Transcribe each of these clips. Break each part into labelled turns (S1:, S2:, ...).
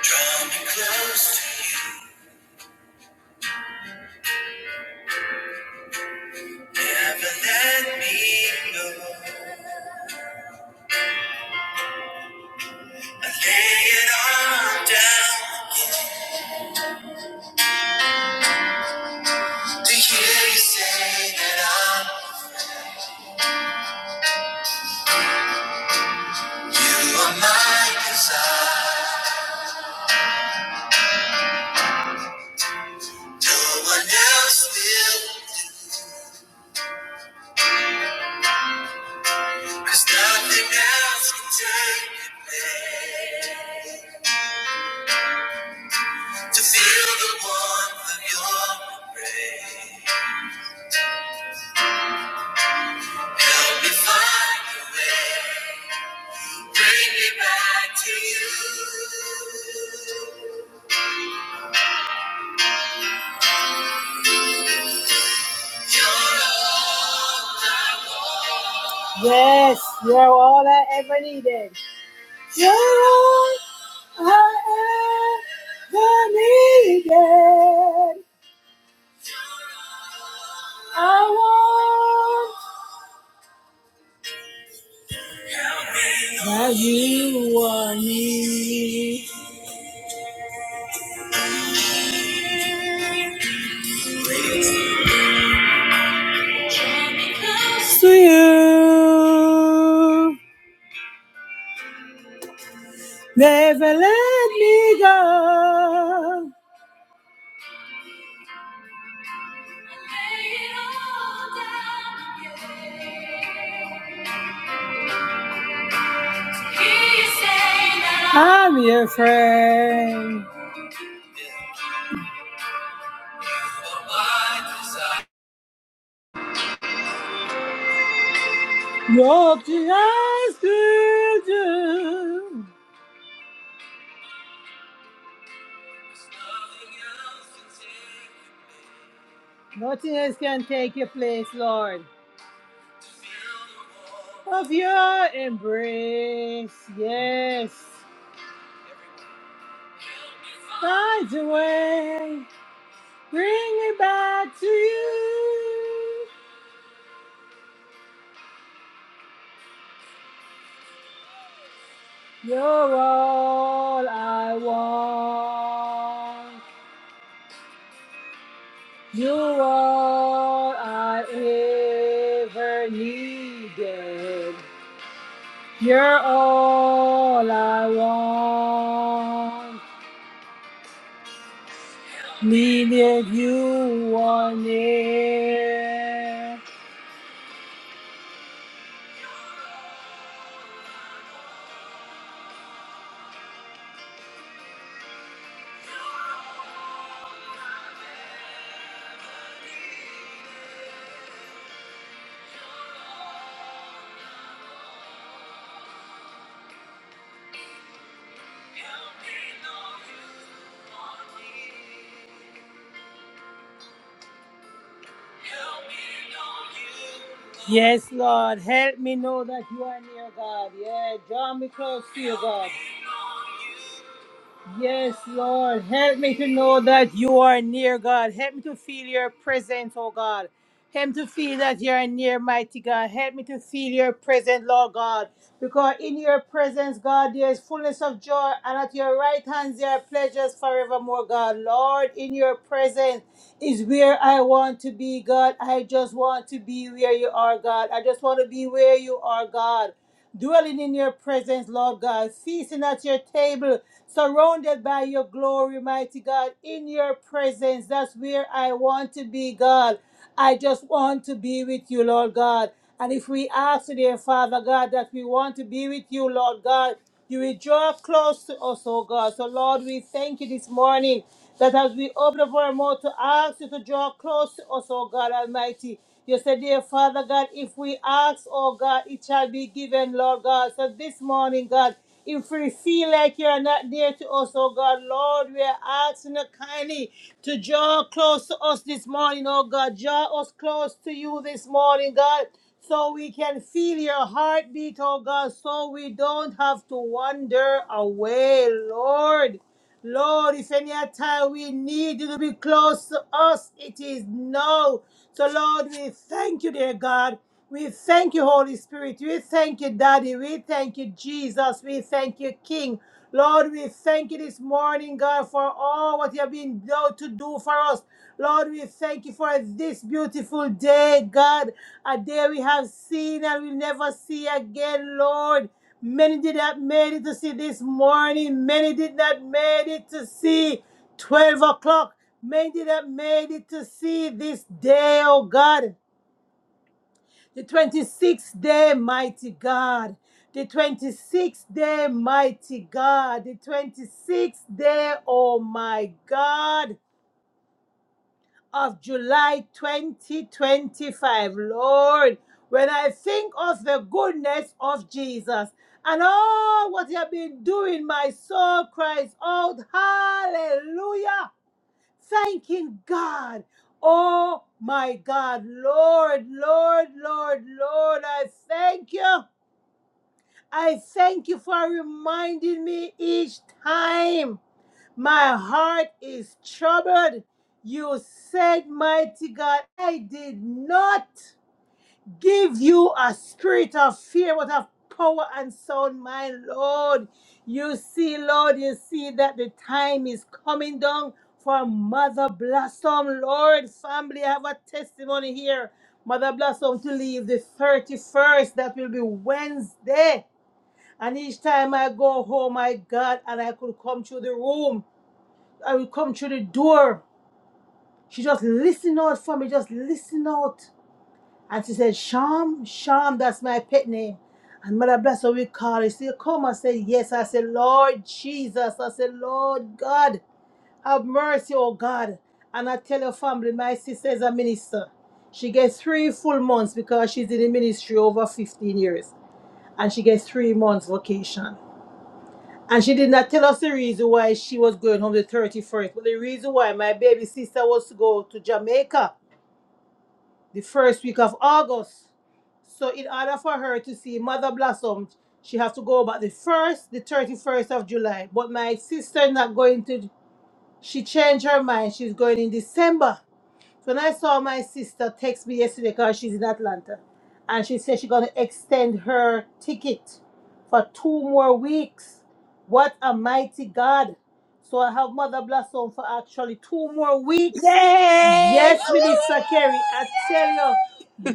S1: Draw me close to you, never let me go. I lay it all down to hear you say that I'm. You are my desire. No one else will, cause nothing else can take your place. To feel the warmth of your embrace. Help me find a way. Bring me back to you. You're all. Yes, you're all I ever needed. You're all I ever needed. I want how you want me. To you, never let me go. Lay it all down again. I'm your friend. You're the eyes to do. Nothing else can take your place, Lord. Of your embrace, yes. Find a way, bring me back to you. You're all I want. You all I ever needed. You're all I want. Needed you on it. Yes, Lord, help me know that you are near, God. Yeah, draw me close to you, God. Yes, Lord. Help me to know that you are near, God. Help me to feel your presence, oh God. Help me to feel that you are near, mighty God. Help me to feel your presence, Lord God. Because in your presence, God, there is fullness of joy, and at your right hand there are pleasures forevermore, God. Lord, in your presence is where I want to be, God. I just want to be where you are, God. I just want to be where you are, God dwelling in your presence, Lord God, feasting at your table, surrounded by your glory, mighty God, in your presence. That's where I want to be, God. I just want to be with you, Lord God. And if we ask today, Father God, that we want to be with you, Lord God, you will draw close to us, oh God. So, Lord, we thank you this morning that as we open up our mouth to ask you to draw close to us, O God Almighty. You said, dear Father God, if we ask, oh God, it shall be given, Lord God. So this morning, God, if we feel like you're not dear to us, oh God, Lord, we are asking you kindly to draw close to us this morning, oh God. Draw us close to you this morning, God, so we can feel your heartbeat, oh God, so we don't have to wander away, Lord. Lord, if any time we need you to be close to us, it is now. So, Lord, we thank you, dear God. We thank you, Holy Spirit. We thank you, Daddy. We thank you, Jesus. We thank you, King. Lord, we thank you this morning, God, for all what you have been able to do for us. Lord, we thank you for this beautiful day, God, a day we have seen and we'll never see again, Lord. Many did not made it to see this morning. Many did not made it to see 12 o'clock. Many did not made it to see this day, oh God. The 26th day, mighty God. The 26th day, mighty God. The 26th day, oh my God of July 2025. Lord, when I think of the goodness of Jesus and all what you have been doing, my soul cries out, Hallelujah! Thanking God. Oh my God, Lord, Lord, Lord, Lord, I thank you. I thank you for reminding me each time my heart is troubled. You said, Mighty God, I did not give you a spirit of fear, but of power and sound mind, Lord. You see, Lord, you see that the time is coming down for Mother Blossom, Lord. Family, I have a testimony here. Mother Blossom to leave the 31st, that will be Wednesday. And each time I go home, my God, and I could come through the room. I will come through the door. She just listen out for me, just listen out. And she said, Sham, Sham, that's my pet name. And Mother Bless her, we call her. She said, Come. I said, Yes. I said, Lord Jesus. I said, Lord God, have mercy, oh God. And I tell your family, my sister is a minister. She gets three full months because she's in the ministry over 15 years. And she gets three months vacation. And she did not tell us the reason why she was going home the 31st, but the reason why my baby sister was to go to Jamaica the first week of August. So in order for her to see Mother Blossom, she has to go back the first, the 31st of July. But my sister not going to she changed her mind. She's going in December. So when I saw my sister text me yesterday because she's in Atlanta, and she said she's gonna extend her ticket for two more weeks. What a mighty God! So I have Mother Blossom for actually two more weeks.
S2: Yay! Woo,
S1: Yes, Minister Kerry, I tell you,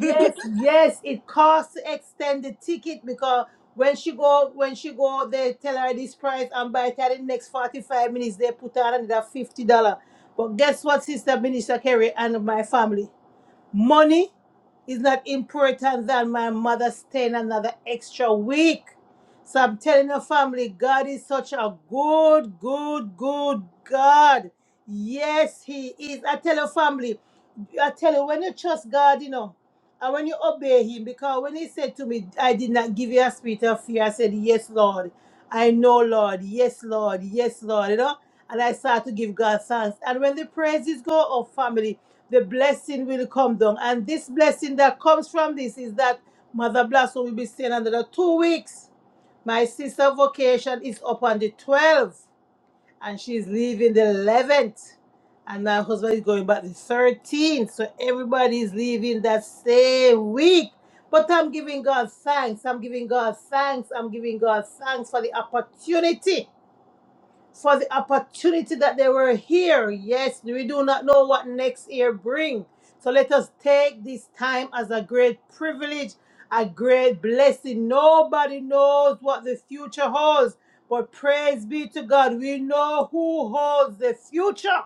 S2: woo, woo, woo, yay!
S1: yes, it costs to extend the ticket because when she go, when she go, they tell her this price, and by the time the next forty-five minutes, they put her another fifty dollar. But guess what, Sister Minister Kerry and my family? Money is not important than my mother staying another extra week. So I'm telling your family, God is such a good, good, good God. Yes, He is. I tell your family, I tell you, when you trust God, you know, and when you obey Him, because when He said to me, I did not give you a spirit of fear, I said, Yes, Lord. I know, Lord. Yes, Lord. Yes, Lord. You know, and I start to give God thanks. And when the praises go up, family, the blessing will come down. And this blessing that comes from this is that Mother Blasso will be staying another two weeks. My sister vacation is up on the 12th and she's leaving the 11th and my husband is going back the 13th so everybody's leaving that same week but i'm giving god thanks i'm giving god thanks i'm giving god thanks for the opportunity for the opportunity that they were here. Yes, we do not know what next year bring. So let us take this time as a great privilege, a great blessing. Nobody knows what the future holds, but praise be to God. We know who holds the future.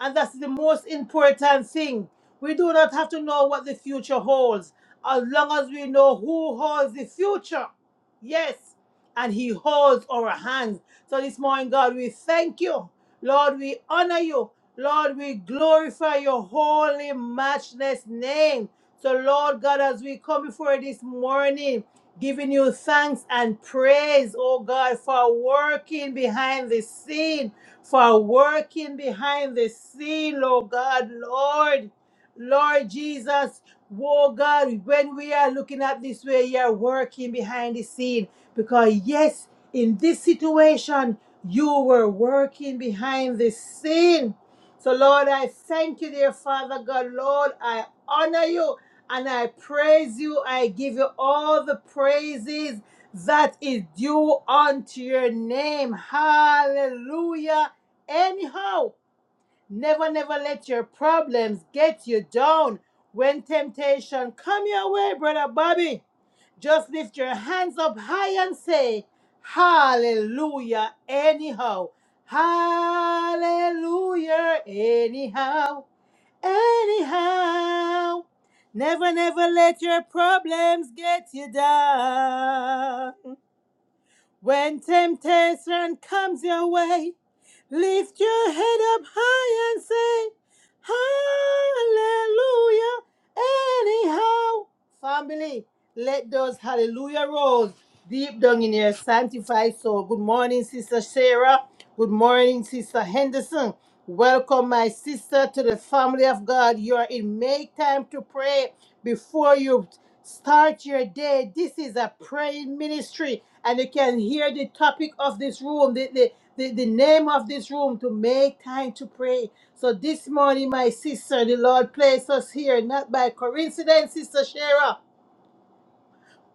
S1: And that's the most important thing. We do not have to know what the future holds as long as we know who holds the future. Yes, and He holds our hands. So this morning, God, we thank you. Lord, we honor you. Lord, we glorify your holy, matchless name. So, Lord God, as we come before you this morning, giving you thanks and praise, oh God, for working behind the scene, for working behind the scene, oh God, Lord, Lord Jesus, oh God, when we are looking at this way, you are working behind the scene because, yes, in this situation, you were working behind the scene. So, Lord, I thank you, dear Father God. Lord, I honor you and I praise you. I give you all the praises that is due unto your name. Hallelujah. Anyhow, never, never let your problems get you down. When temptation come your way, brother Bobby, just lift your hands up high and say, Hallelujah. Anyhow, Hallelujah. Anyhow. Anyhow, never, never let your problems get you down. When temptation comes your way, Lift your head up high and say, Hallelujah. Anyhow, family, let those hallelujah rolls deep down in your sanctified soul. Good morning, Sister Sarah. Good morning, Sister Henderson. Welcome, my sister, to the family of God. You are in make time to pray before you start your day. This is a praying ministry, and you can hear the topic of this room the, the name of this room to make time to pray. So this morning, my sister, the Lord placed us here, not by coincidence, Sister Shara.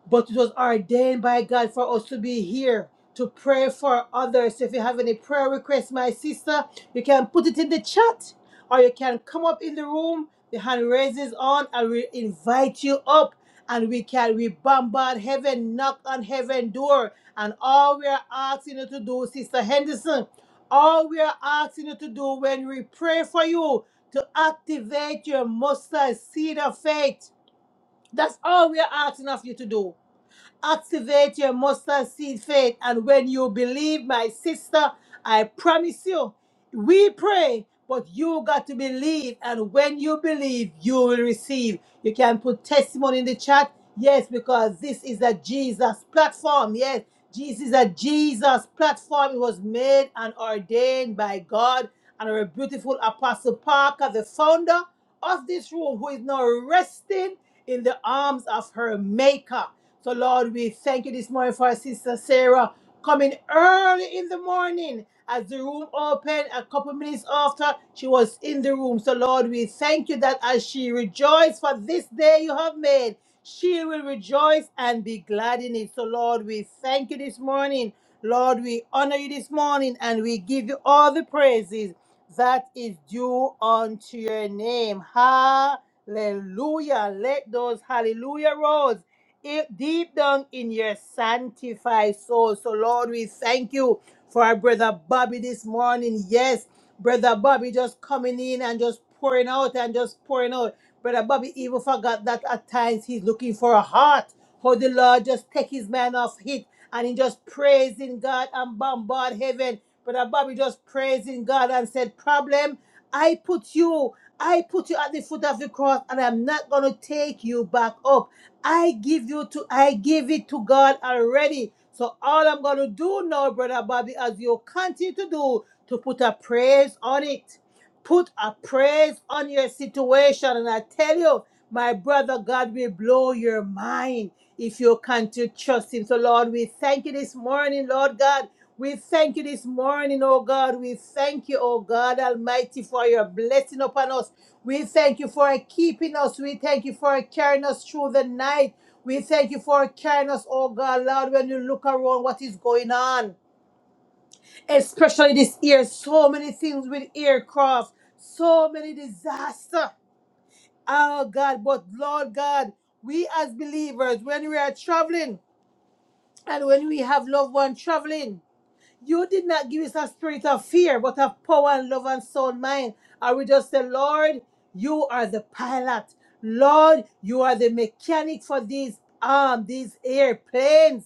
S1: But it was ordained by God for us to be here to pray for others. If you have any prayer requests, my sister, you can put it in the chat or you can come up in the room. The hand raises on and we invite you up and we can we bombard heaven, knock on heaven door. And all we are asking you to do, Sister Henderson, all we are asking you to do when we pray for you to activate your mustard seed of faith. That's all we are asking of you to do Activate your mustard seed faith. And when you believe, my sister, I promise you, we pray, but you got to believe. And when you believe, you will receive. You can put testimony in the chat. Yes, because this is a Jesus platform. Yes, Jesus is a Jesus platform. It was made and ordained by God and our beautiful Apostle Parker, the founder of this room, who is now resting in the arms of her maker. So, Lord, we thank you this morning for our sister Sarah coming early in the morning as the room opened a couple minutes after she was in the room. So, Lord, we thank you that as she rejoiced for this day you have made, she will rejoice and be glad in it. So, Lord, we thank you this morning. Lord, we honor you this morning and we give you all the praises that is due unto your name. Hallelujah. Let those hallelujah rolls if deep down in your sanctified soul. So, Lord, we thank you for our brother Bobby this morning. Yes, brother Bobby just coming in and just pouring out and just pouring out. Brother Bobby even forgot that at times he's looking for a heart. How the Lord just take his man off hit and he just praising God and bombard heaven. Brother Bobby just praising God and said, Problem, I put you, I put you at the foot of the cross and I'm not going to take you back up. I give you to I give it to God already. So all I'm gonna do now, brother Bobby, as you continue to do, to put a praise on it. Put a praise on your situation. And I tell you, my brother, God will blow your mind if you continue to trust him. So Lord, we thank you this morning, Lord God. We thank you this morning, oh God. We thank you, oh God Almighty, for your blessing upon us. We thank you for keeping us. We thank you for carrying us through the night. We thank you for carrying us, oh God, Lord, when you look around what is going on. Especially this year, so many things with aircraft, so many disaster. Oh God, but Lord God, we as believers, when we are traveling and when we have loved one traveling, you did not give us a spirit of fear, but of power and love and sound mind. And we just say, Lord, you are the pilot. Lord, you are the mechanic for these um these airplanes.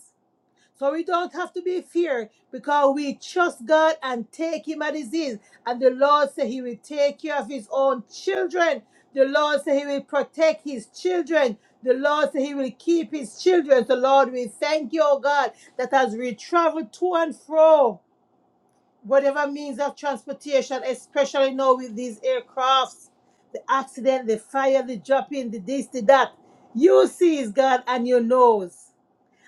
S1: So we don't have to be fear because we trust God and take him at his ease. And the Lord said he will take care of his own children. The Lord said he will protect his children. The Lord said he will keep his children. So Lord, we thank you, oh God, that as we travel to and fro whatever means of transportation, especially now with these aircrafts, the accident, the fire, the dropping, the this, the that. You sees God and you knows.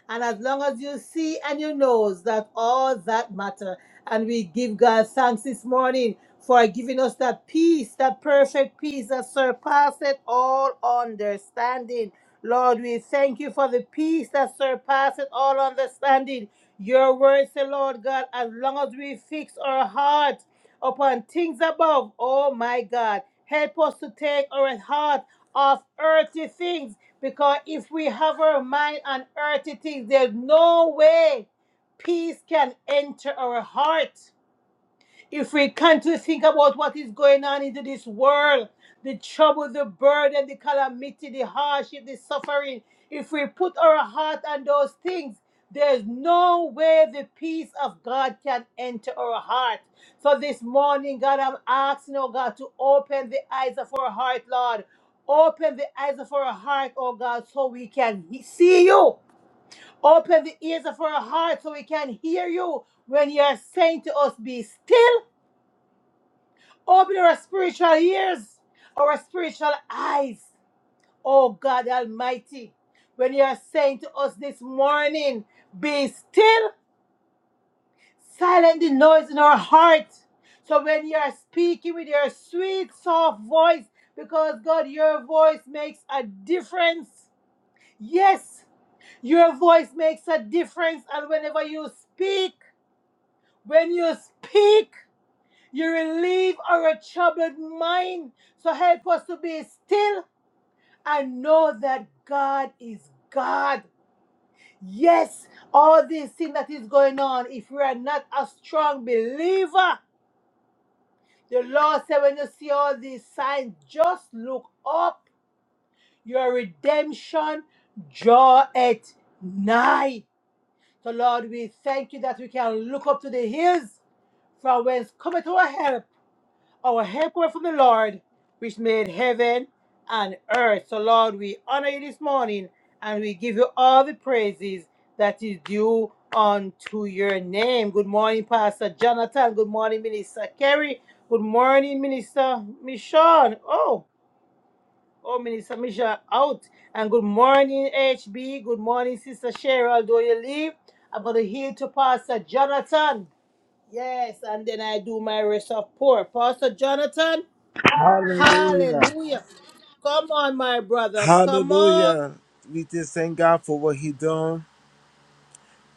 S1: And as long as you see and you know that all that matter. And we give God thanks this morning for giving us that peace, that perfect peace that surpasseth all understanding. Lord, we thank you for the peace that surpasseth all understanding. Your words say, Lord God, as long as we fix our heart upon things above, oh my God, help us to take our heart off earthly things because if we have our mind on earthly things, there's no way peace can enter our heart. If we continue to think about what is going on into this world, the trouble, the burden, the calamity, the hardship, the suffering, if we put our heart on those things, there's no way the peace of God can enter our heart. So this morning, God, I'm asking, oh God, to open the eyes of our heart, Lord. Open the eyes of our heart, oh God, so we can he- see you. Open the ears of our heart so we can hear you when you are saying to us, Be still Open our spiritual ears, our spiritual eyes. Oh God Almighty, when you are saying to us this morning, be still, silent the noise in our heart. So when you are speaking with your sweet, soft voice, because God, your voice makes a difference. Yes, your voice makes a difference. And whenever you speak, when you speak, you relieve our troubled mind. So help us to be still I know that God is God. Yes, all these things that is going on, if we are not a strong believer, the Lord said, when you see all these signs, just look up. Your redemption draw it nigh. So, Lord, we thank you that we can look up to the hills from whence cometh our help. our help cometh from the Lord, which made heaven and earth. So, Lord, we honor you this morning and we give you all the praises that is due unto your name. Good morning, Pastor Jonathan. Good morning, Minister Kerry. Good morning, Minister Michonne. Oh, oh, Minister Michonne out. And good morning, HB. Good morning, Sister Cheryl. Do you leave? I'm going to heal to Pastor Jonathan. Yes, and then I do my rest of poor. Pastor Jonathan,
S3: Hallelujah.
S1: Hallelujah. Come on, my brother. Come on.
S3: Hallelujah. We just thank God for what He done.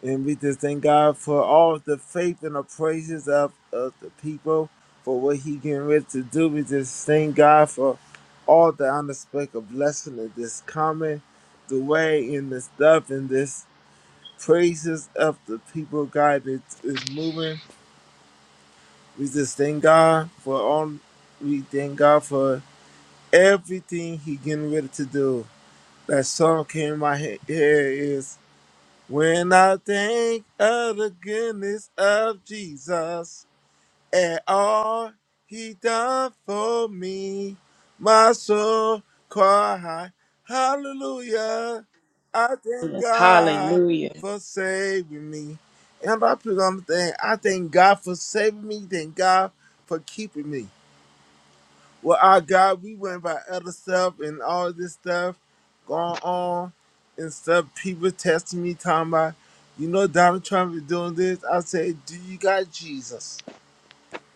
S3: And we just thank God for all the faith and the praises of, of the people for what He getting ready to do. We just thank God for all the unexpected blessing that is coming the way in this stuff and this praises of the people God that is moving. We just thank God for all we thank God for everything He getting ready to do. That song came in my he- head is when I think of the goodness of Jesus and all he done for me, my soul cry hallelujah. I thank God
S2: Hallelujah.
S3: for saving me. And I'm about to put on the thing. I thank God for saving me. Thank God for keeping me. Well, our God, we went by other stuff and all this stuff going on and stuff. People testing me, talking about, you know, Donald Trump is doing this. I say, do you got Jesus?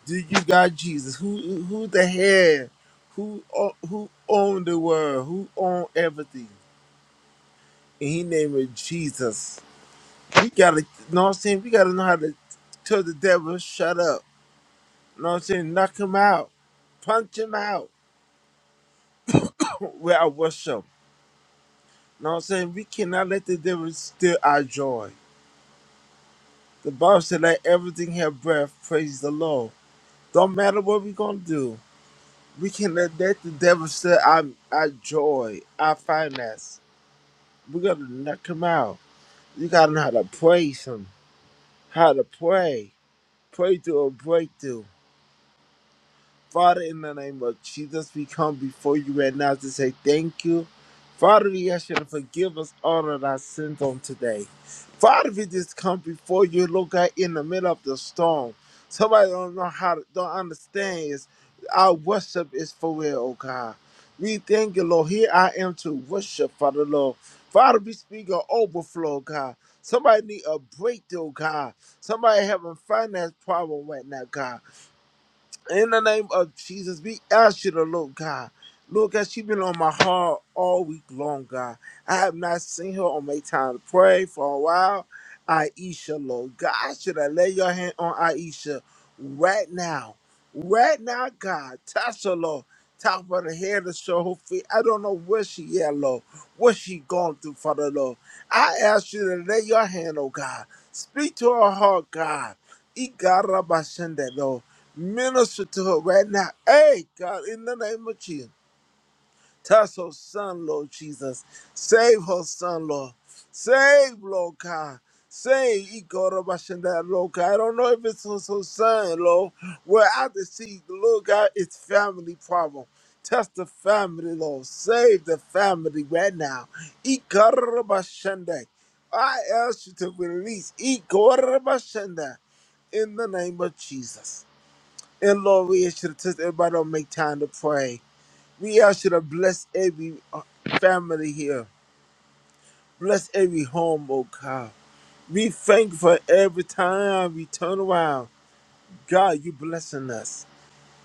S3: Do you got Jesus? Who who the head? Who o- who owned the world? Who owned everything? And he named it Jesus. We gotta, know what I'm saying? We gotta know how to tell the devil, shut up. know what I'm saying? Knock him out. Punch him out. Where I worship. know what I'm saying? We cannot let the devil steal our joy. The Bible said, let everything have breath, praise the Lord. Don't matter what we're going to do, we can let, let the devil steal our, our joy, our finance. we got to knock him out. You got to know how to praise him, how to pray. Pray through a breakthrough. Father, in the name of Jesus, we come before you right now to say thank you. Father, we ask you to forgive us all of our sins on today. Father, we just come before you, Lord God, in the middle of the storm. Somebody don't know how to, don't understand is our worship is for real, oh God. We thank you, Lord. Here I am to worship, Father, Lord. Father, we speak of overflow, oh God. Somebody need a breakthrough, oh God. Somebody having finance problem right now, God. In the name of Jesus, we ask you to Lord God. Lord God, she been on my heart all week long, God. I have not seen her on my time to pray for a while. Aisha, Lord God, I should have lay your hand on Aisha right now. Right now, God. Touch her, Lord. Top of the head to show her feet. I don't know where she at, Lord. What she going through, Father, Lord. I ask you to lay your hand, oh God. Speak to her heart, God. Igarabashende, Lord. Minister to her right now. Hey, God, in the name of Jesus. Touch her son, Lord Jesus. Save her son, Lord. Save, Lord God. Save Igorabashinda, Lord God. I don't know if it's her her son, Lord. Well, I just see, Lord God, it's family problem. Touch the family, Lord. Save the family right now. Igorabashinda. I ask you to release Igorabashinda in the name of Jesus. And Lord, we ask you to touch everybody don't make time to pray. We ask you to bless every uh, family here. Bless every home, oh God. We thank you for every time we turn around. God, you blessing us.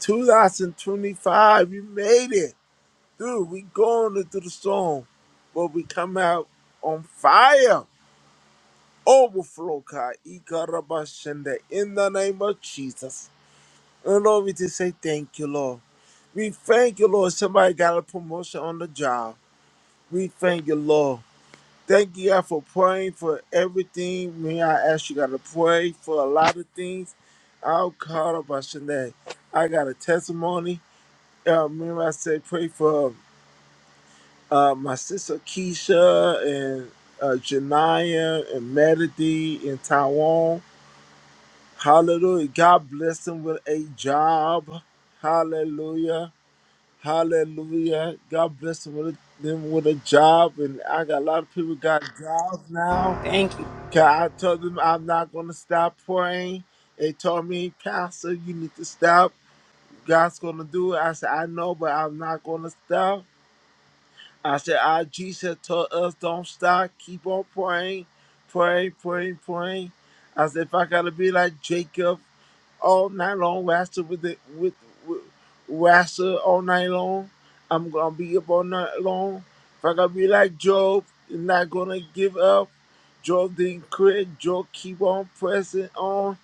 S3: 2025, we made it through. We going through the storm, but we come out on fire. Overflow, God. Ikarabashanda, In the name of Jesus. And Lord, we just say thank you, Lord. We thank you, Lord. Somebody got a promotion on the job. We thank you, Lord. Thank you, God, for praying for everything. May I ask you, God, to pray for a lot of things. I'll call about Shanae. I got a testimony. Uh, remember, I said pray for uh, my sister Keisha and uh, Janaya and Melody in Taiwan. Hallelujah. God bless them with a job. Hallelujah. Hallelujah. God bless them with, them with a job. And I got a lot of people got jobs now.
S2: Thank you.
S3: 'Cause I told them I'm not going to stop praying. They told me, Pastor, you need to stop. God's going to do it. I said, I know, but I'm not going to stop. I said, our Jesus told us don't stop, keep on praying, praying, praying, praying. I said, if I gotta be like Jacob all night long, wrestle with it, with, with wrestle all night long, I'm gonna be up all night long. If I gotta be like Job, I'm not gonna give up. Job didn't quit. Job keep on pressing on.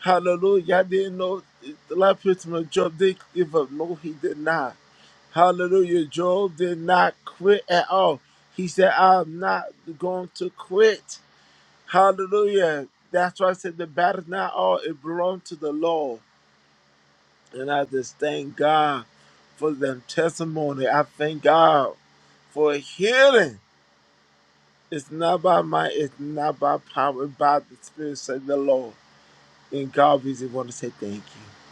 S3: Hallelujah. I didn't know the last person of Job did give up. No, he did not. Hallelujah. Job did not quit at all. He said, I'm not going to quit. Hallelujah. That's why I said the battle's not all, it belongs to the Lord. And I just thank God for them testimony. I thank God for healing. It's not by might, it's not by power, it's by the Spirit, said the Lord. And God, we just want to say thank you.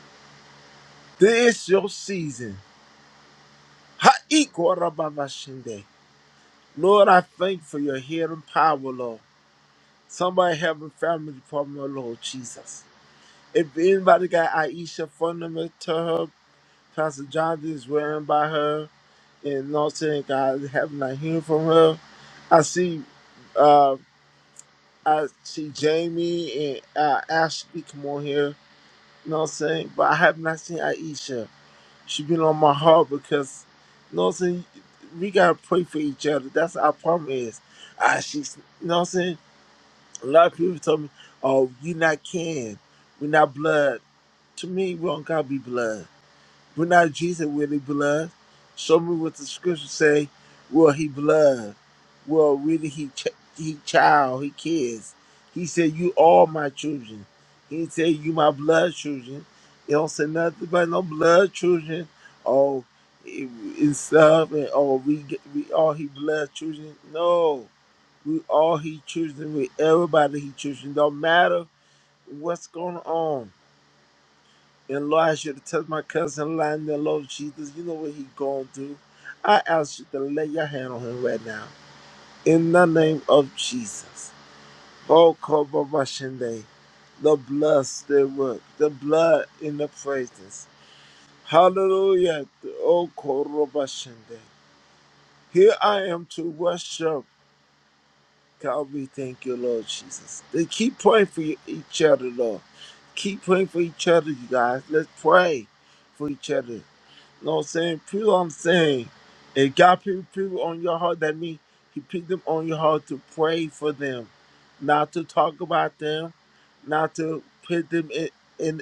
S3: This is your season. Ha-i-kwa-ra-ba-ba-shende. Lord, I thank you for your healing power, Lord. Somebody help a family problem, Lord Jesus. If anybody got Aisha fundamental to her, Pastor John is wearing by her, and not saying God have not hearing from her. I see, uh, I see Jamie and uh, Ashley come on here. You know what I'm saying? But I have not seen Aisha. She been on my heart because, you know what I'm saying? We gotta pray for each other. That's our problem is. Ah, she's, you know what I'm saying? A lot of people tell me, "Oh, you not kin. We're not blood." To me, we don't gotta be blood. We're not Jesus. We're the blood. Show me what the scriptures say. Well, he blood. Well, really, he ch- he child. He kids. He said, "You all my children." He didn't say, "You my blood children." He don't say nothing about no blood children. Oh, it- it's stuff and oh, we get- we all he blood children. No. We all his children. We everybody his children. not matter what's going on. And Lord, I should have touched my cousin lying there. Lord Jesus. You know what he going through. I ask you to lay your hand on him right now. In the name of Jesus. Oh, Kobabashende. The blood still work. The blood in the praises. Hallelujah. Oh, Korobashende. Here I am to worship. God, we thank you, Lord Jesus. They keep praying for you- each other, Lord. Keep praying for each other, you guys. Let's pray for each other. You know what I'm saying? People, I'm saying, if God put people on your heart, that means He put them on your heart to pray for them, not to talk about them, not to put them in. in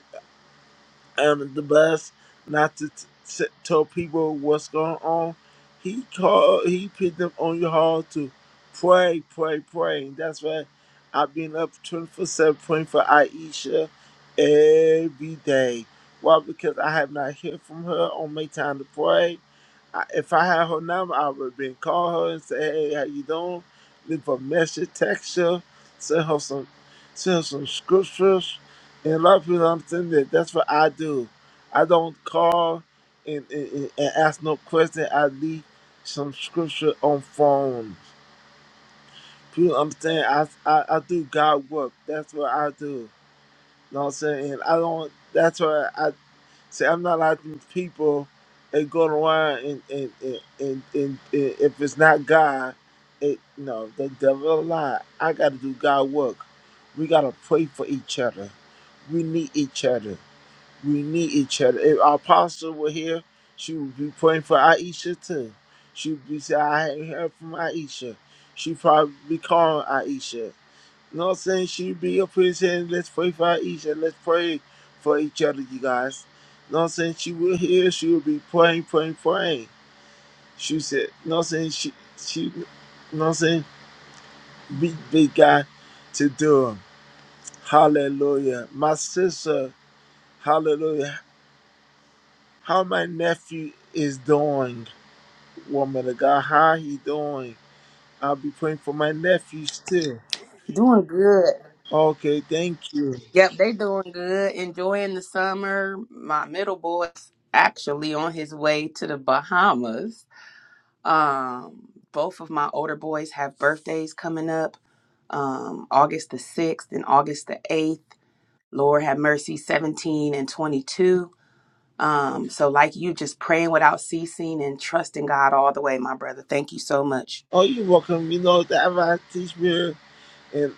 S3: under the bus, not to t- t- tell people what's going on. He called, he put them on your heart to pray, pray, pray. that's why I've been up 24 7 praying for Aisha every day. Why? Because I have not heard from her on my time to pray. I, if I had her number, I would have been call her and say, "Hey, how you doing?" Leave a message, text her, send her some, send her some scriptures. And a lot of people don't understand that. That's what I do. I don't call and, and, and ask no question. I leave some scripture on phone. People understand I, I, I do God work. That's what I do. You know what I'm saying? And I don't, that's why I say I'm not like these people that go around and, and, and, and, and, and if it's not God, it, no, the devil a lie. I got to do God work. We got to pray for each other. We need each other. We need each other. If our apostle were here, she would be praying for Aisha too. She would be saying, I haven't heard from Aisha. She probably be calling Aisha. You know what I'm saying? She'd be up here saying, Let's pray for Aisha. Let's pray for each other, you guys. You know what I'm saying? She would hear, she would be praying, praying, praying. She said, You know what I'm saying? She, she, you know what I'm saying? Big, big guy to do 'em. Hallelujah. My sister, hallelujah. how my nephew is doing, woman of God. How he doing? I'll be praying for my nephews too.
S2: Doing good.
S3: Okay, thank you.
S2: Yep, they doing good. Enjoying the summer. My middle boy's actually on his way to the Bahamas. Um, both of my older boys have birthdays coming up. Um, August the 6th and August the 8th. Lord have mercy, 17 and 22 Um, so like you just praying without ceasing and trusting God all the way, my brother. Thank you so much.
S3: Oh, you're welcome. You know that I teach me and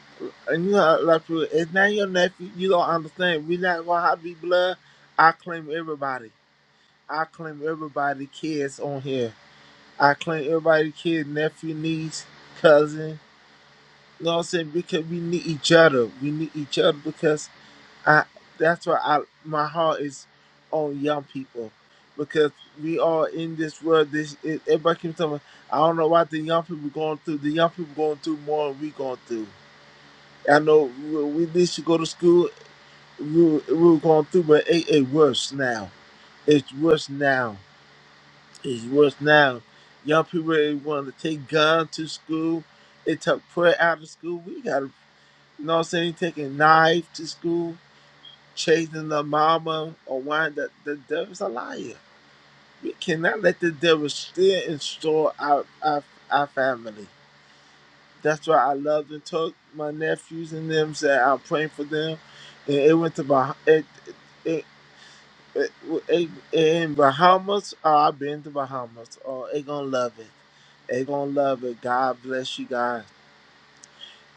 S3: and you know how a lot of people it's not your nephew, you don't understand. We're not gonna have to be blood. I claim everybody. I claim everybody kids on here. I claim everybody kids, nephew, niece, cousin. You know what I'm saying? Because we need each other. We need each other because. I, that's why I, my heart is on young people because we are in this world. This it, everybody keeps telling me, I don't know what the young people going through. The young people going through more than we going through. I know we, we did should go to school. We, were- we were going through, but it, it worse now. It's worse now. It's worse now. Young people they want to take gun to school. They took prayer out of school. We got, you know what I'm saying, taking knife to school chasing the mama or wine that the devil's a liar. We cannot let the devil steal and store our, our our family. That's why I loved and took my nephews and them said I'm praying for them. And it went to bah- it, it, it, it, in Bahamas. Oh, I've been to Bahamas. Oh, they gonna love it. They gonna love it. God bless you guys.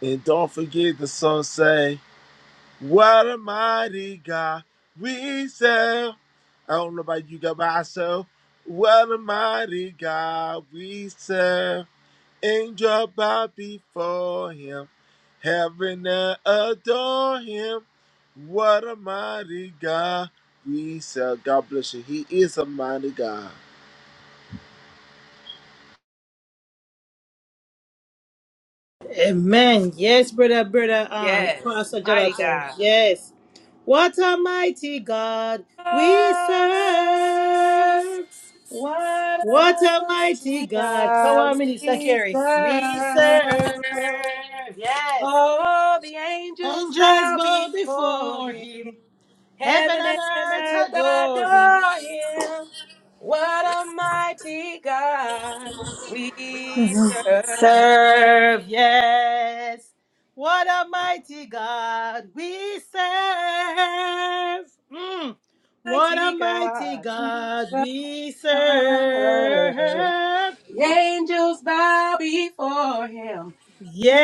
S3: And don't forget the song say. What a mighty God we serve. I don't know about you, God, but I serve. What a mighty God we serve. Angels bow before him. Heaven and adore him. What a mighty God we serve. God bless you. He is a mighty God.
S1: Amen. Yes, brother, brother, um, Yes.
S2: Yes,
S1: Pastor
S2: mighty
S1: Jonathan.
S2: God.
S1: Yes. What a mighty God we serve.
S2: What
S1: What
S2: a
S1: a mighty
S2: mighty
S1: God. Come
S2: God
S1: on, Minister
S2: we
S1: Kerry. We serve.
S2: serve.
S1: Yes.
S2: All the angels
S1: Angels
S2: bow
S1: bow
S2: before
S1: before
S2: him.
S1: him. Heaven
S2: Heaven
S1: and
S2: and
S1: earth
S2: earth
S1: adore him.
S2: adore him. What a mighty God we serve.
S1: serve. Yes. What a mighty God we serve. Mm. What a
S2: Mighty
S1: mighty
S2: God, we
S1: God
S2: serve.
S1: we serve.
S2: The angels bow before him.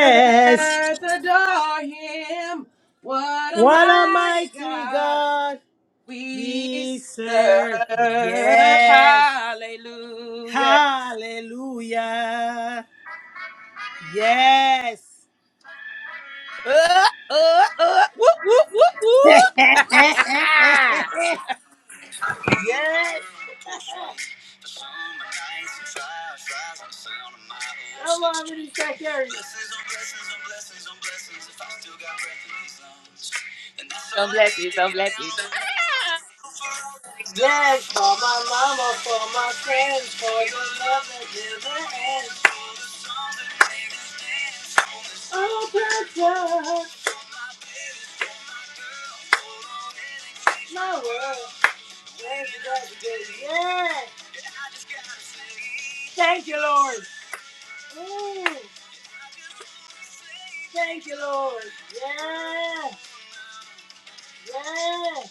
S2: Heaven and earth adore him. What a
S1: What a
S2: mighty
S1: mighty
S2: God
S1: God
S2: we
S1: we serve.
S2: serve.
S1: Yes.
S2: Hallelujah.
S1: Hallelujah. Yes.
S2: Uh, uh, uh, whoop, whoop, whoop, whoop.
S1: Yes. How long did he take care Blessings on blessings on blessings on blessings. If I still got breath in these lungs, then that's all
S2: some
S1: I need
S2: blessings,
S1: to
S2: some
S1: get down
S2: blessings.
S1: on my
S2: Ah,
S1: knees. Yes, for my mama, for my friends, for your love that never ends. For the song that made us dance, for the song that touched my baby, for my girl, for All Oh, precious. My world. Thank you, Yeah. Thank you, Lord. Ooh. Thank you, Lord. Yeah. Yeah.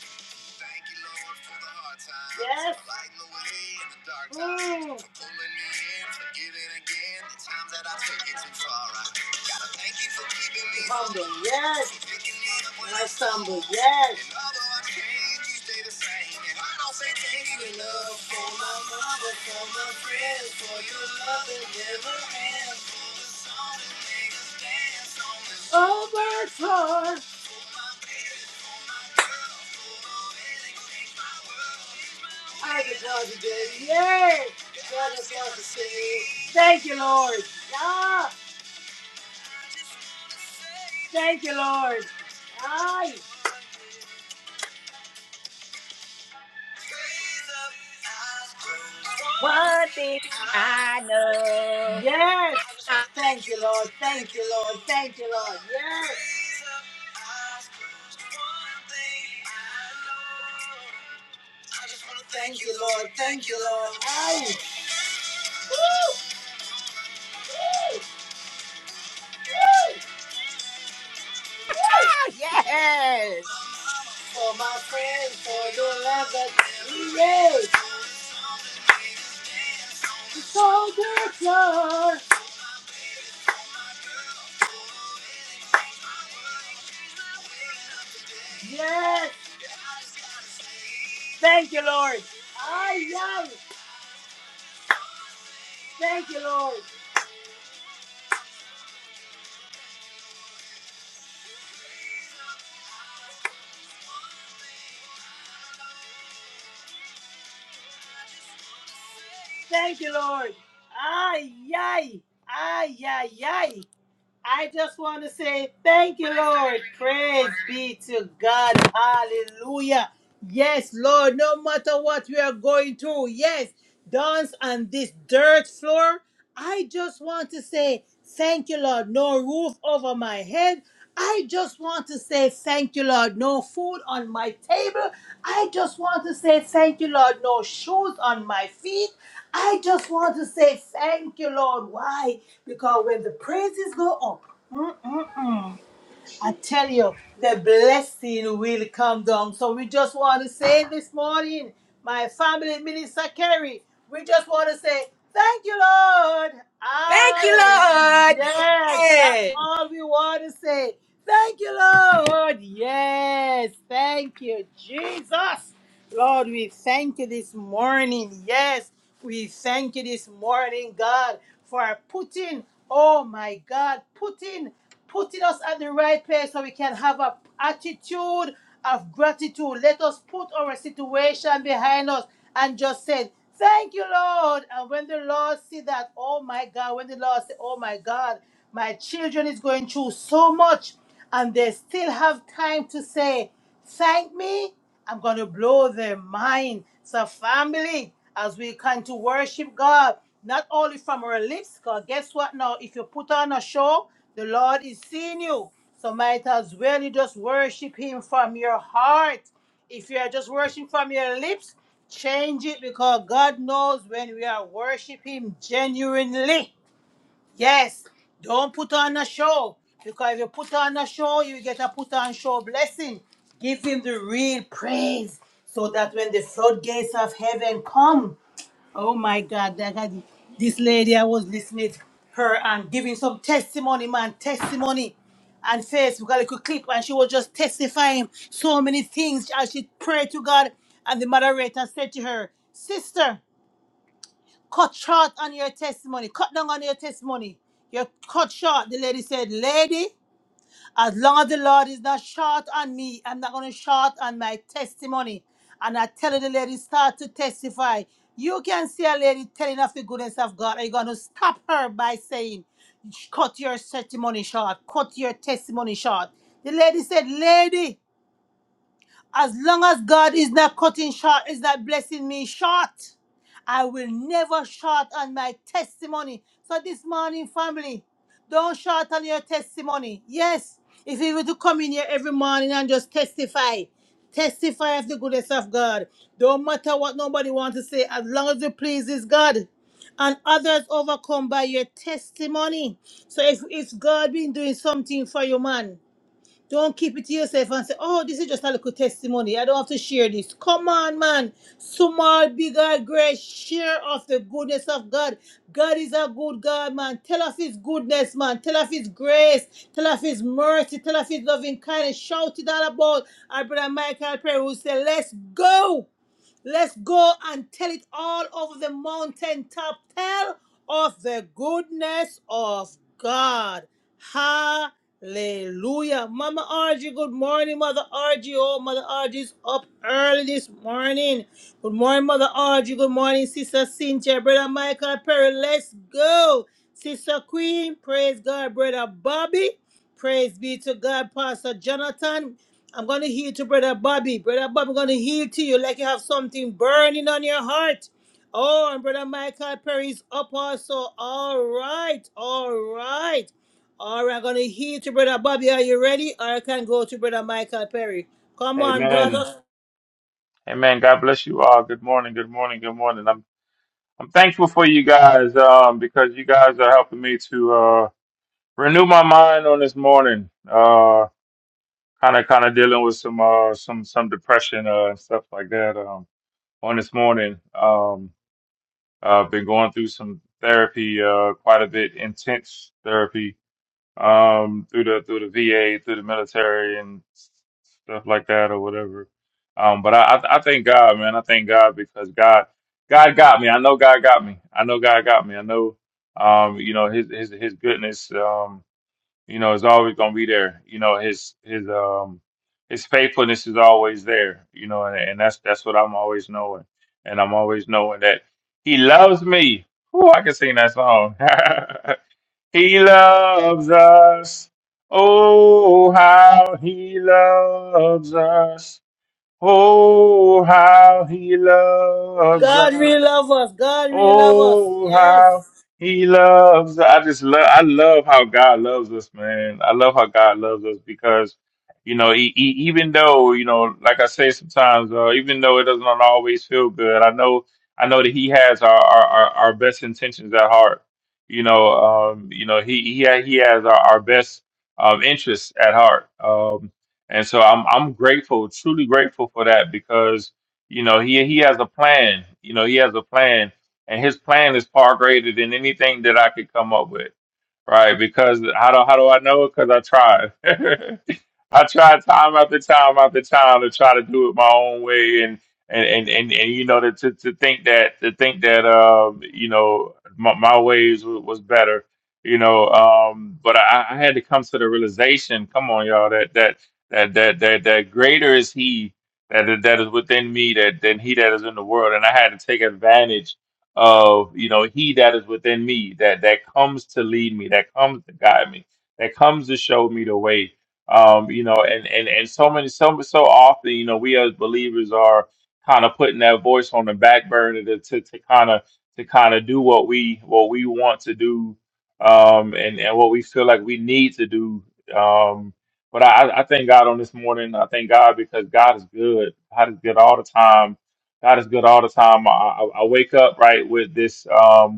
S1: Thank you, Lord, for the hard times. Yes. For lighting the way in the dark times. Mm. For pulling me in, for giving again. The times that I took it too far. I gotta thank you for keeping me humble. Yes. For picking me up when I stumble. Yes. And although I change, you stay the same. And I don't say thank you enough for my mama, for my friends, for your love that never ends. For the song that made us dance on this. Oh, my God. I can talk today. Yes. God has got to say. Thank you, Lord. Ah, thank you, Lord. Aye.
S2: One thing I know.
S1: Yes.
S2: Ah,
S1: Thank you, Lord. Thank you, Lord. Thank you, Lord. Yes. Thank you, Lord. Thank you, Lord. Aye.
S2: yes.
S1: For my friends, for your love. Yes. So good, Lord. Yes. Thank you, Lord. Ay, ay. Thank you, Lord. Thank you, Lord. Ay, ay. Ay, ay, ay. I just want to say thank you, Lord. Praise be to God. Hallelujah. Yes, Lord, no matter what we are going through, yes, dance on this dirt floor. I just want to say thank you, Lord. No roof over my head. I just want to say thank you, Lord. No food on my table. I just want to say thank you, Lord. No shoes on my feet. I just want to say thank you, Lord. Why? Because when the praises go up, mm-mm-mm, I tell you, the blessing will come down. So we just want to say this morning, my family minister Kerry, we just want to say, thank you, Lord.
S2: Thank you,
S1: Hallelujah.
S2: Lord.
S1: Yes, that's
S2: Yes.
S1: all we want to say. Thank you, Lord. Yes, thank you, Jesus. Lord, we thank you this morning. Yes. We thank you this morning, God, for putting, oh my God, putting, putting us at the right place so we can have a attitude of gratitude. Let us put our situation behind us and just say, Thank you, Lord. And when the Lord see that, oh my God, when the Lord say, oh my God, my children is going through so much and they still have time to say, Thank me. I'm going to blow their mind. So, family, as we come to worship God, not only from our lips, because guess what now? If you put on a show, the Lord is seeing you. So, might as well you just worship Him from your heart. If you are just worshiping from your lips, change it because God knows when we are worshiping Him genuinely. Yes, don't put on a show because if you put on a show, you get a put on show blessing. Give him the real praise so that when the floodgates of heaven come, oh my God, that had, this lady I was listening to her and giving some testimony, man, testimony. And Facebook, a little clip, and she was just testifying so many things as she prayed to God. And the moderator said to her, Sister, cut short on your testimony. Cut down on your testimony. You're cut short. The lady said, Lady, as long as the Lord is not short on me, I'm not going to short on my testimony. And I tell you, the lady, start to testify. You can see a lady telling of the goodness of God. Are you going to stop her by saying, Cut your testimony short? Cut your testimony short. The lady said, Lady, as long as God is not cutting short, is not blessing me short, I will never short on my testimony. So this morning, family, don't short on your testimony. Yes, if you were to come in here every morning and just testify, testify of the goodness of God. Don't matter what nobody wants to say, as long as it pleases God. And others overcome by your testimony. So if, if God been doing something for you, man. Don't keep it to yourself and say, oh, this is just a little testimony. I don't have to share this. Come on, man. Small, big, or great, share of the goodness of God. God is a good God, man. Tell of His goodness, man. Tell of His grace. Tell of His mercy. Tell of His loving kindness. Shout it all about our brother Michael Perry who said, let's go. Let's go and tell it all over the mountaintop. Tell of the goodness of God. Hallelujah. Mama Argy, good morning, Mother Argy. Oh, Mother Argy's up early this morning. Good morning, Mother Argy. Good morning, Sister Cynthia, Brother Michael Perry. Let's go. Sister Queen, praise God, Brother Bobby. Praise be to God, Pastor Jonathan. I'm going to heal to Brother Bobby. Brother Bobby, I'm going to heal to you like you have something burning on your heart. Oh, and Brother Michael Perry's up also. All right, all right. All right, I'm going to heal to Brother Bobby. Are you ready? Or I can go to Brother Michael Perry. Come on,
S4: Amen.
S1: brother.
S4: Amen. God bless you all. Good morning. Good morning. Good morning. I'm I'm thankful for you guys um, because you guys are helping me to uh, renew my mind on this morning. Uh, kind of kind of dealing with some uh, some some depression uh, and stuff like that um, on this morning. Um, I've been going through some therapy, uh, quite a bit intense therapy um, through the through the VA, through the military, and stuff like that, or whatever. Um, but I, I I thank God, man. I thank God because God God got me. I know God got me. I know God got me. I know, um, you know His His His goodness, um, you know, is always gonna be there. You know His His um His faithfulness is always there. You know, and, and that's that's what I'm always knowing, and I'm always knowing that He loves me. Whoo, I can sing that song. He loves us. Oh, how he loves us. Oh, how he loves
S1: God really
S4: us.
S1: love us. God really love us.
S4: Oh,
S1: Yes.
S4: how he loves. I just love, I love how God loves us, man. I love how God loves us because, you know, he, he, even though, you know, like I say sometimes, uh, even though it doesn't always feel good, I know, I know that he has our, our, our our best intentions at heart. You know, um, you know, he, he, ha- he has our, our best, um, interests at heart. Um, and so I'm, I'm grateful, truly grateful for that because, you know, he, he has a plan, you know, he has a plan and his plan is far greater than anything that I could come up with, right? Because how do how do I know it? Because I tried. I tried time after time after time to try to do it my own way, and and and and, and you know to, to to think that to think that um you know my, my ways was, was better, you know. Um, but I, I had to come to the realization. Come on, y'all, that that that that that that greater is He that that is within me that than He that is in the world, and I had to take advantage of you know he that is within me that that comes to lead me that comes to guide me that comes to show me the way um you know and and and so many so so often you know we as believers are kind of putting that voice on the back burner to to, to kind of to kind of do what we what we want to do um and and what we feel like we need to do um but I, I I thank God on this morning. I thank God because God is good. God is good all the time God is good all the time. I, I, I wake up right with this. Um,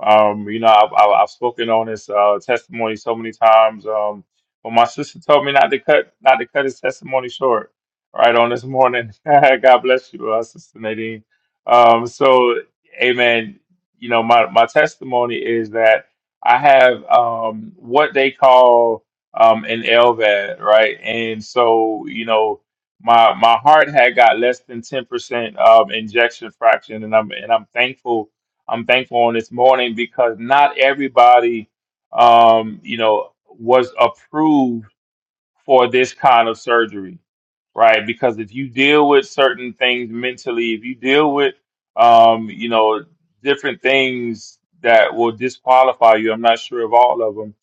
S4: um, you know, I've, I've I've spoken on this uh, testimony so many times. Um, but my sister told me not to cut not to cut his testimony short. Right on this morning. God bless you, uh, Sister Nadine. Um, so, Amen. You know, my my testimony is that I have um what they call um an LVAD, right? And so, you know, my my heart had got less than ten percent um injection fraction, and I'm and I'm thankful I'm thankful on this morning because not everybody, um, you know, was approved for this kind of surgery, right? Because if you deal with certain things mentally, if you deal with, um, you know, different things that will disqualify you, I'm not sure of all of them,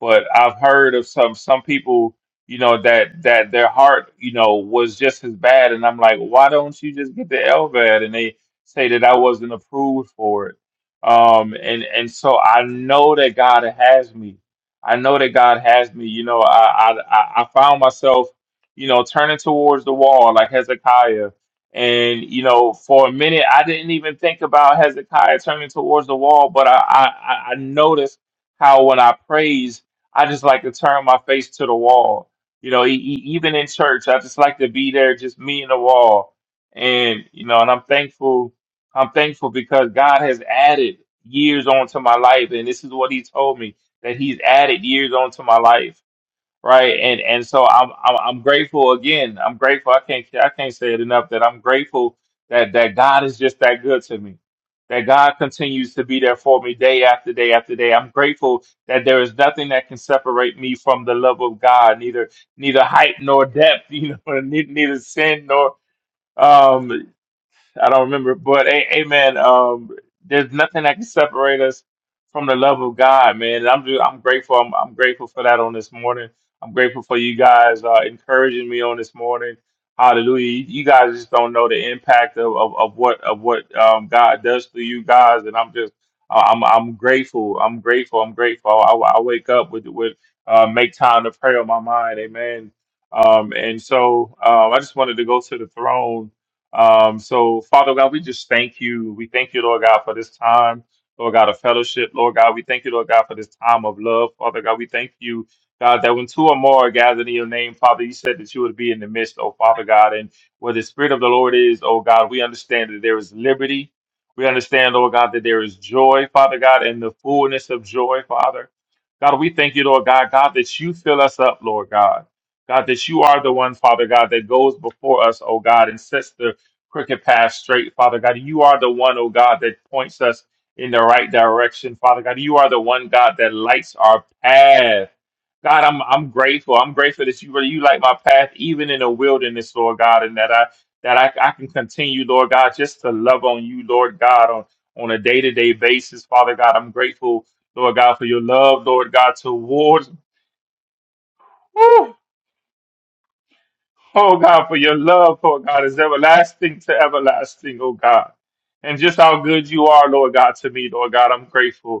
S4: but I've heard of some some people, you know, that that their heart, you know, was just as bad, and I'm like, why don't you just get the LVAD? And they say that I wasn't approved for it. Um, and and so I know that God has me. I know that God has me. You know, I I I I found myself, you know, turning towards the wall like Hezekiah. And you know, for a minute, I didn't even think about Hezekiah turning towards the wall, but I I, I I noticed how when I praise, I just like to turn my face to the wall. You know, e- e- even in church, I just like to be there, just me and the wall. And you know, and I'm thankful. I'm thankful because God has added years onto my life, and this is what He told me that he's added years onto my life, right? And and so I'm I'm, I'm grateful again. I'm grateful. I can't I can't say it enough that I'm grateful that that God is just that good to me. That God continues to be there for me day after day after day. I'm grateful that there is nothing that can separate me from the love of God, neither neither height nor depth, you know, ne- neither sin nor um I don't remember, but a- amen. Um, there's nothing that can separate us from the love of God, man. And I'm just, I'm grateful. I'm, I'm grateful for that on this morning. I'm grateful for you guys uh, encouraging me on this morning. Hallelujah. You, you guys just don't know the impact of, of, of what of what um, God does for you guys, and I'm just uh, I'm I'm grateful. I'm grateful. I'm grateful. I, I wake up with with uh, make time to pray on my mind. Amen. Um, and so uh, I just wanted to go to the throne um, so, Father God, we just thank you. We thank you, Lord God, for this time, Lord God, of fellowship. Lord God, we thank you, Lord God, for this time of love. Father God, we thank you, God, that when two or more are gathered in your name, Father, you said that you would be in the midst, oh Father God. And where the Spirit of the Lord is, oh God, we understand that there is liberty. We understand, Lord God, that there is joy, Father God, and the fullness of joy, Father. God, we thank you, Lord God, God, that you fill us up, Lord God. God, that you are the one, Father God, that goes before us, oh God, and sets the crooked path straight, Father God. You are the one, oh God, that points us in the right direction, Father God. You are the one, God, that lights our path. God, I'm I'm grateful. I'm grateful that you really you light my path even in the wilderness, Lord God, and that I that I, I can continue, Lord God, just to love on you, Lord God, on, on a day-to-day basis, Father God. I'm grateful, Lord God, for your love, Lord God, towards Oh God, for your love, Lord God, is everlasting to everlasting, oh God. And just how good you are, Lord God, to me, Lord God. I'm grateful.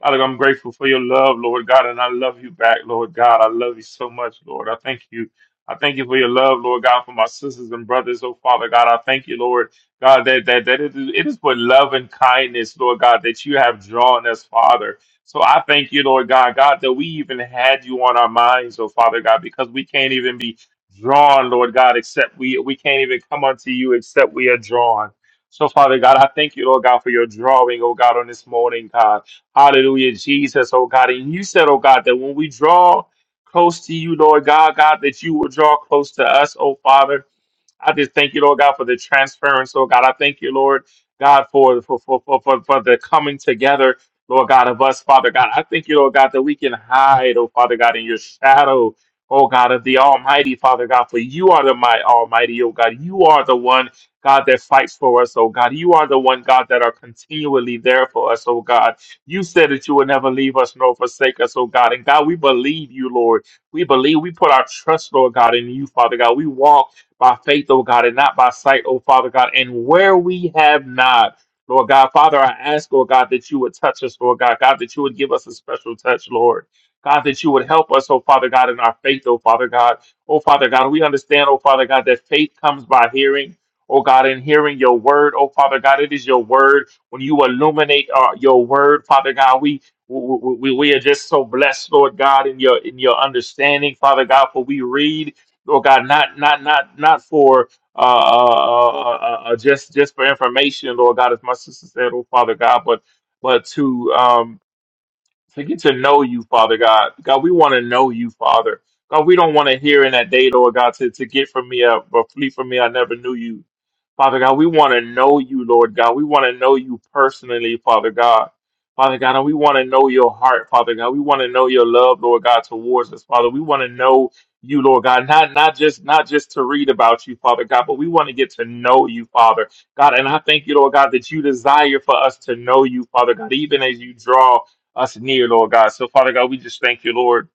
S4: Father, I'm grateful for your love, Lord God, and I love you back, Lord God. I love you so much, Lord. I thank you. I thank you for your love, Lord God, for my sisters and brothers. Oh, Father God, I thank you, Lord God, that, that, that it, is, it is with love and kindness, Lord God, that you have drawn us, Father. So I thank you, Lord God, God, that we even had you on our minds, oh, Father God, because we can't even be drawn, Lord God, except we, we can't even come unto you except we are drawn. So, Father God, I thank you, Lord God, for your drawing, oh God, on this morning, God. Hallelujah, Jesus, oh God. And you said, oh God, that when we draw close to you, Lord God, God, that you will draw close to us, oh Father. I just thank you, Lord God, for the transference, Lord God. I thank you, Lord God, for for for for, for, for the coming together, Lord God, of us, Father God. I thank you, Lord God, that we can hide, oh Father God, in your shadow, oh God, of the Almighty, Father God. For you are the my Almighty, oh God. You are the one, God, that fights for us, oh God. You are the one, God, that are continually there for us, oh God. You said that you would never leave us nor forsake us, oh God. And God, we believe you, Lord. We believe we put our trust, Lord God, in you, Father God. We walk by faith, oh God, and not by sight, oh Father God. And where we have not, Lord God, Father, I ask, oh God, that you would touch us, Lord God, God, that you would give us a special touch, Lord. God, that you would help us, oh Father God, in our faith, oh Father God. Oh Father God, we understand, oh Father God, that faith comes by hearing. Oh God, in hearing your word, oh Father God, it is your word. When you illuminate uh, your word, Father God, we we, we we are just so blessed, Lord God, in your in your understanding, Father God, for we read. Lord God, not not not not for uh, uh, uh, uh, just just for information, Lord God, as my sister said, oh Father God, but but to um, to get to know you, Father God. God, we want to know you, Father. God, we don't want to hear in that day, Lord God, to, to get from me or, or flee from me. I never knew you. Father God, we want to know you, Lord God. We want to know you personally, Father God. Father God, and we want to know your heart, Father God. We want to know your love, Lord God, towards us, Father. We want to know you, Lord God, not not just not just to read about you, Father God, but we want to get to know you, Father God. And I thank you, Lord God, that you desire for us to know you, Father God, even as you draw us near, Lord God. So, Father God, we just thank you, Lord.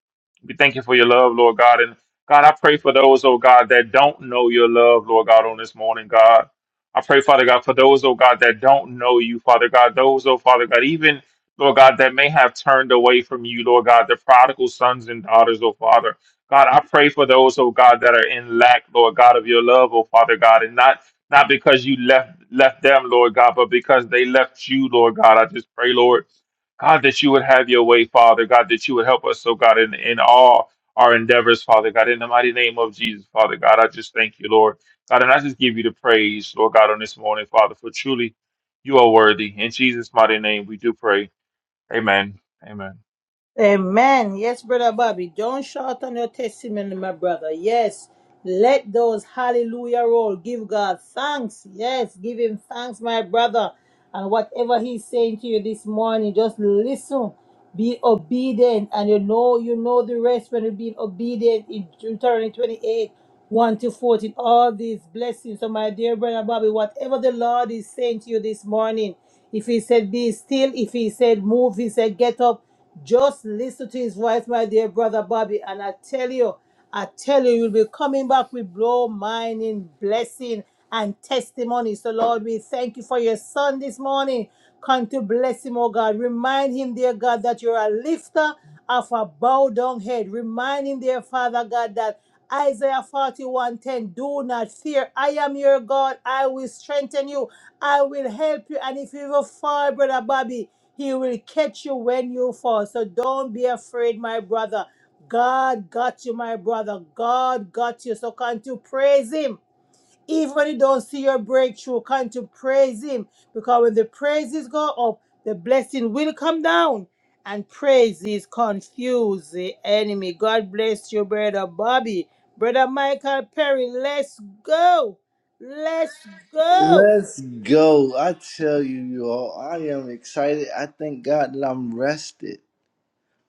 S4: We thank you for your love, Lord God. And God, I pray for those, oh God, that don't know your love, Lord God, on this morning, God. I pray, Father God, for those, oh God, that don't know you, Father God. Those, oh Father God, even, Lord God, that may have turned away from you, Lord God, the prodigal sons and daughters, oh Father. God, I pray for those, oh God, that are in lack, Lord God, of your love, oh Father God, and not not because you left left them, Lord God, but because they left you, Lord God. I just pray, Lord. God, that you would have your way, Father. God, that you would help us, so God, in, in all our endeavors, Father God, in the mighty name of Jesus, Father God. I just thank you, Lord. God, and I just give you the praise, Lord God, on this morning, Father, for truly you are worthy. In Jesus' mighty name, we do pray. Amen. Amen.
S1: Amen. Yes, brother Bobby, don't shout on your testimony, my brother. Yes, let those hallelujah roll. Give God thanks. Yes, give him thanks, my brother. And whatever he's saying to you this morning, just listen. Be obedient, and you know you know the rest when you've been obedient in Deuteronomy 28, 1 to 14. All these blessings. So, my dear brother Bobby, whatever the Lord is saying to you this morning. If he said, Be still, if he said, Move, he said, Get up, just listen to his voice, my dear brother Bobby. And I tell you, I tell you, you'll be coming back with blow, mining, blessing, and testimony. So, Lord, we thank you for your son this morning. Come to bless him, oh God. Remind him, dear God, that you're a lifter of a bowed down head. Remind him, dear Father God, that Isaiah 41:10, do not fear. I am your God. I will strengthen you. I will help you. And if you ever fall, brother Bobby, he will catch you when you fall. So don't be afraid, my brother. God got you, my brother. God got you. So can't you praise him. Even when you don't see your breakthrough, can't you praise him. Because when the praises go up, the blessing will come down. And praises confuse the enemy. God bless you, brother Bobby. Brother Michael Perry, let's go. Let's go.
S5: Let's go. I tell you, you all, I am excited. I thank God that I'm rested.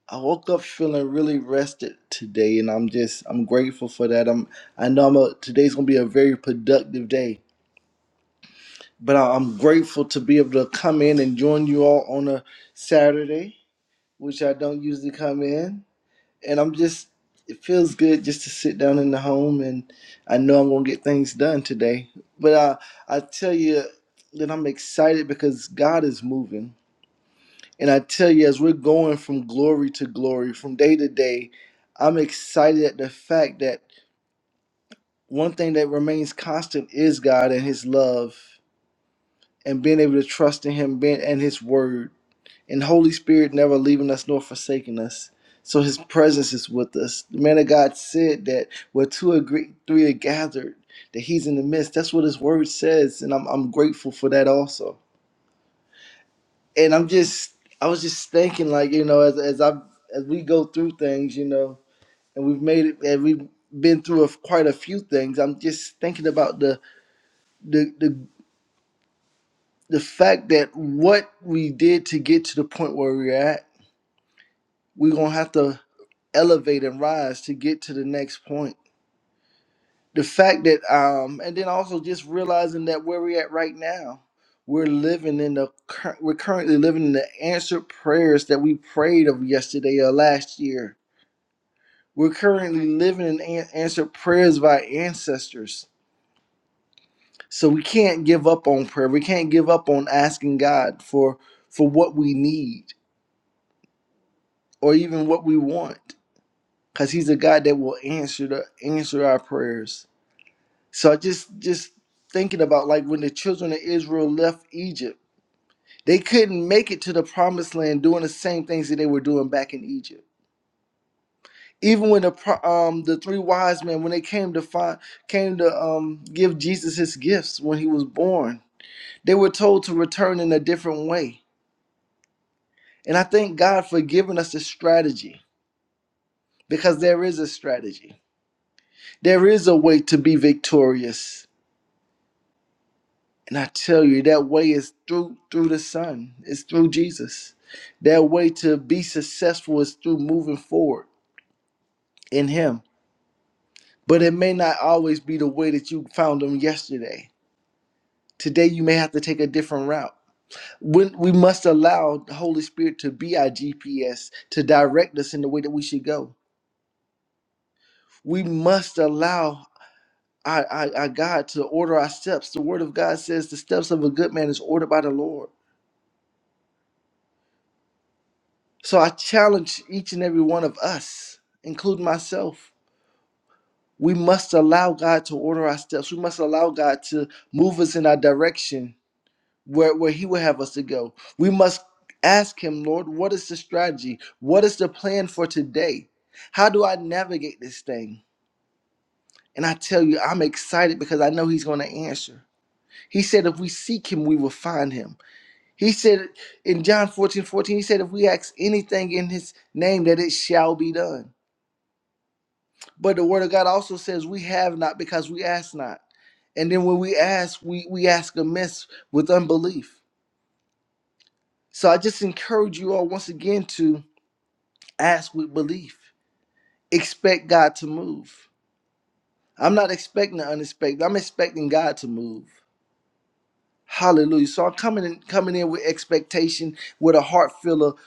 S5: I woke up feeling really rested today, and I'm just, I'm grateful for that. I'm, I know I'm a, today's gonna be a very productive day, but I, I'm grateful to be able to come in and join you all on a Saturday, which I don't usually come in and I'm just it feels good just to sit down in the home and I know I'm gonna get things done today. But I I tell you that I'm excited because God is moving. And I tell you, as we're going from glory to glory, from day to day, I'm excited at the fact that one thing that remains constant is God and His love and being able to trust in Him being, and His Word. and Holy Spirit never leaving us nor forsaking us. So His presence is with us. The man of God said that where two or gre- three are gathered, that He's in the midst. That's what His Word says, and I'm I'm grateful for that also. And I'm just I was just thinking like you know as as I as we go through things you know and we've made it and we've been through a, quite a few things. I'm just thinking about the the the the fact that what we did to get to the point where we're at, we're gonna have to. elevate and rise to get to the next point. The fact that, um, and then also just realizing that where we're at right now, we're living in the, cur- we're currently living in the answered prayers that we prayed of yesterday or last year. We're currently living in an- answered prayers by ancestors. So we can't give up on prayer. We can't give up on asking God for for what we need or even what we want, because He's a God that will answer the answer our prayers. So I just just thinking about like when the children of Israel left Egypt, they couldn't make it to the promised land doing the same things that they were doing back in Egypt. Even when the pro- um the three wise men when they came to find came to um give Jesus his gifts when he was born, they were told to return in a different way. And I thank God for giving us a strategy because there is a strategy. There is a way to be victorious And I tell you, that way is through through the Son. It's through Jesus. That way to be successful is through moving forward in Him. But it may not always be the way that you found Him yesterday. Today you may have to take a different route. When we must allow the Holy Spirit to be our GPS to direct us in the way that we should go. We must allow our, our, our God to order our steps. The Word of God says the steps of a good man is ordered by the Lord. So I challenge each and every one of us, including myself. We must allow God to order our steps. We must allow God to move us in our direction where, where He would have us to go. We must ask Him, Lord, what is the strategy? What is the plan for today? How do I navigate this thing? And I tell you, I'm excited because I know He's going to answer. He said, if we seek Him, we will find Him. He said in John 14 14 He said, if we ask anything in His name, that it shall be done. But the word of God also says we have not because we ask not. And then when we ask, we, we ask amiss with unbelief. So I just encourage you all once again to ask with belief. Expect God to move. I'm not expecting the unexpected. I'm expecting God to move. Hallelujah. So I'm coming in, coming in with expectation, with a heart full of,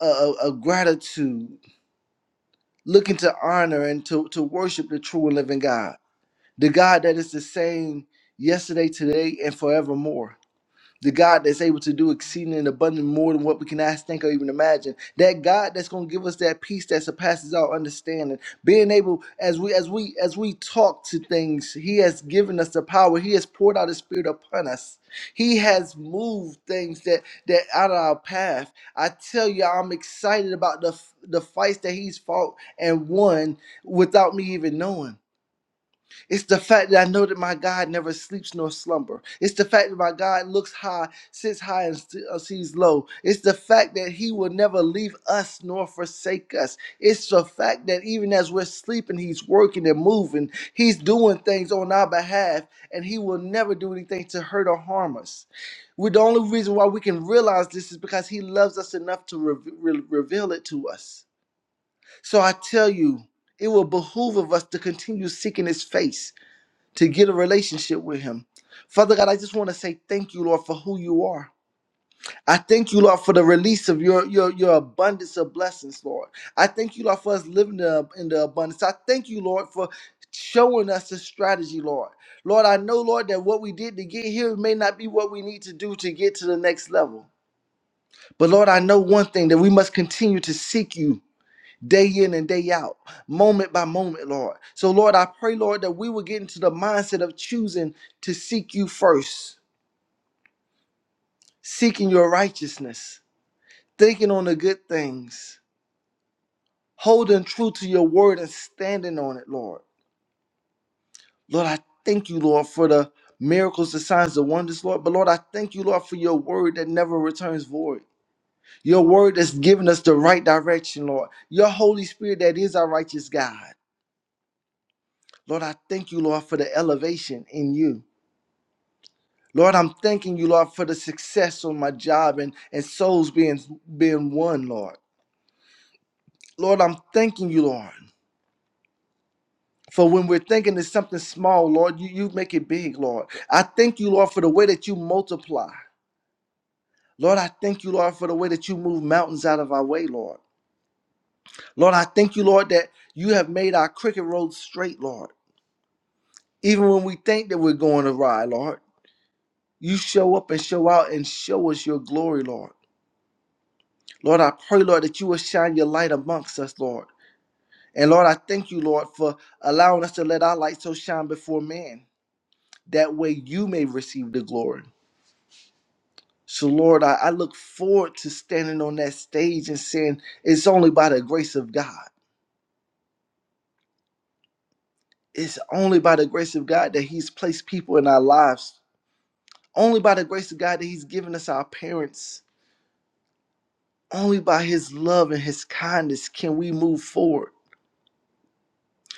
S5: of, of gratitude, looking to honor and to, to worship the true and living God, the God that is the same yesterday, today, and forevermore. the God that's able to do exceeding and abundant more than what we can ask, think, or even imagine. That God that's going to give us that peace that surpasses our understanding. Being able, as we as we as we talk to things, He has given us the power. He has poured out His Spirit upon us. He has moved things that that out of our path. I tell you, I'm excited about the the fights that He's fought and won without me even knowing. It's the fact that I know that my God never sleeps nor slumber. It's the fact that my God looks high, sits high, and st- uh, sees low. It's the fact that He will never leave us nor forsake us. It's the fact that even as we're sleeping, He's working and moving. He's doing things on our behalf, and He will never do anything to hurt or harm us. we the only reason why we can realize this is because He loves us enough to re- re- reveal it to us. So I tell you, it will behoove of us to continue seeking His face to get a relationship with him. Father God, I just want to say thank you, Lord, for who you are. I thank you, Lord, for the release of your, your, your abundance of blessings, Lord. I thank you, Lord, for us living the- in the abundance. I thank you, Lord, for showing us the strategy, Lord. Lord, I know, Lord, that what we did to get here may not be what we need to do to get to the next level. But Lord, I know one thing that we must continue to seek you day in and day out, moment by moment, Lord. So, Lord, I pray, Lord, that we will get into the mindset of choosing to seek you first, seeking your righteousness, thinking on the good things, holding true to your word and standing on it, Lord. Lord, I thank you, Lord, for the miracles, the signs, the wonders, Lord. But, Lord, I thank you, Lord, for your word that never returns void. Your word that's given us the right direction, Lord. Your Holy Spirit that is our righteous God. Lord, I thank you, Lord, for the elevation in you. Lord, I'm thanking you, Lord, for the success on my job and, and souls being being won, Lord. Lord, I'm thanking you, Lord. For when we're thinking it's something small, Lord, you, you make it big, Lord. I thank you, Lord, for the way that you multiply. Lord, I thank you, Lord, for the way that you move mountains out of our way, Lord. Lord, I thank you, Lord, that you have made our cricket road straight, Lord. Even when we think that we're going awry, Lord, you show up and show out and show us your glory, Lord. Lord, I pray, Lord, that you will shine your light amongst us, Lord. And Lord, I thank you, Lord, for allowing us to let our light so shine before man. That way you may receive the glory. So, Lord, I, I look forward to standing on that stage and saying, It's only by the grace of God. It's only by the grace of God that He's placed people in our lives. Only by the grace of God that He's given us our parents. Only by His love and His kindness can we move forward.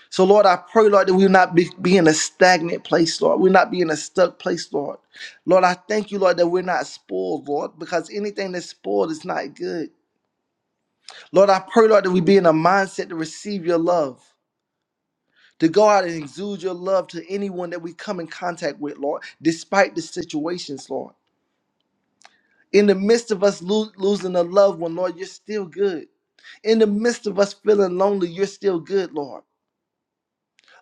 S5: So, Lord, I pray, Lord, that we will not be, be in a stagnant place, Lord. We'll not be in a stuck place, Lord. Lord, I thank you, Lord, that we're not spoiled, Lord, because anything that's spoiled is not good. Lord, I pray, Lord, that we be in a mindset to receive your love, to go out and exude your love to anyone that we come in contact with, Lord, despite the situations, Lord. In the midst of us lo- losing a loved one, Lord, you're still good. In the midst of us feeling lonely, you're still good, Lord.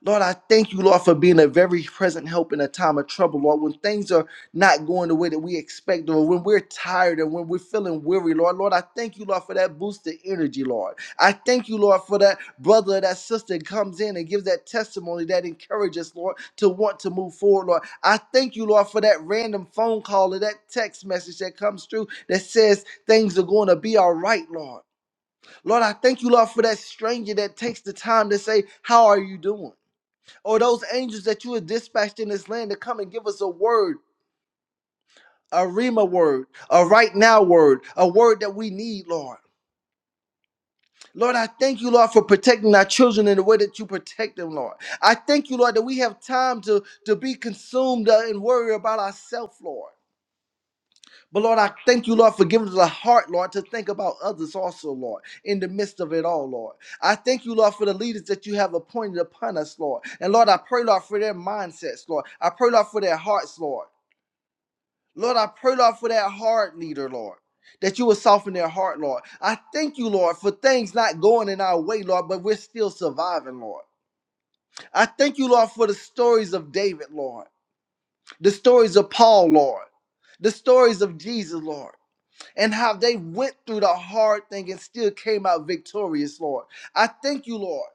S5: Lord, I thank you, Lord, for being a very present help in a time of trouble, Lord. When things are not going the way that we expect, or when we're tired and when we're feeling weary, Lord, Lord, I thank you, Lord, for that boost of energy, Lord. I thank you, Lord, for that brother, or that sister that comes in and gives that testimony that encourages, Lord, to want to move forward, Lord. I thank you, Lord, for that random phone call or that text message that comes through that says things are going to be all right, Lord. Lord, I thank you, Lord, for that stranger that takes the time to say, How are you doing? or those angels that you have dispatched in this land to come and give us a word, a Rima word, a right now word, a word that we need, Lord. Lord, I thank you, Lord, for protecting our children in the way that you protect them, Lord. I thank you, Lord, that we have time to, to be consumed uh, and worry about ourselves, Lord. But Lord, I thank you, Lord, for giving us a heart, Lord, to think about others also, Lord, in the midst of it all, Lord. I thank you, Lord, for the leaders that you have appointed upon us, Lord. And Lord, I pray, Lord, for their mindsets, Lord. I pray, Lord, for their hearts, Lord. Lord, I pray, Lord, for that heart leader, Lord, that you will soften their heart, Lord. I thank you, Lord, for things not going in our way, Lord, but we're still surviving, Lord. I thank you, Lord, for the stories of David, Lord, the stories of Paul, Lord, the stories of Jesus, Lord, and how they went through the hard thing and still came out victorious, Lord. I thank you, Lord.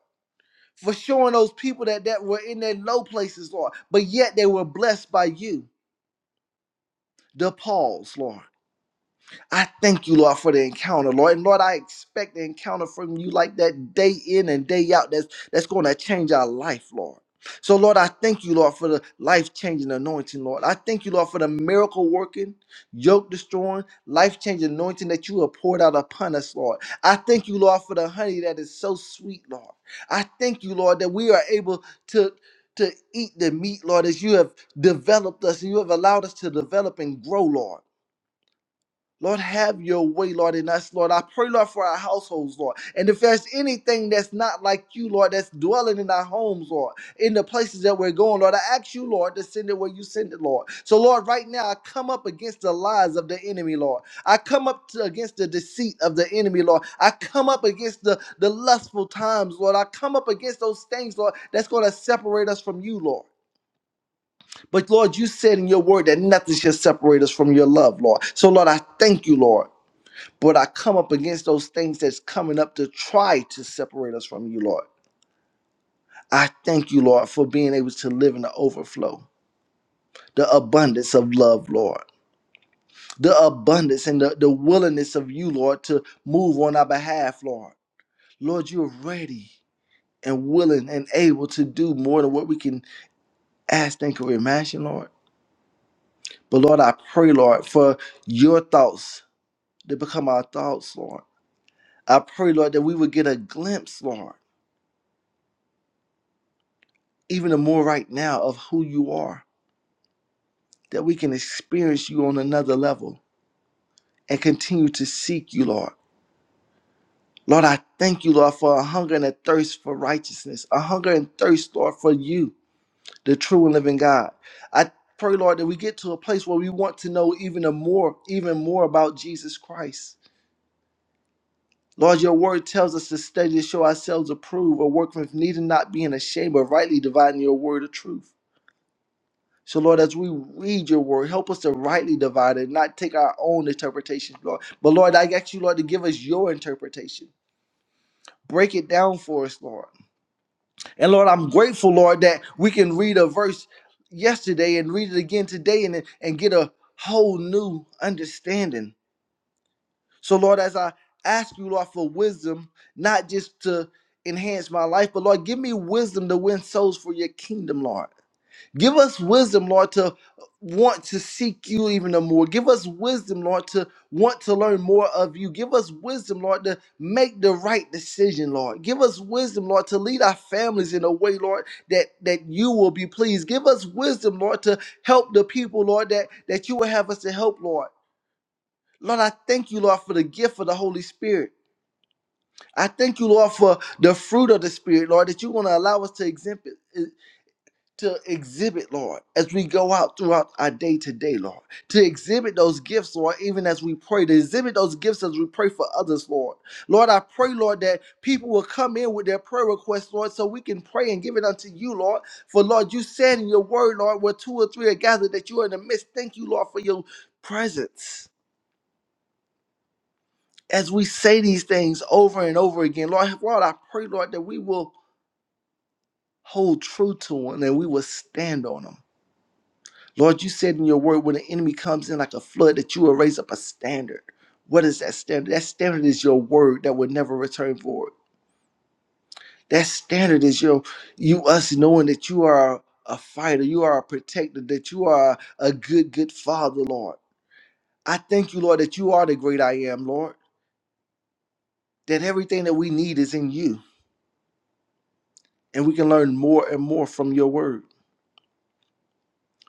S5: For showing those people that, that were in their low places, Lord, but yet they were blessed by you, the Pauls, Lord. I thank you, Lord, for the encounter, Lord. And Lord, I expect the encounter from you like that day in and day out. That's that's going to change our life, Lord. So, Lord, I thank you, Lord, for the life changing anointing, Lord. I thank you, Lord, for the miracle working, yoke destroying, life changing anointing that you have poured out upon us, Lord. I thank you, Lord, for the honey that is so sweet, Lord. I thank you, Lord, that we are able to, to eat the meat, Lord, as you have developed us and you have allowed us to develop and grow, Lord. Lord, have your way, Lord, in us, Lord. I pray, Lord, for our households, Lord. And if there's anything that's not like you, Lord, that's dwelling in our homes, Lord, in the places that we're going, Lord, I ask you, Lord, to send it where you send it, Lord. So, Lord, right now, I come up against the lies of the enemy, Lord. I come up to, against the deceit of the enemy, Lord. I come up against the, the lustful times, Lord. I come up against those things, Lord, that's going to separate us from you, Lord. But, Lord, you said in your word that nothing shall separate us from your love, Lord. So, Lord, I thank you, Lord. But I come up against those things that's coming up to try to separate us from you, Lord. I thank you, Lord, for being able to live in the overflow, the abundance of love, Lord, the abundance and the, the willingness of you, Lord, to move on our behalf, Lord. Lord, you're ready and willing and able to do more than what we can ask, think, or imagine, Lord. But Lord, I pray, Lord, for your thoughts to become our thoughts, Lord. I pray, Lord, that we would get a glimpse, Lord even the more right now of who you are, that we can experience you on another level and continue to seek you, Lord. Lord, I thank you, Lord, for a hunger and a thirst for righteousness, a hunger and thirst, Lord, for you, the true and living God. I pray, Lord, that we get to a place where we want to know even a more, even more about Jesus Christ. Lord, your word tells us to study to show ourselves approved, a workman needing not being ashamed, but rightly dividing your word of truth. So, Lord, as we read your word, help us to rightly divide it, not take our own interpretation, Lord. But, Lord, I ask you, Lord, to give us your interpretation. Break it down for us, Lord. And, Lord, I'm grateful, Lord, that we can read a verse yesterday and read it again today and, and get a whole new understanding. So, Lord, as I ask you, Lord, for wisdom, not just to enhance my life, but, Lord, give me wisdom to win souls for your kingdom, Lord. Give us wisdom, Lord, to want to seek you even the more. Give us wisdom, Lord, to want to learn more of you. Give us wisdom, Lord, to make the right decision, Lord. Give us wisdom, Lord, to lead our families in a way, Lord, that that you will be pleased. Give us wisdom, Lord, to help the people, Lord, that that you will have us to help, Lord. Lord, I thank you, Lord, for the gift of the Holy Spirit. I thank you, Lord, for the fruit of the Spirit, Lord, that you're going to allow us to exhibit, to exhibit, Lord, as we go out throughout our day to day, Lord, to exhibit those gifts, Lord, even as we pray, to exhibit those gifts as we pray for others, Lord. Lord, I pray, Lord, that people will come in with their prayer requests, Lord, so we can pray and give it unto you, Lord. For, Lord, you said in your word, Lord, where two or three are gathered, that you are in the midst. Thank you, Lord, for your presence. As we say these things over and over again, Lord, Lord, I pray, Lord, that we will hold true to them and we will stand on them. Lord, you said in your word when the enemy comes in like a flood that you will raise up a standard. What is that standard? That standard is your word that will never return void. That standard is your you us knowing that you are a fighter, you are a protector, that you are a good, good father, Lord. I thank you, Lord, that you are the great I am, Lord. That everything that we need is in you. And we can learn more and more from your word.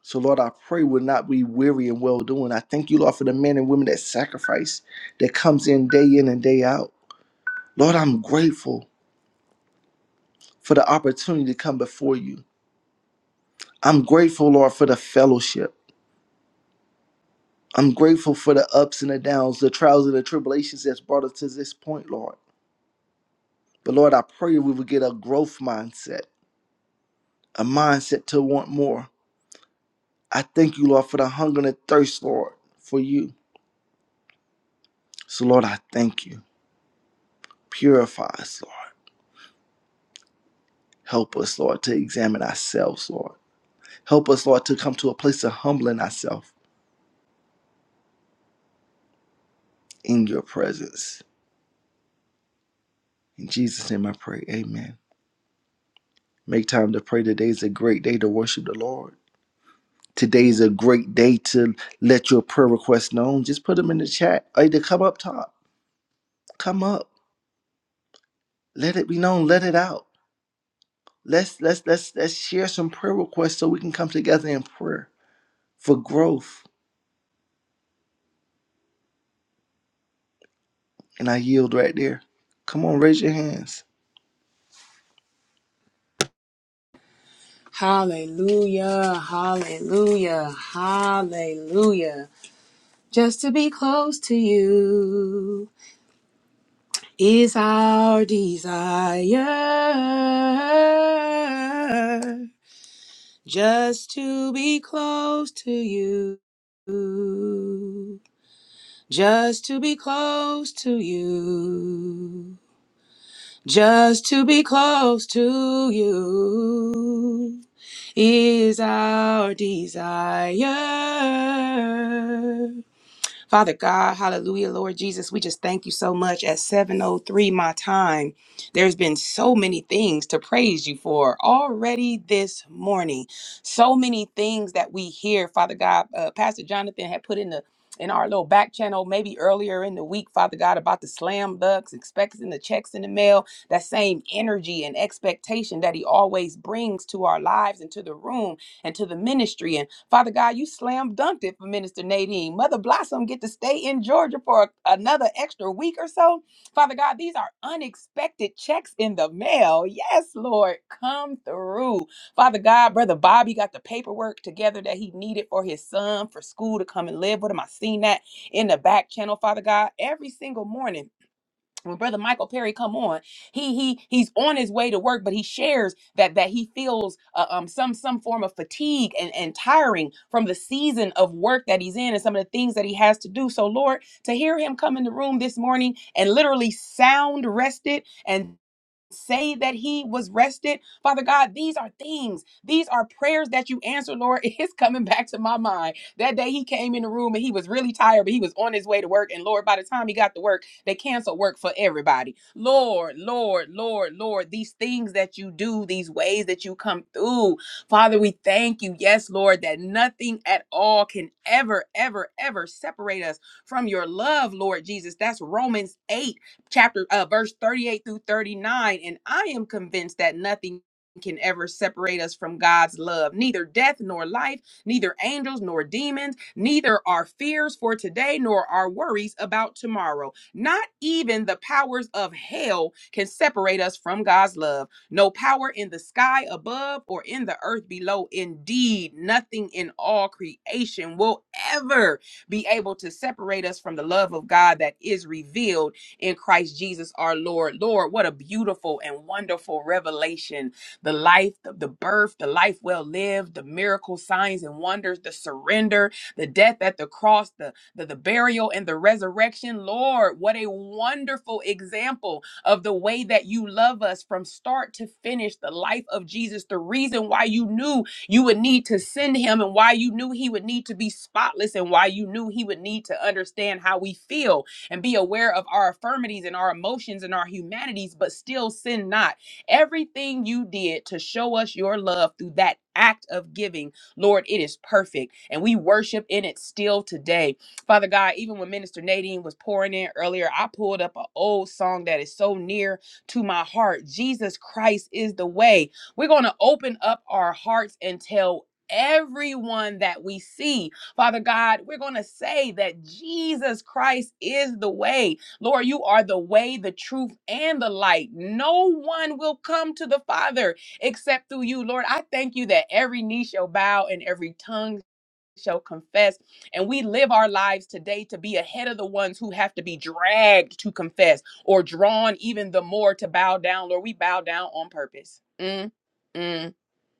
S5: So, Lord, I pray we'll not be weary in well doing. I thank you, Lord, for the men and women that sacrifice, that comes in day in and day out. Lord, I'm grateful for the opportunity to come before you. I'm grateful, Lord, for the fellowship. I'm grateful for the ups and the downs, the trials and the tribulations that's brought us to this point, Lord. But Lord, I pray we will get a growth mindset, a mindset to want more. I thank you, Lord, for the hunger and the thirst, Lord, for you. So, Lord, I thank you. Purify us, Lord. Help us, Lord, to examine ourselves, Lord. Help us, Lord, to come to a place of humbling ourselves in your presence. In Jesus' name I pray. Amen. Make time to pray. Today is a great day to worship the Lord. Today is a great day to let your prayer requests known. Just put them in the chat. Either come up top. Come up. Let it be known. Let it out. Let's let's let's let's share some prayer requests so we can come together in prayer for growth. And I yield right there. Come on, raise your hands.
S2: Hallelujah, hallelujah, hallelujah. Just to be close to you is our desire. Just to be close to you. Just to be close to you. Just to be close to you. is our desire. Father God, hallelujah, Lord Jesus, we just thank you so much. At 7.03 my time, there's been so many things to praise you for already this morning. So many things that we hear, Father God. Uh, Pastor Jonathan had put in the in our little back channel, maybe earlier in the week, Father God, about the slam ducks, expecting the checks in the mail, that same energy and expectation that He always brings to our lives and to the room and to the ministry. And Father God, you slam dunked it for Minister Nadine. Mother Blossom get to stay in Georgia for another extra week or so. Father God, these are unexpected checks in the mail. Yes, Lord, come through. Father God, Brother Bobby got the paperwork together that he needed for his son for school to come and live with him. I seen that in the back channel, Father God, every single morning when brother michael perry come on he he he's on his way to work but he shares that that he feels uh, um some some form of fatigue and and tiring from the season of work that he's in and some of the things that he has to do so lord to hear him come in the room this morning and literally sound rested and say that he was rested. Father God, these are things. These are prayers that you answer, Lord. It's coming back to my mind. That day he came in the room and he was really tired, but he was on his way to work. And Lord, by the time he got to work, they canceled work for everybody. Lord, Lord, Lord, Lord, these things that you do, these ways that you come through. Father, we thank you. Yes, Lord, that nothing at all can ever, ever, ever separate us from your love, Lord Jesus. That's Romans 8 chapter uh, verse 38 through 39 and i am convinced that nothing can ever separate us from God's love. Neither death nor life, neither angels nor demons, neither our fears for today nor our worries about tomorrow. Not even the powers of hell can separate us from God's love. No power in the sky above or in the earth below. Indeed, nothing in all creation will ever be able to separate us from the love of God that is revealed in Christ Jesus our Lord. Lord, what a beautiful and wonderful revelation. The life, the, the birth, the life well lived, the miracle signs and wonders, the surrender, the death at the cross, the, the, the burial and the resurrection. Lord, what a wonderful example of the way that you love us from start to finish, the life of Jesus, the reason why you knew you would need to send him and why you knew he would need to be spotless and why you knew he would need to understand how we feel and be aware of our infirmities and our emotions and our humanities, but still sin not. Everything you did to show us your love through that act of giving, Lord, it is perfect. And we worship in it still today. Father God, even when Minister Nadine was pouring in earlier, I pulled up an old song that is so near to my heart Jesus Christ is the way. We're going to open up our hearts and tell everyone that we see Father God, we're going to say that Jesus Christ is the way. Lord, you are the way, the truth, and the light. No one will come to the Father except through you. Lord, I thank you that every knee shall bow and every tongue shall confess. And we live our lives today to be ahead of the ones who have to be dragged to confess or drawn even the more to bow down. Lord, we bow down on purpose. Mm, mm.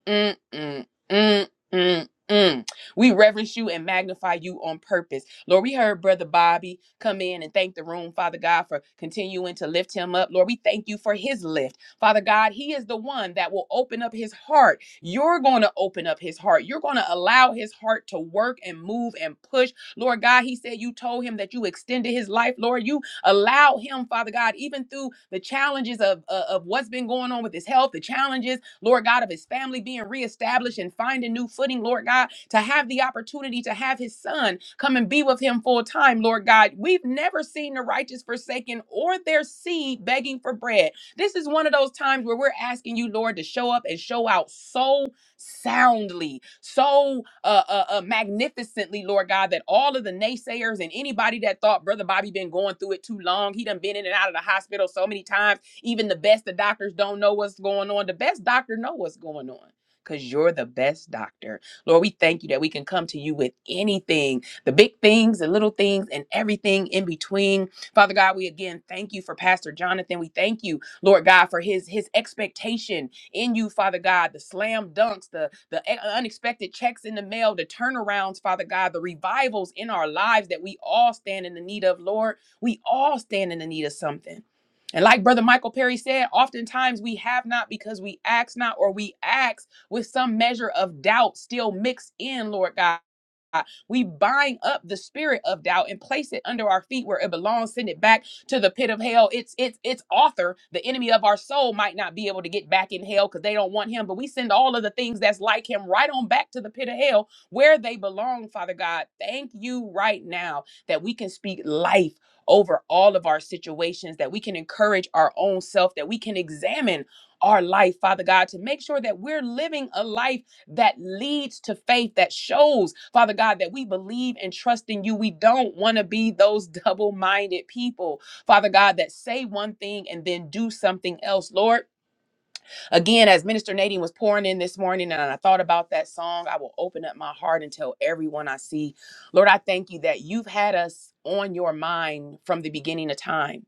S2: Mm, mm, mm, mm, mm. We reverence you and magnify you on purpose. Lord, we heard Brother Bobby come in and thank the room, Father God, for continuing to lift him up. Lord, we thank you for his lift. Father God, he is the one that will open up his heart. You're going to open up his heart. You're going to allow his heart to work and move and push. Lord God, he said you told him that you extended his life. Lord, you Allow him, Father God, even through the challenges of, uh, of what's been going on with his health, the challenges, Lord God, of his family being reestablished and finding new footing, Lord God, to have the opportunity to have his son come and be with him full time, Lord God. We've never seen the righteous forsaken or their seed begging for bread. This is one of those times where we're asking you, Lord, to show up and show out so soundly, so uh, uh, uh, magnificently, Lord God, that all of the naysayers and anybody that thought Brother Bobby been going through it too long, he done been in and out of the hospital so many times. Even the best of doctors don't know what's going on. The best doctor know what's going on. Because you're the best doctor. Lord, we thank you that we can come to you with anything the big things, the little things, and everything in between. Father God, we again thank you for Pastor Jonathan. We thank you Lord God, for his his expectation in you, Father God, the slam dunks, the, the e- unexpected checks in the mail, the turnarounds, Father God, the revivals in our lives that we all stand in the need of, Lord. We all stand in the need of something. And like Brother Michael Perry said, oftentimes we have not because we ask not, or we ask with some measure of doubt still mixed in, Lord God. We bind up the spirit of doubt and place it under our feet where it belongs, send it back to the pit of hell. It's it's its author, the enemy of our soul, might not be able to get back in hell because they don't want him. But we send all of the things that's like him right on back to the pit of hell where they belong, Father God. Thank you right now that we can speak life over all of our situations, that we can encourage our own self, that we can examine our life, Father God, to make sure that we're living a life that leads to faith that shows, Father God, that we believe and trust in you. We don't want to be those double minded people, Father God, that say one thing and then do something else. Lord, again, as Minister Nadine was pouring in this morning and I thought about that song, I will open up my heart and tell everyone I see. Lord, I thank you that you've had us on your mind from the beginning of time.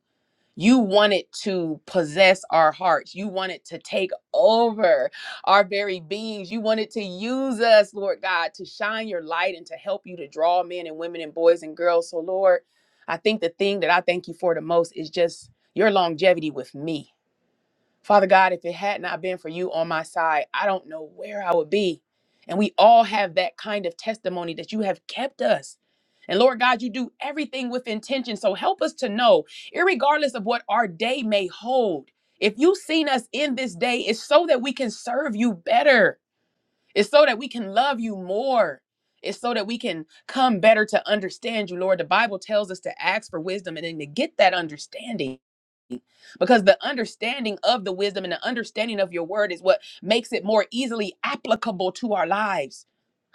S2: You wanted to possess our hearts. You wanted to take over our very beings. You wanted to use us, Lord God, to shine your light and to help you to draw men and women and boys and girls. So, Lord, I think the thing that I thank you for the most is just your longevity with me Father God, if it had not been for you on my side, I don't know where I would be. And we all have that kind of testimony that you have kept us. And Lord God, you do everything with intention. So help us to know, irregardless of what our day may hold, if you've seen us in this day, it's so that we can serve you better. It's so that we can love you more. It's so that we can come better to understand you, Lord. The Bible tells us to ask for wisdom and then to get that understanding. Because the understanding of the wisdom and the understanding of your word is what makes it more easily applicable to our lives.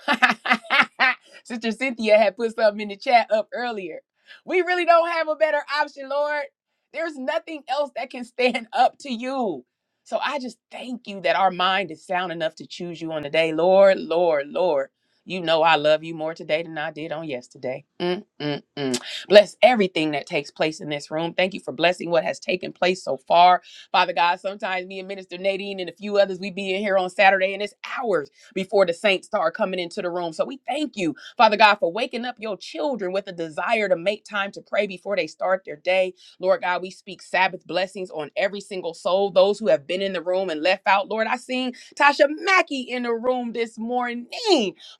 S2: Sister Cynthia had put something in the chat up earlier. We really don't have a better option, Lord. There's nothing else that can stand up to you. So I just thank you that our mind is sound enough to choose you on the day. Lord, Lord, Lord. You know I love you more today than I did on yesterday. Mm, mm, mm. Bless everything that takes place in this room. Thank you for blessing what has taken place so far. Father God, sometimes me and Minister Nadine and a few others, we be in here on Saturday and it's hours before the saints start coming into the room. So we thank you, Father God, for waking up your children with a desire to make time to pray before they start their day. Lord God, we speak Sabbath blessings on every single soul, those who have been in the room and left out. Lord, I seen Tasha Mackey in the room this morning.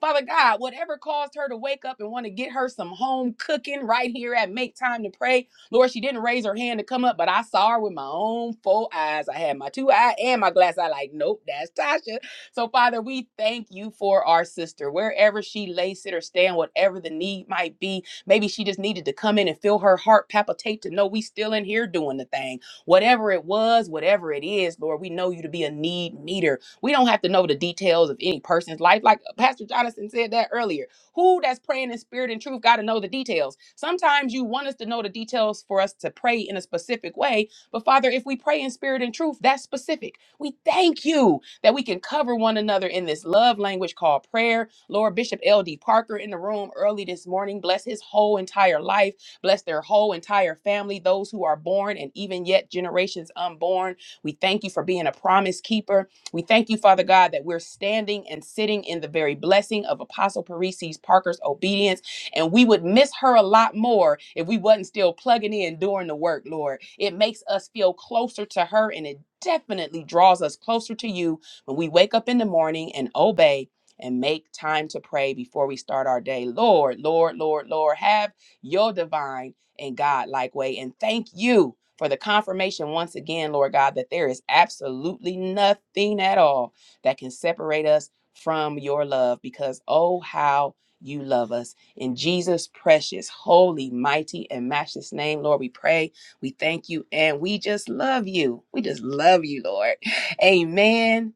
S2: Father God, whatever caused her to wake up and want to get her some home cooking right here at Make Time to Pray. Lord, she didn't raise her hand to come up, but I saw her with my own full eyes. I had my two eye and my glass eye, like, nope, that's Tasha. So, Father, we thank you for our sister, wherever she lay, sit, or stand, whatever the need might be. Maybe she just needed to come in and feel her heart palpitate to know we still in here doing the thing. Whatever it was, whatever it is, Lord, we know you to be a need meter. We don't have to know the details of any person's life. Like uh, Pastor Jonathan said that earlier. Who that's praying in spirit and truth got to know the details. Sometimes you want us to know the details for us to pray in a specific way. But Father, if we pray in spirit and truth, that's specific. We thank you that we can cover one another in this love language called prayer. Lord Bishop L.D. Parker in the room early this morning. Bless his whole entire life. Bless their whole entire family, those who are born and even yet generations unborn. We thank you for being a promise keeper. We thank you, Father God, that we're standing and sitting in the very blessing of Apostle Parisi's Parker's obedience. And we would miss her a lot more if we wasn't still plugging in doing the work, Lord. It makes us feel closer to her and it definitely draws us closer to you when we wake up in the morning and obey and make time to pray before we start our day, Lord, Lord, Lord, Lord, have your divine and God like way. And thank you for the confirmation once again, Lord God, that there is absolutely nothing at all that can separate us from your love because oh, how you love us. In Jesus' precious, holy, mighty, and matchless name, Lord, we pray, we thank you, and we just love you. We just love you, Lord. Amen.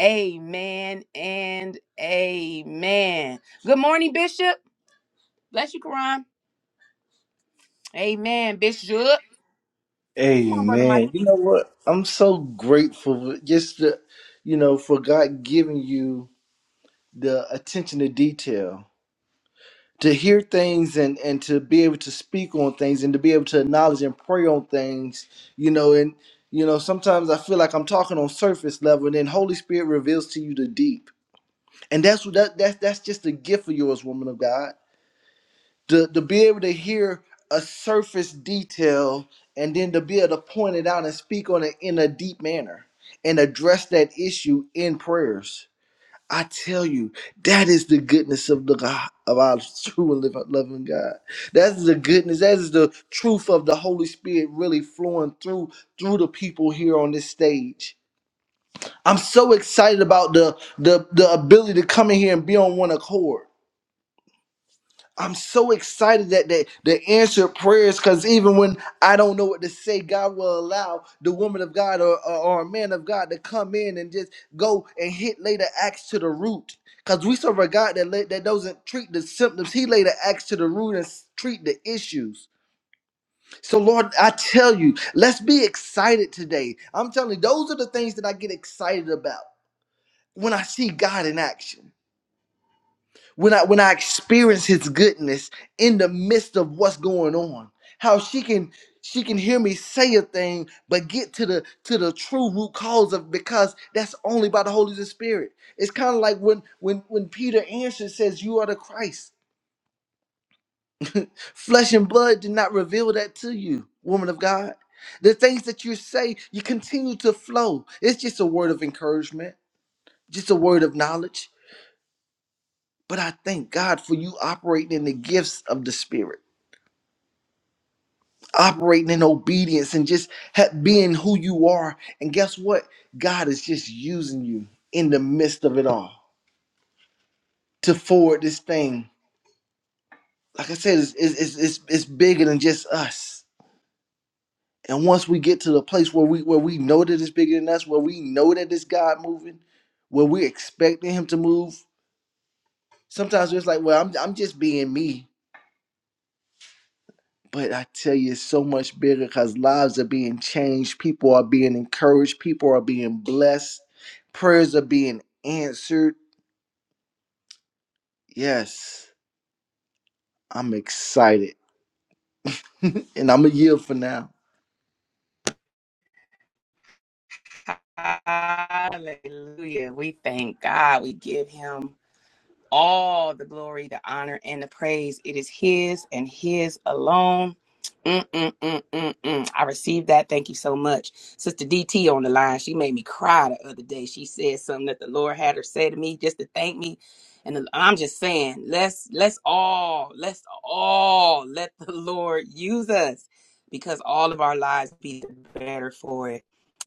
S2: Amen and amen. Good morning, Bishop. Bless you, Quran. Amen, Bishop. Come
S5: Hey
S2: on, Brother
S5: man,
S2: Michael.
S5: you know what? I'm so grateful for just the, you know, for God giving you the attention to detail to hear things and and to be able to speak on things and to be able to acknowledge and pray on things, you know, and you know, sometimes I feel like I'm talking on surface level and then Holy Spirit reveals to you the deep. And that's what that, that's that's just a gift of yours, woman of God to, to be able to hear a surface detail and then to be able to point it out and speak on it in a deep manner and address that issue in prayers. I tell you, that is the goodness of the God of our true and liv- loving God. That is the goodness. That is the truth of the Holy Spirit really flowing through through the people here on this stage. I'm so excited about the the the ability to come in here and be on one accord. I'm so excited that they, they answered prayers because even when I don't know what to say, God will allow the woman of God or, or, or a man of God to come in and just go and hit lay the axe to the root. Because we serve a God that, lay, that doesn't treat the symptoms, He lay the axe to the root and s- treat the issues. So, Lord, I tell you, let's be excited today. I'm telling you, those are the things that I get excited about when I see God in action when I when I experience his goodness in the midst of what's going on. How she can she can hear me say a thing but get to the to the true root cause of because that's only by the Holy Spirit. It's kind of like when when when Peter answered says you are the Christ. Flesh and blood did not reveal that to you, woman of God. The things that you say, you continue to flow. It's just a word of encouragement, just a word of knowledge. But I thank God for you operating in the gifts of the Spirit operating in obedience and just ha- being who you are. And guess what? God is just using you in the midst of it all to forward this thing. Like I said, it's, it's, it's, it's it's bigger than just us. And once we get to the place where we where we know that it's bigger than us, where we know that it's God moving, where we're expecting Him to move, sometimes it's like, well, I'm, I'm just being me But I tell you, it's so much bigger because lives are being changed, people are being encouraged, people are being blessed, prayers are being answered. Yes, I'm excited, and I'm a yield for now.
S2: Hallelujah. We thank God. We give him all the glory, the honor, and the praise. It is His and His alone. Mm, mm, mm, mm, mm. I received that. Thank you so much. Sister DT on the line. She made me cry the other day. She said something that the Lord had her say to me just to thank me. And I'm just saying, let's let's all let's all let the Lord use us because all of our lives be the better for it.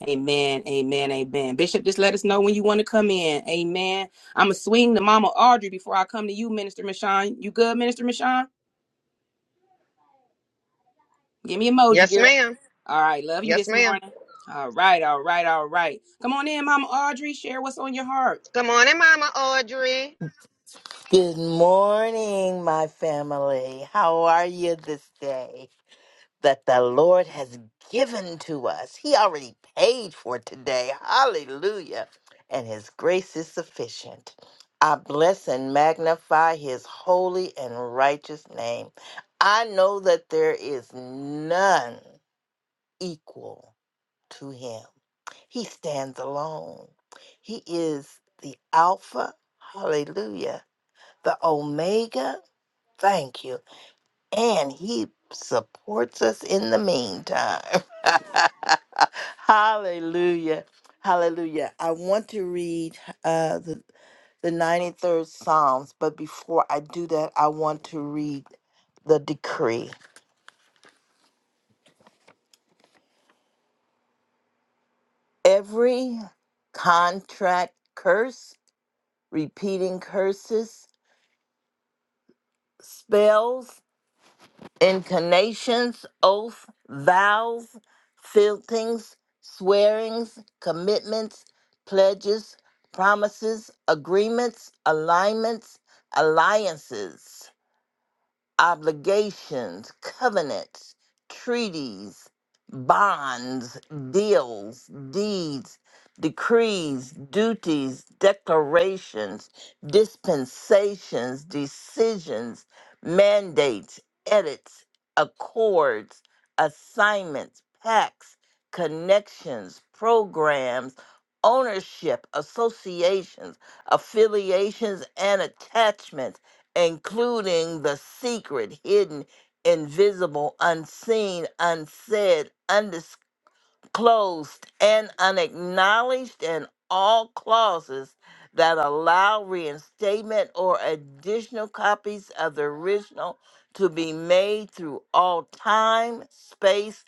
S2: Amen. Amen. Amen. Bishop, just let us know when you want to come in. Amen I'ma swing to Mama Audrey before I come to you, Minister Michon. You good, Minister Michon? Give me emoji,
S6: Yes,
S2: girl.
S6: ma'am.
S2: All right, love you
S6: Yes,
S2: this
S6: ma'am.
S2: morning. All right, all right, all right. Come on in, Mama Audrey. Share what's on your heart.
S6: Good morning, Mama Audrey.
S7: Good morning, my family. How are you this day that the Lord has given to us? He already paid for today. Hallelujah. And His grace is sufficient. I bless and magnify His holy and righteous name. I know that there is none equal to Him, He stands alone. He is the Alpha, hallelujah, the Omega Thank you. And he supports us in the meantime. Hallelujah. Hallelujah. I want to read uh, the, the 93rd Psalms, but before I do that, I want to read the decree. Every contract curse, repeating curses, spells, inclinations, oath, vows, filthings, swearings, commitments, pledges, promises, agreements, alignments, alliances obligations, covenants, treaties, bonds, deals, deeds, decrees, duties, declarations, dispensations, decisions, mandates, edits, accords, assignments, pacts, connections, programs, ownership, associations, affiliations, and attachments including the secret, hidden, invisible, unseen, unsaid, undiscovered closed and unacknowledged and all clauses that allow reinstatement or additional copies of the original to be made through all time, space,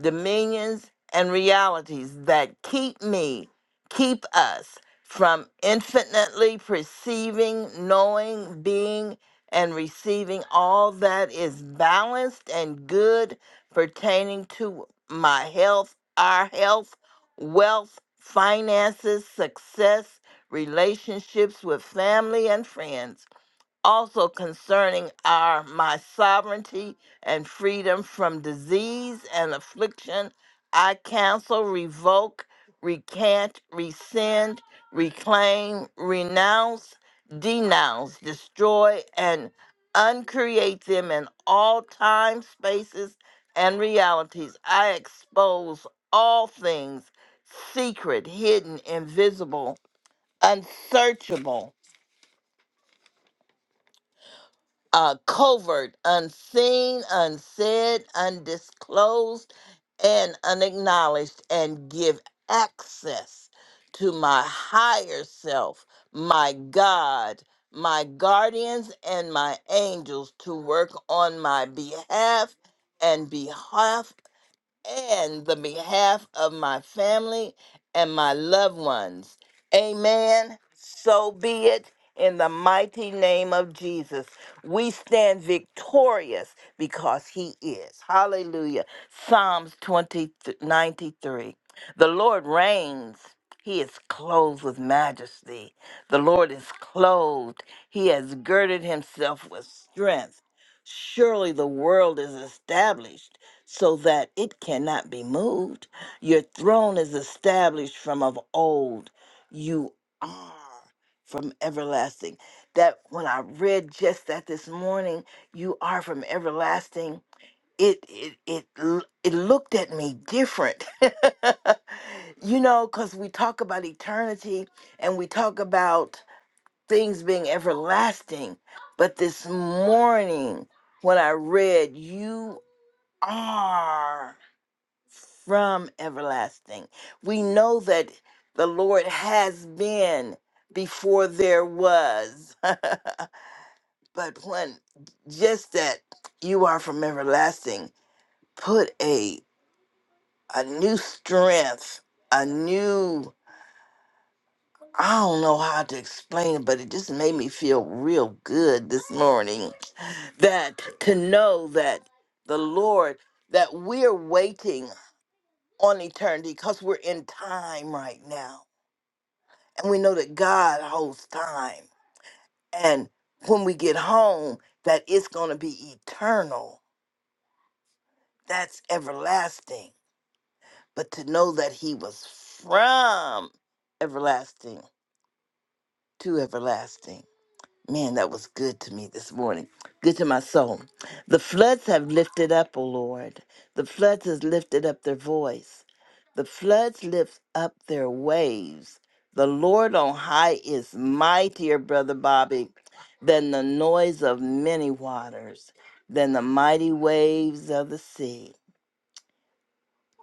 S7: dominions, and realities that keep me, keep us from infinitely perceiving, knowing, being, and receiving all that is balanced and good pertaining to my health our health, wealth, finances, success, relationships with family and friends also concerning our my sovereignty and freedom from disease and affliction, I cancel, revoke, recant, rescind, reclaim, renounce, denounce, destroy, and uncreate them in all time, spaces, and realities. I expose all things secret, hidden, invisible, unsearchable uh, covert, unseen, unsaid, undisclosed, and unacknowledged, and give access to my higher self, my God, my guardians, and my angels to work on my behalf and behalf and the behalf of my family and my loved ones. Amen. So be it in the mighty name of Jesus. We stand victorious because he is. Hallelujah. Psalms 20 93. The Lord reigns. He is clothed with majesty. The Lord is clothed. He has girded himself with strength. Surely the world is established so that it cannot be moved. Your throne is established from of old. You are from everlasting. That when I read just that this morning, you are from everlasting. It it it l- it looked at me different. you know, cuz we talk about eternity and we talk about things being everlasting, but this morning when I read you are from everlasting. We know that the Lord has been before there was. but when just that you are from everlasting, put a a new strength, a new I don't know how to explain it, but it just made me feel real good this morning that to know that the Lord that we're waiting on eternity because we're in time right now and we know that God holds time. And when we get home, that it's going to be eternal. That's everlasting. But to know that He was from everlasting to everlasting Man, that was good to me this morning. Good to my soul. The floods have lifted up, O Lord. The floods has lifted up their voice. The floods lift up their waves. The Lord on high is mightier, brother Bobby, than the noise of many waters, than the mighty waves of the sea.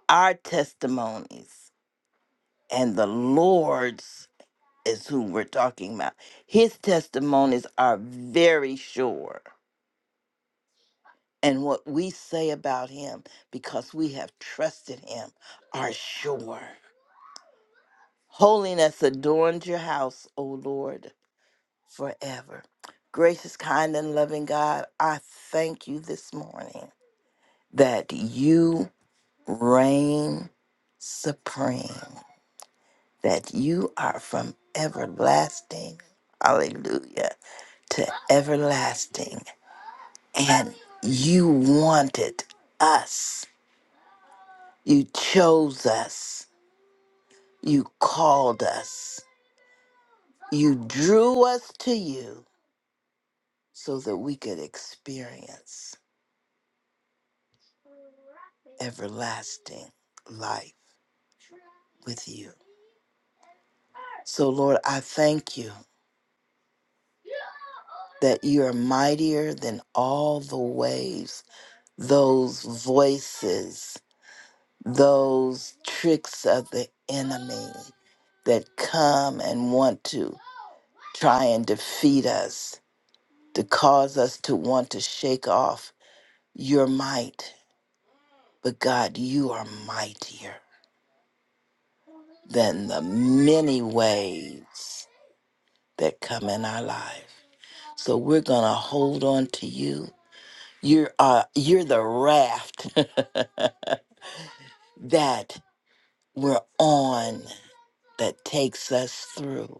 S7: Our testimonies and the Lord's is who we're talking about. His testimonies are very sure and what we say about him because we have trusted him are sure. Holiness adorns your house, O Lord, forever. Gracious, kind, and loving God, I thank you this morning that you reign supreme, that you are from everlasting, hallelujah, to everlasting. And you wanted us, you chose us You called us. You drew us to you so that we could experience everlasting life with you. So, Lord, I thank you that you are mightier than all the waves, those voices, those tricks of the enemy that come and want to try and defeat us, to cause us to want to shake off your might But God, you are mightier than the many ways that come in our life. So we're going to hold on to you. You're, uh, you're the raft that we're on that takes us through.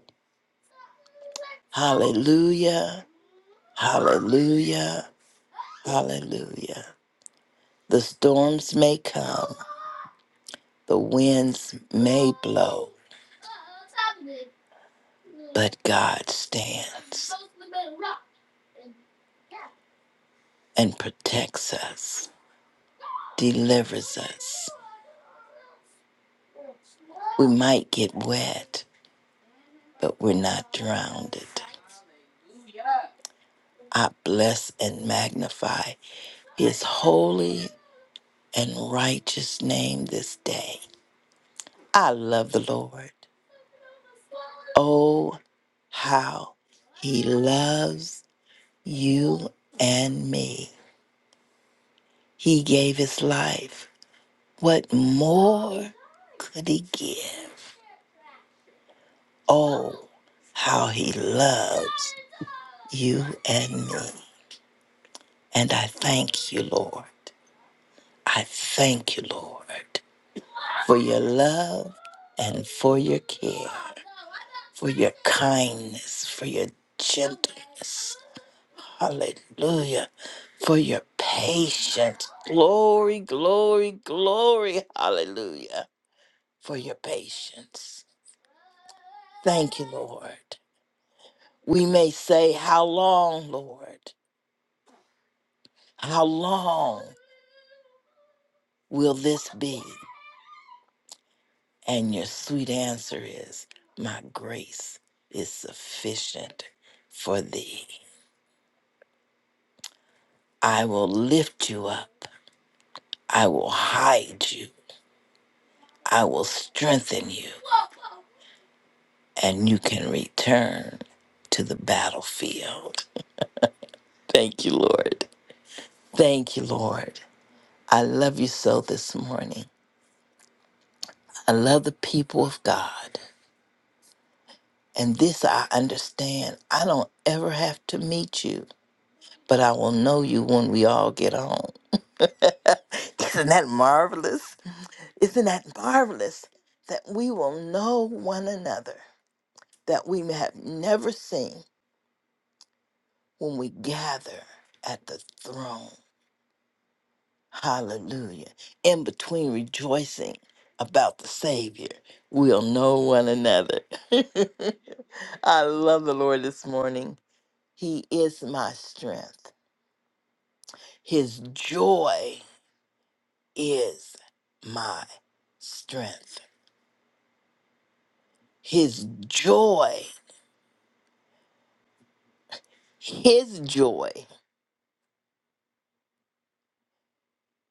S7: Hallelujah. Hallelujah. Hallelujah. The storms may come, the winds may blow, but God stands. and protects us, delivers us. We might get wet, but we're not drowned. I bless and magnify his holy and righteous name this day. I love the Lord. Oh, how he loves you and me. He gave his life. What more could he give? Oh, how he loves you and me. And I thank you, Lord. I thank you, Lord, for your love and for your care, for your kindness, for your gentleness. Hallelujah. For your patience. Glory, glory, glory. Hallelujah. For your patience. Thank you, Lord. We may say, How long, Lord? How long will this be? And your sweet answer is, My grace is sufficient for thee. I will lift you up. I will hide you. I will strengthen you. And you can return to the battlefield. Thank you, Lord. Thank you, Lord. I love you so this morning. I love the people of God. And this I understand. I don't ever have to meet you. but I will know you when we all get home. Isn't that marvelous? Isn't that marvelous that we will know one another that we have never seen when we gather at the throne? Hallelujah. In between rejoicing about the Savior, we'll know one another. I love the Lord this morning. He is my strength, His joy. is my strength. His joy, his joy,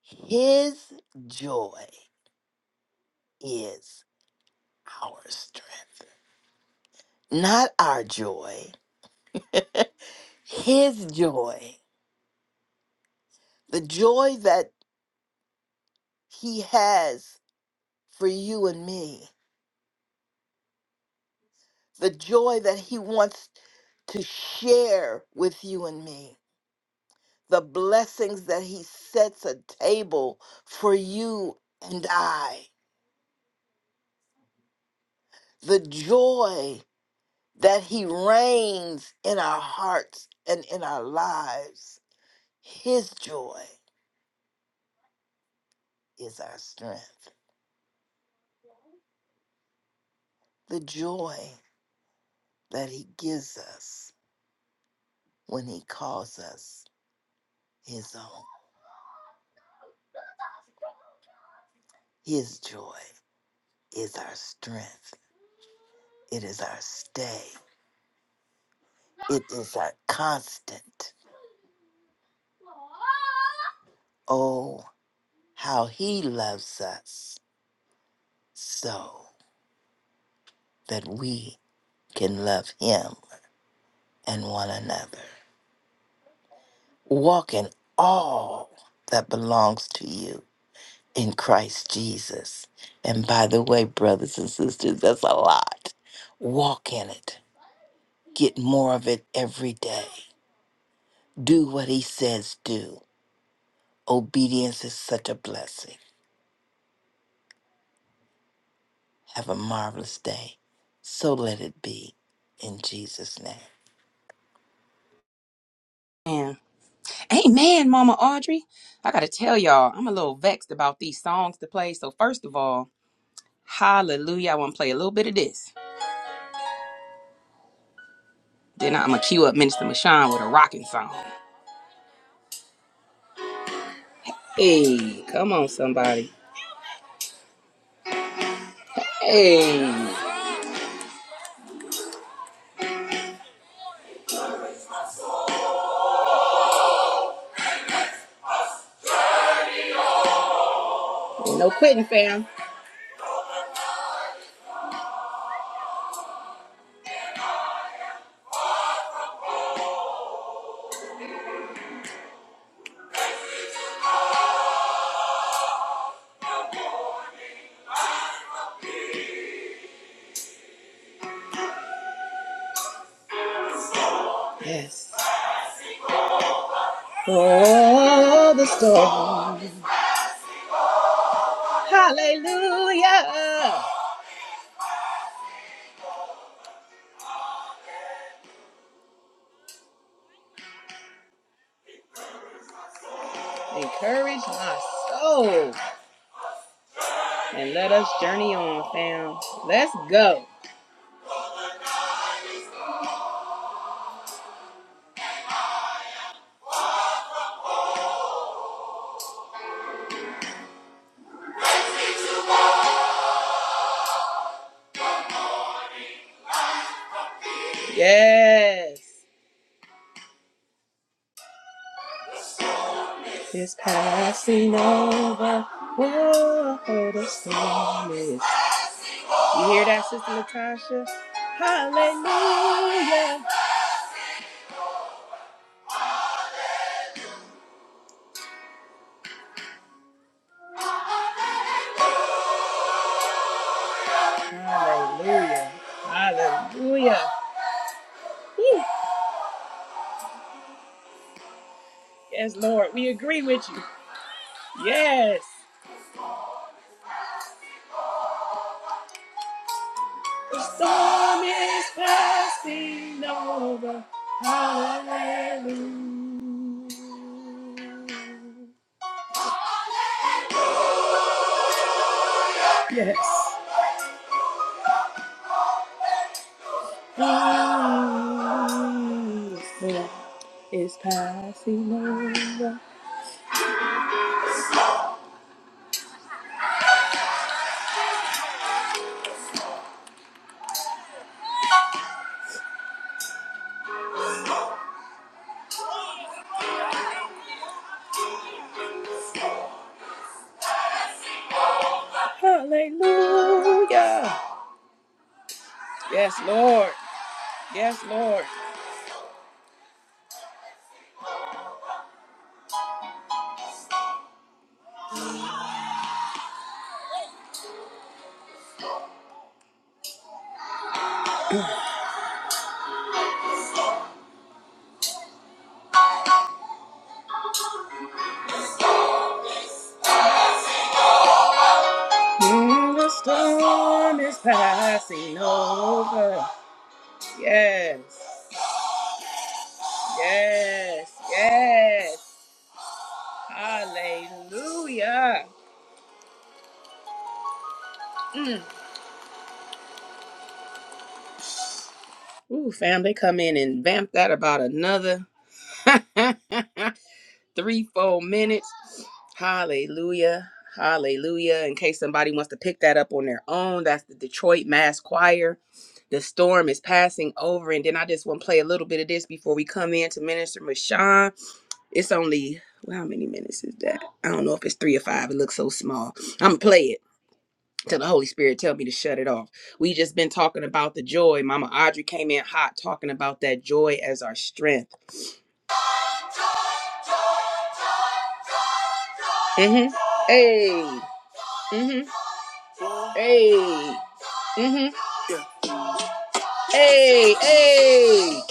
S7: his joy is our strength. Not our joy, his joy. The joy that he has for you and me. The joy that he wants to share with you and me the blessings that he sets a table for you and I. the joy that He reigns in our hearts and in our lives. His joy is our strength. The joy that He gives us when He calls us His own. His joy is our strength, it is our stay, it is our constant. Oh, how He loves us so that we can love Him and one another. Walk in all that belongs to you in Christ Jesus. And by the way, brothers and sisters, that's a lot. Walk in it. Get more of it every day. Do what he says do. Obedience is such a blessing. Have a marvelous day. So let it be in Jesus' name.
S2: Man. Amen, Mama Audrey. I gotta tell y'all, I'm a little vexed about these songs to play. So first of all, hallelujah. I wanna play a little bit of this. Then I'm gonna cue up Minister Michon with a rocking song. Hey, come on, somebody. Hey, no quitting, fam. Yes. Oh, the storm. Hallelujah. Encourage my soul. And let us journey on, fam. Let's go. Yes. It's passing over. Whoa, the storm is. You hear that, Sister Latasha? Hallelujah. Hallelujah. Hallelujah. Yes, Lord, we agree with you. Yes. The storm is passing over. Hallelujah. Yes. The storm is passing over. Hallelujah. Yes, Lord. Yes, Lord. Mm, the storm is passing over. Yes. Yes. Yes. Hallelujah. Mm. Ooh, fam, they come in and vamp that about another three, four minutes. Hallelujah. Hallelujah. In case somebody wants to pick that up on their own, that's the Detroit Mass Choir. The storm is passing over. And then I just want to play a little bit of this before we come in to Minister Mashawn. It's only, well, how many minutes is that? I don't know if it's three or five. It looks so small. I'm going to play it till the Holy Spirit tell me to shut it off. We just been talking about the joy. Mama Audrey came in hot talking about that joy as our strength. hmm Hey. hmm Hey. hmm Hey. Hey.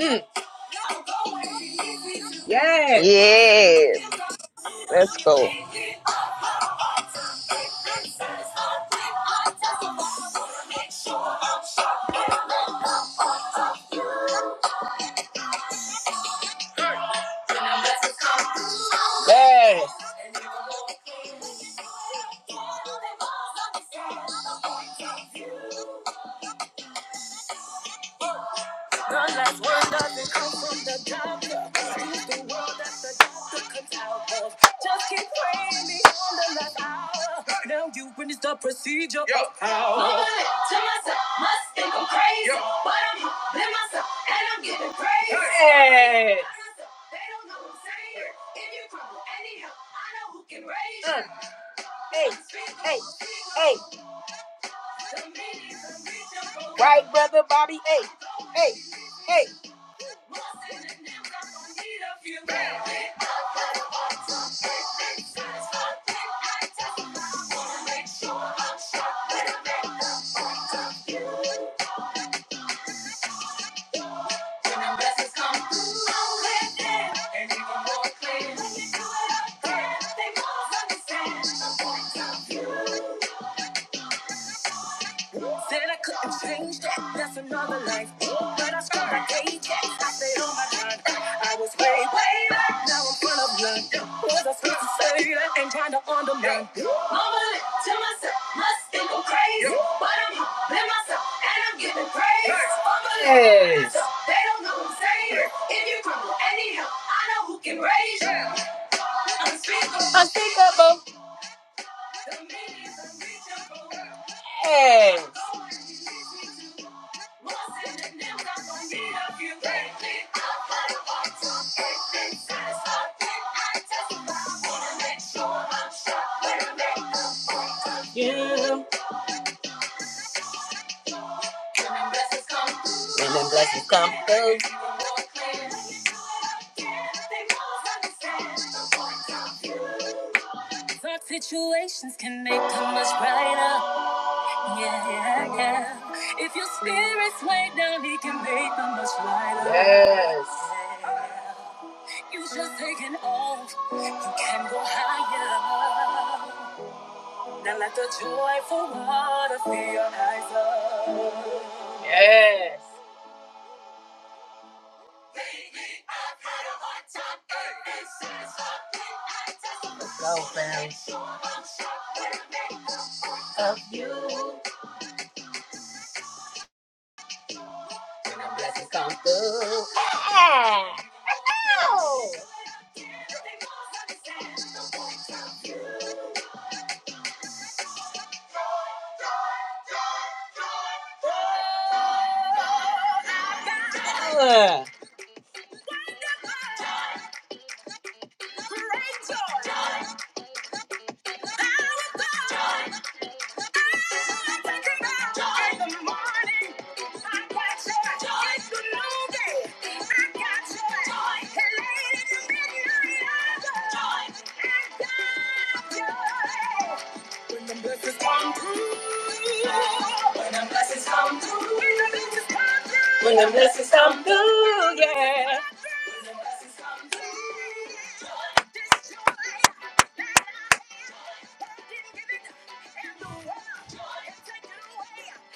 S2: Mm. Yes.
S6: Yes. Let's go.
S2: Yes. God's word doesn't come from the doctor. He's the world that the doctor comes out of. Just keep praying beyond the last hour. Now you witness the procedure. Yo. Mumbling to myself, must think I'm crazy. Yo. But I'm humbling myself and I'm giving praise. Hey. They don't know what I'm saying. If you crumble anyhow, I know who can raise you. Hey. Hey. Right, brother Bobby? Hey, hey. Said another life, but I struck a paycheck. I said, oh my God, I Yeah. Mama look to myself, must think I'm crazy. Yeah. But I'm humbling myself and I'm giving praise. Hey. Mama look to Yes. myself, they don't know what I'm saved. Yeah. If you crumble anyhow, I know who can raise you. Yeah. I'm Unspeakable. Unspeakable. The meaning is unreachable. Hey. When I make you. When them blessings come. When them blessings come through. Dark situations can make them much brighter. Yeah, yeah, yeah. If your spirit's way down, he can make them much lighter. Yes. You just taking off. You can go higher. Now let the joyful water fill your eyes up. Yes. Let's Go, fam. Of you. Yeah. Yeah. Great joy. Our God. Ooh, yeah.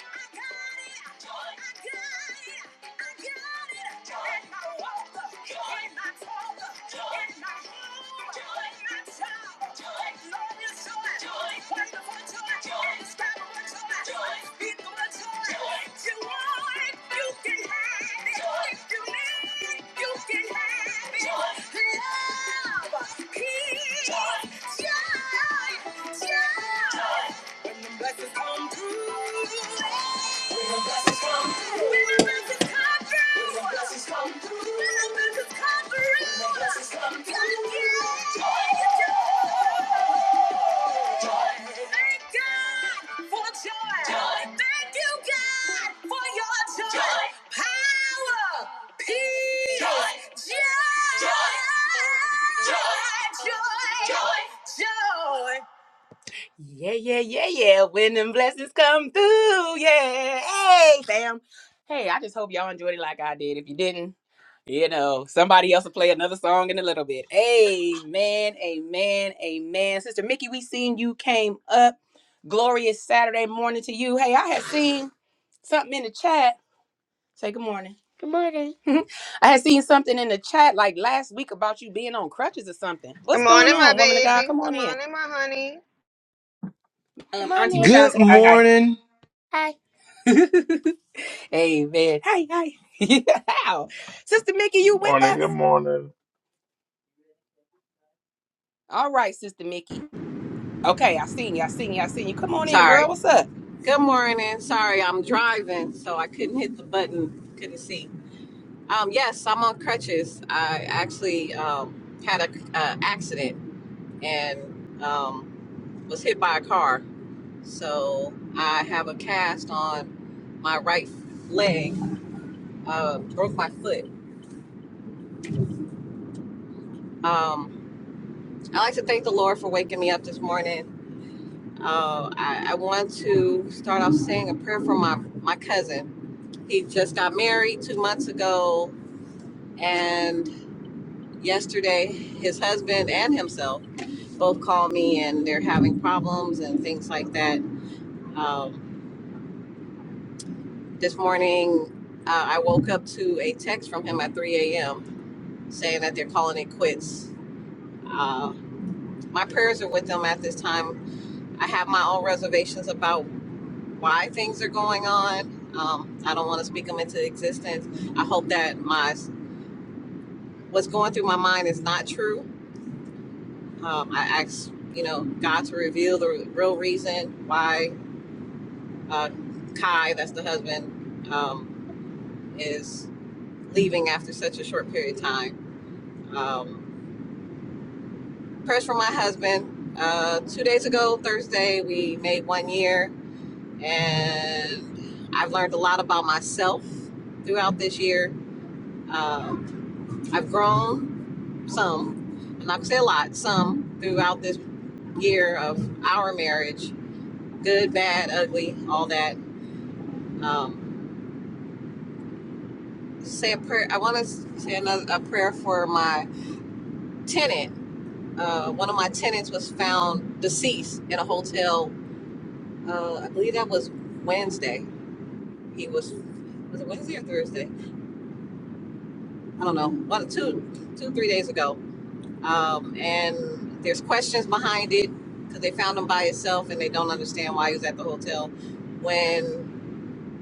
S2: You can have it. If you need, you can have it. Love, peace, joy, joy. When the blessings come through. When the blessings come through. When the blessings come through. When the blessings come through. When the blessings come through. When the blessings come through. Joy, joy, joy. Thank God for joy. Joy. Thank you, God, for your joy. Joy. Power, peace, joy, joy, joy, joy. joy. joy. Yeah, yeah, yeah, yeah. When them blessings come through, yeah. Hey, fam. Hey, I just hope y'all enjoyed it like I did. If you didn't, you know, somebody else will play another song in a little bit. Amen, amen, amen. Sister Mickey, we seen you came up. Glorious Saturday morning to you. Hey, I had seen something in the chat. Say good morning. Good morning. I had seen something in the chat like last week about you being on crutches or something. What's
S6: Good
S2: going
S6: morning, my
S2: on, woman of God?
S6: baby.
S2: Come on
S6: Good
S2: in.
S6: morning, my honey.
S2: Um, Auntie morning. Michonne,
S5: Good
S2: say hi, hi.
S5: morning.
S2: Hi. Amen. Hi, hi. How? Sister Mickey, you
S4: Good
S2: with
S4: morning. Good
S2: us?
S4: morning.
S2: All right, Sister Mickey. Okay, I seen you. I seen you. I seen you. Come on in, girl.
S8: Sorry.
S2: What's up?
S8: Good morning. Sorry, I'm driving, so I couldn't hit the button. Couldn't see. Um, yes, I'm on crutches. I actually um, had a uh, accident and um, was hit by a car. So I have a cast on my right leg. Uh, broke my foot. Um, I like to thank the Lord for waking me up this morning. Uh, I, I want to start off saying a prayer for my my cousin. He just got married two months ago And yesterday, his husband and himself both called me and they're having problems and things like that. Um, this morning, uh, I woke up to a text from him at 3 a.m. saying that they're calling it quits. Uh, my prayers are with them at this time. I have my own reservations about why things are going on. Um, I don't want to speak them into existence. I hope that my what's going through my mind is not true Um, I asked, you know, God to reveal the real reason why uh, Kai, that's the husband, um, is leaving after such a short period of time. Um, prayers for my husband. Uh, two days ago, Thursday, we made one year, and I've learned a lot about myself throughout this year. Uh, I've grown some, I'm not gonna say a lot, some throughout this year of our marriage good, bad, ugly, all that um, say a prayer. I want to say another a prayer for my tenant. Uh, one of my tenants was found deceased in a hotel. Uh, I believe that was Wednesday. He was was it Wednesday or Thursday? I don't know. One, two, two, three days ago. Um, and there's questions behind it because they found him by himself and they don't understand why he was at the hotel when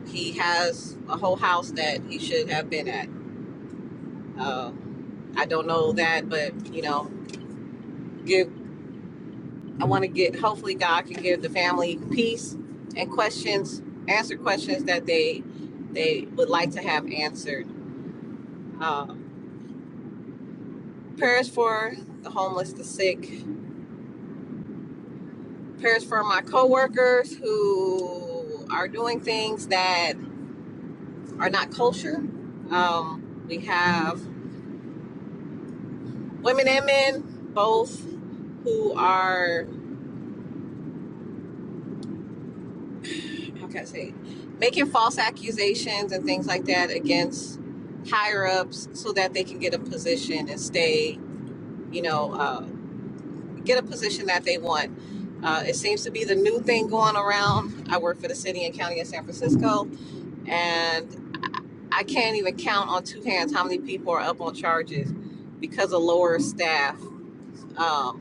S8: he has a whole house that he should have been at. Uh, I don't know that, but you know, give. I want to get, hopefully, God can give the family peace and questions, answer questions that they they would like to have answered. Uh, prayers for the homeless, the sick. Prayers for my coworkers who are doing things that are not kosher. Um, we have women and men both who are how can I say, making false accusations and things like that against higher ups so that they can get a position and stay, you know, uh, get a position that they want. Uh, it seems to be the new thing going around. I work for the city and county of San Francisco, and I can't even count on two hands how many people are up on charges because of lower staff. Um,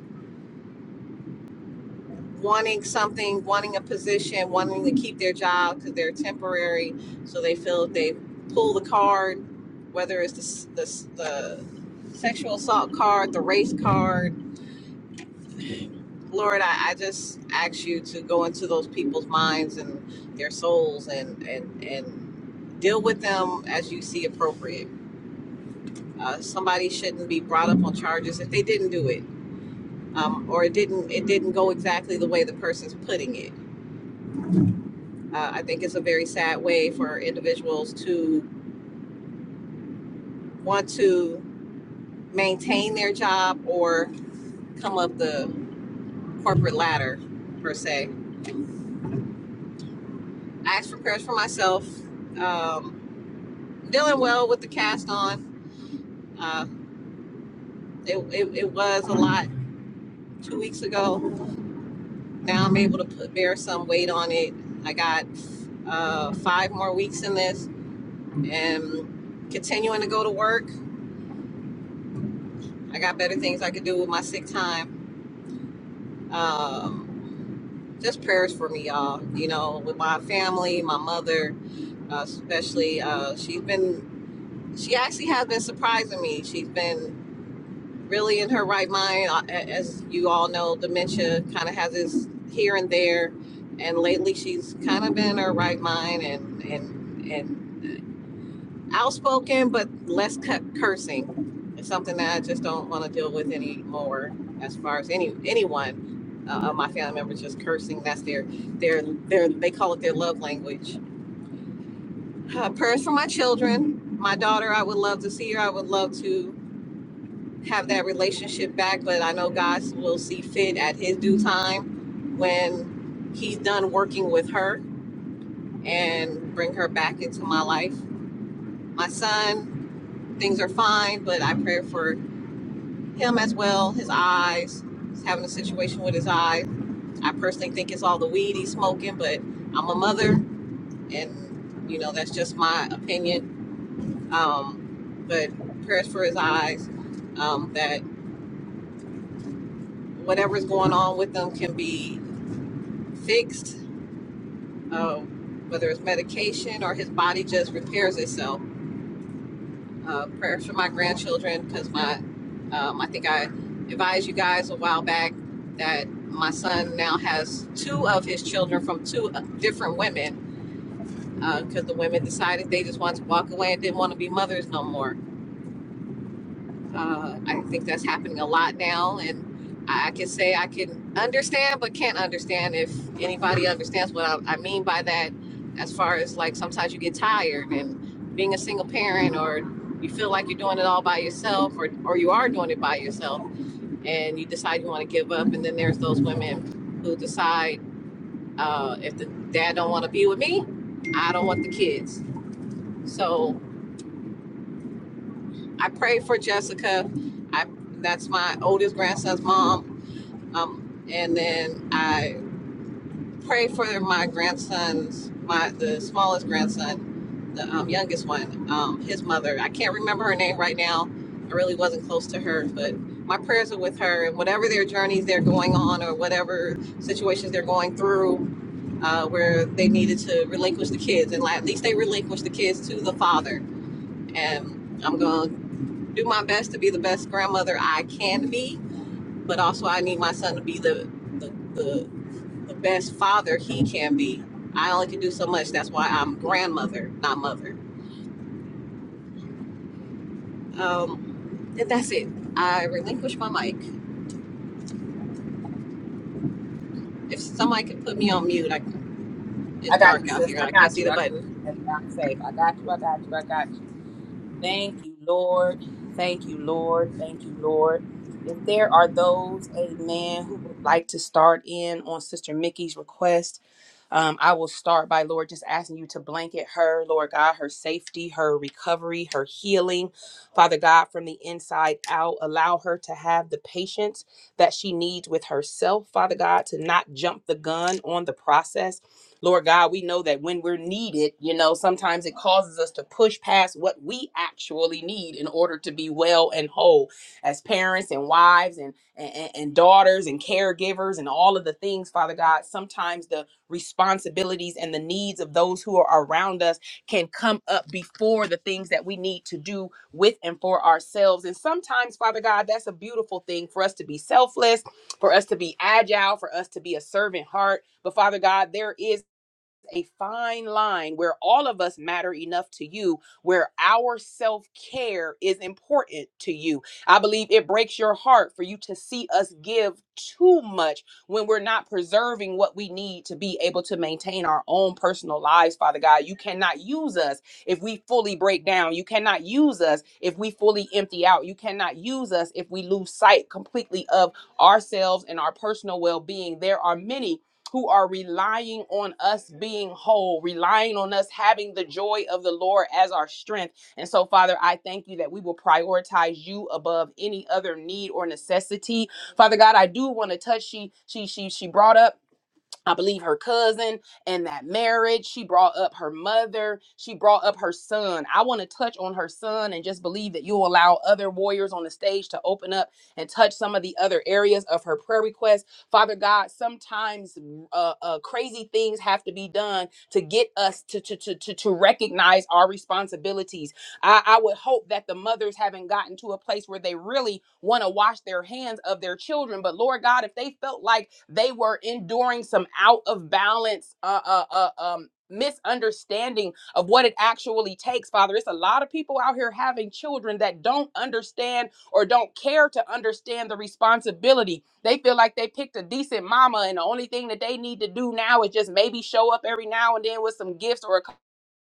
S8: wanting something, wanting a position, wanting to keep their job because they're temporary. So they feel if they pull the card, whether it's the, the, the sexual assault card, the race card. Lord, I, I just ask you to go into those people's minds and their souls and, and, and deal with them as you see appropriate. Uh, somebody shouldn't be brought up on charges if they didn't do it um, or it didn't it didn't go exactly the way the person's putting it Uh, I think it's a very sad way for individuals to want to maintain their job or come up the corporate ladder, per se. I asked for prayers for myself. Um, dealing well with the cast on. Uh, it, it, it was a lot two weeks ago. Now I'm able to put, bear some weight on it. I got uh, five more weeks in this and continuing to go to work. I got better things I could do with my sick time. Um, just prayers for me, y'all. You know, with my family, my mother, uh, especially. Uh, she's been, she actually has been surprising me. She's been really in her right mind. Uh, a- As you all know, dementia kind of has its here and there, and lately she's kind of been in her right mind and and. and outspoken but less cursing it's something that i just don't want to deal with anymore as far as any anyone uh, my family members just cursing that's their their their they call it their love language uh, prayers for my children my daughter i would love to see her i would love to have that relationship back but i know god will see fit at his due time when he's done working with her and bring her back into my life my son things are fine but i pray for him as well. His eyes, he's having a situation with his eyes, I personally think it's all the weed he's smoking, but I'm a mother, and you know that's just my opinion. Um, but prayers for his eyes, um, that whatever's going on with them can be fixed, uh, whether it's medication or his body just repairs itself uh, prayers for my grandchildren because my um, I think I advised you guys a while back that my son now has two of his children from two uh, different women because the women decided they just wanted to walk away and didn't want to be mothers no more. Uh, I think that's happening a lot now, and I can say I can understand, but can't understand if anybody understands what I, I mean by that. As far as like sometimes you get tired, and being a single parent, or you feel like you're doing it all by yourself, or or you are doing it by yourself, and you decide you want to give up, and then there's those women who decide uh, if the dad don't want to be with me, I don't want the kids. So I pray for Jessica. I that's my oldest grandson's mom Um, and then I pray for my grandsons, my the smallest grandson, the um, youngest one, um, his mother. I can't remember her name right now. I really wasn't close to her, but my prayers are with her and whatever their journeys they're going on or whatever situations they're going through. Uh, where they needed to relinquish the kids, and like, at least they relinquished the kids to the father. And I'm gonna do my best to be the best grandmother I can be, but also I need my son to be the the, the the best father he can be. I only can do so much. That's why I'm grandmother, not mother. Um, and that's it. I relinquish my mic. If somebody could put me on mute, I, it's
S2: I got you,
S8: dark out
S2: sis.
S8: here.
S2: I
S8: I can't
S2: got
S8: see
S2: you.
S8: the
S2: I got you.
S8: button.
S2: That's why I'm safe. I got you. I got you. I got you. Thank you, Lord. Thank you, Lord. Thank you, Lord. If there are those, amen, who would like to start in on Sister Mickey's request, um, I will start by, Lord, just asking you to blanket her, Lord God, her safety, her recovery, her healing, Father God, from the inside out. Allow her to have the patience that she needs with herself, Father God, to not jump the gun on the process. Lord God, we know that when we're needed, you know, sometimes it causes us to push past what we actually need in order to be well and whole as parents and wives and, and, and daughters and caregivers and all of the things, Father God. Sometimes the responsibilities and the needs of those who are around us can come up before the things that we need to do with and for ourselves. And sometimes, Father God, that's a beautiful thing for us to be selfless, for us to be agile, for us to be a servant heart. But Father God, there is a fine line where all of us matter enough to you, where our self care is important to you. I believe it breaks your heart for you to see us give too much when we're not preserving what we need to be able to maintain our own personal lives, Father God. You cannot use us if we fully break down. You cannot use us if we fully empty out. You cannot use us if we lose sight completely of ourselves and our personal well being. There are many who are relying on us being whole, relying on us having the joy of the Lord as our strength. And so, Father, I thank you that we will prioritize you above any other need or necessity. Father God, I do want to touch. She she she she brought up I believe her cousin and that marriage. She brought up her mother. She brought up her son. I want to touch on her son and just believe that you'll allow other warriors on the stage to open up and touch some of the other areas of her prayer request. Father God, sometimes uh, uh, crazy things have to be done to get us to, to, to, to, to recognize our responsibilities I, I would hope that the mothers haven't gotten to a place where they really want to wash their hands of their children. But Lord God, if they felt like they were enduring some out of balance, uh, uh, uh, um, misunderstanding of what it actually takes, Father, it's a lot of people out here having children that don't understand or don't care to understand the responsibility. They feel like they picked a decent mama, and the only thing that they need to do now is just maybe show up every now and then with some gifts or a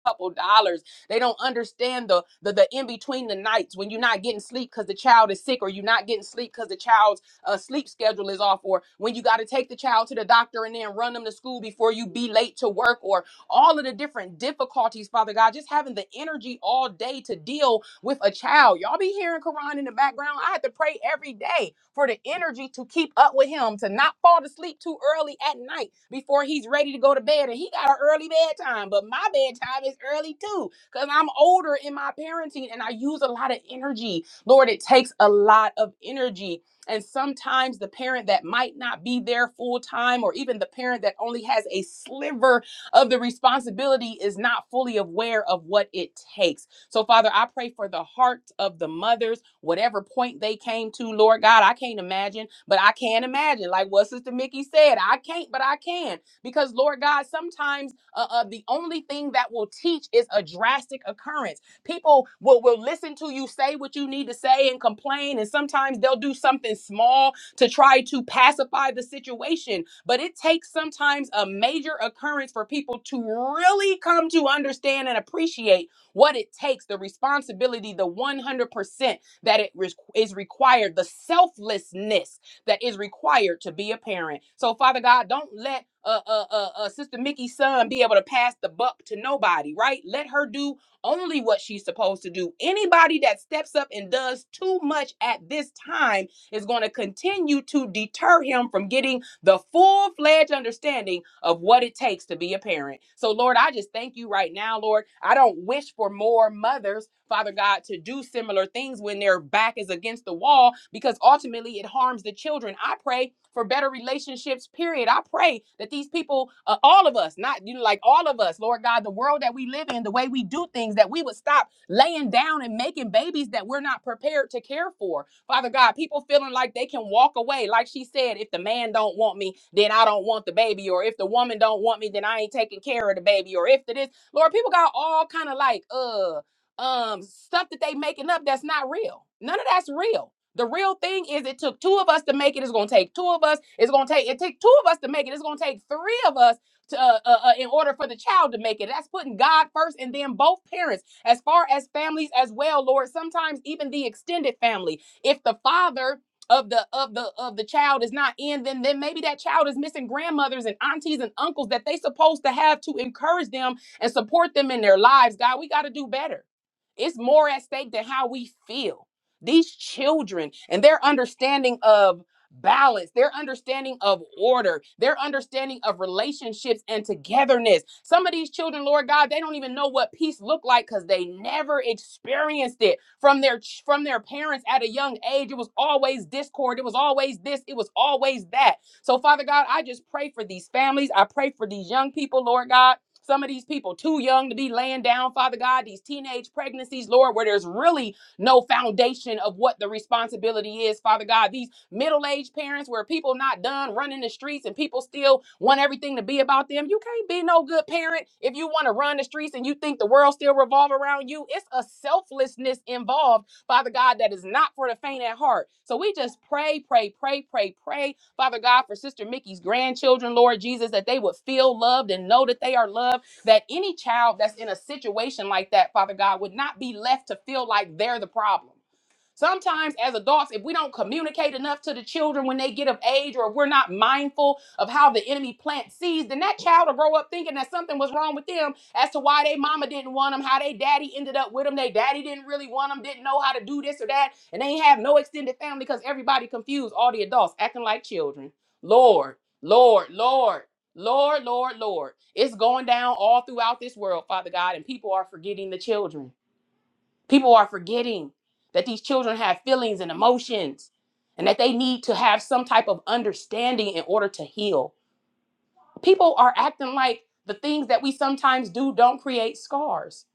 S2: couple dollars. They don't understand the the, the in between the nights when you're not getting sleep because the child is sick, or you're not getting sleep because the child's uh, sleep schedule is off, or when you got to take the child to the doctor and then run them to school before you be late to work, or all of the different difficulties, Father God, just having the energy all day to deal with a child. Y'all be hearing Quran in the background. I had to pray every day for the energy to keep up with him, to not fall to sleep too early at night before he's ready to go to bed. And he got an early bedtime, but my bedtime is early too because I'm older in my parenting and I use a lot of energy. Lord, it takes a lot of energy. And sometimes the parent that might not be there full time, or even the parent that only has a sliver of the responsibility, is not fully aware of what it takes. So, Father, I pray for the hearts of the mothers, whatever point they came to, Lord God. I can't imagine, but I can imagine. Like what Sister Mickey said, I can't, but I can. Because, Lord God, sometimes uh, uh, the only thing that will teach is a drastic occurrence. People will, will listen to you say what you need to say and complain. And sometimes they'll do something small to try to pacify the situation. But it takes sometimes a major occurrence for people to really come to understand and appreciate what it takes, the responsibility, the 100% that it re- is required, the selflessness that is required to be a parent. So, Father God, don't let uh, uh, uh, uh, Sister Mickey's son be able to pass the buck to nobody, right? Let her do only what she's supposed to do. Anybody that steps up and does too much at this time is going to continue to deter him from getting the full fledged understanding of what it takes to be a parent. So, Lord, I just thank you right now, Lord. I don't wish for more mothers, Father God, to do similar things when their back is against the wall because ultimately it harms the children. I pray for better relationships, period. I pray that these people, uh, all of us, not you know, like all of us, Lord God, the world that we live in, the way we do things, that we would stop laying down and making babies that we're not prepared to care for Father God, people feeling like they can walk away. Like she said, if the man don't want me, then I don't want the baby. Or if the woman don't want me, then I ain't taking care of the baby. Or if the this, Lord, people got all kind of like uh um stuff that they making up that's not real. None of that's real. The real thing is it took two of us to make it. It's gonna take two of us. It's gonna take it take two of us to make it. It's gonna take three of us to uh, uh, uh, in order for the child to make it. That's putting God first and then both parents as far as families as well, Lord. Sometimes even the extended family if the father of the of the of the child is not in then then maybe that child is missing grandmothers and aunties and uncles that they supposed to have to encourage them and support them in their lives god we got to do better it's more at stake than how we feel these children and their understanding of balance, their understanding of order, their understanding of relationships and togetherness. Some of these children, Lord God, they don't even know what peace looked like because they never experienced it from their from their parents at a young age. It was always discord. It was always this. It was always that. So, Father God, I just pray for these families. I pray for these young people, Lord God. Some of these people too young to be laying down, Father God, these teenage pregnancies, Lord, where there's really no foundation of what the responsibility is, Father God. These middle-aged parents where people not done running the streets and people still want everything to be about them. You can't be no good parent if you want to run the streets and you think the world still revolve around you. It's a selflessness involved, Father God, that is not for the faint at heart. So we just pray, pray, pray, pray, pray, Father God, for Sister Mickey's grandchildren, Lord Jesus, that they would feel loved and know that they are loved. That any child that's in a situation like that, Father God, would not be left to feel like they're the problem. Sometimes, as adults, if we don't communicate enough to the children when they get of age, or if we're not mindful of how the enemy plants seeds, then that child will grow up thinking that something was wrong with them as to why they mama didn't want them, how they daddy ended up with them, they daddy didn't really want them, didn't know how to do this or that, and they ain't have no extended family because everybody confused, all the adults acting like children. Lord, Lord, Lord. Lord, Lord, Lord, it's going down all throughout this world, Father God, and people are forgetting the children. People are forgetting that these children have feelings and emotions and that they need to have some type of understanding in order to heal. People are acting like the things that we sometimes do don't create scars.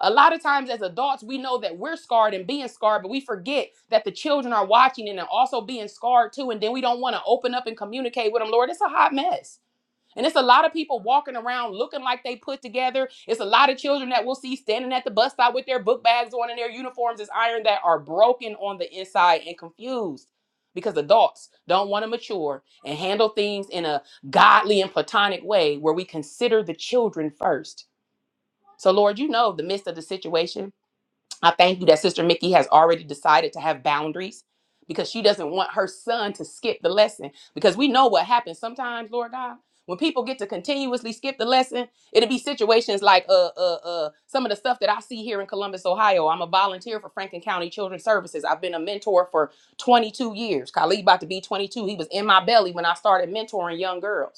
S2: A lot of times, as adults, we know that we're scarred and being scarred, but we forget that the children are watching and are also being scarred too. And then we don't want to open up and communicate with them. Lord, it's a hot mess and it's a lot of people walking around looking like they put together. It's a lot of children that we'll see standing at the bus stop with their book bags on and their uniforms is iron that are broken on the inside and confused because adults don't want to mature and handle things in a godly and platonic way where we consider the children first. So, Lord, you know the midst of the situation. I thank you that Sister Mickey has already decided to have boundaries because she doesn't want her son to skip the lesson. Because we know what happens sometimes, Lord God. When people get to continuously skip the lesson, it'll be situations like uh uh uh some of the stuff that I see here in Columbus, Ohio. I'm a volunteer for Franklin County Children's Services. I've been a mentor for 22 years. Khalid about to be 22. He was in my belly when I started mentoring young girls.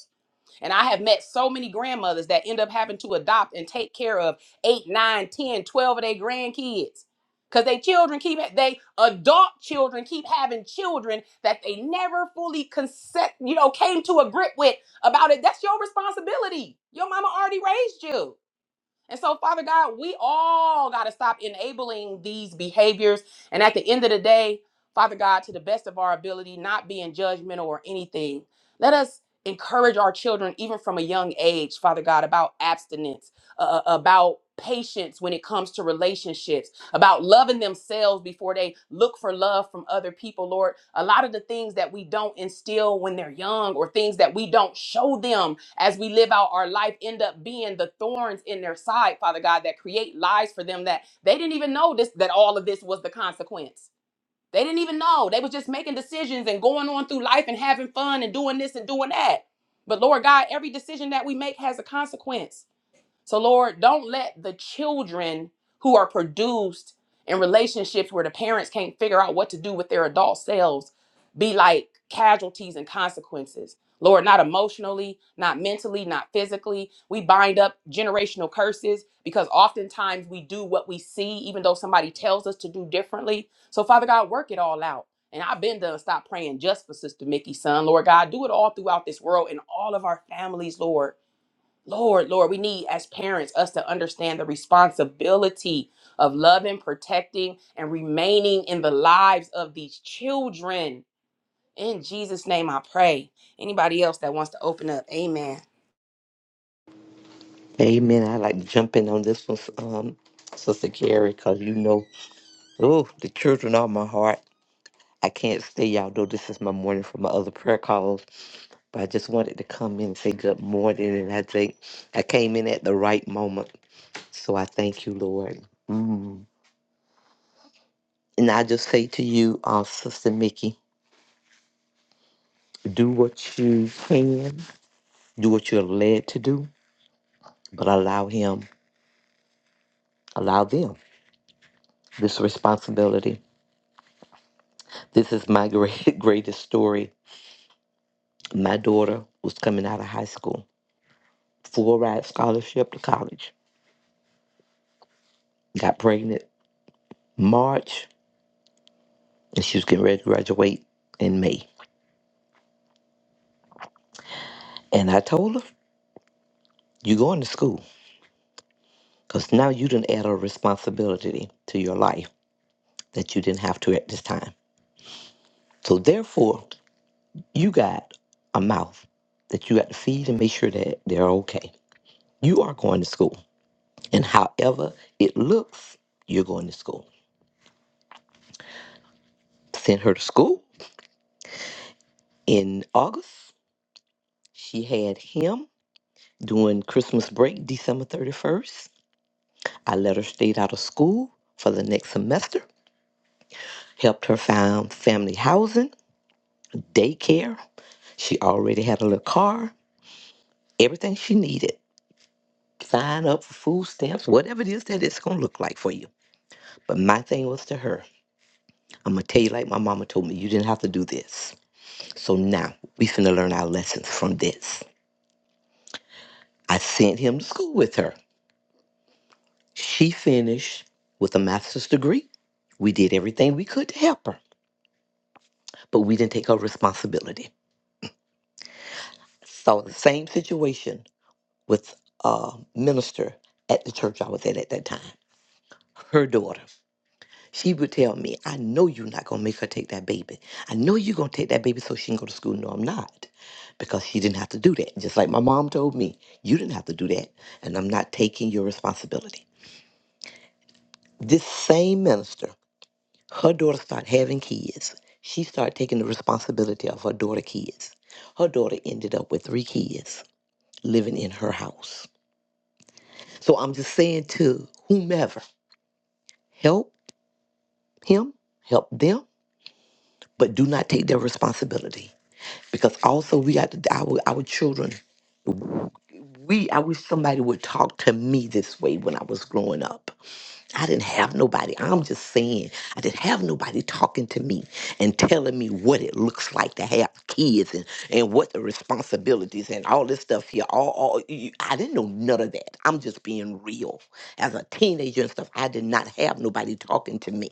S2: And I have met so many grandmothers that end up having to adopt and take care of eight, nine, ten, twelve of their grandkids. Because they children keep they adult children keep having children that they never fully consent, you know, came to a grip with about it. That's your responsibility. Your mama already raised you. And so, Father God, we all got to stop enabling these behaviors. And at the end of the day, Father God, to the best of our ability, not being judgmental or anything, let us encourage our children, even from a young age, Father God, about abstinence, uh, about patience when it comes to relationships, about loving themselves before they look for love from other people, Lord. A lot of the things that we don't instill when they're young or things that we don't show them as we live out our life end up being the thorns in their side father god that create lies for them that they didn't even know this that all of this was the consequence they didn't even know they was just making decisions and going on through life and having fun and doing this and doing that but lord god every decision that we make has a consequence so, Lord, don't let the children who are produced in relationships where the parents can't figure out what to do with their adult selves be like casualties and consequences. Lord, not emotionally, not mentally, not physically. We bind up generational curses because oftentimes we do what we see, even though somebody tells us to do differently. So, Father God, work it all out. And I've been done. Stop praying just for Sister Mickey's son, Lord God. Do it all throughout this world and all of our families, Lord. Lord, Lord, we need as parents us to understand the responsibility of loving, protecting, and remaining in the lives of these children. In Jesus' name I pray. Anybody else that wants to open up, amen.
S9: Amen. I like to jump in on this one, um, Sister Carrie, because you know, oh, the children are my heart. I can't stay, y'all know this is my morning for my other prayer calls, but I just wanted to come in and say good morning. And I think I came in at the right moment. So I thank you, Lord. Mm. And I just say to you, uh, Sister Mickey, do what you can, do what you're led to do, but allow Him, allow them this responsibility. This is my great, greatest story My daughter was coming out of high school, full ride scholarship to college. Got pregnant March, and she was getting ready to graduate in May. And I told her, "You going to school? Cause now you didn't add a responsibility to your life that you didn't have to at this time. So therefore, you got a mouth that you got to feed and make sure that they're okay. You are going to school, and however it looks, you're going to school." Sent her to school in August. She had him During Christmas break, December 31st, I let her stay out of school for the next semester, helped her find family housing, daycare. She already had a little car, everything she needed. Sign up for food stamps, whatever it is that it's going to look like for you. But my thing was to her, I'm going to tell you like my mama told me, you didn't have to do this. So now we finna learn our lessons from this. I sent him to school with her. She finished with a master's degree. We did everything we could to help her. but we didn't take our responsibility. So the same situation with a minister at the church I was at at that time. Her daughter, she would tell me, "I know you're not gonna make her take that baby. I know you're gonna take that baby so she can go to school." No, I'm not, because she didn't have to do that. Just like my mom told me, you didn't have to do that, and I'm not taking your responsibility. This same minister, her daughter started having kids. She started taking the responsibility of her daughter kids. Her daughter ended up with three kids living in her house. So I'm just saying to whomever, help him, help them, but do not take their responsibility. Because also we got to, our our children. We I wish somebody would talk to me this way when I was growing up. I didn't have nobody. I'm just saying, I didn't have nobody talking to me and telling me what it looks like to have kids and, and what the responsibilities and all this stuff here. All, all you, I didn't know none of that. I'm just being real. As a teenager and stuff, I did not have nobody talking to me.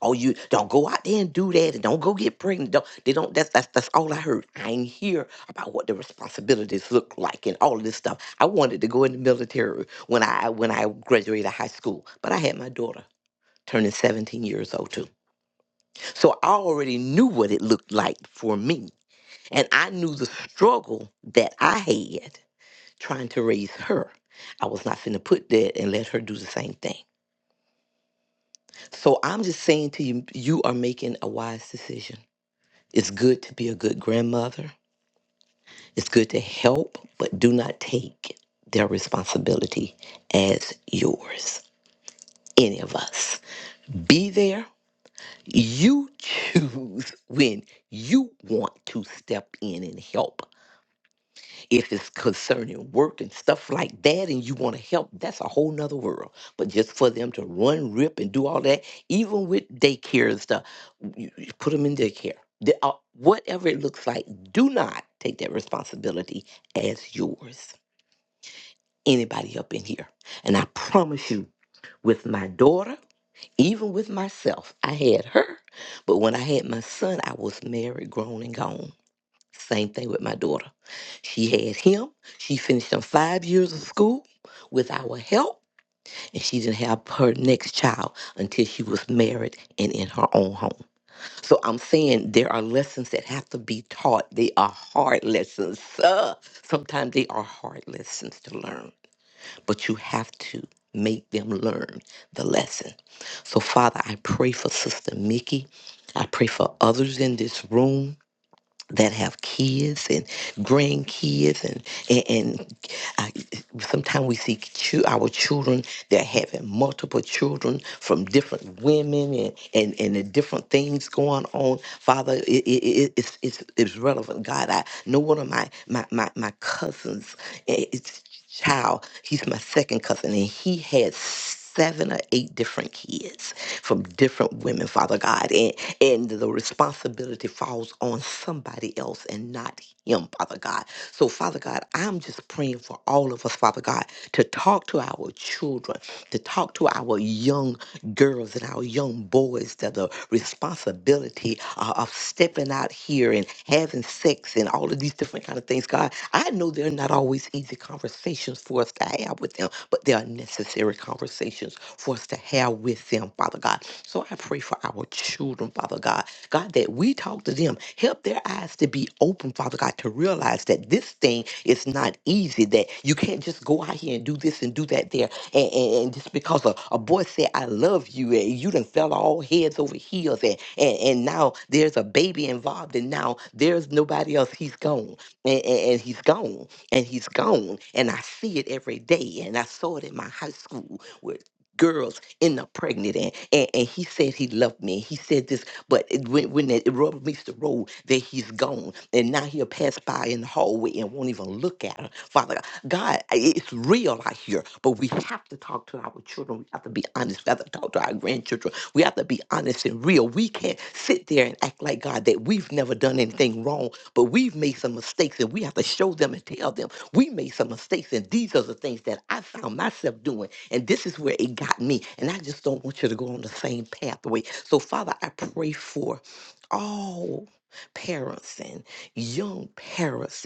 S9: Oh, you don't go out there and do that, and don't go get pregnant. Don't they don't? That's that's that's all I heard. I ain't hear about what the responsibilities look like and all of this stuff. I wanted to go in the military when I when I graduated high school, but I had my daughter turning 17 years old too, so I already knew what it looked like for me, and I knew the struggle that I had trying to raise her. I was not finna put that and let her do the same thing. So I'm just saying to you, you are making a wise decision It's good to be a good grandmother. It's good to help, but do not take their responsibility as yours, any of us. Be there. You choose when you want to step in and help if it's concerning work and stuff like that and you want to help that's a whole nother world but just for them to run rip and do all that even with daycare and stuff you, you put them in daycare The- uh, whatever it looks like do not take that responsibility as yours anybody up in here and i promise you with my daughter even with myself i had her but when i had my son i was married grown and gone same thing with my daughter. She had him. She finished them five years of school with our help, and she didn't have her next child until she was married and in her own home. So I'm saying there are lessons that have to be taught. They are hard lessons. Uh, sometimes they are hard lessons to learn, but you have to make them learn the lesson. So, Father, I pray for Sister Mickey. I pray for others in this room that have kids and grandkids and and, and I, sometimes we see chil- our children that are having multiple children from different women and and, and the different things going on father it, it, it, it's, it's it's relevant god i know one of my my my, my cousins eh, it's child he's my second cousin and he had seven or eight different kids from different women, Father God. And, and the responsibility falls on somebody else and not him, Father God. So, Father God, I'm just praying for all of us, Father God, to talk to our children, to talk to our young girls and our young boys that the responsibility uh, of stepping out here and having sex and all of these different kind of things. God, I know they're not always easy conversations for us to have with them, but they are necessary conversations for us to have with them, Father God. So I pray for our children, Father God. God, that we talk to them, help their eyes to be open, Father God, to realize that this thing is not easy, that you can't just go out here and do this and do that there and, and, and just because a, a boy said, I love you, and you done fell all heads over heels, and, and, and now there's a baby involved, and now there's nobody else. He's gone. And, and, and he's gone. And he's gone. And I see it every day. And I saw it in my high school where girls end up pregnant and, and and he said he loved me he said this but it, when, when it, it rubber meets the road that he's gone and now he'll pass by in the hallway and won't even look at her father God, I- it's real out here, but we have to talk to our children. We have to be honest. We have to talk to our grandchildren. We have to be honest and real. We can't sit there and act like God that we've never done anything wrong, but we've made some mistakes and we have to show them and tell them we made some mistakes and these are the things that I found myself doing and this is where it got me. And I just don't want you to go on the same pathway. So, Father, I pray for all parents and young parents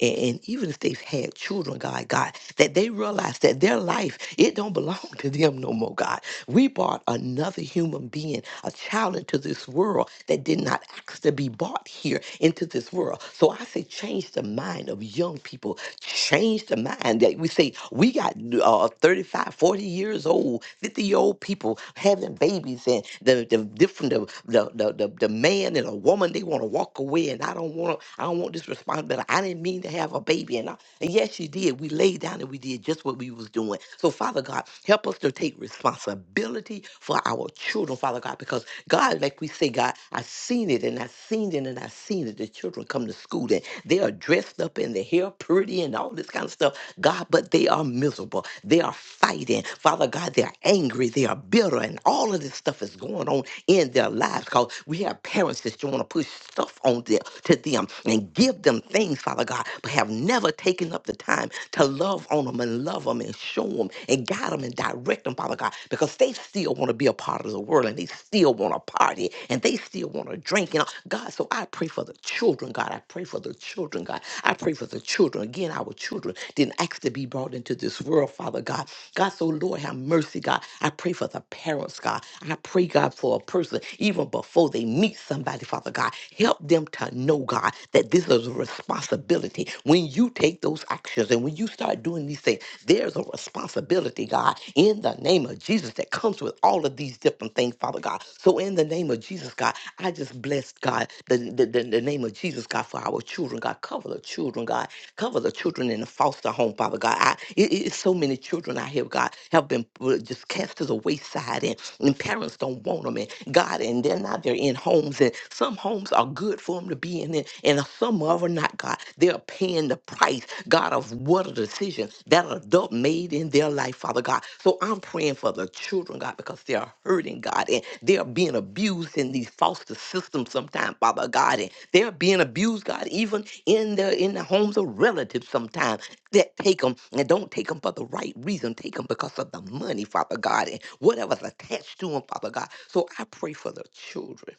S9: and, and even if they've had children, God, God, that they realize that their life, it don't belong to them no more, God. We brought another human being, a child into this world that did not ask to be brought here into this world. So I say, change the mind of young people. Change the mind that we say, we got uh, 35, 40 years old, 50 year old people having babies and the, the different, the, the, the, the, the man and a woman, they want to walk away and I don't want to, I don't want this responsibility. I didn't mean to have a baby. And and yes, you did. We laid down and we did just what we was doing. So, Father God, help us to take responsibility for our children, Father God, because God, like we say, God, I've seen it and I've seen it and I've seen it. The children come to school and they are dressed up and their hair pretty and all this kind of stuff. God, but they are miserable. They are fighting. Father God, they're angry. They are bitter and all of this stuff is going on in their lives because we have parents that want to push stuff on them to them and give them things, Father God, but have never taken up the time to love on them and love them and show them and guide them and direct them, Father God, because they still want to be a part of the world and they still want to party and they still want to drink. And all- God, so I pray for the children, God. I pray for the children, God. I pray for the children. Again, our children didn't ask to be brought into this world, Father God. God, God. So, Lord, have mercy, God. I pray for the parents, God. I pray, God, for a person, even before they meet somebody, Father God. Help them to know, God, that this is a responsibility. When you take those actions and when you start doing these things, there's a responsibility, God, in the name of Jesus that comes with all of these different things, Father God. So, in the name of Jesus, God, I just bless, God, the, the, the the name of Jesus, God, for our children, God. Cover the children, God, Cover the children in the foster home, Father God. I, it, it's so many children out here, God, have been uh, just cast to the wayside, and, and parents don't want them. And God, and they're not, they're in homes, and some homes are good for them to be in, and, and some of them are not, God. They're paying the price, God, of what a decision that adult made in their life, Father God. So I'm praying for the children, God, because they are hurting, God, and they are being abused in these foster systems sometimes, Father God. And they're being abused, God, even in the in the homes of relatives sometimes that take them and don't take them for the right reason. Take them because of the money, Father God, and whatever's attached to them, Father God. So I pray for the children.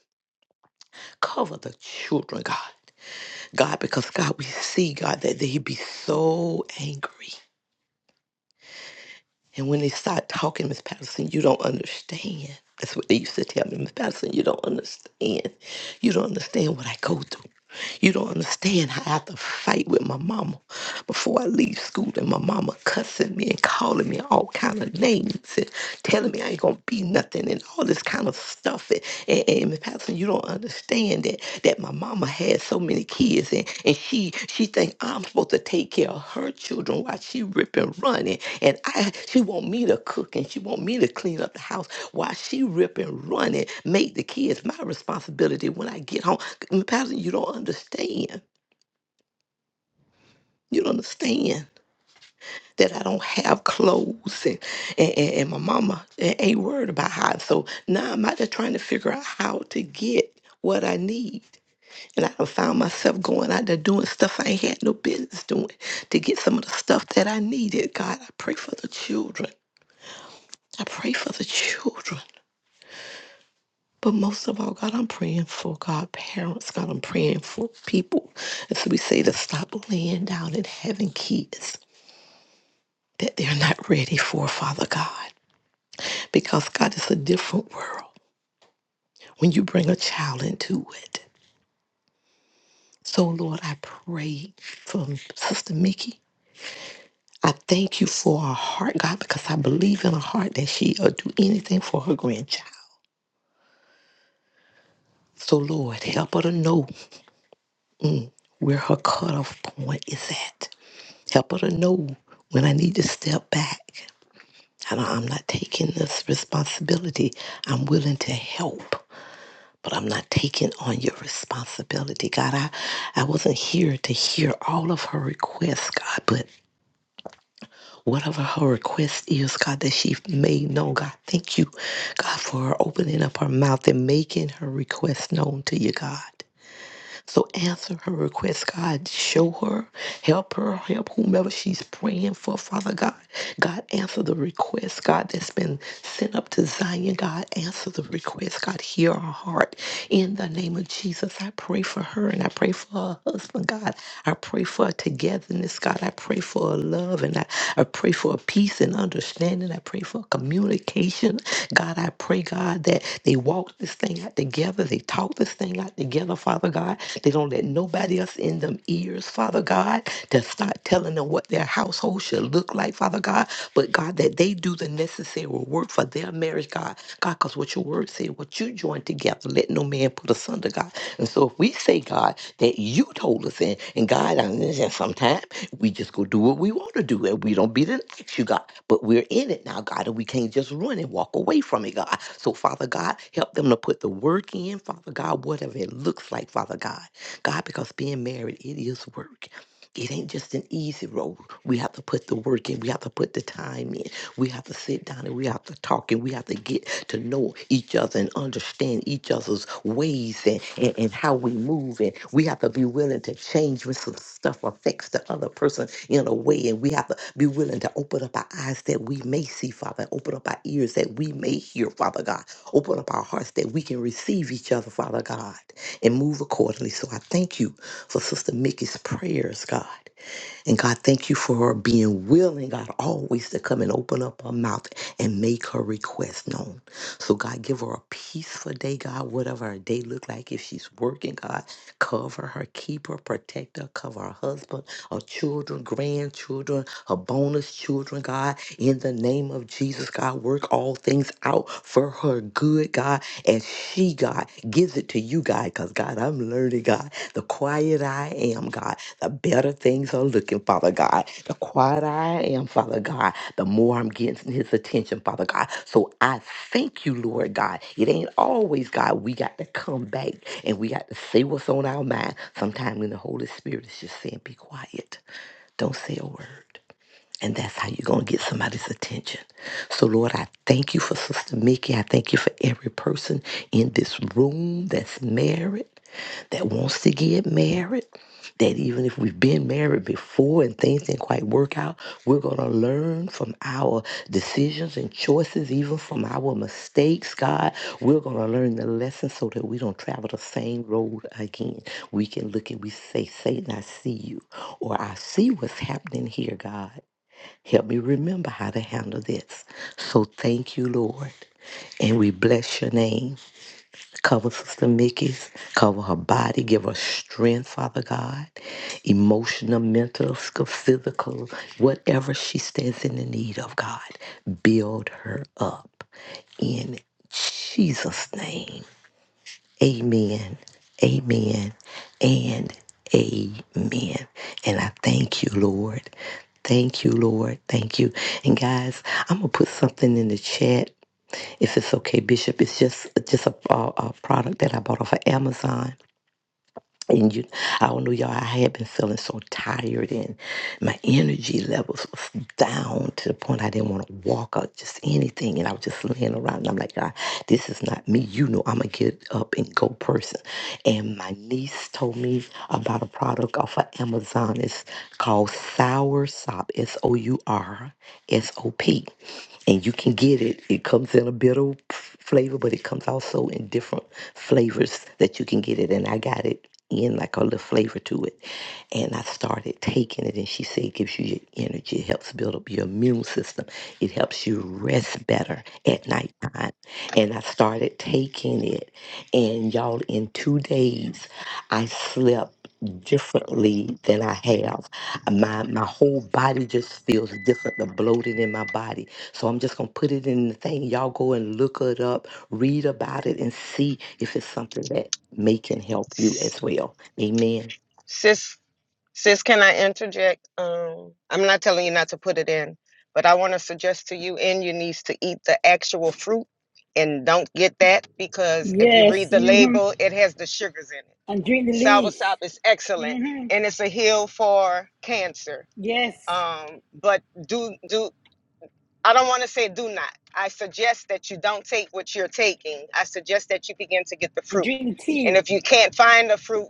S9: Cover the children, God. God, because God, we see, God, that they be so angry. And when they start talking, Miss Patterson, you don't understand. That's what they used to tell me, Miss Patterson, you don't understand. You don't understand what I go through. You don't understand how I have to fight with my mama before I leave school and my mama cussing me and calling me all kind of names and telling me I ain't gonna be nothing and all this kind of stuff. And, and, and Miss Patterson, you don't understand that that my mama had so many kids and, and she she think I'm supposed to take care of her children while she ripping running and I, she want me to cook and she want me to clean up the house while she rip and run and make the kids my responsibility when I get home. Mm, Pastor, you don't understand. You don't understand that I don't have clothes and, and, and and my mama a- ain't worried about how. So now I'm out there trying to figure out how to get what I need. And I done found myself going out there doing stuff I ain't had no business doing to get some of the stuff that I needed. God, I pray for the children. I pray for the children. But most of all, God, I'm praying for God, parents. God, I'm praying for people. And so we say, to stop laying down and having kids that they're not ready for, Father God. Because, God, it's a different world when you bring a child into it. So, Lord, I pray for Sister Mickey. I thank you for her heart, God, because I believe in her heart that she'll do anything for her grandchild. So, Lord, help her to know where her cutoff point is at. Help her to know when I need to step back. And I'm not taking this responsibility. I'm willing to help, but I'm not taking on your responsibility. God, I, I wasn't here to hear all of her requests, God, but whatever her request is, God, that she made known, God, thank you, God, for her opening up her mouth and making her request known to you, God. So answer her request, God. Show her, help her, help whomever she's praying for, Father God. God, answer the request, God, that's been sent up to Zion. God, answer the request. God, hear our heart. In the name of Jesus, I pray for her and I pray for her husband, God. I pray for her togetherness, God. I pray for her love and I, I pray for her peace and understanding. I pray for communication. God, I pray, God, that they walk this thing out together. They talk this thing out together, Father God. They don't let nobody else in them ears, Father God, to start telling them what their household should look like, Father God. But God, that they do the necessary work for their marriage, God. God, because what your word said, what you joined together, let no man put asunder, God. And so if we say, God, that you told us in, and God, I understand. sometimes we just go do what we want to do and we don't be the next you, God. But we're in it now, God, and we can't just run and walk away from it, God. So, Father God, help them to put the work in, Father God, whatever it looks like, Father God. God, because being married, it is work. It ain't just an easy road. We have to put the work in. We have to put the time in. We have to sit down and we have to talk and we have to get to know each other and understand each other's ways and, and, and how we move. And we have to be willing to change when some stuff affects the other person in a way. And we have to be willing to open up our eyes that we may see, Father, and open up our ears that we may hear, Father God. Open up our hearts that we can receive each other, Father God and move accordingly. So I thank you for Sister Mickey's prayers, God. And God, thank you for her being willing, God, always to come and open up her mouth and make her request known. So God, give her a peaceful day, God, whatever her day look like. If she's working, God, cover her, keep her, protect her, cover her husband, her children, grandchildren, her bonus children, God, in the name of Jesus, God, work all things out for her good, God, as she, God, gives it to you, God, because, God, I'm learning, God, the quiet I am, God, the better things are looking, Father God, the quieter I am, Father God, the more I'm getting his attention, Father God. So I thank you, Lord God. It ain't always, God, we got to come back and we got to say what's on our mind. Sometimes when the Holy Spirit is just saying, be quiet, don't say a word. And that's how you're going to get somebody's attention. So, Lord, I thank you for Sister Mickey. I thank you for every person in this room that's married, that wants to get married, that even if we've been married before and things didn't quite work out, we're going to learn from our decisions and choices, even from our mistakes, God. We're going to learn the lesson so that we don't travel the same road again. We can look and we say, Satan, I see you, or I see what's happening here, God. Help me remember how to handle this. So thank you, Lord. And we bless your name. Cover Sister Mickey's, cover her body, give her strength, Father God, emotional, mental, sc- physical, whatever she stands in the need of, God. Build her up in Jesus' name. Amen. Amen. And amen. And I thank you, Lord. Thank you, Lord. Thank you. And guys, I'm gonna put something in the chat if it's okay, Bishop. It's just just a, a, a product that I bought off of Amazon and you, I don't know, y'all. I had been feeling so tired, and my energy levels was down to the point I didn't want to walk or just anything. And I was just laying around, and I'm like, God, this is not me. You know, I'm a get up and go person. And my niece told me about a product off of Amazon. It's called Sour Sop. S O U R S O P and you can get it. It comes in a bitter flavor, but it comes also in different flavors that you can get it. And I got it in like a little flavor to it. And I started taking it, and she said it gives you your energy, it helps build up your immune system, it helps you rest better at nighttime. And I started taking it, and y'all, in two days, I slept differently than I have. My my whole body just feels different. The bloating in my body so I'm just going to put it in the thing. Y'all go and look it up, read about it, and see if it's something that may can help you
S6: S-
S9: as well. Amen.
S6: Sis, sis, can I interject? Um, I'm not telling you not to put it in, but I want to suggest to you and your niece to eat the actual fruit and don't get that because if you read
S1: Yes.
S6: the
S1: hmm
S6: label, it has the sugars in it.
S1: And drink the leaf.
S6: Soursop is excellent
S1: hmm
S6: and it's a heal for cancer.
S1: Yes.
S6: Um, but do do I don't want to say do not. I suggest that you don't take what you're taking. I suggest that you begin to get the
S1: And
S6: fruit.
S1: drink the
S6: And
S1: tea.
S6: if you can't find the fruit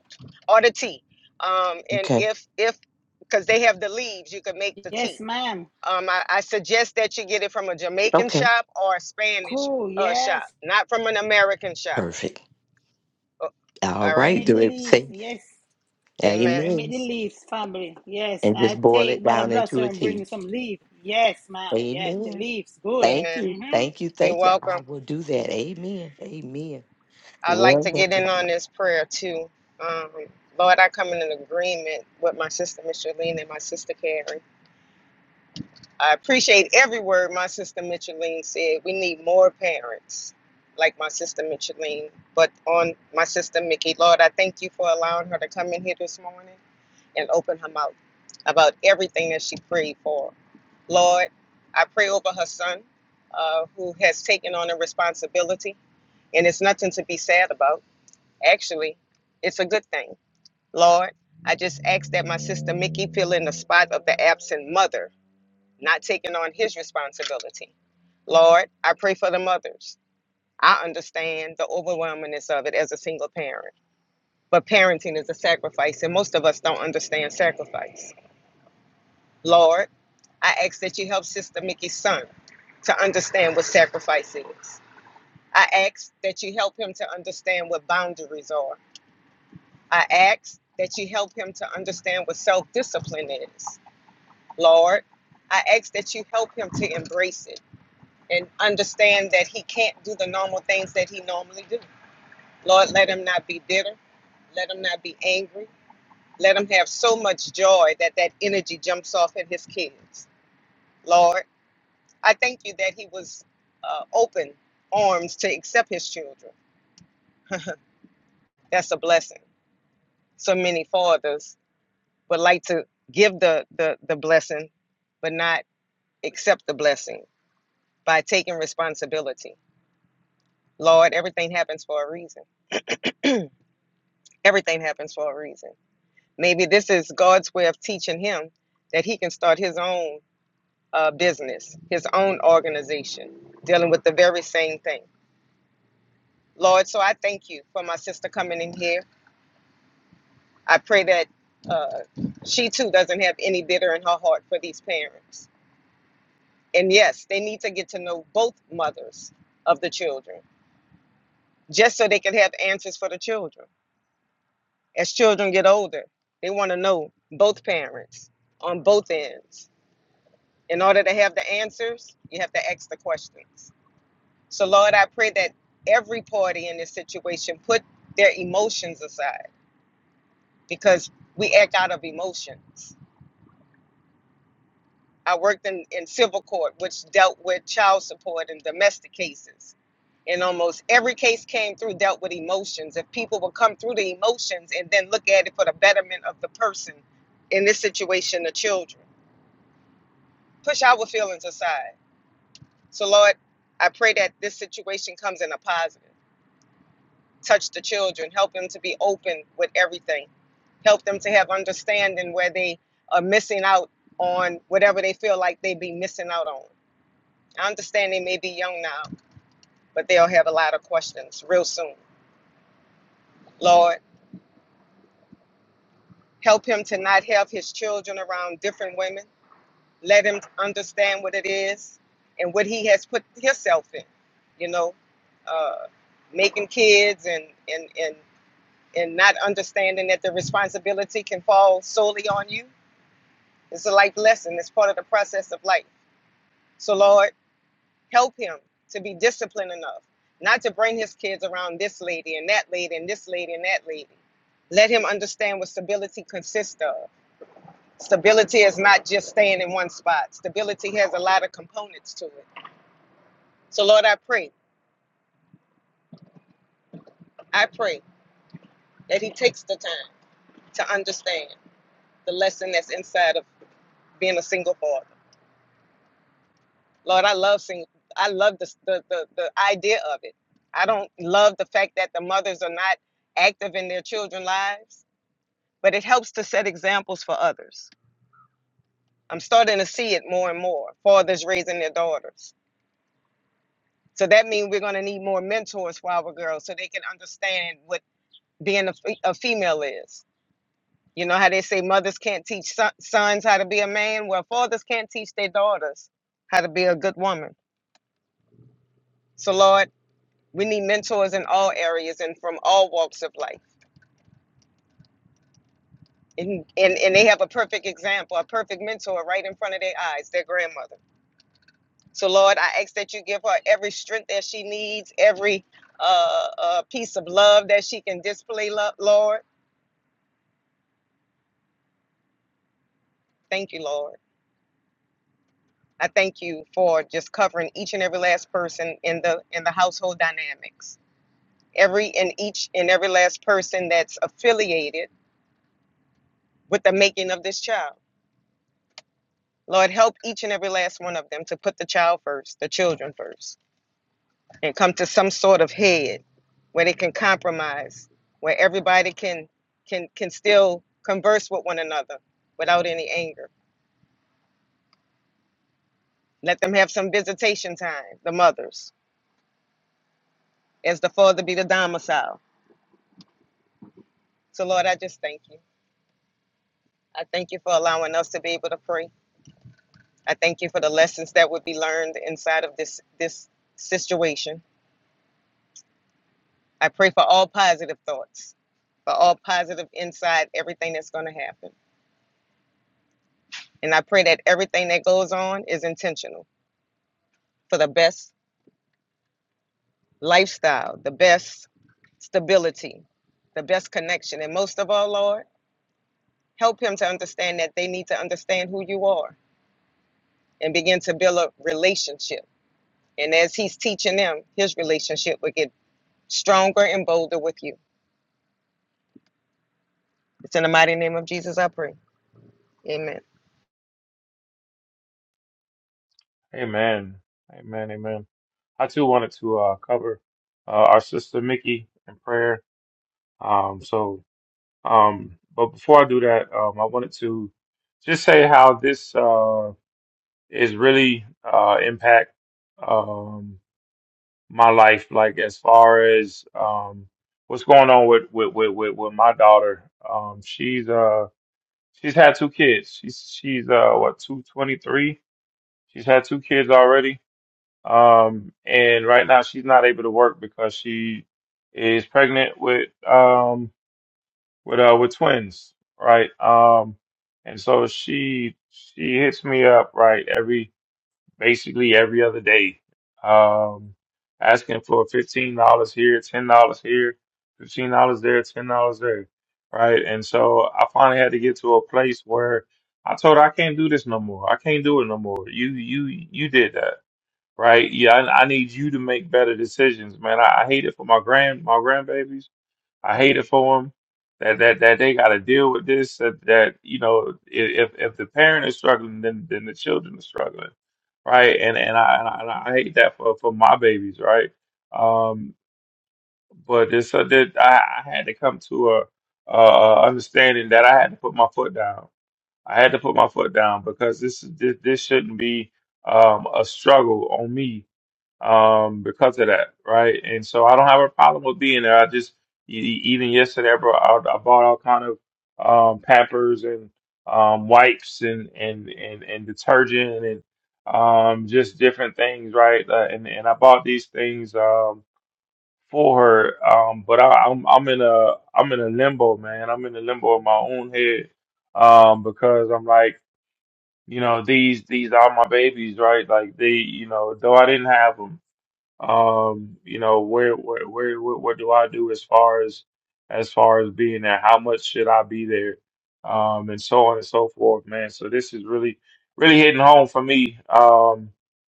S6: or the tea, um, and
S9: Okay.
S6: if if because they have the leaves, you can make the
S1: Yes,
S6: tea.
S1: ma'am.
S6: Um, I, I suggest that you get it from a Jamaican
S9: Okay.
S6: shop or a Spanish
S1: Cool.
S6: uh, shop,
S1: Yes.
S6: not from an American shop.
S9: Perfect.
S6: Oh,
S9: All
S6: all right.
S9: right.
S1: Make
S9: Do
S1: the
S9: it.
S1: leaf.
S9: Say
S1: Yes.
S6: Amen.
S1: I Make
S9: Amen.
S1: the leaves, family. Yes.
S9: and
S1: I
S9: just boil
S1: take
S9: it
S1: Mother
S9: down into
S1: Blossom
S9: a
S1: and bring me
S9: tea.
S1: some leaf. Yes, ma'am. Yes. The
S9: Amen.
S1: leaves. Good.
S9: Thank
S6: Amen.
S9: you.
S1: hmm
S9: Thank you.
S6: You're
S9: Thank you.
S6: welcome.
S9: I will do that. Amen. Amen.
S6: I'd like to get
S9: Wonderful.
S6: in on this prayer too. Um, Lord, I come in an agreement with my sister Micheline and my sister Carrie. I appreciate every word my sister Micheline said. We need more parents like my sister Micheline, but on my sister Mickey. Lord, I thank you for allowing her to come in here this morning and open her mouth about everything that she prayed for. Lord, I pray over her son uh, who has taken on a responsibility, and it's nothing to be sad about. Actually, it's a good thing. Lord, I just ask that my sister Mickey fill in the spot of the absent mother, not taking on his responsibility. Lord, I pray for the mothers. I understand the overwhelmingness of it as a single parent, but parenting is a sacrifice, and most of us don't understand sacrifice. Lord, I ask that you help Sister Mickey's son to understand what sacrifice is. I ask that you help him to understand what boundaries are. I ask that you help him to understand what self discipline is, Lord. I ask that you help him to embrace it and understand that he can't do the normal things that he normally do. Lord, let him not be bitter. Let him not be angry. Let him have so much joy that that energy jumps off at his kids. Lord, I thank you that he was uh, open arms to accept his children. That's a blessing. So many fathers would like to give the the the blessing but not accept the blessing by taking responsibility lord everything happens for a reason everything happens for a reason maybe this is god's way of teaching him that he can start his own uh, business his own organization dealing with the very same thing lord so i thank you for my sister coming in here i pray that uh, she too doesn't have any bitter in her heart for these parents And yes, they need to get to know both mothers of the children just so they can have answers for the children. As children get older, they want to know both parents on both ends. In order to have the answers, you have to ask the questions. So, Lord, I pray that every party in this situation put their emotions aside because we act out of emotions I worked in, in civil court, which dealt with child support and domestic cases. And almost every case came through dealt with emotions. If people would come through the emotions and then look at it for the betterment of the person, in this situation, the children, push our feelings aside. So, Lord, I pray that this situation comes in a positive. Touch the children, help them to be open with everything, help them to have understanding where they are missing out on whatever they feel like they be missing out on I understand they may be young now, but they'll have a lot of questions real soon. Lord, help him to not have his children around different women. Let him understand what it is and what he has put himself in, you know, uh, making kids and, and, and, and not understanding that the responsibility can fall solely on you. It's a life lesson, it's part of the process of life. So, Lord, help him to be disciplined enough not to bring his kids around this lady and that lady and this lady and that lady. Let him understand what stability consists of. Stability is not just staying in one spot. Stability has a lot of components to it. So Lord, I pray, I pray that he takes the time to understand the lesson that's inside of being a single father. Lord, I love single I love the the, the, the idea of it. I don't love the fact that the mothers are not active in their children's lives but it helps to set examples for others. I'm starting to see it more and more. Fathers raising their daughters. So that means we're going to need more mentors for our girls so they can understand what being a, fe- a female is. You know how they say mothers can't teach son- sons how to be a man? Well, fathers can't teach their daughters how to be a good woman. So, Lord, we need mentors in all areas and from all walks of life. And, and, and they have a perfect example, a perfect mentor right in front of their eyes, their grandmother. So, Lord, I ask that you give her every strength that she needs, every uh, uh, piece of love that she can display, lo- Lord. Thank you, Lord. I thank you for just covering each and every last person in the in the household dynamics. Every and each and every last person that's affiliated with the making of this child. Lord, help each and every last one of them to put the child first, the children first. and come to some sort of head where they can compromise, where everybody can can can still converse with one another without any anger. Let them have some visitation time, the mothers, as the father be the domicile. So Lord, I just thank you. I thank you for allowing us to be able to pray. I thank you for the lessons that would be learned inside of this this situation. I pray for all positive thoughts, for all positive inside everything that's going to happen. And I pray that everything that goes on is intentional for the best lifestyle, the best stability, the best connection. And most of all, Lord, help him to understand that they need to understand who you are and begin to build a relationship. And as he's teaching them, his relationship will get stronger and bolder with you. It's in the mighty name of Jesus I pray. Amen.
S4: Amen. Amen. Amen. I too wanted to uh, cover uh, our sister Mickey in prayer. Um, so, um, but before I do that, um, I wanted to just say how this. Uh, it's really uh, impact um, my life. Like as far as um, what's going on with with with with, with my daughter, um, she's uh she's had two kids. She's she's uh what two twenty three. She's had two kids already. Um, and right now she's not able to work because she is pregnant with um with uh with twins, right? Um, and so she she hits me up right every basically every other day. Um, asking for fifteen dollars here, ten dollars here, fifteen dollars there, ten dollars there, right? And so I finally had to get to a place where I told her I can't do this no more. I can't do it no more. You you you did that, right? Yeah, I, I need you to make better decisions, man. I, I hate it for my grand my grandbabies I hate it for them that that that they got to deal with this. That, that you know, if if the parent is struggling, then then the children are struggling, right? And and I and I, and I hate that for for my babies, right? Um, but it's uh, that I, I had to come to a, a a understanding that I had to put my foot down. I had to put my foot down because this is this, this shouldn't be um a struggle on me um, because of that, right? And so I don't have a problem with being there. I just e- e- even yesterday, I bought, I I bought all kind of um, Pampers and um, wipes and and and and detergent and um, just different things, right? Uh, and and I bought these things um, for her, um, but I, I'm I'm in a I'm in a limbo, man. I'm in a limbo in my own head um, because I'm like. You know these these are my babies, right? Like they, you know, though I didn't have them, um you know where where where where- what do I do as far as as far as being there how much should I be there um and so on and so forth man so this is really really hitting home for me um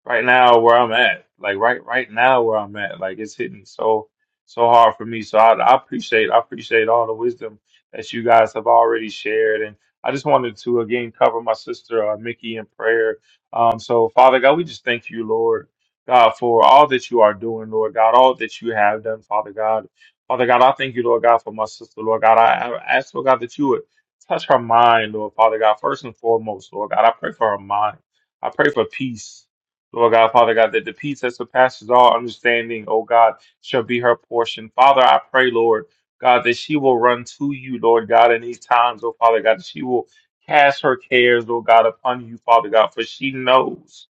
S4: right now where I'm at like right right now where I'm at like it's hitting so so hard for me so I, I appreciate I appreciate all the wisdom that you guys have already shared and I just wanted to again cover my sister uh, Mickey in prayer um so Father God we just thank you Lord God, for all that you are doing, Lord God, all that you have done, Father God. Father God, I thank you, Lord God, for my sister, Lord God. I, I ask, Lord God, that you would touch her mind, Lord Father God, first and foremost, Lord God. I pray for her mind. I pray for peace, Lord God, Father God, that the peace that surpasses all understanding, oh God, shall be her portion. Father, I pray, Lord God, that she will run to you, Lord God, in these times, oh Father God, that she will cast her cares, Lord God, upon you, Father God, for she knows.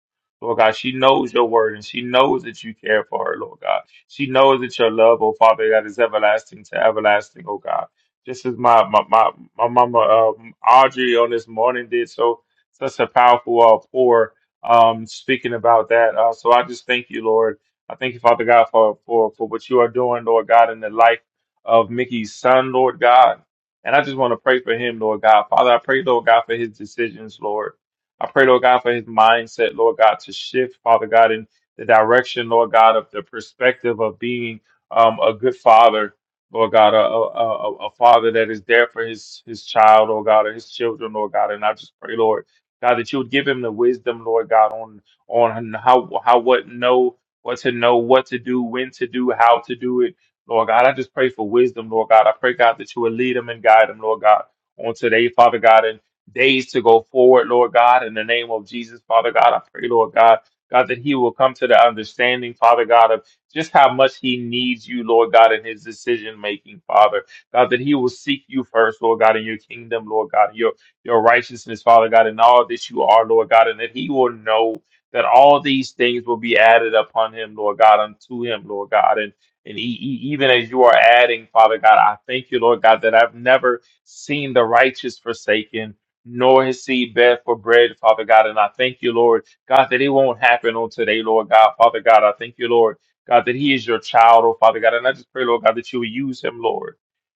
S4: Lord God, she knows your word and she knows that you care for her, Lord God. She knows that your love, oh Father, that is everlasting to everlasting, oh God. Just as my my my, my mama um, Audrey on this morning did so such a powerful uh, pour um speaking about that. Uh, so I just thank you, Lord. I thank you, Father God, for for for what you are doing, Lord God, in the life of Mickey's son, Lord God. And I just want to pray for him, Lord God. Father, I pray, Lord God, for his decisions, Lord. I pray, Lord God, for his mindset, Lord God, to shift, Father God, in the direction, Lord God, of the perspective of being um, a good father, Lord God, a, a, a, a father that is there for his, his child, Lord God, or his children, Lord God. And I just pray, Lord God, that you would give him the wisdom, Lord God, on on how how what know, what to know, what to do, when to do, how to do it. Lord God, I just pray for wisdom, Lord God. I pray, God, that you would lead him and guide him, Lord God, on today, Father God days to go forward, Lord God, in the name of Jesus, Father God. I pray, Lord God, God, that he will come to the understanding, Father God, of just how much he needs you, Lord God, in his decision making, Father. God, that he will seek you first, Lord God, in your kingdom, Lord God, your, your righteousness, Father God, and all that you are, Lord God, and that he will know that all these things will be added upon him, Lord God, unto him, Lord God. And and e- e- even as you are adding, Father God, I thank you, Lord God, that I've never seen the righteous forsaken, nor his seed beg for bread, Father God. And I thank you, Lord, God, that it won't happen on today, Lord God. Father God, I thank you, Lord, God, that he is your child, oh Father God. And I just pray, Lord God, that you will use him, Lord.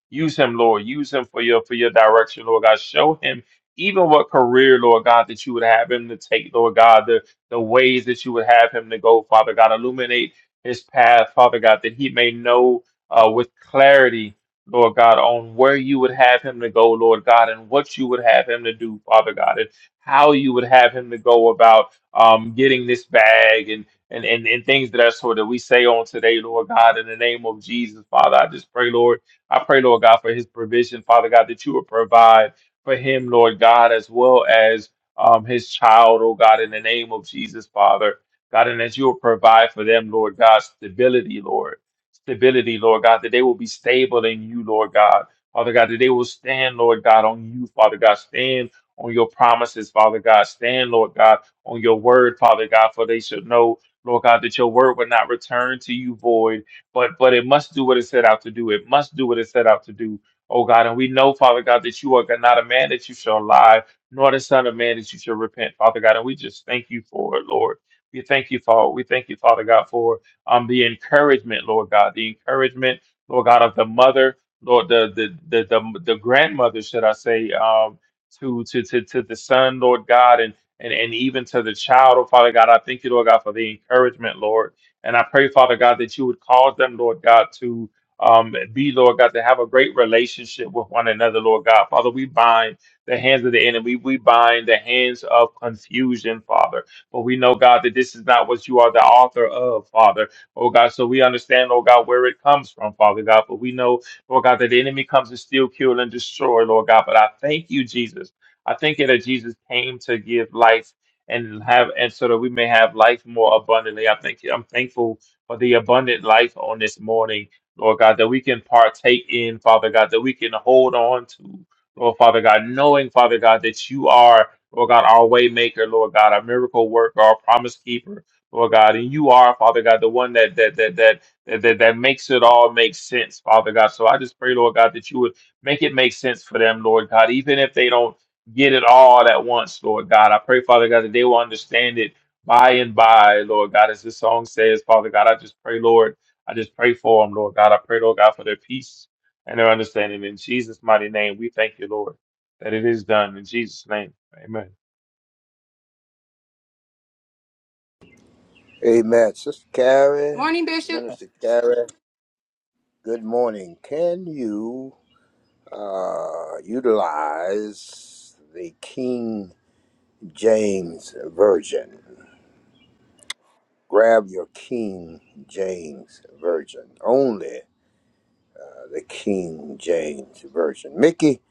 S4: Use him, Lord. Use him for your for your direction, Lord God. Show him even what career, Lord God, that you would have him to take, Lord God, the, the ways that you would have him to go, Father God. Illuminate his path, Father God, that he may know uh, with clarity Lord God, on where you would have him to go, Lord God, and what you would have him to do, Father God, and how you would have him to go about um, getting this bag and, and, and, and things of that sort that we say on today, Lord God, in the name of Jesus, Father. I just pray, Lord, I pray, Lord God, for his provision, Father God, that you would provide for him, Lord God, as well as um, his child, oh God, in the name of Jesus, Father. God, and that you will provide for them, Lord God, stability, Lord stability, Lord God, that they will be stable in you, Lord God. Father God, that they will stand, Lord God, on you, Father God. Stand on your promises, Father God. Stand, Lord God, on your word, Father God, for they should know, Lord God, that your word will not return to you void, but but it must do what it set out to do. It must do what it set out to do. Oh God, and we know, Father God, that you are not a man that you shall lie, nor the son of man that you shall repent, Father God. And we just thank you for it, Lord. We thank you for it. We thank you, Father God, for it um, the encouragement, Lord God, the encouragement, Lord God, of the mother, Lord, the the the the, the grandmother, should I say, um, to to to to the son, Lord God, and and and even to the child, oh Father God, I thank you, Lord God, for the encouragement, Lord, and I pray, Father God, that you would cause them, Lord God, to um, be, Lord God, to have a great relationship with one another, Lord God. Father, we bind the hands of the enemy. We bind the hands of confusion, Father. But we know, God, that this is not what you are the author of, Father oh God. So we understand, oh God, where it comes from, Father God. But we know, Lord God, that the enemy comes to steal, kill, and destroy, Lord God. But I thank you, Jesus. I thank you that Jesus came to give life and have and so that we may have life more abundantly. I thank you. I'm thankful for the abundant life on this morning, Lord God, that we can partake in, Father God, that we can hold on to, Lord Father God, knowing, Father God, that you are, Lord God, our way maker, Lord God, our miracle worker, our promise keeper. Lord God, and you are, Father God, the one that that that that that that, that makes it all make sense, Father God. So I just pray, Lord God, that you would make it make sense for them, Lord God, even if they don't get it all at once, Lord God. I pray, Father God, that they will understand it by and by, Lord God, as this song says, Father God. I just pray, Lord, I just pray for them, Lord God. I pray, Lord God, for their peace and their understanding. In Jesus' mighty name, we thank you, Lord, that it is done. In Jesus' name, Amen.
S10: Amen. Sister Carrie,
S2: Morning, Bishop.
S10: Minister Carrie. good morning. Can you uh, utilize the King James Version? Grab your King James Version. Only uh, the King James Version. Mickey,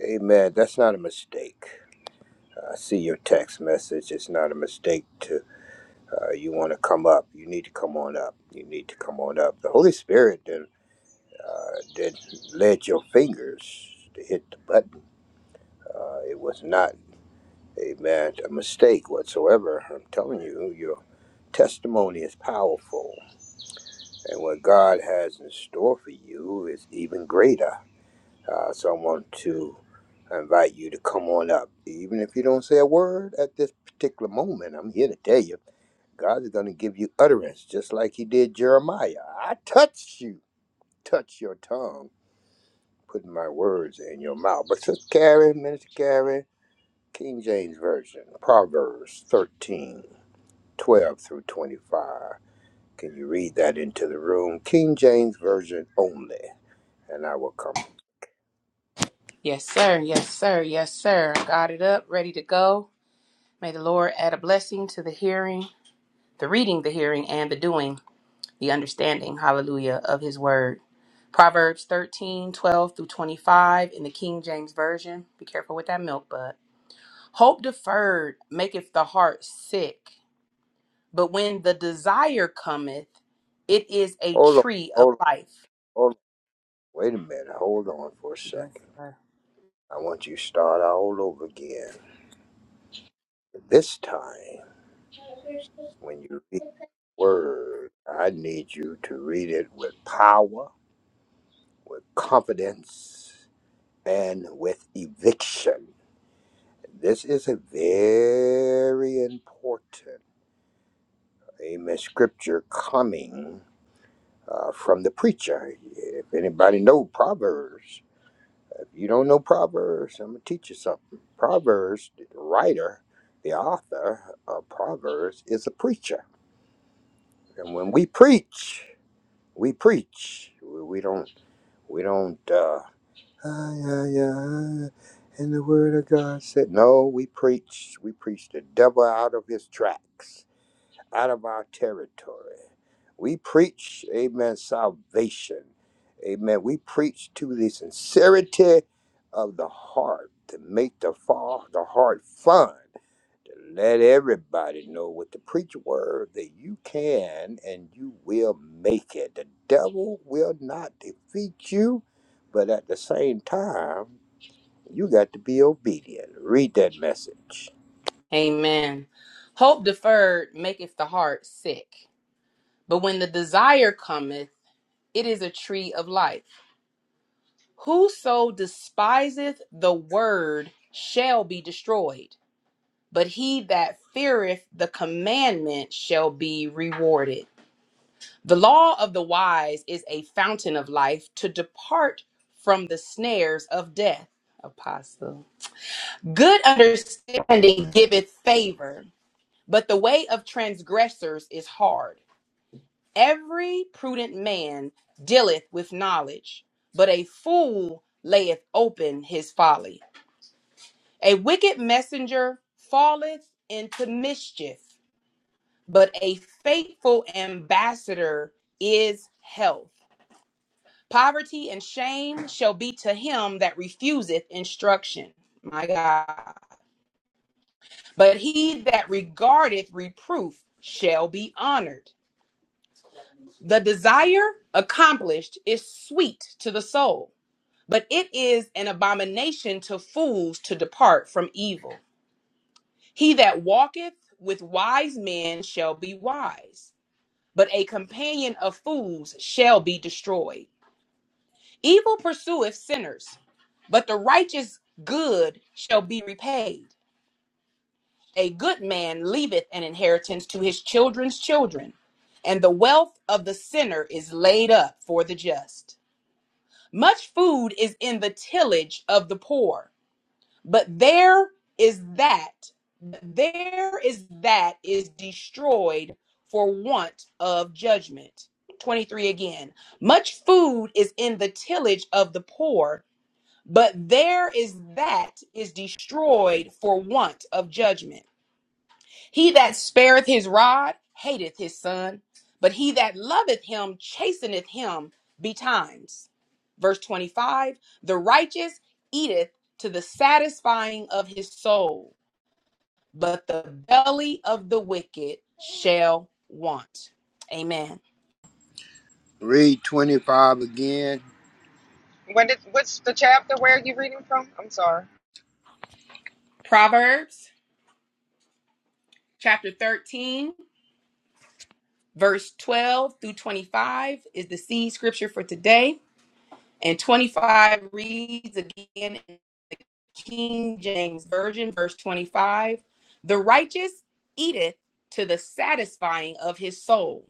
S10: amen. That's not a mistake. Uh, I see your text message. It's not a mistake to, uh, you want to come up. You need to come on up. You need to come on up. The Holy Spirit did uh, that led your fingers to hit the button. Uh, it was not a man a mistake whatsoever. I'm telling you, your testimony is powerful, and what God has in store for you is even greater. Uh, so I want to invite you to come on up, even if you don't say a word at this particular moment. I'm here to tell you, God is going to give you utterance, just like He did Jeremiah. I touched you, touch your tongue. putting my words in your mouth. But Sister Carrie, Minister Carrie, King James Version, Proverbs 13, 12 through 25. Can you read that into the room? King James Version only. And I will come.
S2: Yes, sir. Yes, sir. Yes, sir. I got it up, ready to go. May the Lord add a blessing to the hearing, the reading, the hearing, and the doing. the understanding, hallelujah, of his word. Proverbs 13 12 through 25 in the King James Version. Be careful with that milk, bud. Hope deferred maketh the heart sick, but when the desire cometh, it is a
S10: Hold on,
S2: tree of
S10: hold on,
S2: life.
S10: hold on. Wait a minute. Hold on for a
S2: Yes,
S10: second.
S2: sir.
S10: I want you to start all over again. This time, when you read the word, I need you to read it with power, with confidence, and with eviction. This is a very important amen scripture coming uh, from the preacher. If anybody know Proverbs, if you don't know Proverbs, I'm gonna teach you something. Proverbs, the writer, the author of Proverbs is a preacher, and when we preach, we preach. We we don't. We don't. Uh, "Ah, yeah, yeah. And the word of God said, "No, we preach. We preach the devil out of his tracks." out of our territory. We preach, amen, salvation. Amen. We preach to the sincerity of the heart to make the, fa- the heart fun, to let everybody know with the preach word that you can and you will make it. The devil will not defeat you, but at the same time, you got to be obedient. Read that message.
S2: Amen. Hope deferred maketh the heart sick, but when the desire cometh, it is a tree of life. Whoso despiseth the word shall be destroyed but he that feareth the commandment shall be rewarded. The law of the wise is a fountain of life to depart from the snares of death. Apostle. Good understanding giveth favor, but the way of transgressors is hard. Every prudent man dealeth with knowledge, but a fool layeth open his folly. A wicked messenger falleth into mischief but a faithful ambassador is health. Poverty and shame shall be to him that refuseth instruction. My God. But he that regardeth reproof shall be honored. The desire accomplished is sweet to the soul, but it is an abomination to fools to depart from evil. He that walketh with wise men shall be wise, but a companion of fools shall be destroyed. Evil pursueth sinners, but the righteous good shall be repaid. A good man leaveth an inheritance to his children's children, and the wealth of the sinner is laid up for the just. Much food is in the tillage of the poor, but there is that there is that is destroyed for want of judgment. 23 again. Much food is in the tillage of the poor, but there is that is destroyed for want of judgment. He that spareth his rod hateth his son, but he that loveth him chasteneth him betimes. Verse 25 The righteous eateth to the satisfying of his soul, but the belly of the wicked shall want. Amen.
S10: Read 25 again.
S6: What is, what's the chapter where are you reading from? I'm sorry.
S2: Proverbs chapter 13, verse 12 through 25 is the seed scripture for today. And 25 reads again in King James Version, verse 25 The righteous eateth to the satisfying of his soul,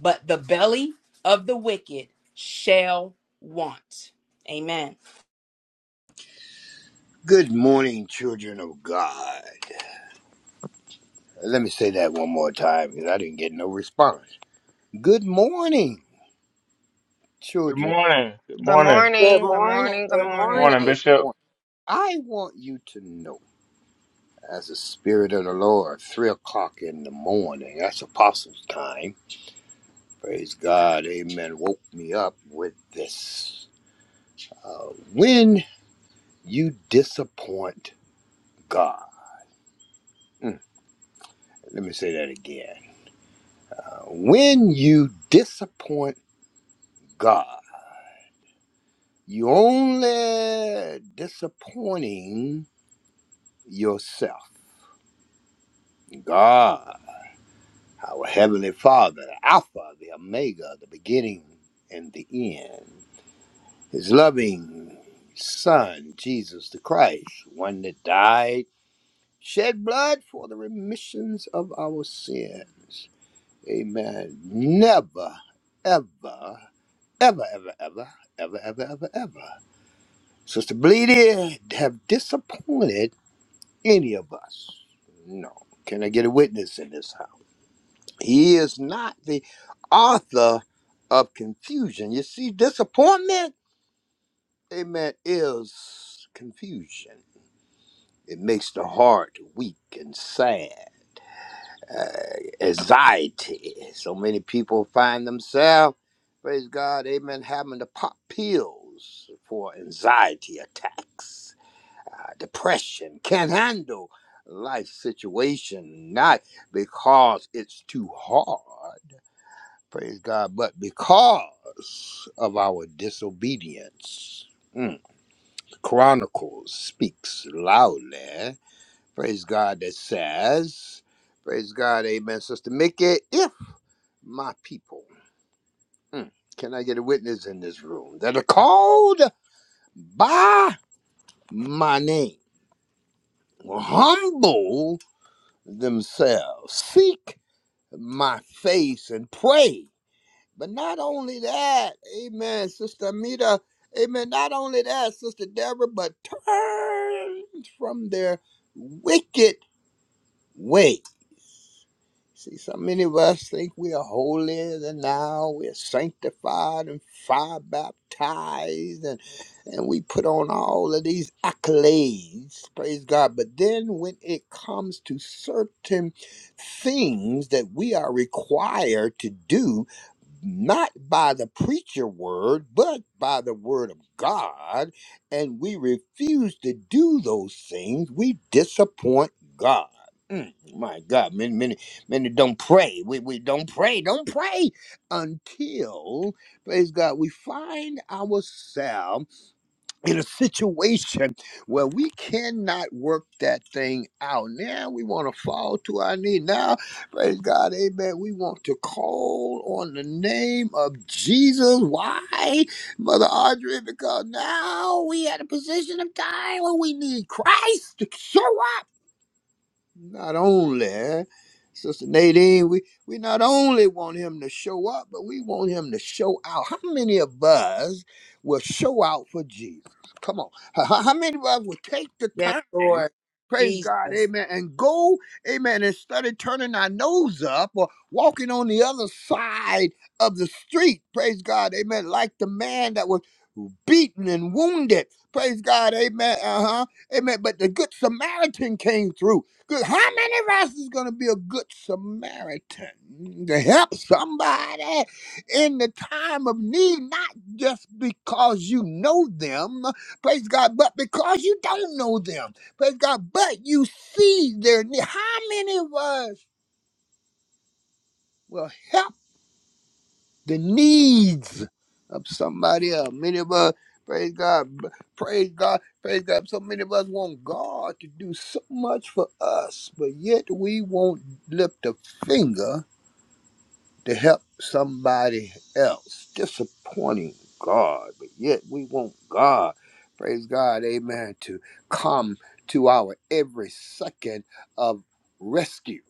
S2: but the belly of the wicked shall want. Amen.
S10: Good morning, children of God. Let me say that one more time because I didn't get no response. Good morning,
S4: Good
S10: children.
S4: morning. Good
S6: Good
S4: morning.
S8: Good
S6: morning. Good
S8: morning.
S6: morning. Good
S8: Good
S6: morning.
S4: Morning,
S8: morning.
S10: Good
S4: Bishop.
S10: morning. I want you to know, as the Spirit of the Lord, three o'clock in the morning, that's Apostles' time. Praise God, amen. Woke me up with this. Uh, when you disappoint God, Mm, let me say that again. Uh, when you disappoint God, You only disappointing yourself. God, our Heavenly Father, the Alpha, the Omega, the beginning and the end, His loving Son, Jesus the Christ, one that died, shed blood for the remissions of our sins. Amen. Never, ever, ever, ever, ever, ever, ever, ever, ever. Sister Bleedy have disappointed any of us. No. Can I get a witness in this house? He is not the author of confusion. You see, disappointment, amen, is confusion. It makes the heart weak and sad. Uh, anxiety. So many people find themselves, praise God, amen, having to pop pills for anxiety attacks. uh, depression, can't handle life situation, not because it's too hard, praise God, but because of our disobedience. Mm. Chronicles speaks loudly, praise God, that says, praise God, amen, Sister Mickey, if my people, mm, can I get a witness in this room, that are called by my name, will humble themselves. Seek my face and pray. But not only that, amen, Sister Amita, amen, not only that, Sister Deborah, but turn from their wicked ways. See, so many of us think we are holier than now. We're sanctified and fire baptized, and, and we put on all of these accolades, praise God. But then when it comes to certain things that we are required to do, not by the preacher word, but by the word of God, and we refuse to do those things, we disappoint God. Mm, my God, many, many. And don't pray. We, we don't pray. Don't pray until, praise God, we find ourselves in a situation where we cannot work that thing out. Now we want to fall to our knee. Now, praise God, amen. We want to call on the name of Jesus. Why, Mother Audrey? Because now we at a position of time where we need Christ to show up. Not only, eh? Sister Nadine, we, we not only want him to show up, but we want him to show out. How many of us will show out for Jesus? Come on. How, how how many of us will take the
S2: Yes,
S10: time?
S2: Lord
S10: Praise God,
S2: Jesus.
S10: amen, and go, amen, and study turning our nose up or walking on the other side of the street. Praise God, amen, like the man that was beaten and wounded. Praise God, amen, uh huh, amen. But the Good Samaritan came through. Good. How many of us is going to be a good Samaritan to help somebody in the time of need, not just because you know them, praise God, but because you don't know them, praise God, but you see their need? How many of us will help? the needs of somebody else. Many of us, praise God, praise God, praise God. So many of us want God to do so much for us, but yet we won't lift a finger to help somebody else, disappointing God, but yet we want God, praise God, amen, to come to our every second of rescue.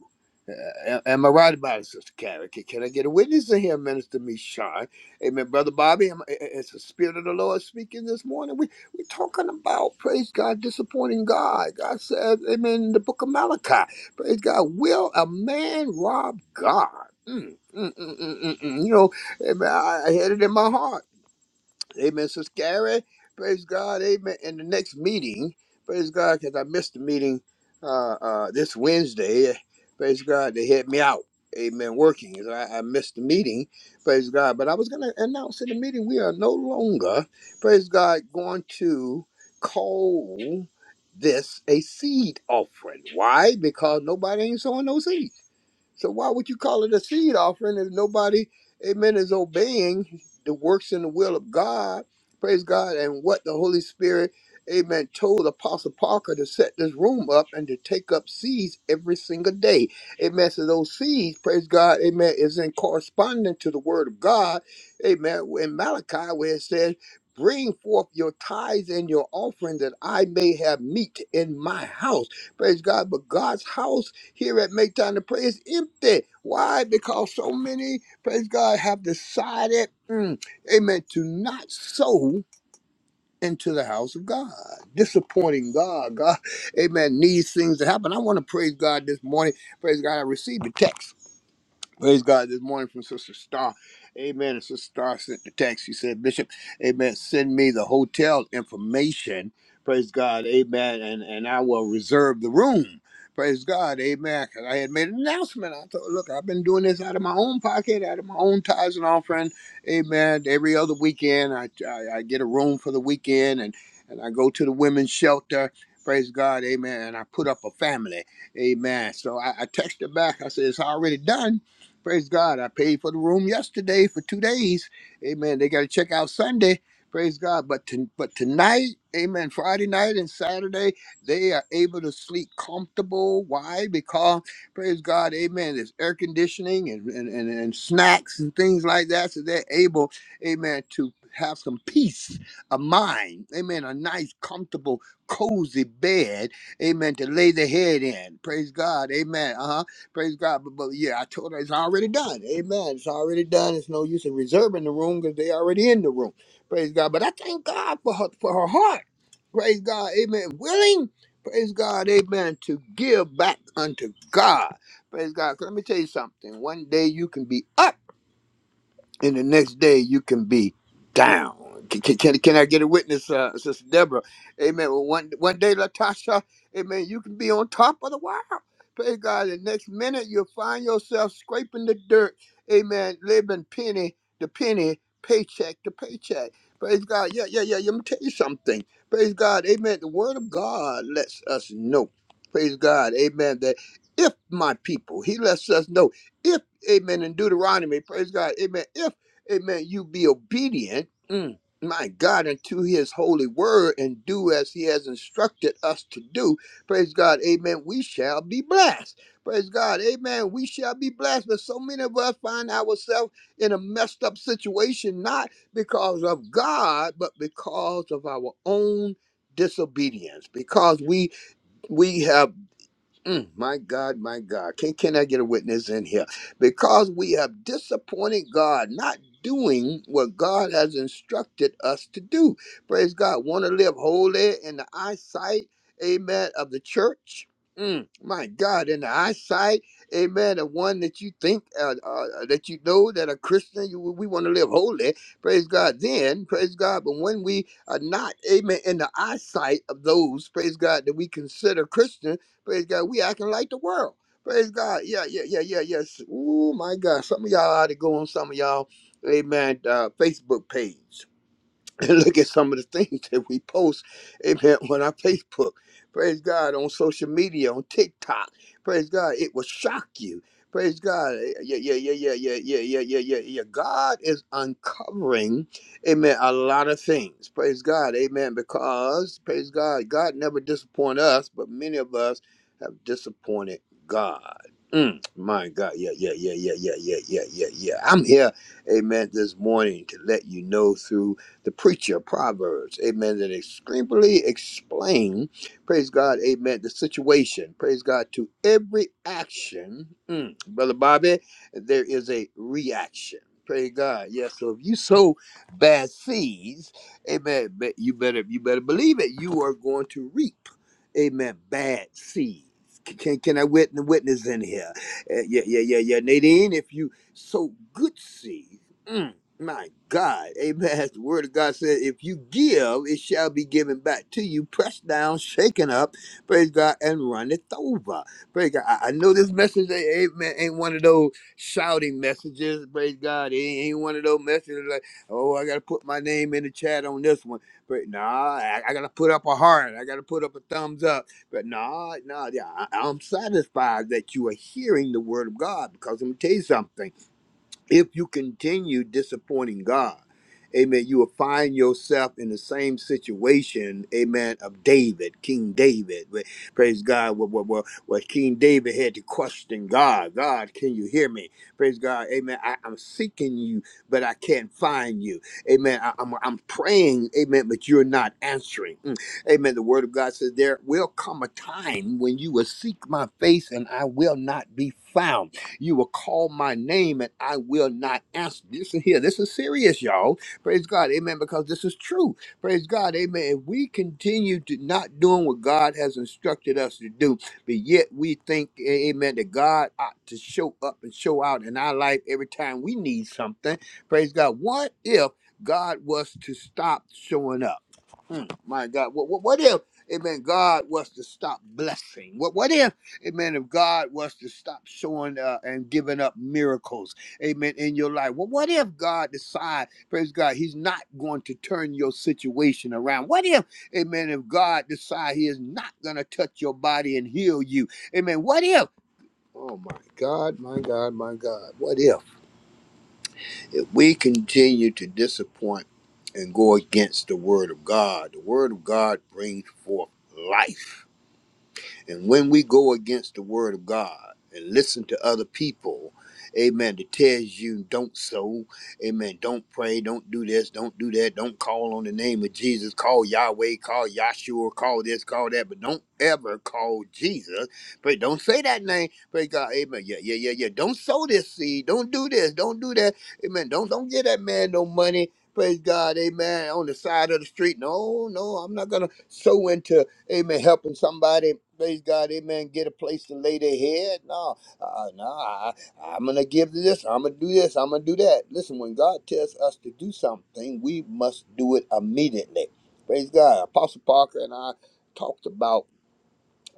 S10: Uh, am I right about it, Sister Carrie? Can, can I get a witness in here, Minister Mishan? Amen, Brother Bobby. Am, is the Spirit of the Lord speaking this morning? We we're talking about praise God, disappointing God. God said, Amen. In the Book of Malachi, praise God. Will a man rob God? Mm mm, mm, mm, mm, mm. You know, amen. I, I had it in my heart. Amen. So scary. Praise God. Amen. In the next meeting, praise God, because I missed the meeting uh, uh, this Wednesday. Praise God, they had me out. Amen. Working. So I, I missed the meeting. Praise God. But I was going to announce in the meeting we are no longer, praise God, going to call this a seed offering. Why? Because nobody ain't sowing no seeds. So why would you call it a seed offering if nobody, amen, is obeying the works and the will of God? Praise God. And what the Holy Spirit, amen, told Apostle Parker to set this room up and to take up seeds every single day. Amen. So those seeds, praise God, amen, is in correspondence to the word of God. Amen. In Malachi, where it says, Bring forth your tithes and your offering that I may have meat in my house. Praise God. But God's house here at Make Time to Pray is empty. Why? Because so many, praise God, have decided, mm, amen, to not sow into the house of God. Disappointing God. God, amen, needs things to happen. I want to praise God this morning. Praise God, I received a text. Praise God this morning from Sister Star. Amen. And Sister Star sent the text. She said, Bishop, Amen. Send me the hotel information. Praise God. Amen. And and I will reserve the room. Praise God. Amen. 'Cause I had made an announcement. I thought, look, I've been doing this out of my own pocket, out of my own tithes and offering. Amen. Every other weekend, I, I, I get a room for the weekend and, and I go to the women's shelter. Praise God. Amen. And I put up a family. Amen. So I, I texted back. I said, it's already done. Praise God. I paid for the room yesterday for two days. Amen. They got to check out Sunday. Praise God. But to, but tonight, amen, Friday night and Saturday, they are able to sleep comfortable. Why? Because, praise God, amen, there's air conditioning and, and, and, and snacks and things like that. So they're able, amen, to have some peace of mind. Amen. A nice, comfortable, cozy bed. Amen. To lay their head in. Praise God. Amen. Uh huh Praise God. But, but yeah, I told her it's already done. Amen. It's already done. It's no use in reserving the room because they already in the room. Praise God. But I thank God for her for her heart. Praise God. Amen. Willing. Praise God. Amen. To give back unto God. Praise God. 'Cause Let me tell you something. One day you can be up and the next day you can be down. Can, can, can I get a witness, uh, Sister Deborah? Amen. Well, one one day, Latasha, amen, you can be on top of the world. Praise God. The next minute, you'll find yourself scraping the dirt. Amen. Living penny to penny, paycheck to paycheck. Praise God. Yeah, yeah, yeah. Let me tell you something. Praise God. Amen. The Word of God lets us know. Praise God. Amen. That if my people, He lets us know if amen, in Deuteronomy, praise God, amen, if, amen, you be obedient, mm, my God, unto his holy word and do as he has instructed us to do, praise God, amen, we shall be blessed. Praise God, amen, we shall be blessed. But so many of us find ourselves in a messed up situation, not because of God, but because of our own disobedience because we we have Mm, my God, my God. Can, can I get a witness in here? Because we have disappointed God, not doing what God has instructed us to do. Praise God. Want to live holy in the eyesight, amen, of the church. Mm, my God, in the eyesight, amen, of one that you think, uh, uh, uh, that you know that a Christian, you, we want to live holy. Praise God. Then, praise God. But when we are not, amen, in the eyesight of those, praise God, that we consider Christians, Praise God. We acting like the world. Praise God. Yeah, yeah, yeah, yeah, yes. Ooh, my God. Some of y'all ought to go on some of y'all, amen, uh, Facebook page. and look at some of the things that we post, amen, on our Facebook. Praise God, on social media, on TikTok. Praise God, it will shock you. Praise God. eh, Yeah, yeah, yeah, yeah, yeah, yeah, yeah, yeah, yeah, yeah. God is uncovering, amen, a lot of things. Praise God, amen, because, praise God, God never disappoint us, but many of us have disappointed God. Mm, my God, yeah, yeah, yeah, yeah, yeah, yeah, yeah, yeah, yeah. I'm here, amen, this morning to let you know through the preacher of Proverbs, amen, that extremely explain, praise God, amen, the situation, praise God, to every action. Mm, Brother Bobby, there is a reaction. Praise God. Yes. so if you sow bad seeds, amen, but you better you better believe it. You are going to reap, amen, bad seeds. C- Can, can I witness, witness in here? Uh, yeah, yeah, yeah, yeah. Nadine, if you sow good seeds, my God, amen. The word of God said, if you give, it shall be given back to you, pressed down, shaken up, praise God, and runneth over. Praise God. I, I know this message, eh, amen, ain't one of those shouting messages, praise God. It ain't, ain't one of those messages like, oh, I got to put my name in the chat on this one. But nah, I, I got to put up a heart. I got to put up a thumbs up. But nah, nah, yeah, I, I'm satisfied that you are hearing the word of God because let me tell you something if you continue disappointing God, amen, you will find yourself in the same situation, amen, of David, King David. Where- Praise God, where, where, where, where King David had to question God God, can you hear me? Praise God, amen. I, I'm seeking you, but I can't find you. Amen. I, am I'm I'm praying, amen, but you're not answering. Mm. Amen. The word of God says, There will come a time when you will seek my face and I will not be found. You will call my name and I will not answer. Listen here. This is serious, y'all. Praise God. Amen. Because this is true. Praise God. Amen. If we continue to not doing what God has instructed us to do, but yet we think, amen, that God ought to show up and show out in our life every time we need something. Praise God. What if God was to stop showing up? Mm, my God, what, what, what if, amen, God was to stop blessing? What, what if, amen, if God was to stop showing uh, and giving up miracles, amen, in your life? Well, what if God decide, praise God, he's not going to turn your situation around? What if, amen, if God decide he is not going to touch your body and heal you? Amen, what if? Oh, my God, my God, my God, what if? If we continue to disappoint and go against the word of God, the word of God brings forth life. And when we go against the word of God and listen to other people, amen, that tells you don't sow, amen, don't pray, don't do this, don't do that, don't call on the name of Jesus, call Yahweh, call Yahshua, call this, call that, but don't ever call Jesus. Pray, don't say that name. Praise God, amen. Yeah, yeah, yeah, yeah. Don't sow this seed. Don't do this. Don't do that. Amen. Don't don't give that man no money. Praise God, amen. On the side of the street. No, no, I'm not gonna sow into Amen. Helping somebody, praise God, amen, get a place to lay their head. No, uh, no, I, I'm going to give this, I'm going to do this, I'm going to do that. Listen, when God tells us to do something, we must do it immediately. Praise God. Apostle Parker and I talked about.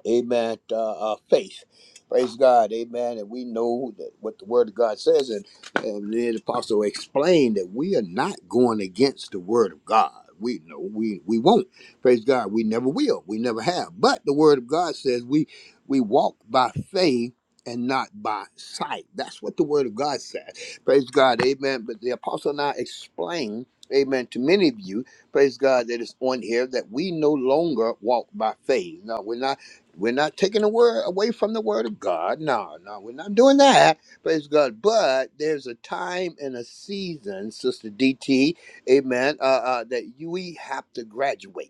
S10: Amen. Uh, uh, faith. Praise God. Amen. And we know that what the Word of God says, and, and the apostle explained that we are not going against the Word of God. We know we we won't. Praise God. We never will. We never have. But the Word of God says we we walk by faith and not by sight. That's what the Word of God says. Praise God. Amen. But the apostle now explained. Amen. To many of you, praise God that is on here that we no longer walk by faith. No, we're not we're not taking the word away from the word of God. No, no, we're not doing that. Praise God. But there's a time and a season, Sister DT, amen, uh, uh, that you, we have to graduate.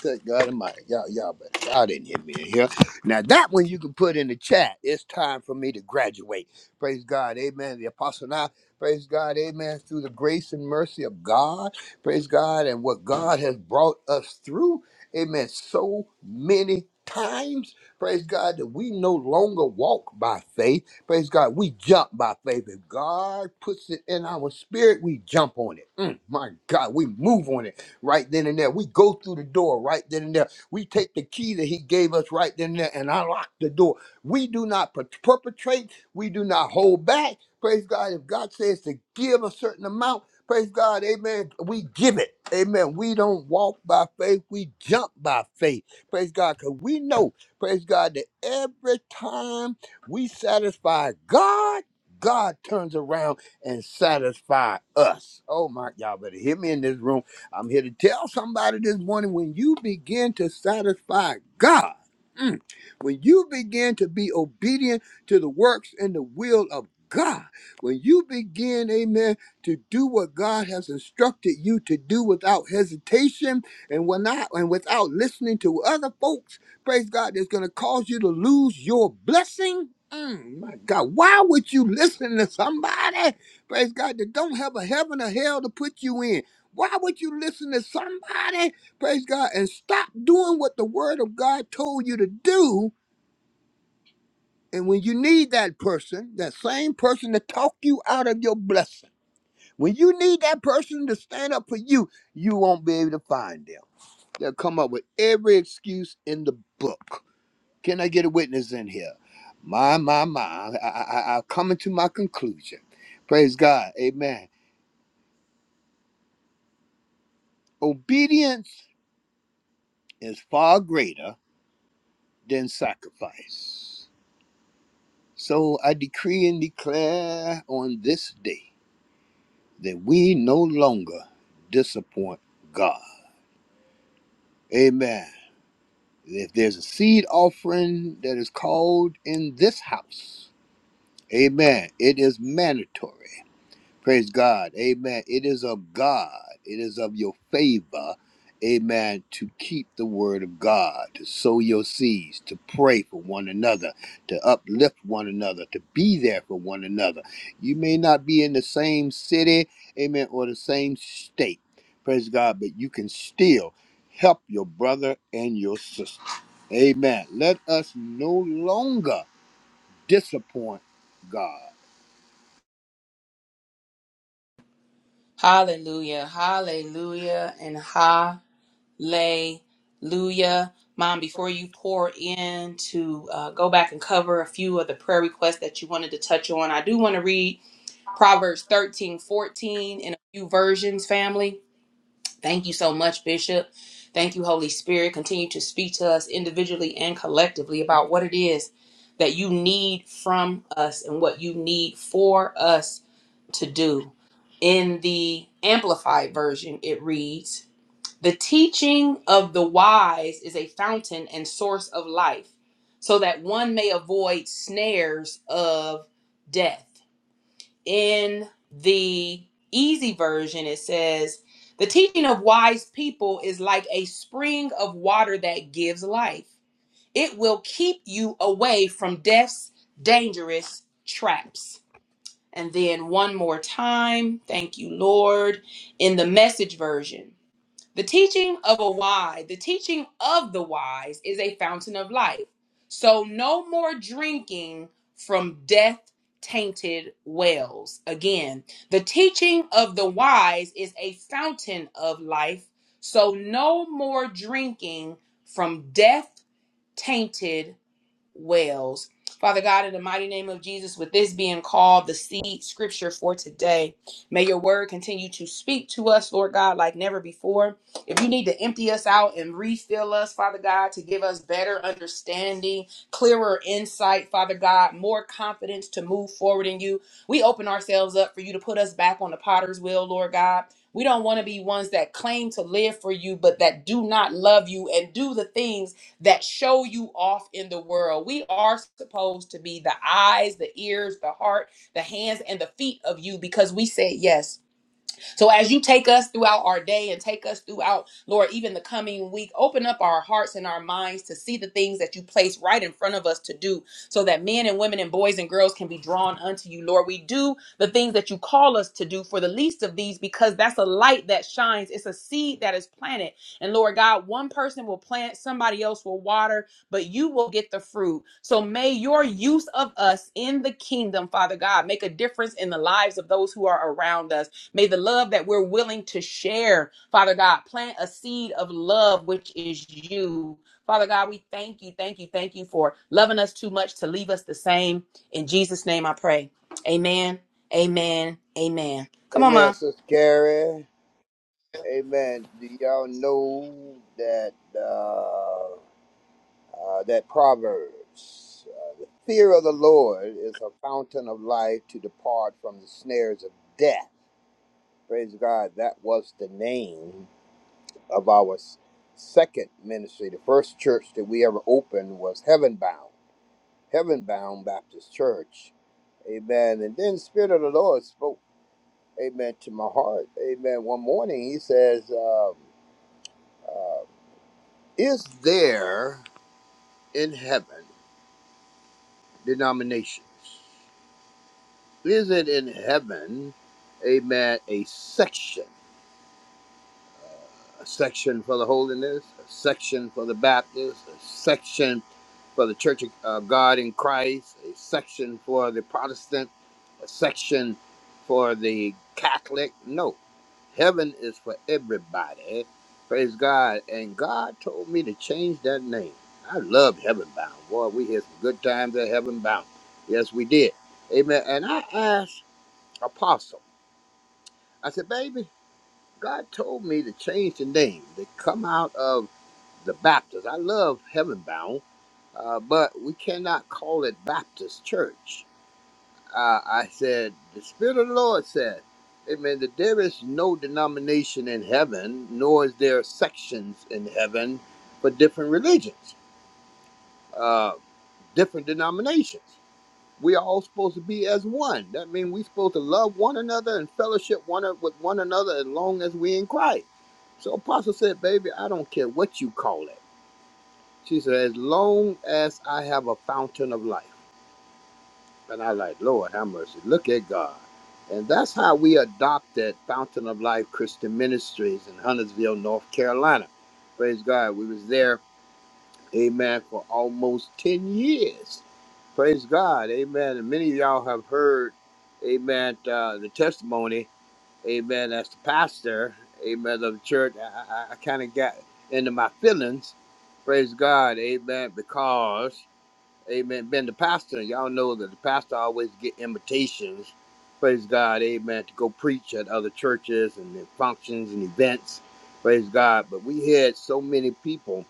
S10: Good God Almighty, y'all, y'all, but y'all didn't hit me in here. Now that one you can put in the chat. It's time for me to graduate. Praise God, Amen. The apostle now, praise God, Amen. Through the grace and mercy of God, praise God, and what God has brought us through, Amen. So many times, praise God, that we no longer walk by faith. Praise God, we jump by faith. If God puts it in our spirit, we jump on it. Mm, my God, we move on it right then and there. We go through the door right then and there. We take the key that he gave us right then and there and unlock the door. We do not per- perpetrate, we do not hold back. Praise God. If God says to give a certain amount, praise God, amen. We give it. Amen. We don't walk by faith, we jump by faith. Praise God. Because we know, praise God, that every time we satisfy God, God turns around and satisfy us. Oh my, y'all better hear me in this room I'm here to tell somebody this morning when you begin to satisfy God, mm, when you begin to be obedient to the works and the will of God, when you begin, amen, to do what God has instructed you to do without hesitation and when not and without listening to other folks, praise God, that's gonna cause you to lose your blessing. Mm, my God, why would you listen to somebody, praise God, that don't have a heaven or hell to put you in? Why would you listen to somebody, praise God, and stop doing what the word of God told you to do? And when you need that person, that same person to talk you out of your blessing, when you need that person to stand up for you, you won't be able to find them. They'll come up with every excuse in the book. Can I get a witness in here? My, my, my. I, I, I- I'm coming to my conclusion. Praise God. Amen. Obedience is far greater than sacrifice. So I decree and declare on this day that we no longer disappoint God. Amen. If there's a seed offering that is called in this house, amen, it is mandatory. Praise God. Amen. It is of God. It is of your favor. Amen. To keep the word of God, to sow your seeds, to pray for one another, to uplift one another, to be there for one another. You may not be in the same city, amen, or the same state. Praise God. But you can still help your brother and your sister. Amen. Let us no longer disappoint God.
S2: Hallelujah. Hallelujah. And hallelujah. Mom, before you pour in to uh, go back and cover a few of the prayer requests that you wanted to touch on, I do want to read. Proverbs 13 14 in a few versions, family. Thank you so much, Bishop. Thank you, Holy Spirit. Continue to speak to us individually and collectively about what it is that you need from us and what you need for us to do. In the Amplified Version, it reads The teaching of the wise is a fountain and source of life, so that one may avoid snares of death in the easy version it says the teaching of wise people is like a spring of water that gives life it will keep you away from death's dangerous traps and then one more time thank you lord in the message version the teaching of a wise, the teaching of the wise is a fountain of life. So no more drinking from death tainted wells. Again, the teaching of the wise is a fountain of life. So no more drinking from death tainted wells. Father God, in the mighty name of Jesus, with this being called the seed scripture for today, may your word continue to speak to us, Lord God, like never before. If you need to empty us out and refill us, Father God, to give us better understanding, clearer insight, Father God, more confidence to move forward in you, we open ourselves up for you to put us back on the potter's wheel, Lord God. We don't want to be ones that claim to live for you, but that do not love you and do the things that show you off in the world. We are supposed to be the eyes, the ears, the heart, the hands, and the feet of you because we said yes. So as you take us throughout our day and take us throughout, Lord, even the coming week, open up our hearts and our minds to see the things that you place right in front of us to do so that men and women and boys and girls can be drawn unto you. Lord, we do the things that you call us to do for the least of these because that's a light that shines. It's a seed that is planted. And Lord God, one person will plant, somebody else will water, but you will get the fruit. So may your use of us in the kingdom, Father God, make a difference in the lives of those who are around us. May the love that we're willing to share, Father God, plant a seed of love, which is you. Father God, we thank you, thank you, thank you for loving us too much to leave us the same. In Jesus' name I pray. Amen, amen, amen. Come on,
S10: Amen,
S2: Mom.
S10: Sister Carrie. Amen. Do y'all know that uh, uh, that Proverbs, uh, the fear of the Lord is a fountain of life to depart from the snares of death. Praise God. That was the name of our s- second ministry. The first church that we ever opened was Heaven Bound, Heaven Bound Baptist Church. Amen. And then Spirit of the Lord spoke, Amen, to my heart. Amen. One morning, He says. Um, uh, Is there in heaven denominations? Is it in heaven, amen, a section? A section for the holiness, a section for the Baptist, a section for the Church of uh, God in Christ, a section for the Protestant? section for the Catholic. No, heaven is for everybody. Praise God. And God told me to change that name. I love Heaven Bound. Boy, we had some good times at Heaven Bound. Yes, we did. Amen. And I asked Apostle, I said, baby, God told me to change the name. They come out of the Baptist. I love Heaven Bound, uh, but we cannot call it Baptist Church uh, I said, The Spirit of the Lord said, Amen. That there is no denomination in heaven, nor is there sections in heaven for different religions, uh, different denominations. We are all supposed to be as one. That means we're supposed to love one another and fellowship one o- with one another as long as we in Christ. So Apostle said, Baby, I don't care what you call it. She said, As long as I have a fountain of life. And I like, Lord, have mercy. Look at God. And that's how we adopted Fountain of Life Christian Ministries in Huntersville, North Carolina. Praise God. We was there, amen, for almost 10 years. Praise God. Amen. And many of y'all have heard, amen, uh, the testimony, amen, as the pastor, amen, of the church. I, I, I kind of got into my feelings. Praise God. Amen. Because Amen. Been the pastor, and y'all know that the pastor always get invitations. Praise God, amen, to go preach at other churches and their functions and events. Praise God. But we had so many people.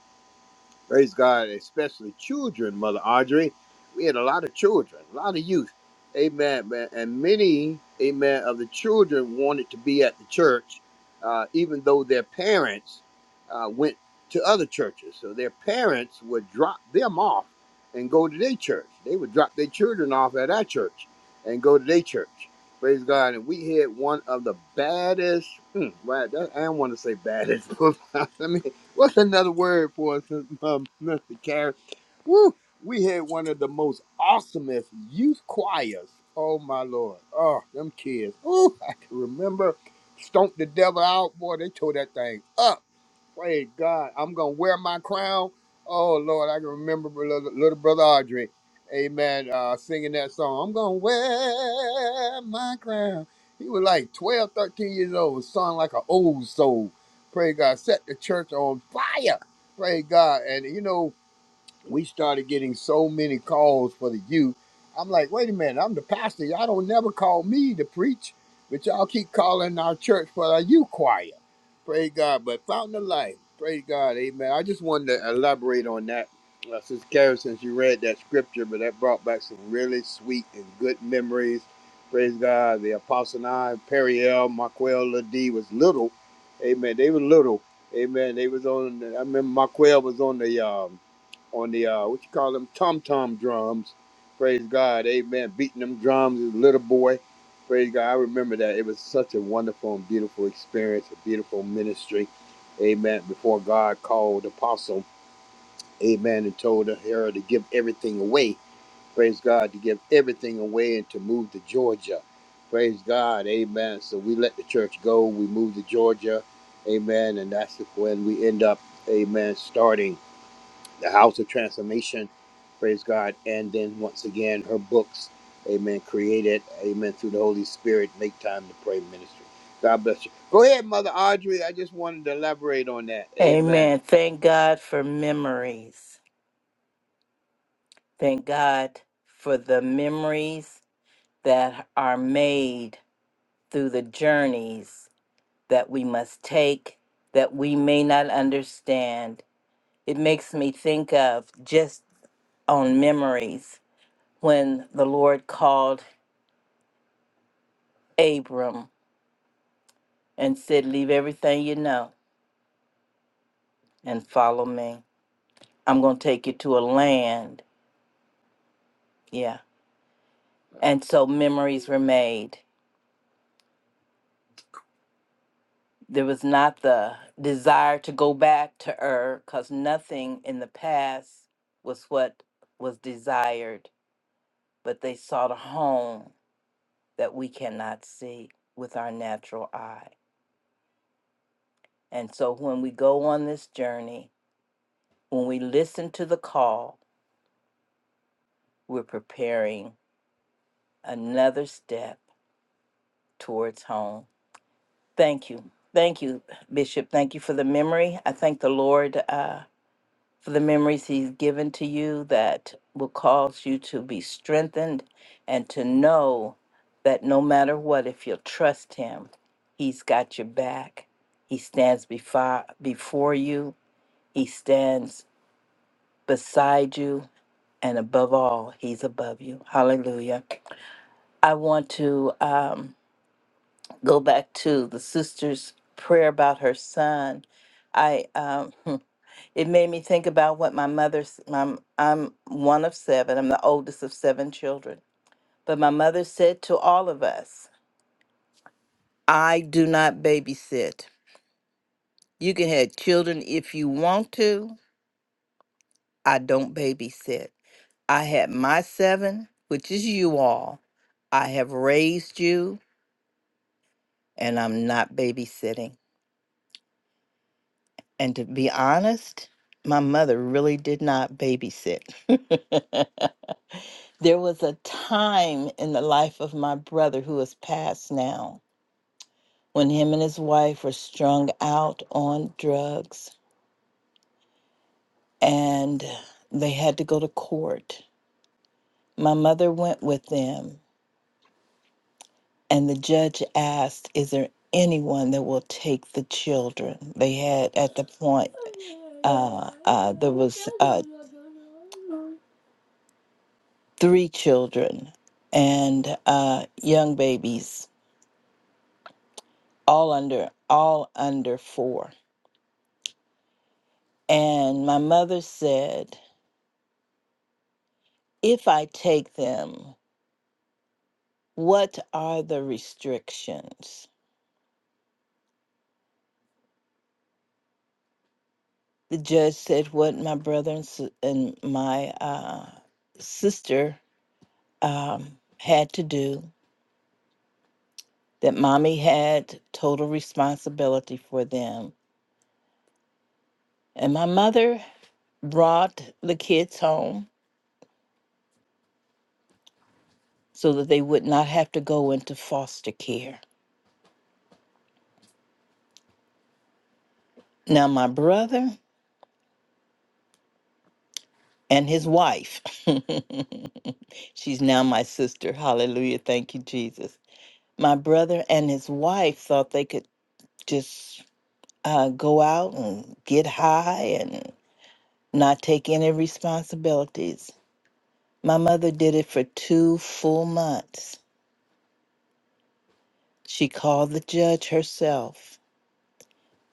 S10: Praise God, especially children, Mother Audrey. We had a lot of children, a lot of youth. Amen, man. And many, amen, of the children wanted to be at the church, uh, even though their parents uh, went to other churches. So their parents would drop them off and go to their church. They would drop their children off at our church and go to their church. Praise God. And we had one of the baddest, hmm, well, I don't want to say baddest. Let me. What's another word for us, um, Mr. Carey? Woo! We had one of the most awesomest youth choirs. Oh my lord! Oh, them kids! Ooh, I can remember Stomp the Devil Out. Boy, they tore that thing up. Praise God. I'm going to wear my crown. Oh, Lord, I can remember little, little brother Audrey, amen, uh, singing that song. I'm going to wear my crown. He was like 12, 13 years old, sung like an old soul. Praise God. Set the church on fire. Praise God. And, you know, we started getting so many calls for the youth. I'm like, wait a minute, I'm the pastor. Y'all don't never call me to preach, but y'all keep calling our church for our youth choir. Praise God. But Fountain of Life, praise God, amen. I just wanted to elaborate on that. Uh, Sister Karen, since you read that scripture, but that brought back some really sweet and good memories. Praise God. The Apostle and I, Periel, Marquel, Ladie was little. Amen. They were little. Amen. They was on, I remember Marquel was on the, um, on the uh, what you call them tom tom drums. Praise God, Amen. Beating them drums as a little boy. Praise God. I remember that. It was such a wonderful and beautiful experience, a beautiful ministry. Amen. Before God called Apostle, Amen, and told her to give everything away. Praise God, to give everything away and to move to Georgia. Praise God, Amen. So we let the church go. We moved to Georgia, Amen, and that's when we end up, Amen, starting the House of Transformation, praise God. And then once again, her books, amen, created, amen, through the Holy Spirit, Make Time to Pray Ministry. God bless you. Go ahead, Mother Audrey. I just wanted to elaborate on that. Amen.
S7: Amen. Thank God for memories. Thank God for the memories that are made through the journeys that we must take that we may not understand. It makes me think of just on memories when the Lord called Abram and said, Leave everything you know and follow me. I'm going to take you to a land. Yeah. And so memories were made. There was not the desire to go back to Ur because nothing in the past was what was desired, but they sought a home that we cannot see with our natural eye. And so when we go on this journey, when we listen to the call, we're preparing another step towards home. Thank you. Thank you, Bishop. Thank you for the memory. I thank the Lord uh, for the memories He's given to you that will cause you to be strengthened and to know that no matter what, if you'll trust Him, He's got your back. He stands before, before you He stands beside you, and above all, He's above you. Hallelujah. I want to um, go back to the sister's prayer about her son. I um, it made me think about what my mother's. My, I'm one of seven. I'm the oldest of seven children. But my mother said to all of us, "I do not babysit. You can have children if you want to, I don't babysit. I had my seven, which is you all. I have raised you, and I'm not babysitting. And to be honest, my mother really did not babysit. there was a time in the life of my brother who has passed now when him and his wife were strung out on drugs and they had to go to court. My mother went with them And the judge asked, Is there anyone that will take the children? They had at the point, uh, uh, there was uh, three children and uh, young babies, all under, all under four. And my mother said, If I take them, what are the restrictions? The judge said, What my brother and, s- and my uh, sister um, had to do, that mommy had total responsibility for them. And my mother brought the kids home so that they would not have to go into foster care. Now, my brother and his wife, she's now my sister. Hallelujah. Thank you, Jesus. My brother and his wife thought they could just uh, go out and get high and not take any responsibilities My mother did it for two full months. She called the judge herself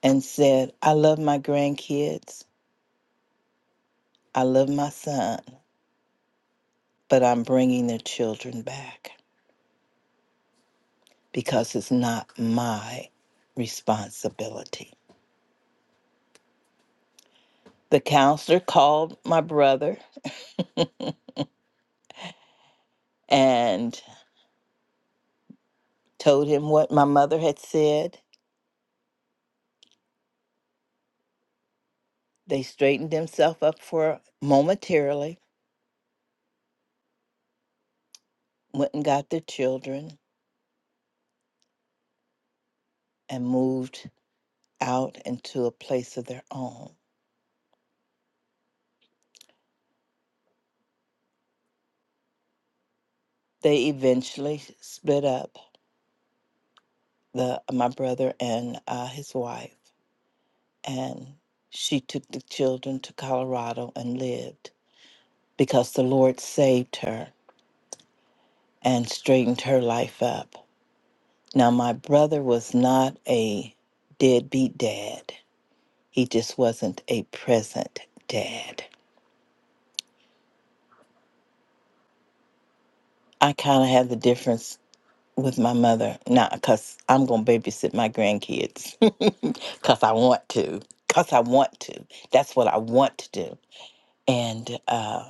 S7: and said, I love my grandkids. I love my son, but I'm bringing their children back because it's not my responsibility. The counselor called my brother and told him what my mother had said. They straightened themselves up for momentarily, went and got their children, and moved out into a place of their own. they eventually split up the my brother and uh, his wife and she took the children to colorado and lived because the lord saved her and straightened her life up now my brother was not a deadbeat dad he just wasn't a present dad i kind of had the difference with my mother. Not because I'm going to babysit my grandkids. Because I want to. Because I want to. That's what I want to do. And uh,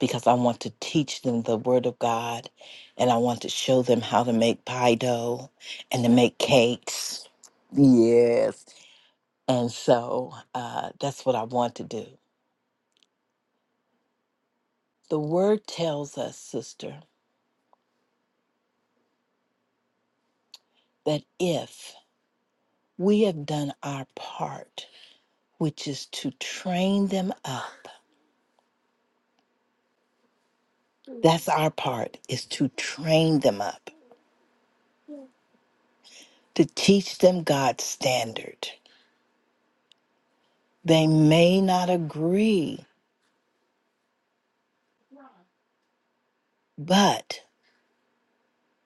S7: because I want to teach them the Word of God. And I want to show them how to make pie dough and to make cakes. Yes. And so uh, that's what I want to do. The Word tells us, sister, that if we have done our part, which is to train them up That's our part is to train them up, to teach them God's standard. They may not agree, but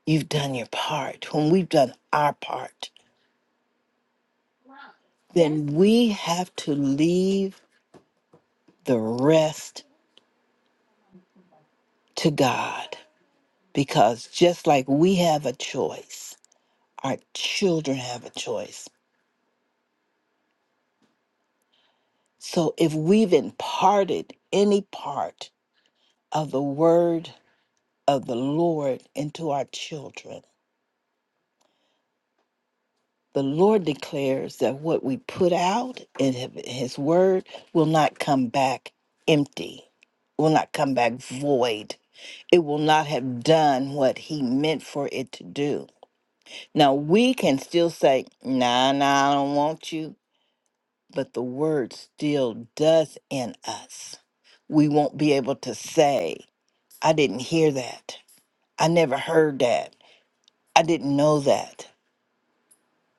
S7: you've done your part. When we've done our part, then we have to leave the rest to God because just like we have a choice, our children have a choice. So if we've imparted any part of the word of the Lord into our children, The Lord declares that what we put out in Hi- His word will not come back empty, will not come back void. It will not have done what He meant for it to do. Now, we can still say, nah, nah, I don't want you, but the word still does in us. We won't be able to say, I didn't hear that. I never heard that. I didn't know that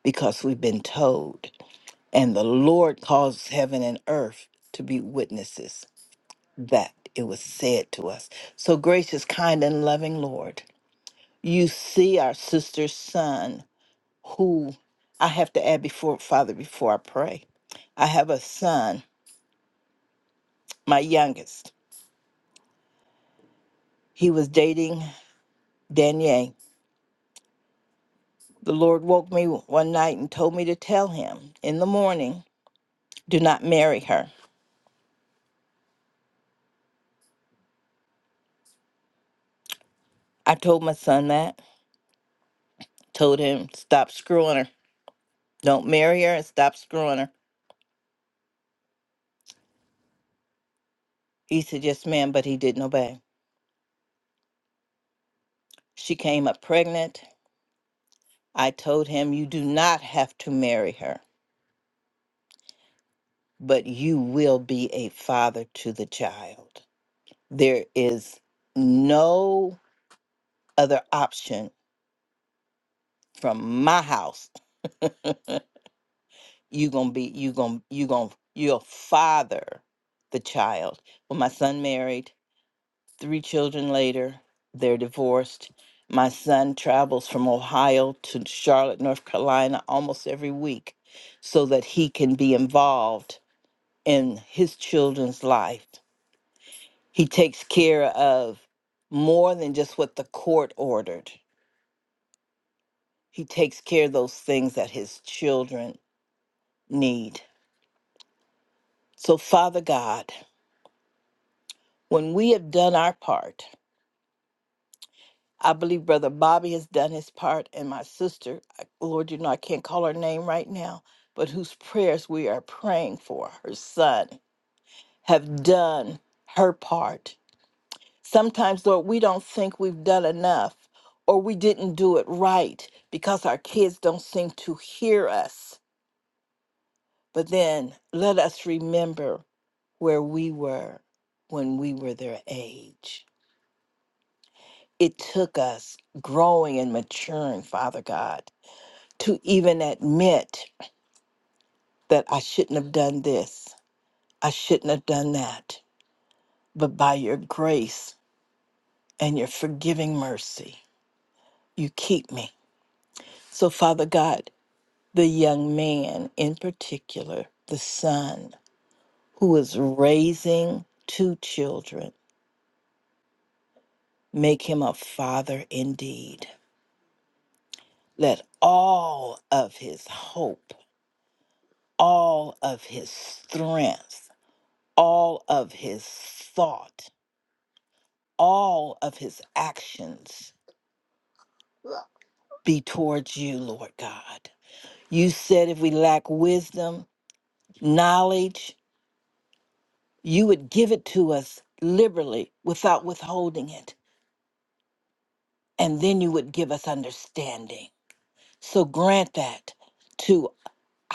S7: because we've been told. And the Lord caused heaven and earth to be witnesses that it was said to us. So, gracious, kind, and loving Lord, you see our sister's son, who I have to add before, Father, before I pray. I have a son, my youngest. He was dating Danielle. The Lord woke me one night and told me to tell him in the morning, do not marry her. I told my son that, told him, stop screwing her. Don't marry her and stop screwing her. He said, Yes, ma'am, but he didn't obey. She came up pregnant. I told him, You do not have to marry her, but you will be a father to the child. There is no other option from my house. you gonna be you gonna you gonna you'll father the child. Well, my son married. Three children later, they're divorced. My son travels from Ohio to Charlotte, North Carolina almost every week so that he can be involved in his children's life. He takes care of more than just what the court ordered, he takes care of those things that his children need. So, Father God, when we have done our part, I believe Brother Bobby has done his part, and my sister, I- Lord, you know, I can't call her name right now, but whose prayers we are praying for, her son, have done her part. Sometimes, Lord, we don't think we've done enough or we didn't do it right because our kids don't seem to hear us. But then let us remember where we were when we were their age. It took us growing and maturing, Father God to even admit that I shouldn't have done this, I shouldn't have done that. But by your grace and your forgiving mercy, you keep me. So, Father God, the young man in particular, the son who is raising two children, make him a father indeed. Let all of his hope, all of his strength, all of his thought all of his actions be towards you, Lord God. You said if we lack wisdom, knowledge, you would give it to us liberally without withholding it. And then you would give us understanding. So grant that to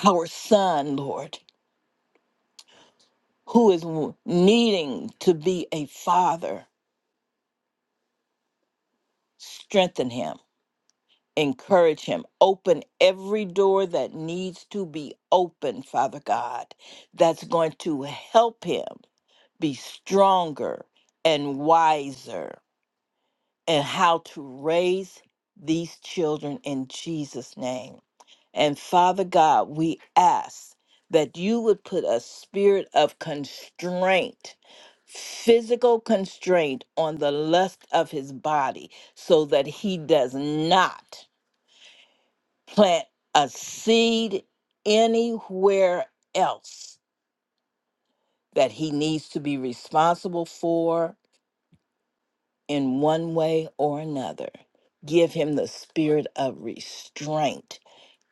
S7: our son, Lord, who is w- needing to be a father. Strengthen him encourage him. Open every door that needs to be opened, Father God, that's going to help him be stronger and wiser and how to raise these children in Jesus' name. And Father God, we ask that you would put a spirit of constraint, physical constraint on the lust of his body, so that he does not plant a seed anywhere else that he needs to be responsible for in one way or another. Give him the spirit of restraint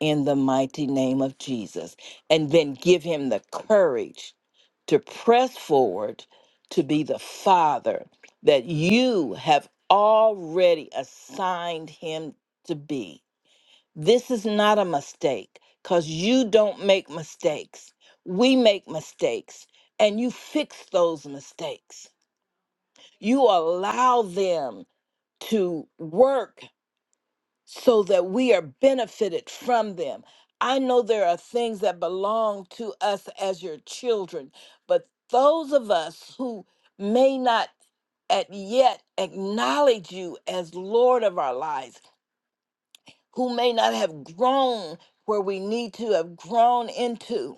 S7: in the mighty name of Jesus. And then give him the courage to press forward to be the father that you have already assigned him to be This is not a mistake because you don't make mistakes. We make mistakes and you fix those mistakes. You allow them to work so that we are benefited from them. I know there are things that belong to us as your children, but those of us who may not at yet acknowledge you as Lord of our lives who may not have grown where we need to have grown into.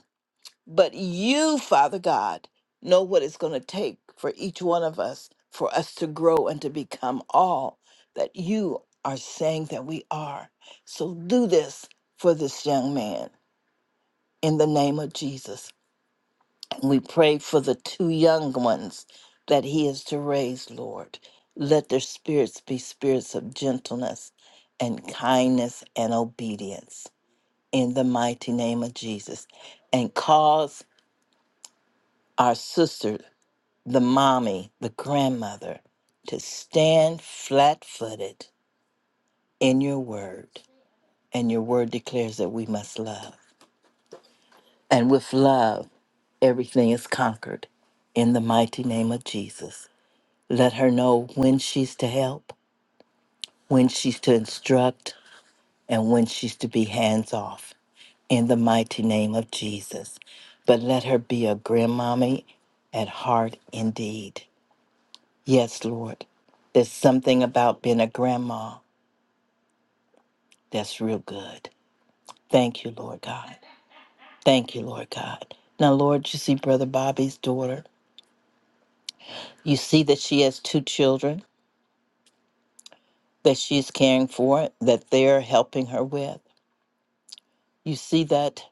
S7: But you, Father God, know what it's going to take for each one of us for us to grow and to become all that you are saying that we are. So do this for this young man in the name of Jesus. And we pray for the two young ones that he is to raise, Lord. Let their spirits be spirits of gentleness and kindness and obedience in the mighty name of Jesus and cause our sister, the mommy, the grandmother, to stand flat footed in your word. And your word declares that we must love. And with love, everything is conquered in the mighty name of Jesus. Let her know when she's to help, when she's to instruct, and when she's to be hands off in the mighty name of Jesus. But let her be a grandmommy at heart indeed. Yes, Lord. There's something about being a grandma that's real good. Thank you, Lord God. Thank you, Lord God. Now, Lord, you see Brother Bobby's daughter. You see that she has two children that she's caring for, that they're helping her with. You see that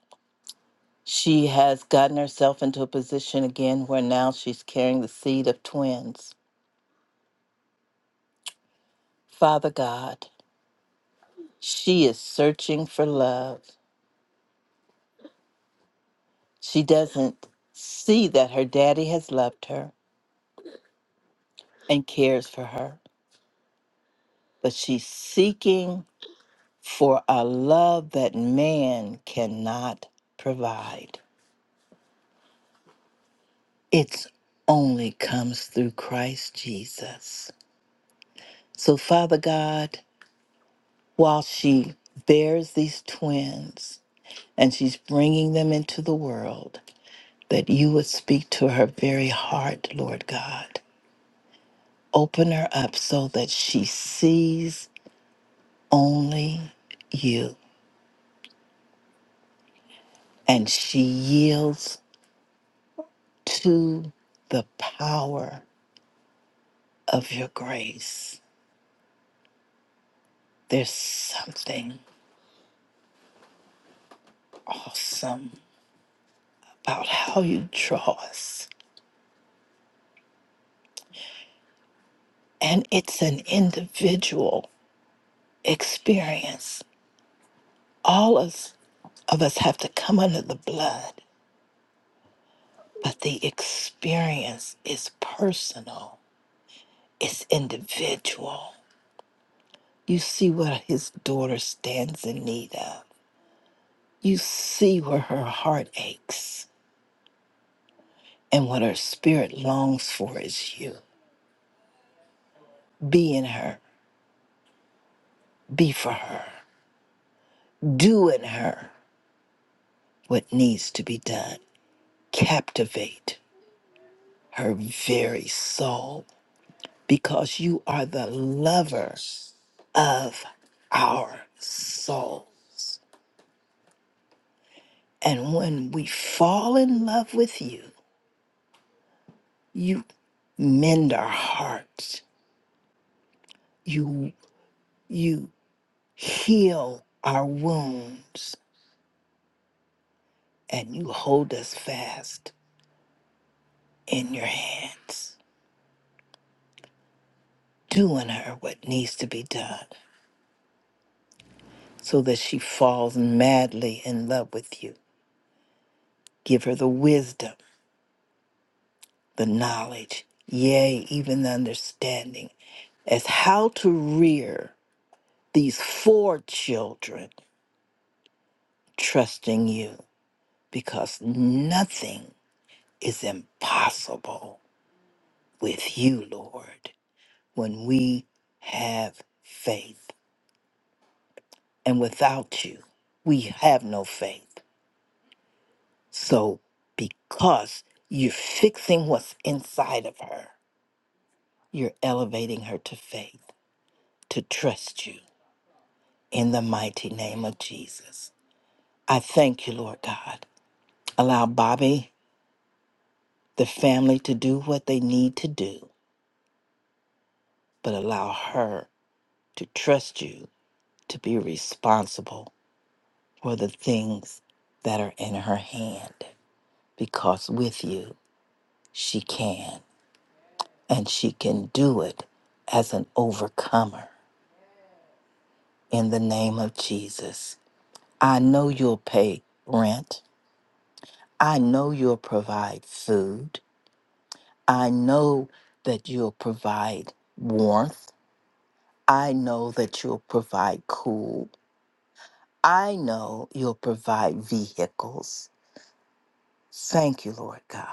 S7: she has gotten herself into a position again where now she's carrying the seed of twins. Father God, She is searching for love. She doesn't see that her daddy has loved her and cares for her, but she's seeking for a love that man cannot provide. It only comes through Christ Jesus. So, Father God, while she bears these twins and she's bringing them into the world, that you would speak to her very heart, Lord God Open her up so that she sees only you and she yields to the power of your grace. There's something awesome about how you draw us, and it's an individual experience. All us, of us have to come under the blood, but the experience is personal, it's individual. You see what his daughter stands in need of. You see where her heart aches and what her spirit longs for is you. Be in her, be for her, do in her what needs to be done. Captivate her very soul because you are the lover of our souls. And when we fall in love with you, you mend our hearts. You You heal our wounds and you hold us fast in your hands, doing her what needs to be done so that she falls madly in love with you. Give her the wisdom, the knowledge, yea, even the understanding as how to rear these four children, trusting you, because nothing is impossible with you, Lord. when we have faith. And without you, we have no faith. So, because you're fixing what's inside of her, you're elevating her to faith, to trust you in the mighty name of Jesus. I thank you, Lord God. Allow Bobby, the family, to do what they need to do, but allow her to trust you to be responsible for the things that are in her hand. because with you, she can, and she can do it as an overcomer in the name of Jesus. I know you'll pay rent. I know you'll provide food. I know that you'll provide warmth. I know that you'll provide cool. I know you'll provide vehicles. Thank you, Lord God.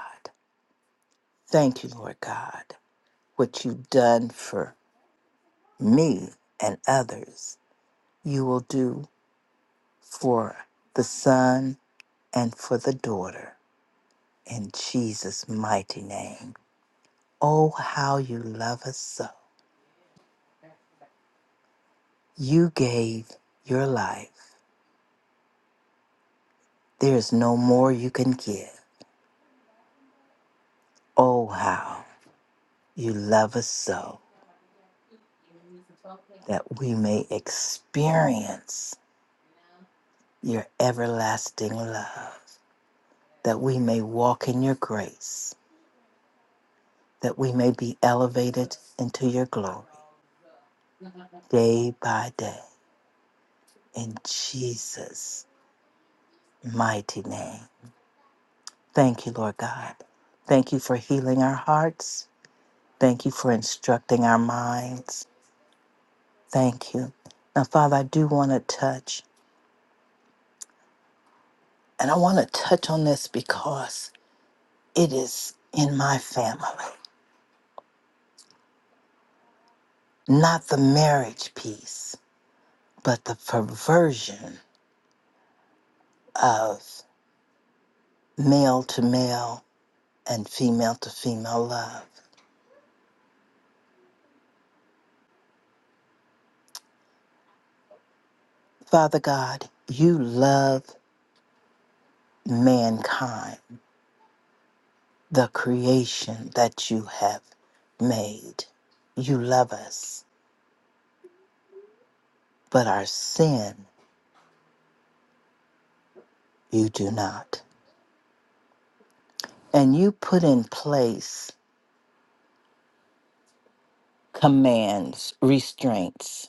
S7: Thank you, Lord God, what you've done for me and others you will do for the son and for the daughter in Jesus' mighty name. Oh, how you love us so. You gave your life. There is no more you can give. Oh, how you love us so that we may experience your everlasting love, that we may walk in your grace, that we may be elevated into your glory day by day. in Jesus' mighty name. Thank you, Lord God. Thank you for healing our hearts. Thank you for instructing our minds. Thank you. Now, Father, I do want to touch, and I want to touch on this because it is in my family, not the marriage piece, but the perversion of male to male and female to female love. Father God, you love mankind the creation that you have made. You love us, but our sin you do not. And you put in place commands, restraints.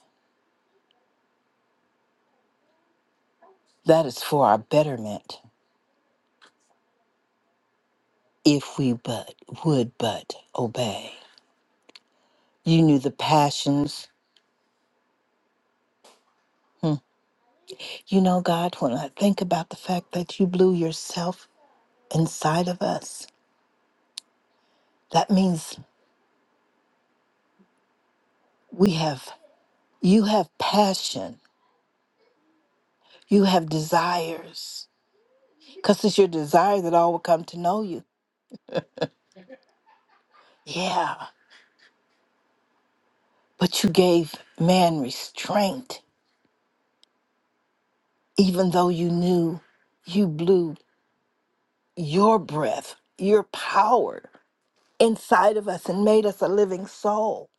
S7: That is for our betterment if we but would but obey. You knew the passions. Hmm. You know, God, when I think about the fact that you blew yourself inside of us, that means we have, you have passion, you have desires because it's your desire that all will come to know you. Yeah, but you gave man restraint, even though you knew you blew your breath, your power inside of us and made us a living soul.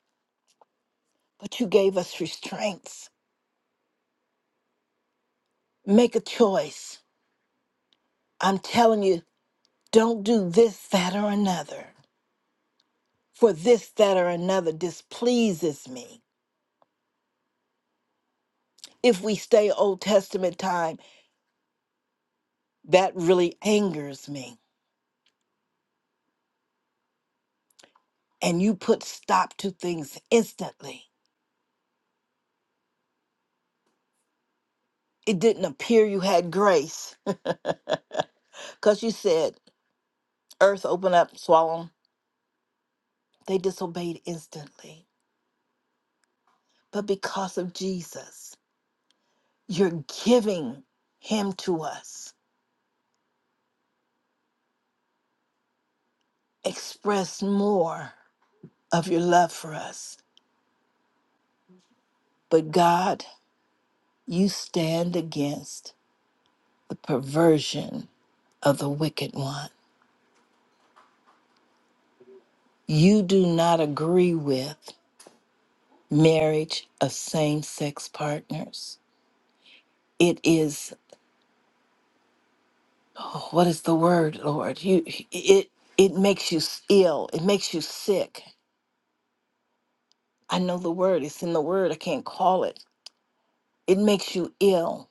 S7: But you gave us restraints. Make a choice. I'm telling you, don't do this, that, or another. For this, that, or another displeases me. If we stay Old Testament time, that really angers me and you put stop to things instantly. It didn't appear you had grace. Because you said, earth open up, swallow 'em." They disobeyed instantly. But because of Jesus, you're giving him to us. Express more of your love for us. But God, you stand against the perversion of the wicked one. You do not agree with marriage of same sex partners. It is oh, what is the word, Lord? You it it makes you ill. It makes you sick. I know the word. It's in the word. I can't call it. It makes you ill.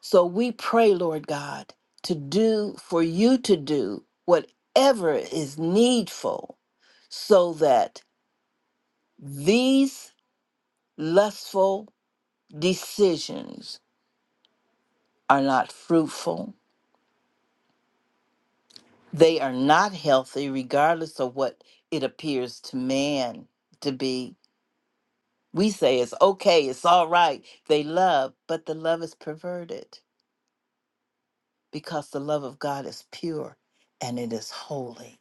S7: So we pray, Lord God, to do for you to do whatever is needful so that these lustful decisions are not fruitful They are not healthy, regardless of what it appears to man to be. We say it's okay, it's all right. They love, but the love is perverted because the love of God is pure and it is holy.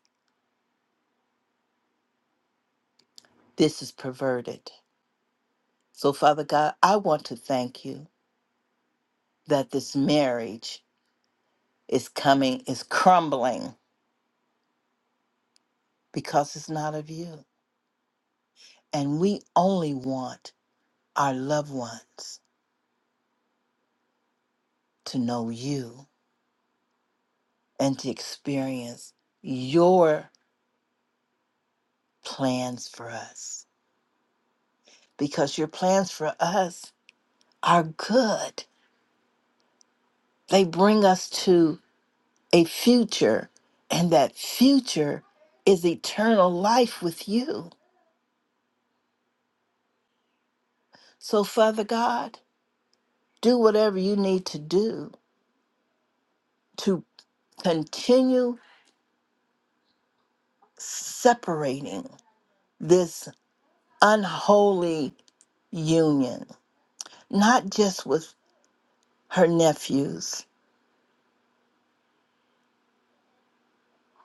S7: This is perverted. So, Father God, I want to thank you that this marriage is coming, is crumbling because it's not of you. And we only want our loved ones to know you and to experience your plans for us because your plans for us are good. They bring us to a future, and that future is eternal life with you. So, Father God, do whatever you need to do to continue separating this unholy union, not just with her nephews,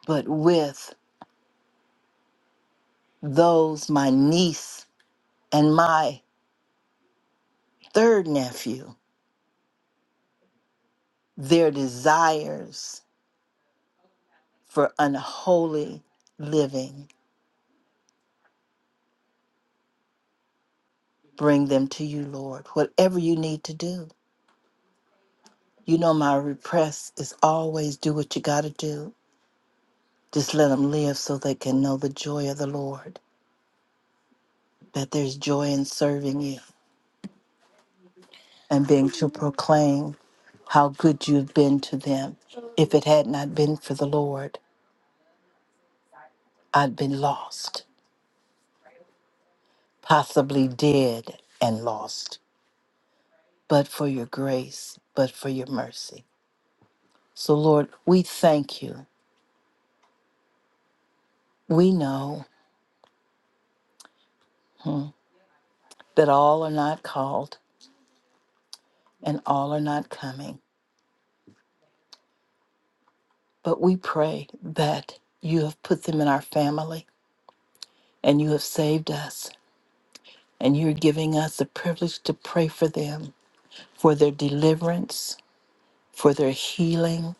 S7: but with those, my niece and my third nephew, their desires for unholy living. Bring them to you, Lord. Whatever you need to do. You know, my repress is always do what you got to do. Just let them live so they can know the joy of the Lord, that there's joy in serving you and being to proclaim how good you've been to them. If it had not been for the Lord, I'd been lost. possibly did and lost, but for your grace, but for your mercy. So, Lord, we thank you. We know hmm, that all are not called and all are not coming, but we pray that you have put them in our family and you have saved us and you're giving us the privilege to pray for them, for their deliverance, for their healing,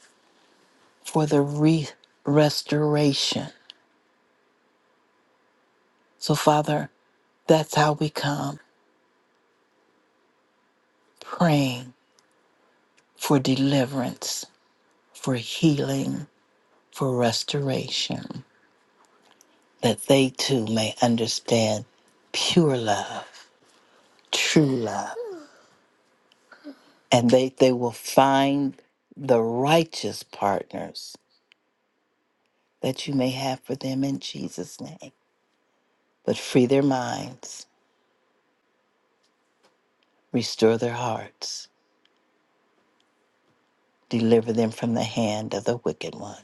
S7: for their re- restoration. So, Father, that's how we come. praying for deliverance, for healing, for restoration, that they too may understand pure love, true love, and they, they will find the righteous partners that you may have for them in Jesus' name. But free their minds, restore their hearts, deliver them from the hand of the wicked one.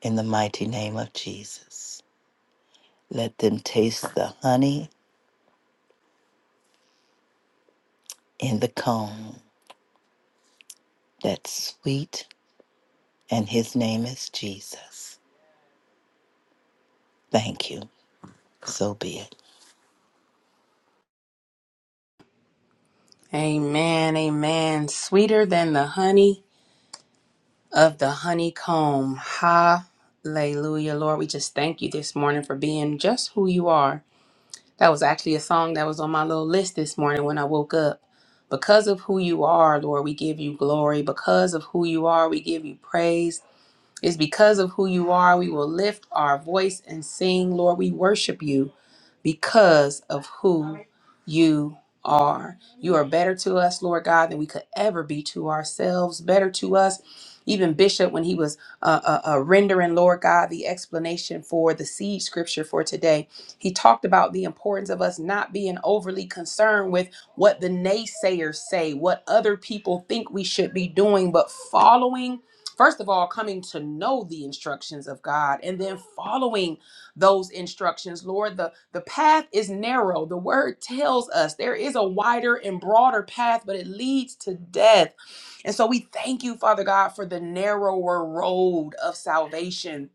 S7: In the mighty name of Jesus, let them taste the honey in the comb that's sweet, and his name is Jesus. Thank you. So be it.
S2: Amen, amen. Sweeter than the honey of the honeycomb. Hallelujah, Lord. We just thank you this morning for being just who you are. That was actually a song that was on my little list this morning when I woke up. Because of who you are, Lord, we give you glory. Because of who you are, we give you praise. It's because of who you are, we will lift our voice and sing, Lord, we worship you because of who you are. You are better to us, Lord God, than we could ever be to ourselves, better to us. Even Bishop, when he was uh, uh, uh, rendering, Lord God, the explanation for the seed scripture for today, he talked about the importance of us not being overly concerned with what the naysayers say, what other people think we should be doing, but following, first of all, coming to know the instructions of God and then following those instructions, Lord. The, the path is narrow. The word tells us there is a wider and broader path, but it leads to death. And so we thank you, Father God, for the narrower road of salvation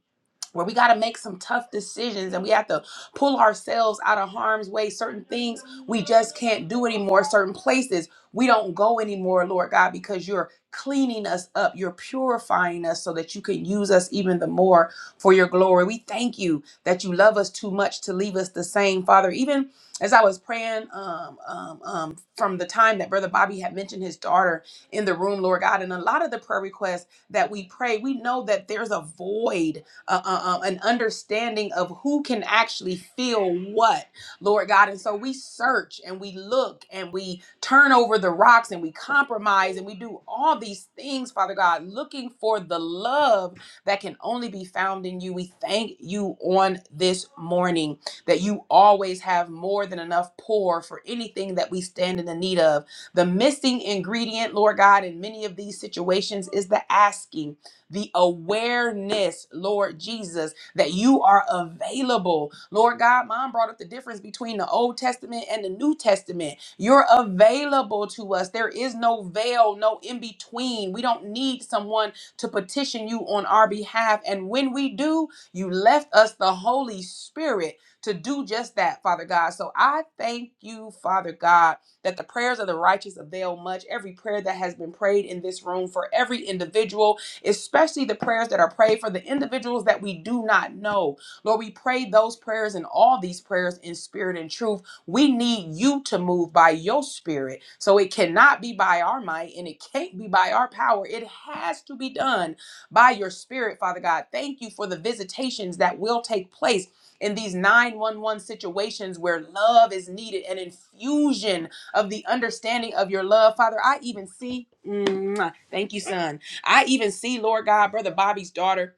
S2: where we got to make some tough decisions and we have to pull ourselves out of harm's way. Certain things we just can't do anymore. Certain places we don't go anymore, Lord God, because you're cleaning us up. You're purifying us so that you can use us even the more for your glory. We thank you that you love us too much to leave us the same, Father. Even as I was praying um, um, um, from the time that Brother Bobby had mentioned his daughter in the room, Lord God, and a lot of the prayer requests that we pray, we know that there's a void uh, uh, um, an understanding of who can actually feel what, Lord God. And so we search and we look and we turn over the rocks and we compromise and we do all these things, Father God, looking for the love that can only be found in you. We thank you on this morning that you always have more than enough pour for anything that we stand in the need of. The missing ingredient, Lord God, in many of these situations is the asking the awareness, Lord Jesus, that you are available. Lord God, mom brought up the difference between the Old Testament and the New Testament. You're available to us. There is no veil, no in between. We don't need someone to petition you on our behalf. And when we do, you left us the Holy Spirit to do just that, Father God. So I thank you, Father God, that the prayers of the righteous avail much. Every prayer that has been prayed in this room for every individual especially the prayers that are prayed for the individuals that we do not know. Lord, we pray those prayers and all these prayers in spirit and truth. We need you to move by your spirit. So it cannot be by our might and it can't be by our power. It has to be done by your spirit, Father God. Thank you for the visitations that will take place in these 911 situations where love is needed, an infusion of the understanding of your love. Father, I even see, Mwah. thank you, son. I even see, Lord God, Brother Bobby's daughter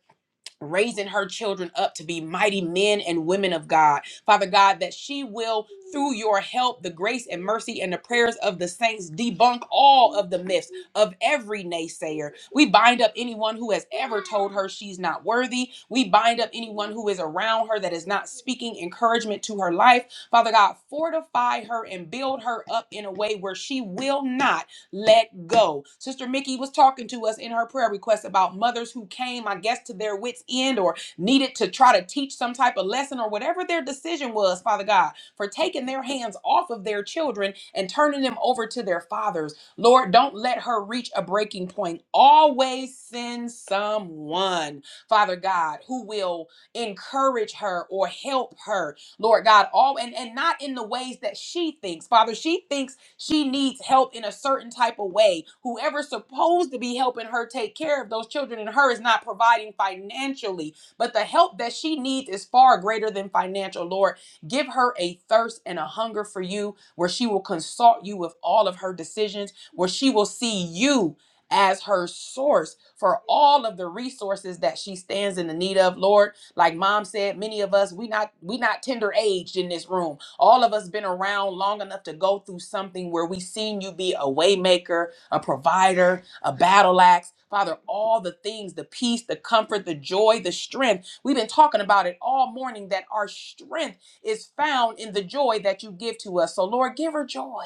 S2: raising her children up to be mighty men and women of God. Father God, that she will, through your help, the grace and mercy and the prayers of the saints, debunk all of the myths of every naysayer. We bind up anyone who has ever told her she's not worthy. We bind up anyone who is around her that is not speaking encouragement to her life. Father God, fortify her and build her up in a way where she will not let go. Sister Mickey was talking to us in her prayer request about mothers who came, I guess, to their wits' end or needed to try to teach some type of lesson or whatever their decision was, Father God, for taking their hands off of their children and turning them over to their fathers. Lord, don't let her reach a breaking point. Always send someone, Father God, who will encourage her or help her, Lord God, all and, and not in the ways that she thinks. Father, she thinks she needs help in a certain type of way. Whoever's supposed to be helping her take care of those children and her is not providing financially, but the help that she needs is far greater than financial. Lord, give her a thirst and a hunger for you where she will consult you with all of her decisions, where she will see you as her source for all of the resources that she stands in the need of lord like mom said many of us we not we not tender aged in this room all of us been around long enough to go through something where we seen you be a waymaker, a provider, a battle axe. Father, all the things, the peace, the comfort, the joy, the strength. We've been talking about it all morning that our strength is found in the joy that you give to us. So Lord, give her joy.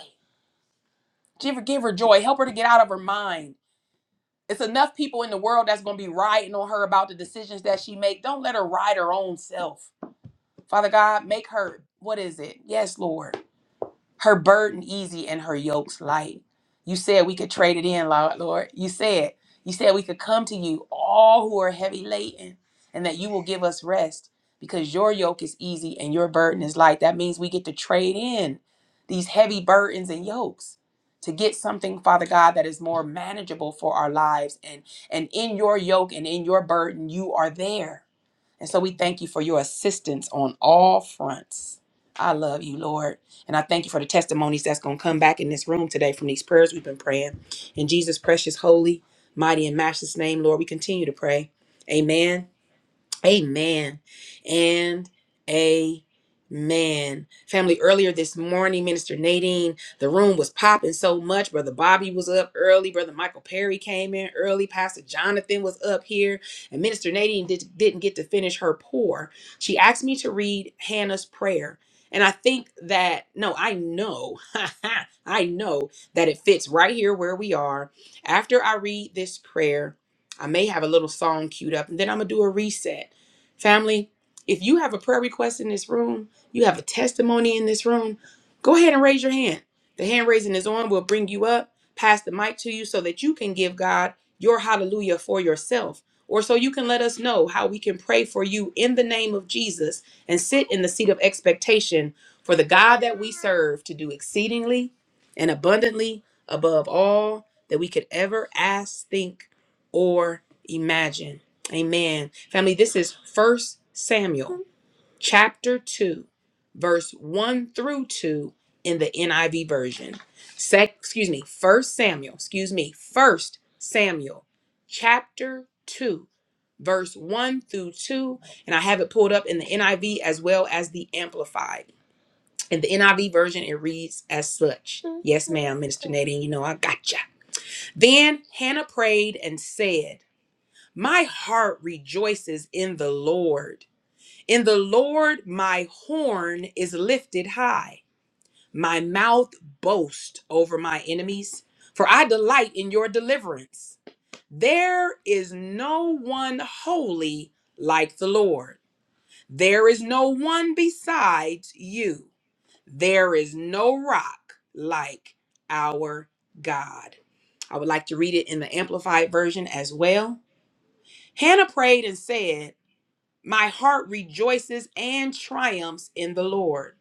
S2: Give her, give her joy. Help her to get out of her mind. It's enough people in the world that's going to be rioting on her about the decisions that she make. Don't let her ride her own self. Father God, make her what is it? Yes, Lord her burden easy and her yoke's light. You said we could trade it in, Lo- Lord. You said, you said we could come to you, all who are heavy laden, and that you will give us rest because your yoke is easy and your burden is light. That means we get to trade in these heavy burdens and yokes to get something, Father God, that is more manageable for our lives. And and in your yoke and in your burden, you are there. And so we thank you for your assistance on all fronts. I love you, Lord. And I thank you for the testimonies that's going to come back in this room today from these prayers we've been praying. In Jesus' precious, holy, mighty, and matchless name, Lord, we continue to pray. Amen. Amen and amen. Family, earlier this morning, Minister Nadine, the room was popping so much. Brother Bobby was up early. Brother Michael Perry came in early. Pastor Jonathan was up here. And Minister Nadine did, didn't get to finish her pour. She asked me to read Hannah's prayer. And I think that, no, I know, I know that it fits right here where we are. After I read this prayer, I may have a little song queued up, and then I'm going to do a reset Family, if you have a prayer request in this room, you have a testimony in this room, go ahead and raise your hand. The hand raising is on. We'll bring you up, pass the mic to you so that you can give God your hallelujah for yourself, or so you can let us know how we can pray for you in the name of Jesus and sit in the seat of expectation for the God that we serve to do exceedingly and abundantly above all that we could ever ask, think, or imagine. Amen. Family, this is First Samuel chapter 2, verse 1 through 2 in the NIV version. Sec, excuse me, First Samuel, excuse me, First Samuel chapter 2, verse 1 through 2. And I have it pulled up in the NIV as well as the Amplified. In the NIV version, it reads as such. Yes, ma'am, Minister Nadine, you know I gotcha. Then Hannah prayed and said, my heart rejoices in the Lord. In the Lord, my horn is lifted high. My mouth boasts over my enemies, for I delight in your deliverance. There is no one holy like the Lord. There is no one besides you. There is no rock like our God. I would like to read it in the Amplified Version as well. Hannah prayed and said, My heart rejoices and triumphs in the Lord.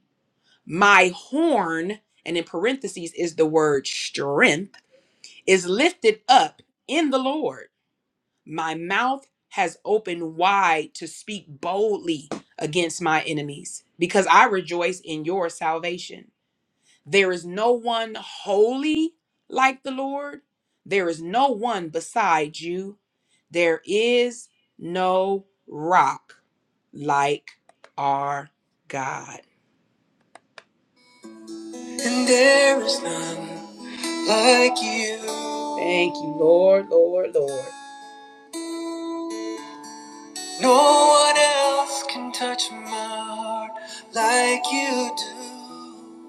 S2: My horn, and in parentheses is the word strength, is lifted up in the Lord. My mouth has opened wide to speak boldly against my enemies because I rejoice in your salvation. There is no one holy like the Lord. There is no one beside you. There is no rock like our God. Like you can touch my heart like you do.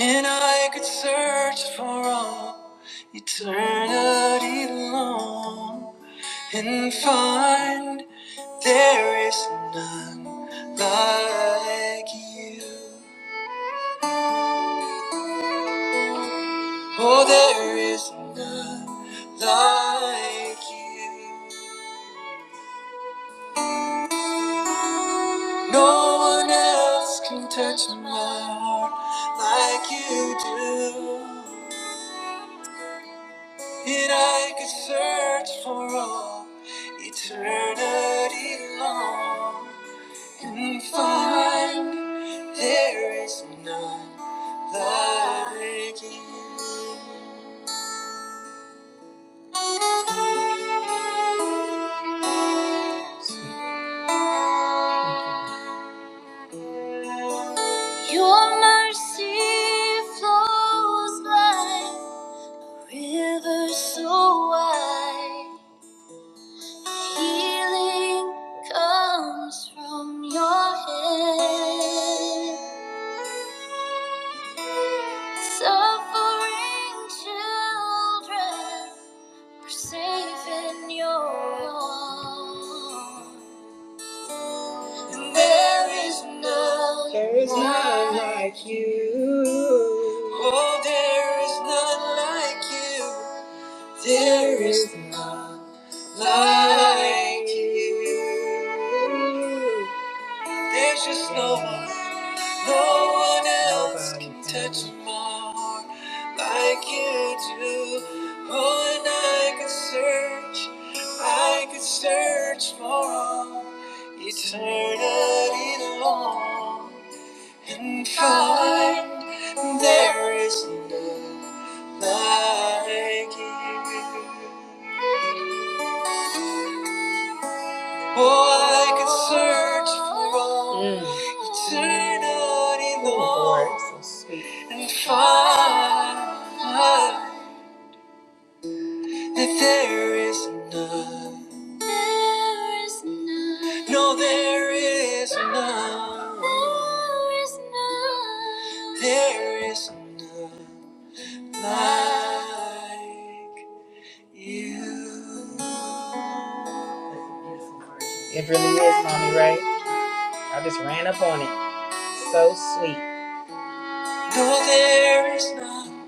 S2: And I could search for all eternity long and find. There is none like you. Oh, there is none like you. No one else can touch my heart like you do. And I could search for all eternity long. and find there is none like you. Your mercy flows like a river so wide. Healing comes from your head. And there is none. There is none like you. Oh, there is none like you. There is none like you. There's just no one, no one else can touch my heart like you do. Oh, and I could search, I could search for all eternity long and find there is none like you. Oh, I could search for all Mm. eternity, Lord, oh, Lord, so sweet. and find that there is none. No, there is none. There is none. There is none like you. It really is, mommy, right? I just ran up on it. So sweet. No, there is none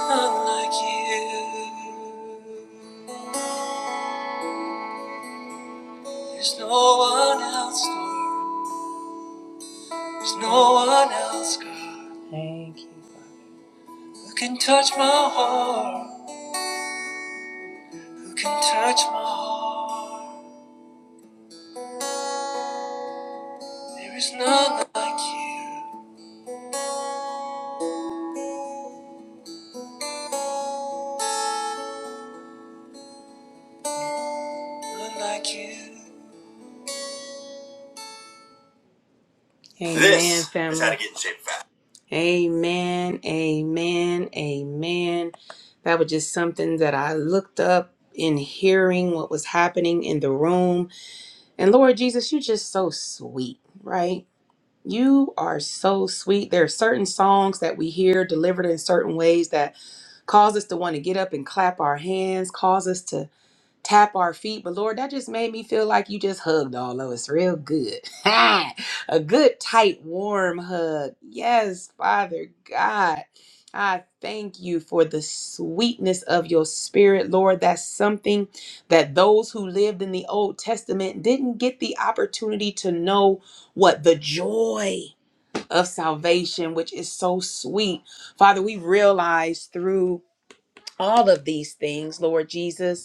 S2: like you. There's no one else, Lord. There's no one else, God. Thank you. Who can touch my heart? Who can touch my heart? There is none like you. None like you. Amen, This family. is family. Amen, amen, amen. That was just something that I looked up in hearing what was happening in the room. And Lord Jesus, you're just so sweet, right? You are so sweet. There are certain songs that we hear delivered in certain ways that cause us to want to get up and clap our hands, cause us to tap our feet. But Lord, that just made me feel like you just hugged all of us real good. A good, tight, warm hug. Yes, Father God. I thank you for the sweetness of your spirit, Lord. That's something that those who lived in the Old Testament didn't get the opportunity to know what the joy of salvation, which is so sweet. Father, we realize through all of these things, Lord Jesus,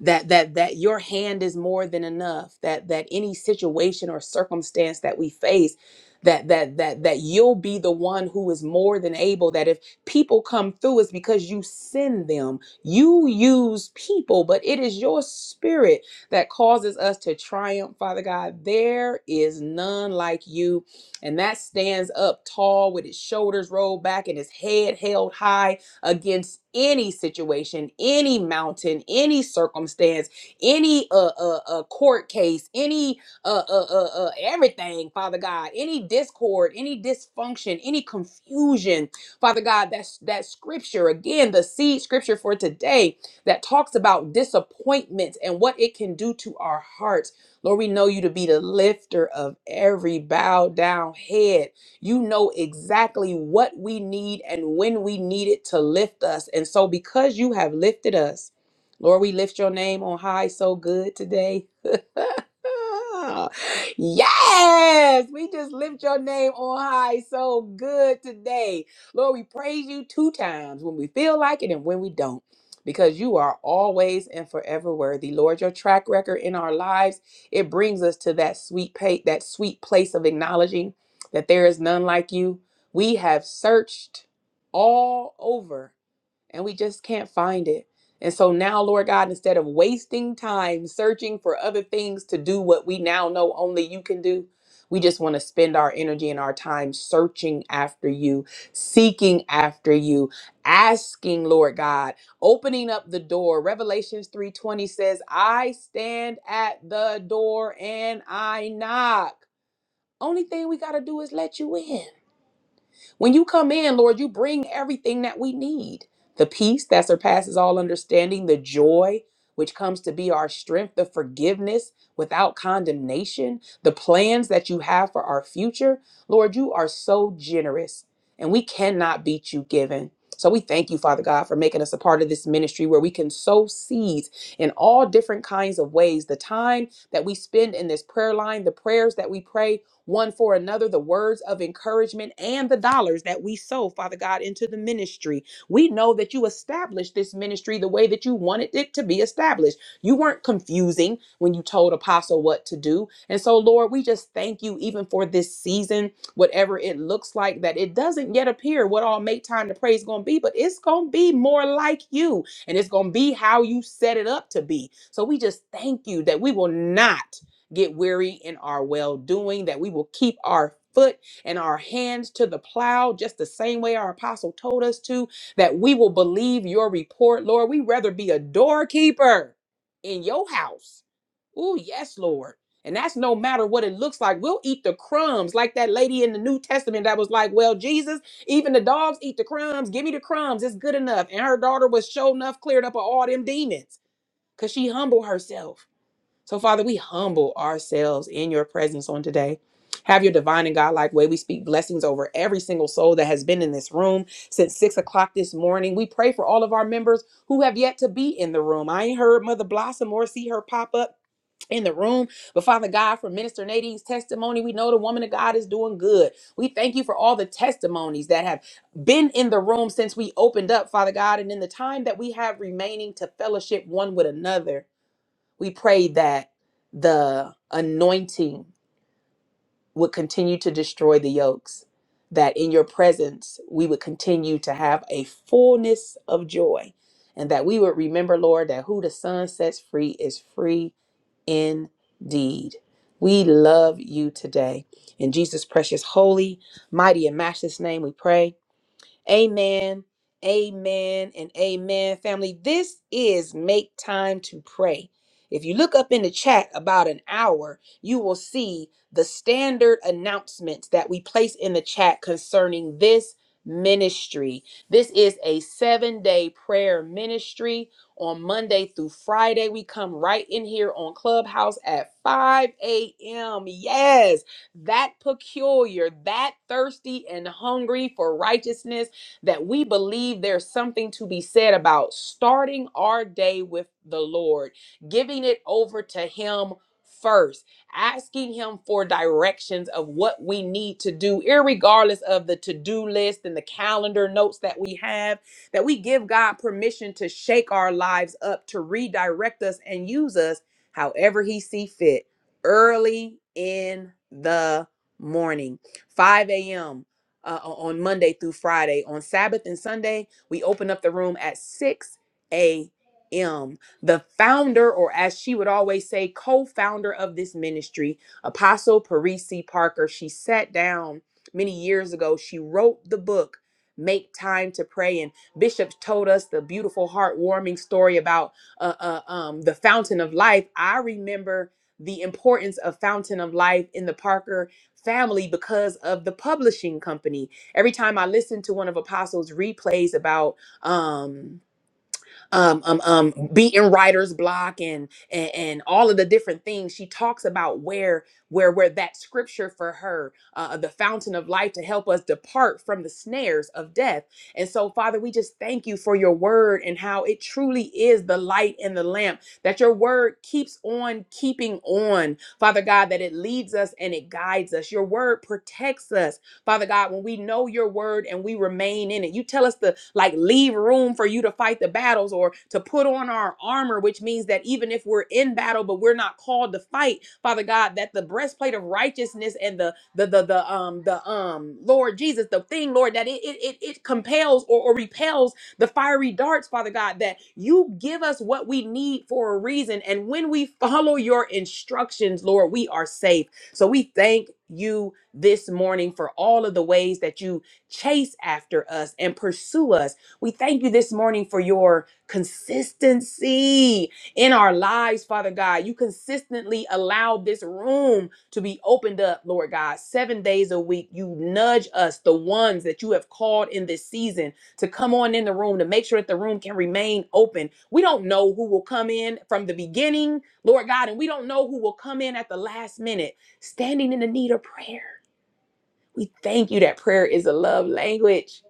S2: that that that your hand is more than enough that that any situation or circumstance that we face that that that that you'll be the one who is more than able that if people come through it's because you send them you use people but it is your spirit that causes us to triumph father god there is none like you and that stands up tall with his shoulders rolled back and his head held high against any situation, any mountain, any circumstance, any uh, uh, uh, court case, any uh, uh, uh, uh, everything, Father God, any discord, any dysfunction, any confusion, Father God. That's that scripture again, the seed scripture for today that talks about disappointments and what it can do to our hearts. Lord, we know you to be the lifter of every bowed down head. You know exactly what we need and when we need it to lift us. And so, because you have lifted us, Lord, we lift your name on high so good today. yes, we just lift your name on high so good today. Lord, we praise you two times when we feel like it and when we don't, because you are always and forever worthy. Lord, your track record in our lives, it brings us to that sweet pa- that sweet place of acknowledging that there is none like you. We have searched all over and we just can't find it. And so now, Lord God, instead of wasting time searching for other things to do what we now know only you can do, we just want to spend our energy and our time searching after you, seeking after you, asking, Lord God, opening up the door. Revelations 3:20 says, "I stand at the door and I knock." Only thing we got to do is let you in. When you come in, Lord, you bring everything that we need the peace that surpasses all understanding, the joy which comes to be our strength, the forgiveness without condemnation, the plans that you have for our future. Lord, you are so generous and we cannot beat you given. So we thank you, Father God, for making us a part of this ministry where we can sow seeds in all different kinds of ways. The time that we spend in this prayer line, the prayers that we pray, one for another, the words of encouragement and the dollars that we sow, Father God, into the ministry. We know that you established this ministry the way that you wanted it to be established. You weren't confusing when you told Apostle what to do. And so, Lord, we just thank you even for this season, whatever it looks like, that it doesn't yet appear what all make time to pray is going to be, but it's going to be more like you and it's going to be how you set it up to be. So we just thank you that we will not get weary in our well doing, that we will keep our foot and our hands to the plow, just the same way our apostle told us to, that we will believe your report, Lord. We'd rather be a doorkeeper in your house. Oh, yes, Lord. And that's no matter what it looks like. We'll eat the crumbs, like that lady in the New Testament that was like, Well, Jesus, even the dogs eat the crumbs. Give me the crumbs. It's good enough. And her daughter was sure enough cleared up of all them demons because she humbled herself. So, Father, we humble ourselves in your presence on today. Have your divine and godlike way. We speak blessings over every single soul that has been in this room since six o'clock this morning. We pray for all of our members who have yet to be in the room. I ain't heard Mother Blossom or see her pop up in the room. But Father God, for Minister Nadine's testimony, we know the woman of God is doing good. We thank you for all the testimonies that have been in the room since we opened up, Father God, and in the time that we have remaining to fellowship one with another. We pray that the anointing would continue to destroy the yokes, that in your presence we would continue to have a fullness of joy, and that we would remember, Lord, that who the Son sets free is free indeed. We love you today. In Jesus' precious, holy, mighty, and matchless name, we pray. Amen. Amen and amen, family. This is Make Time to Pray. If you look up in the chat about an hour, you will see the standard announcements that we place in the chat concerning this ministry. This is a seven day prayer ministry. On Monday through Friday, we come right in here on Clubhouse at 5 a.m. Yes, that peculiar, that thirsty and hungry for righteousness that we believe there's something to be said about starting our day with the Lord, giving it over to Him first, asking Him for directions of what we need to do, irregardless of the to do list and the calendar notes that we have, that we give God permission to shake our lives up, to redirect us and use us however He see fit early in the morning, 5 a.m uh, on Monday through Friday. On Sabbath and Sunday, we open up the room at 6 a.m. The founder, or as she would always say, co founder of this ministry, Apostle Parisi Parker, she sat down many years ago. She wrote the book. Make time to pray. And Bishop told us the beautiful, heartwarming story about uh, uh, um, the fountain of life. I remember the importance of fountain of life in the Parker family because of the publishing company. Every time I listen to one of Apostle's replays about, um, um, um, um, beating writer's block and, and and all of the different things. She talks about where where where that scripture for her, uh, the fountain of life, to help us depart from the snares of death. And so, Father, we just thank you for your word and how it truly is the light and the lamp. That your word keeps on keeping on, Father God. That it leads us and it guides us. Your word protects us Father God, when we know your word and we remain in it, you tell us to like leave room for you to fight the battles or to put on our armor, which means that even if we're in battle, but we're not called to fight, Father God, that the breastplate of righteousness and the the the, the um the um Lord Jesus, the thing, Lord, that it it it, it compels or, or repels the fiery darts, Father God, that you give us what we need for a reason. And when we follow your instructions, Lord, we are safe. So we thank you this morning for all of the ways that you chase after us and pursue us. We thank you this morning for your consistency in our lives, Father God. You consistently allow this room to be opened up, Lord God, seven days a week. You nudge us, the ones that you have called in this season, to come on in the room to make sure that the room can remain open. We don't know who will come in from the beginning, Lord God, and we don't know who will come in at the last minute standing in the need of prayer. We thank you that prayer is a love language.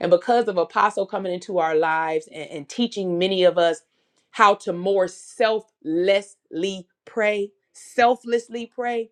S2: And because of Apostle coming into our lives and, and teaching many of us how to more selflessly pray, selflessly pray,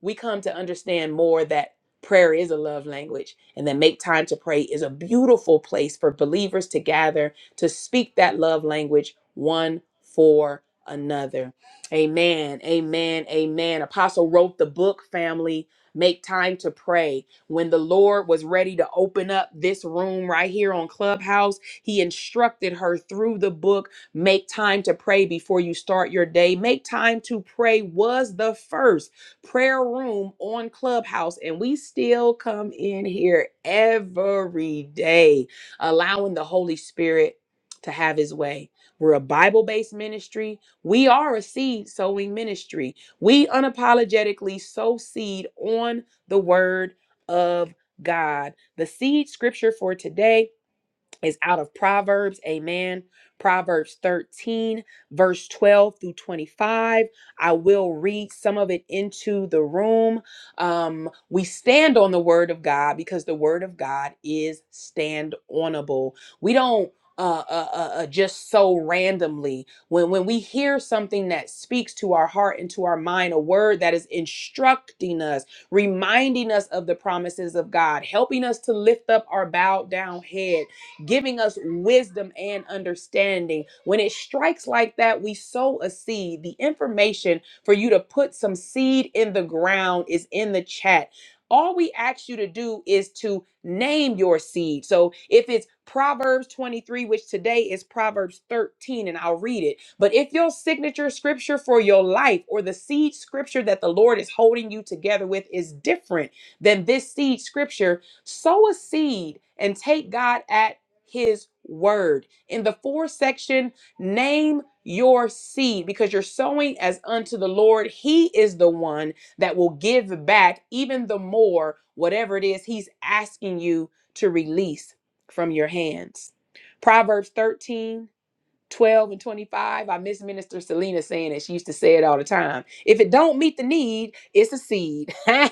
S2: we come to understand more that prayer is a love language and that make time to pray is a beautiful place for believers to gather to speak that love language one for another. Amen. Amen. Amen. Apostle wrote the book family Make time to pray. When the Lord was ready to open up this room right here on Clubhouse, He instructed her through the book Make time to pray before you start your day. Make time to pray was the first prayer room on Clubhouse, and we still come in here every day, allowing the Holy Spirit to have his way. We're a Bible based ministry. We are a seed sowing ministry. We unapologetically sow seed on the word of God. The seed scripture for today is out of Proverbs. Amen. Proverbs 13, verse 12 through 25. I will read some of it into the room. Um, we stand on the word of God because the word of God is stand onable. We don't. Uh, uh, uh, uh, just so randomly when when we hear something that speaks to our heart and to our mind a word that is instructing us reminding us of the promises of god helping us to lift up our bowed down head giving us wisdom and understanding. When it strikes like that, we sow a seed. The information for you to put some seed in the ground is in the chat. All we ask you to do is to name your seed. So if it's Proverbs 23, which today is Proverbs 13, and I'll read it. But if your signature scripture for your life or the seed scripture that the Lord is holding you together with is different than this seed scripture, sow a seed and take God at his word. In the fourth section, name your seed because you're sowing as unto the Lord. He is the one that will give back even the more, whatever it is he's asking you to release from your hands. Proverbs 13 12 and 25 i miss minister selena saying it she used to say it all the time if it don't meet the need it's a seed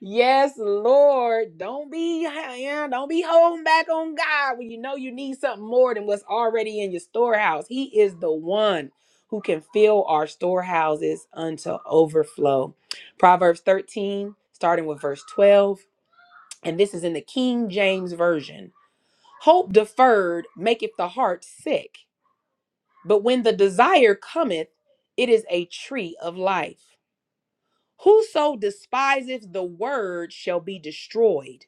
S2: yes lord don't be yeah, don't be holding back on god when you know you need something more than what's already in your storehouse he is the one who can fill our storehouses unto overflow proverbs 13 starting with verse 12 and this is in the king james version hope deferred maketh the heart sick but when the desire cometh, it is a tree of life. Whoso despiseth the word shall be destroyed,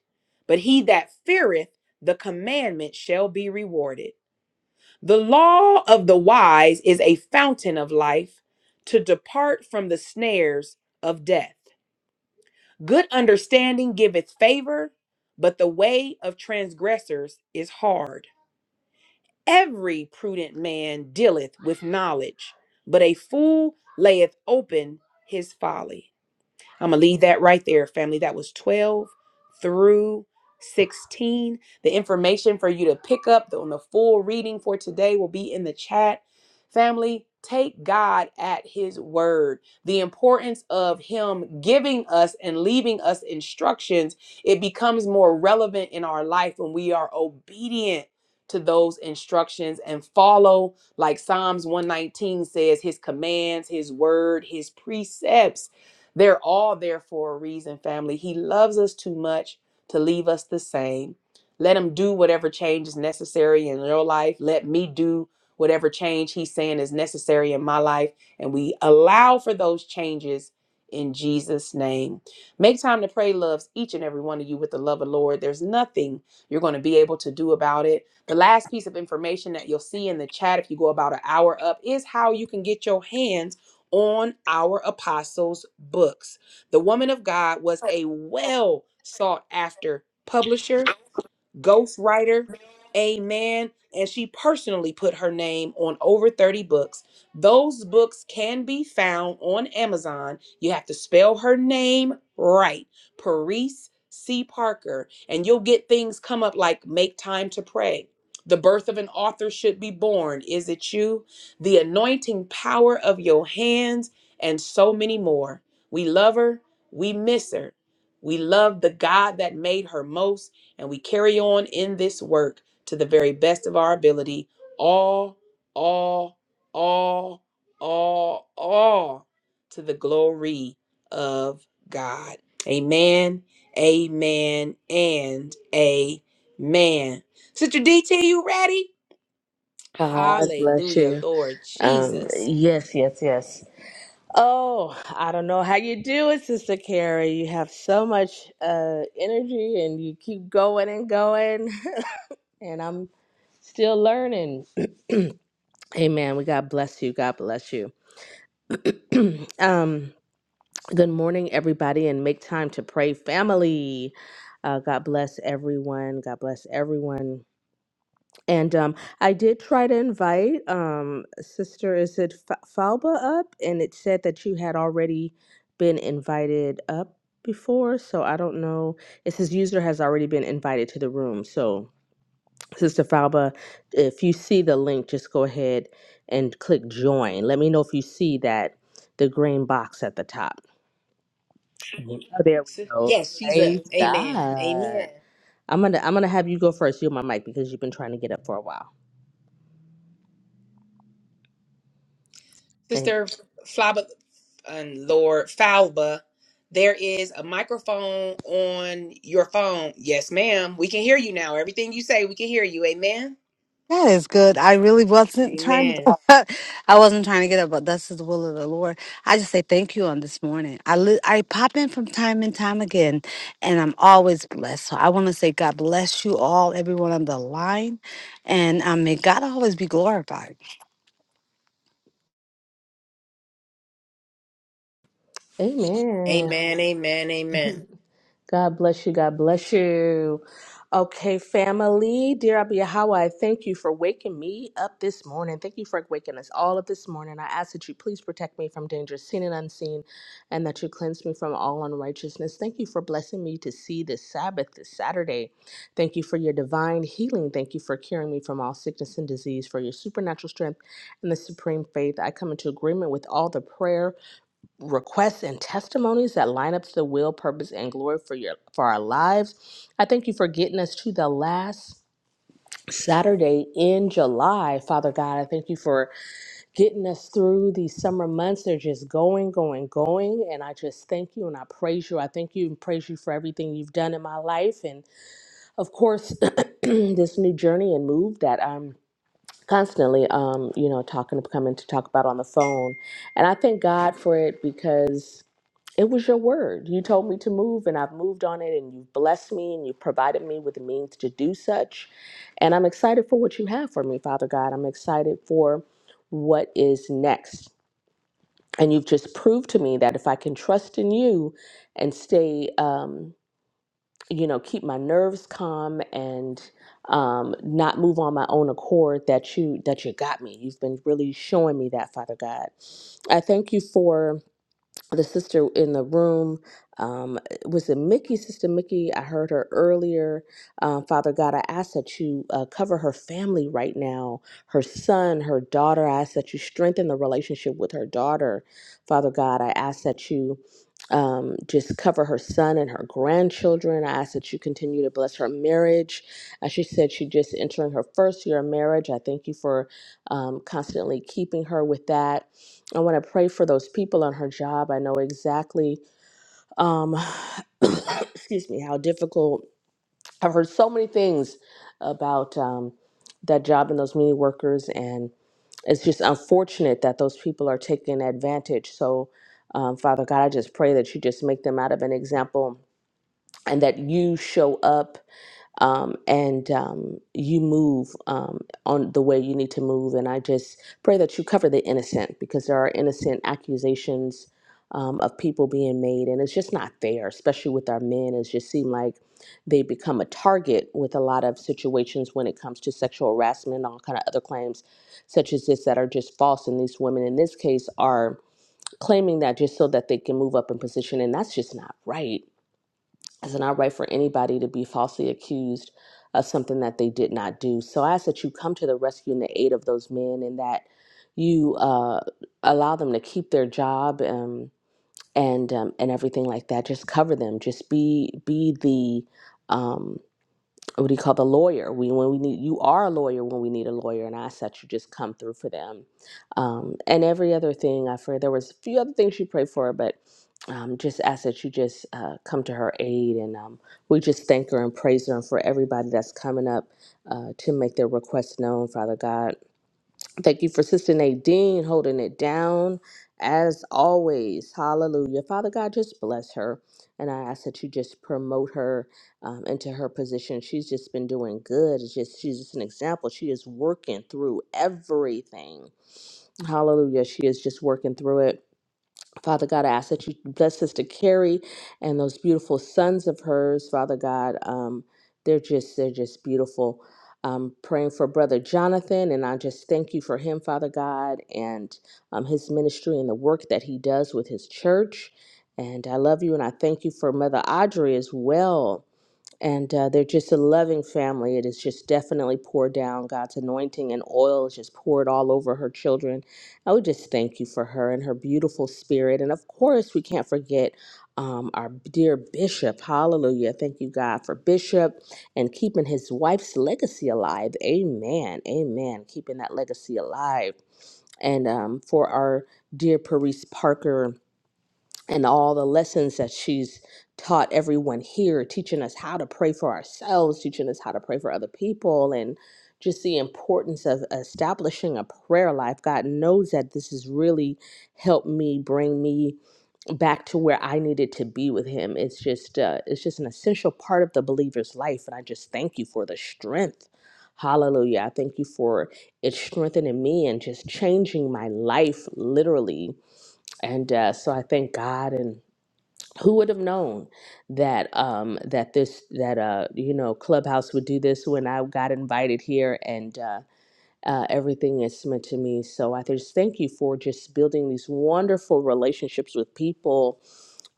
S2: but he that feareth the commandment shall be rewarded. The law of the wise is a fountain of life to depart from the snares of death. Good understanding giveth favor, but the way of transgressors is hard. Every prudent man dealeth with knowledge, but a fool layeth open his folly. I'm going to leave that right there, family. That was 12 through 16. The information for you to pick up on the full reading for today will be in the chat. Family, take God at His word. The importance of Him giving us and leaving us instructions, it becomes more relevant in our life when we are obedient to those instructions and follow, like Psalms 119 says, His commands, His word, His precepts they're all there for a reason, family. He loves us too much to leave us the same. Let him do whatever change is necessary in your life. Let me do whatever change he's saying is necessary in my life. And we allow for those changes in Jesus' name. Make time to pray loves each and every one of you with the love of the Lord. There's nothing you're going to be able to do about it. The last piece of information that you'll see in the chat if you go about an hour up is how you can get your hands on our apostles' books. The woman of God was a well sought after publisher ghostwriter. Amen. And she personally put her name on over 30 books. Those books can be found on Amazon. You have to spell her name right. Paris C. Parker. And you'll get things come up like Make Time to Pray. The birth of an author should be born. Is it you? The anointing power of your hands, and so many more. We love her. We miss her. We love the God that made her most and we carry on in this work to the very best of our ability, all, all, all, all, all to the glory of God. Amen, amen, and amen. Sister DT, you ready?
S11: God bless
S2: Hallelujah,
S11: you.
S2: Lord
S11: Um,
S2: Jesus.
S11: yes, yes, yes. Oh, I don't know how you do it, Sister Carrie. You have so much uh, energy and you keep going and going. And I'm still learning. Amen. We God bless you. God bless you. um, good morning, everybody, and make time to pray, family. Uh, God bless everyone. God bless everyone. And um, I did try to invite um, Sister, is it Fa- Falba up? And it said that you had already been invited up before. So I don't know. It says user has already been invited to the room. So, Sister Falba, if you see the link, just go ahead and click join. Let me know if you see that the green box at the top. What- Oh, there we
S2: Sis-
S11: go.
S2: Yes, she's up.
S11: Praise
S2: Amen,
S11: God.
S2: amen.
S11: I'm gonna I'm gonna have you go first. You You're my mic because you've been trying to get up for a while.
S2: Sister Flaba and Lord Falba, there is a microphone on your phone. Yes, ma'am. We can hear you now. Everything you say, we can hear you. Amen.
S12: That is good. I really wasn't trying
S2: Amen.
S12: to, I wasn't trying to get up, but this is the will of the Lord. I just say thank you on this morning. I li- I pop in from time and time again, and I'm always blessed. So I want to say God bless you all, everyone on the line, and um, may God always be glorified.
S11: Amen.
S2: Amen. Amen. Amen.
S11: God bless you. God bless you. Okay, family, dear Abba Yahweh, I thank you for waking me up this morning. Thank you for waking us all up this morning. I ask that you please protect me from danger seen and unseen, and that you cleanse me from all unrighteousness. Thank you for blessing me to see this Sabbath, this Saturday. Thank you for your divine healing. Thank you for curing me from all sickness and disease, for your supernatural strength and the supreme faith. I come into agreement with all the prayer requests and testimonies that line up to the will, purpose, and glory for your for our lives. I thank you for getting us to the last Saturday in July, Father God. I thank you for getting us through these summer months. They're just going, going, going. And I just thank you and I praise you. I thank you and praise you for everything you've done in my life. And of course, this new journey and move that I'm constantly um, you know, talking to coming to talk about on the phone. And I thank God for it because it was your word. You told me to move, and I've moved on it, and you've blessed me, and you've provided me with the means to do such. And I'm excited for what you have for me, Father God. I'm excited for what is next. And you've just proved to me that if I can trust in you and stay, um, you know, keep my nerves calm and um, not move on my own accord, that you that you got me. You've been really showing me that, Father God. I thank you for the sister in the room um, was it Mickey, Sister Mickey? I heard her earlier. Um, Father God, I ask that you uh, cover her family right now, her son, her daughter. I ask that you strengthen the relationship with her daughter. Father God, I ask that you um, just cover her son and her grandchildren. I ask that you continue to bless her marriage. As she said, she just entering her first year of marriage. I thank you for um, constantly keeping her with that. I want to pray for those people on her job. I know exactly, um, excuse me, how difficult. I've heard so many things about um, that job and those mini workers, and it's just unfortunate that those people are taken advantage. So, um, Father God, I just pray that you just make them out of an example and that you show up um, and um, you move um, on the way you need to move. And I just pray that you cover the innocent because there are innocent accusations um, of people being made, and it's just not fair, especially with our men. It just seems like they become a target with a lot of situations when it comes to sexual harassment and all kind of other claims, such as this, that are just false. And these women, in this case, are claiming that just so that they can move up in position, and that's just not right it's not right for anybody to be falsely accused of something that they did not do. So I ask that you come to the rescue and the aid of those men and that you uh, allow them to keep their job um, and um, and everything like that. Just cover them. Just be be the um, what do you call the lawyer? We when we need you are a lawyer when we need a lawyer, and I ask that you just come through for them, um, and every other thing I for there was a few other things she prayed for, but um, just ask that you just uh, come to her aid, and um, we just thank her and praise her and for everybody that's coming up uh, to make their requests known, Father God. Thank you for Sister Nadine holding it down as always. Hallelujah. Father God, just bless her. And I ask that you just promote her um, into her position. She's just been doing good. It's just she's just an example. She is working through everything. Hallelujah. She is just working through it. Father God, I ask that you bless Sister Carrie and those beautiful sons of hers. Father God, um, they're just they're just beautiful. Um, praying for Brother Jonathan, and I just thank you for him, Father God, and um, his ministry and the work that he does with his church. And I love you, and I thank you for Mother Audrey as well and uh, they're just a loving family. It is just definitely poured down. God's anointing and oil is just poured all over her children. I would just thank you for her and her beautiful spirit. And of course, we can't forget um, our dear Bishop. Hallelujah. Thank you, God, for Bishop and keeping his wife's legacy alive. Amen. Amen. Keeping that legacy alive. And um, for our dear Paris Parker and all the lessons that she's taught everyone here, teaching us how to pray for ourselves, teaching us how to pray for other people, and just the importance of establishing a prayer life. God knows that this has really helped me bring me back to where I needed to be with Him. It's just, uh, it's just an essential part of the believer's life, and I just thank you for the strength. Hallelujah. I thank you for it strengthening me and just changing my life literally and uh, so I thank God. And who would have known that um, that this that uh, you know Clubhouse would do this when I got invited here and. Uh, uh, everything is meant to me. So I just thank you for just building these wonderful relationships with people.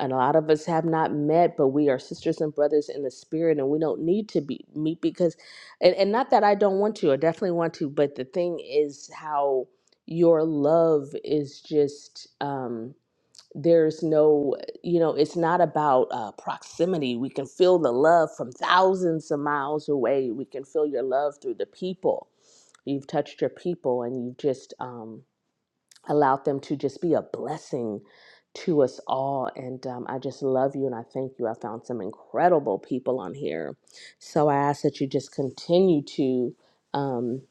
S11: And a lot of us have not met, but we are sisters and brothers in the spirit, and we don't need to be meet because, and, and not that I don't want to, I definitely want to, but the thing is how your love is just. Um, there's no you know it's not about uh, proximity we can feel the love from thousands of miles away we can feel your love through the people you've touched your people and you've just um, allowed them to just be a blessing to us all and um, i just love you and i thank you i found some incredible people on here so i ask that you just continue to Um,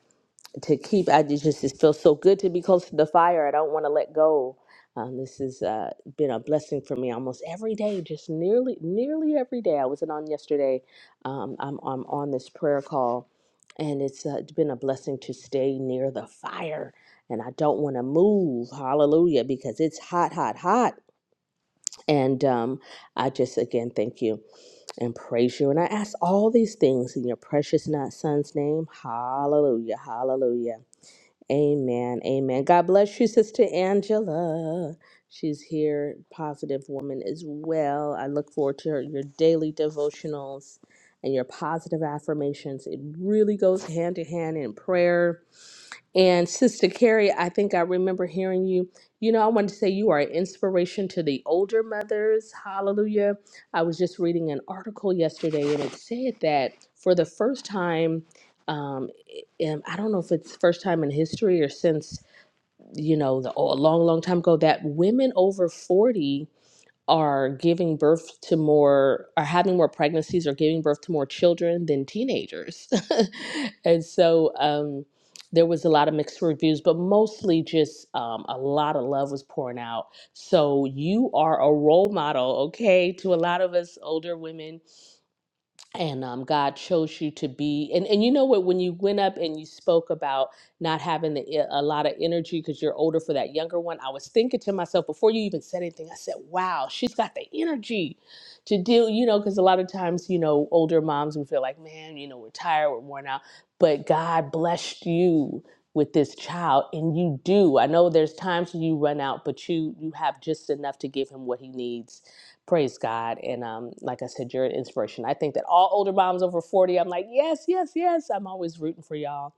S11: to keep. I just just it feels so good to be close to the fire. I don't want to let go. Um, this has uh, been a blessing for me almost every day, just nearly nearly every day. I wasn't on yesterday. Um, I'm I'm on this prayer call, and it's uh, been a blessing to stay near the fire. And I don't want to move, hallelujah, because it's hot, hot, hot. And um, I just again thank you and praise you. And I ask all these things in your precious not son's name, hallelujah, hallelujah. Amen. Amen. God bless you, Sister Angela. She's here, positive woman as well. I look forward to her, your daily devotionals and your positive affirmations. It really goes hand to hand in prayer and Sister Carrie, I think I remember hearing you. You know, I wanted to say you are an inspiration to the older mothers. Hallelujah. I was just reading an article yesterday and it said that for the first time, um, in, I don't know if it's first time in history or since, you know, the, a long, long time ago, that women over 40 are giving birth to more are having more pregnancies or giving birth to more children than teenagers and so um, there was a lot of mixed reviews but mostly just um, a lot of love was pouring out so you are a role model okay to a lot of us older women and um, God chose you to be. And and you know what? When you went up and you spoke about not having the, e- a lot of energy because you're older for that younger one, I was thinking to myself before you even said anything. I said, "Wow, she's got the energy to deal." You know, because a lot of times, you know, older moms we feel like, "Man, you know, we're tired, we're worn out." But God blessed you with this child, and you do. I know there's times when you run out, but you you have just enough to give him what he needs Praise God. And um, like I said, you're an inspiration. I think that all older moms over 40, I'm like, yes, yes, yes. I'm always rooting for y'all.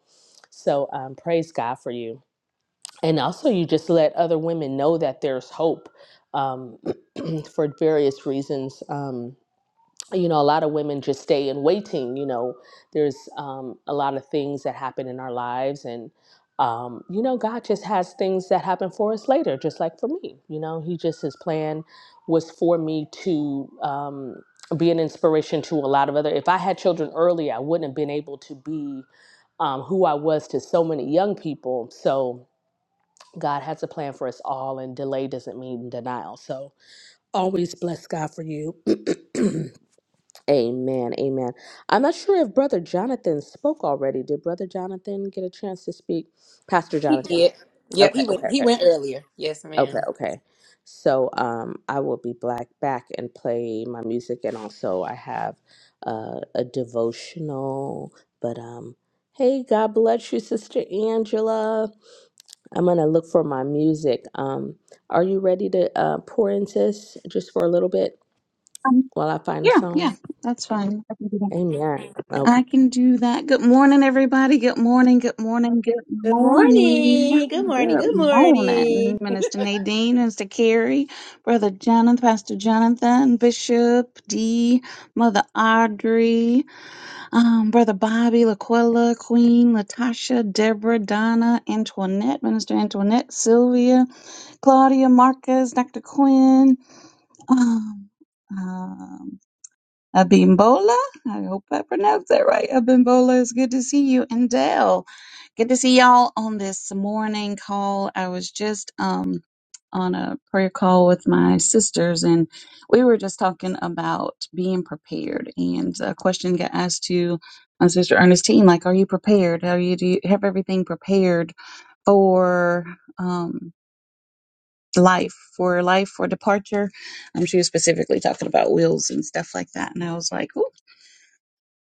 S11: So um, praise God for you. And also, you just let other women know that there's hope um, for various reasons. Um, you know, a lot of women just stay in waiting. You know, there's um, a lot of things that happen in our lives, and um, you know, God just has things that happen for us later, just like for me. You know, He just His plan was for me to um, be an inspiration to a lot of other. If I had children early, I wouldn't have been able to be um, who I was to so many young people. So. God has a plan for us all, and delay doesn't mean denial. So always bless God for you. Amen. Amen. I'm not sure if Brother Jonathan spoke already. Did Brother Jonathan get a chance to speak? Pastor
S2: He
S11: Jonathan.
S2: did. Yep,
S11: Okay,
S2: he went
S11: okay,
S2: he
S11: okay.
S2: went earlier. Yes,
S11: Okay,
S2: ma'am.
S11: okay. So um I will be black back and play my music and also I have uh, a devotional. But um hey, God bless you, Sister Angela. I'm gonna look for my music. Um are you ready to uh pour into this just for a little bit
S13: Um,
S11: while I find a
S13: yeah,
S11: song?
S13: yeah, that's fine. I can do that.
S11: Amen. Okay.
S13: I can do that. Good morning, everybody. Good morning. Good morning. Good
S2: Good
S13: morning.
S2: morning. Good morning.
S13: Good
S2: Good
S13: morning,
S2: morning.
S13: Minister Nadine, Minister Carrie, Brother Jonathan, Pastor Jonathan, Bishop D, Mother Audrey, um, Brother Bobby, Laquella, Queen, Latasha, Deborah, Donna, Antoinette, Minister Antoinette, Sylvia, Claudia, Marcus, Dr. Quinn. Um, um, Abimbola, I hope I pronounced that right. Abimbola, it's good to see you. And Dell, good to see y'all on this morning call. I was just um on a prayer call with my sisters, and we were just talking about being prepared. And a question got asked to my sister Ernestine, like, "Are you prepared? Are you do you have everything prepared for um life, for life, for departure?" Um, she was specifically talking about wills and stuff like that, and I was like, "Ooh."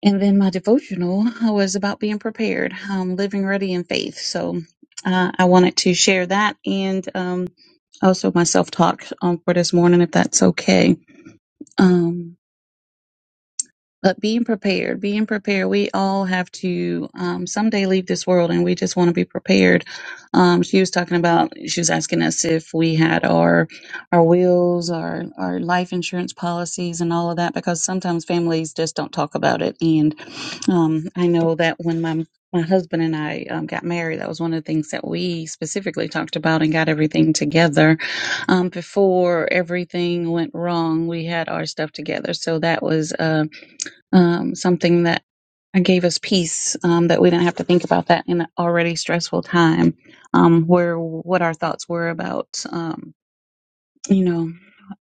S13: And then my devotional was about being prepared, um, living ready in faith. So uh, I wanted to share that and um, also my self talk um, for this morning, if that's okay. Um, but being prepared, being prepared, we all have to um, someday leave this world and we just want to be prepared. Um, she was talking about, she was asking us if we had our our wills, our, our life insurance policies, and all of that, because sometimes families just don't talk about it. And um, I know that when my my husband and I um, got married. That was one of the things that we specifically talked about and got everything together. Um, before everything went wrong, we had our stuff together. So that was. Um, um, something that gave us peace um, that we didn't have to think about that in an already stressful time um, where what our thoughts were about um, you know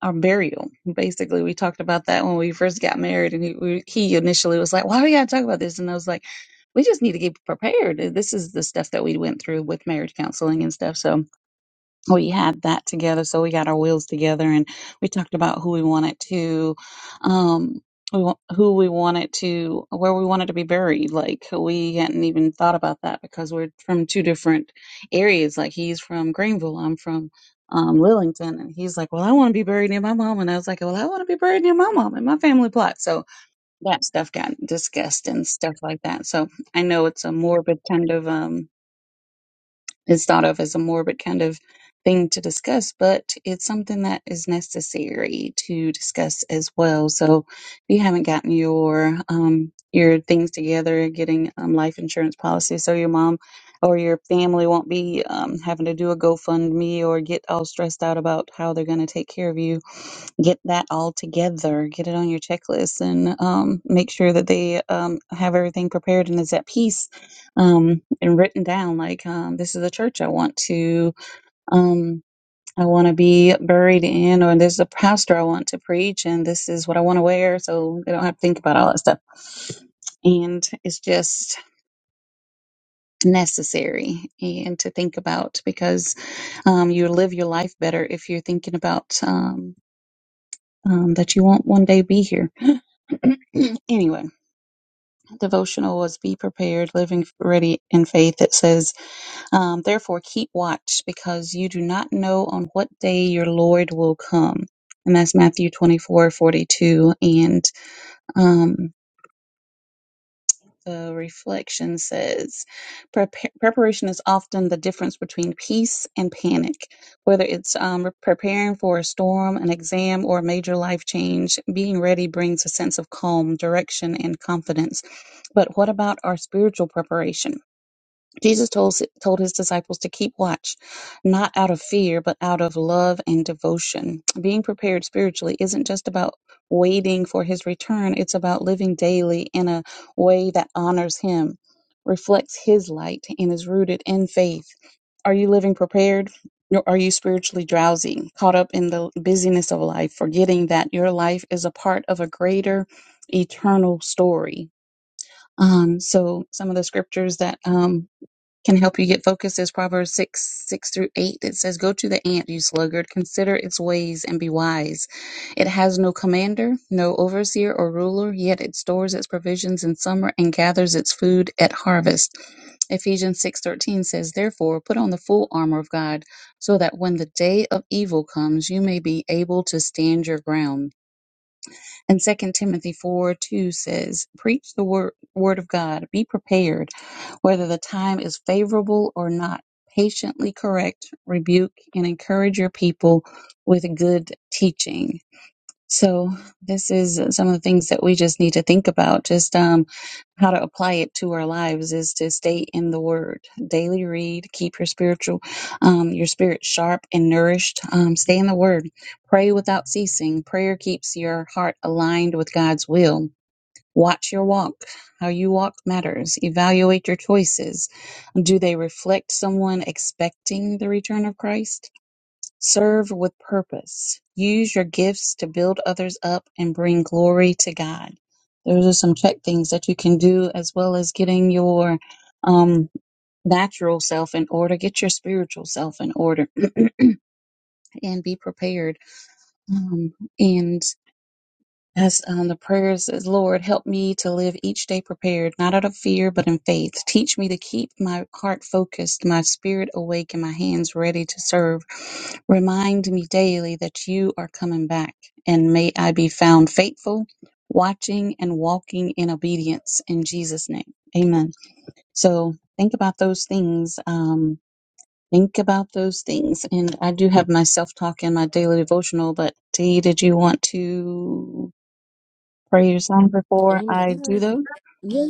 S13: our burial basically we talked about that when we first got married and he, we, he initially was like why do we gotta talk about this and i was like we just need to get prepared this is the stuff that we went through with marriage counseling and stuff so we had that together so we got our wheels together and we talked about who we wanted to um we wa- who we wanted to where we wanted to be buried like we hadn't even thought about that because we're from two different areas like he's from greenville i'm from um, lillington and he's like well i want to be buried near my mom and i was like well i want to be buried near my mom and my family plot so that stuff got discussed and stuff like that so i know it's a morbid kind of um it's thought of as a morbid kind of thing to discuss, but it's something that is necessary to discuss as well. So if you haven't gotten your um, your things together, getting um, life insurance policy, so your mom or your family won't be um, having to do a GoFundMe or get all stressed out about how they're going to take care of you. Get that all together, get it on your checklist, and um, make sure that they um, have everything prepared and is at peace um, and written down like um, this is the church I want to um, I want to be buried in, or this is a pastor I want to preach, and this is what I want to wear, so they don't have to think about all that stuff. And it's just necessary and to think about because um, you live your life better if you're thinking about um, um, that you won't one day be here. anyway, devotional was be prepared, living ready in faith. It says Um, therefore, keep watch, because you do not know on what day your Lord will come. And that's Matthew twenty-four forty-two. And um, the reflection says "Prepa- preparation is often the difference between peace and panic. Whether it's um, preparing for a storm, an exam, or a major life change, being ready brings a sense of calm, direction, and confidence. But what about our spiritual preparation? Jesus told, told his disciples to keep watch, not out of fear, but out of love and devotion. Being prepared spiritually isn't just about waiting for his return, it's about living daily in a way that honors him, reflects his light, and is rooted in faith. Are you living prepared? Or are you spiritually drowsy, caught up in the busyness of life, forgetting that your life is a part of a greater eternal story? Um, so, some of the scriptures that um, can help you get focused is Proverbs 6, 6 through 8. It says, Go to the ant, you sluggard, consider its ways and be wise. It has no commander, no overseer or ruler, yet it stores its provisions in summer and gathers its food at harvest. Ephesians 6:13 says, Therefore, put on the full armor of God, so that when the day of evil comes, you may be able to stand your ground. And Second Timothy 4 2 says, Preach the word, word of God, be prepared, whether the time is favorable or not. Patiently correct, rebuke, and encourage your people with good teaching. So, this is uh, some of the things that we just need to think about. Just um, how to apply it to our lives is to stay in the word daily read keep your spiritual um, your spirit sharp and nourished um, stay in the word pray without ceasing prayer keeps your heart aligned with god's will watch your walk how you walk matters evaluate your choices do they reflect someone expecting the return of christ Serve with purpose. Use your gifts to build others up and bring glory to God. Those are some check things that you can do as well as getting your um, natural self in order. Get your spiritual self in order and be prepared. Um, and as um, the prayer says, Lord, help me to live each day prepared, not out of fear, but in faith. Teach me to keep my heart focused, my spirit awake, and my hands ready to serve. Remind me daily that you are coming back, and may I be found faithful, watching, and walking in obedience in Jesus' name. Amen. So think about those things. Um, think about those things. And I do have my self talk in my daily devotional, but Dee, did you want to? prayers on before
S11: Amen.
S13: I do those.
S11: Yeah,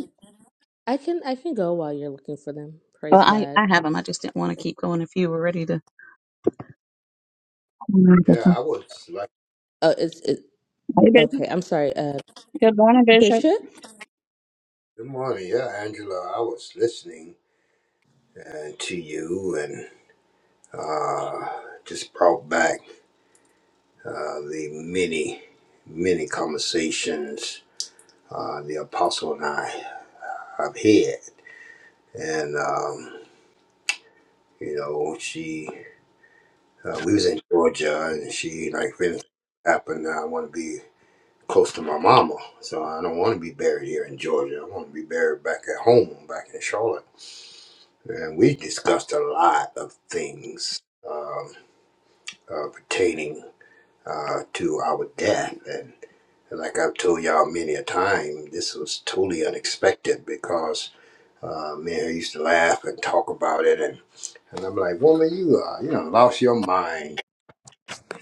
S11: I can I can go while you're looking for them.
S13: Well,
S11: Praise
S13: I,
S11: God.
S13: I have them. I just didn't want to keep going if you were ready to.
S10: Yeah, I
S13: Hey,
S10: was like,
S11: Oh, it's it.
S13: Bishop.
S11: Okay, I'm sorry. Uh,
S13: Good morning, Bishop.
S11: Bishop.
S10: good morning. Yeah, Angela, I was listening uh, to you and uh, just brought back uh, the many, many conversations uh, the apostle and I have had. And um, You know, she uh, we was in Georgia, and she like, if anything happened, I want to be close to my mama. So I don't want to be buried here in Georgia. I want to be buried back at home, back in Charlotte. And we discussed a lot of things um, uh, pertaining uh, to our death and like I've told y'all many a time, this was totally unexpected because uh, me and her used to laugh and talk about it, and, and I'm like, woman, you uh, you know, lost your mind.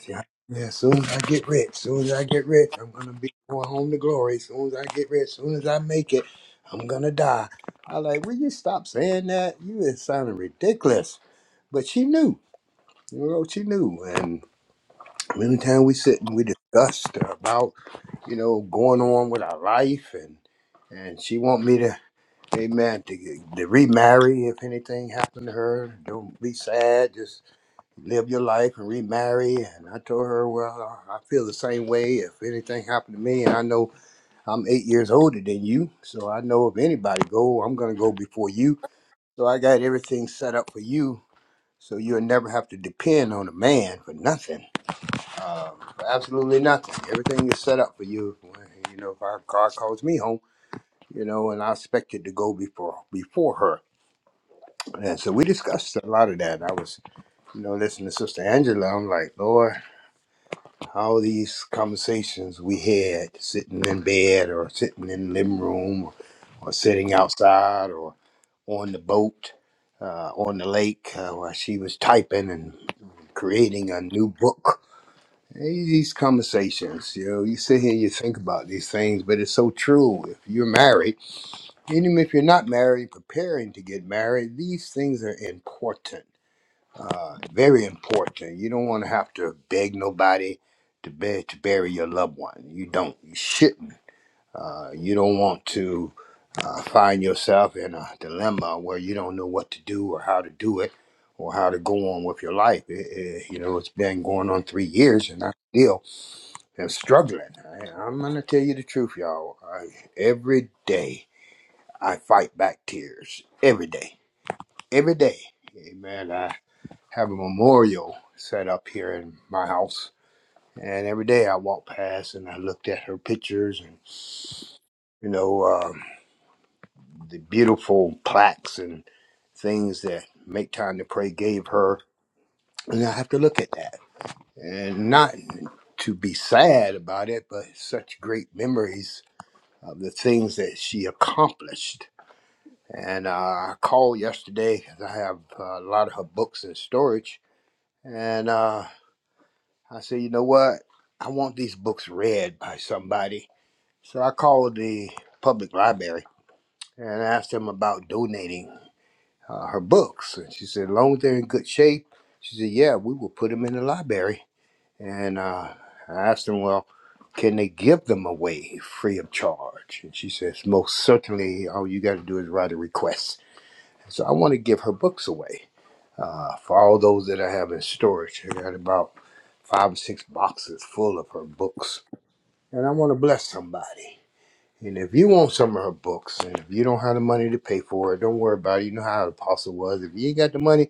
S10: See, I- Yeah, as soon as I get rich, as soon as I get rich, I'm gonna be going home to glory. As soon as I get rich, as soon as I make it, I'm gonna die. I like, will you stop saying that? You is sounding ridiculous. But she knew, you know, she knew. And many times we sit and we discussed about, you know, going on with our life, and and she want me to, amen, to to remarry if anything happened to her. Don't be sad, just live your life and remarry. And I told her, well, I feel the same way. If anything happened to me, and I know I'm eight years older than you, so I know if anybody go, I'm gonna go before you. So I got everything set up for you, so you'll never have to depend on a man for nothing, uh, for absolutely nothing. Everything is set up for you. When, You know, if our car calls me home, you know, and I expected to go before before her. And so we discussed a lot of that. I was, you know, listening to Sister Angela. I'm like, Lord. All these conversations we had sitting in bed or sitting in the living room or, sitting outside or on the boat, uh, on the lake, uh, while she was typing and creating a new book. Hey, These conversations, you know, you sit here, you think about these things, but it's so true. If you're married, and even if you're not married, preparing to get married, these things are important uh, very important. You don't want to have to beg nobody to be, to bury your loved one. You don't. You shouldn't. Uh, you don't want to uh, find yourself in a dilemma where you don't know what to do or how to do it or how to go on with your life. It- it- you know, it's been going on three years and I still am struggling. I, I'm going to tell you the truth, y'all. I, every day I fight back tears. Every day. Every day. Amen have a memorial set up here in my house. And every day I walked past and I looked at her pictures and, you know, uh, the beautiful plaques and things that Make Time to Pray gave her. And I have to look at that and not to be sad about it, but such great memories of the things that she accomplished. And uh, I called yesterday because I have uh, a lot of her books in storage. And uh, I said, you know what? I want these books read by somebody. So I called the public library and asked them about donating uh, her books. And she said, as long as they're in good shape, she said, yeah, we will put them in the library. And uh, I asked them, well, can they give them away free of charge? And she says, most certainly, all you got to do is write a request. So I want to give her books away uh, for all those that I have in storage. I got about five or six boxes full of her books and I want to bless somebody. And if you want some of her books, and if you don't have the money to pay for it, don't worry about it. You know how the Apostle was. If you ain't got the money,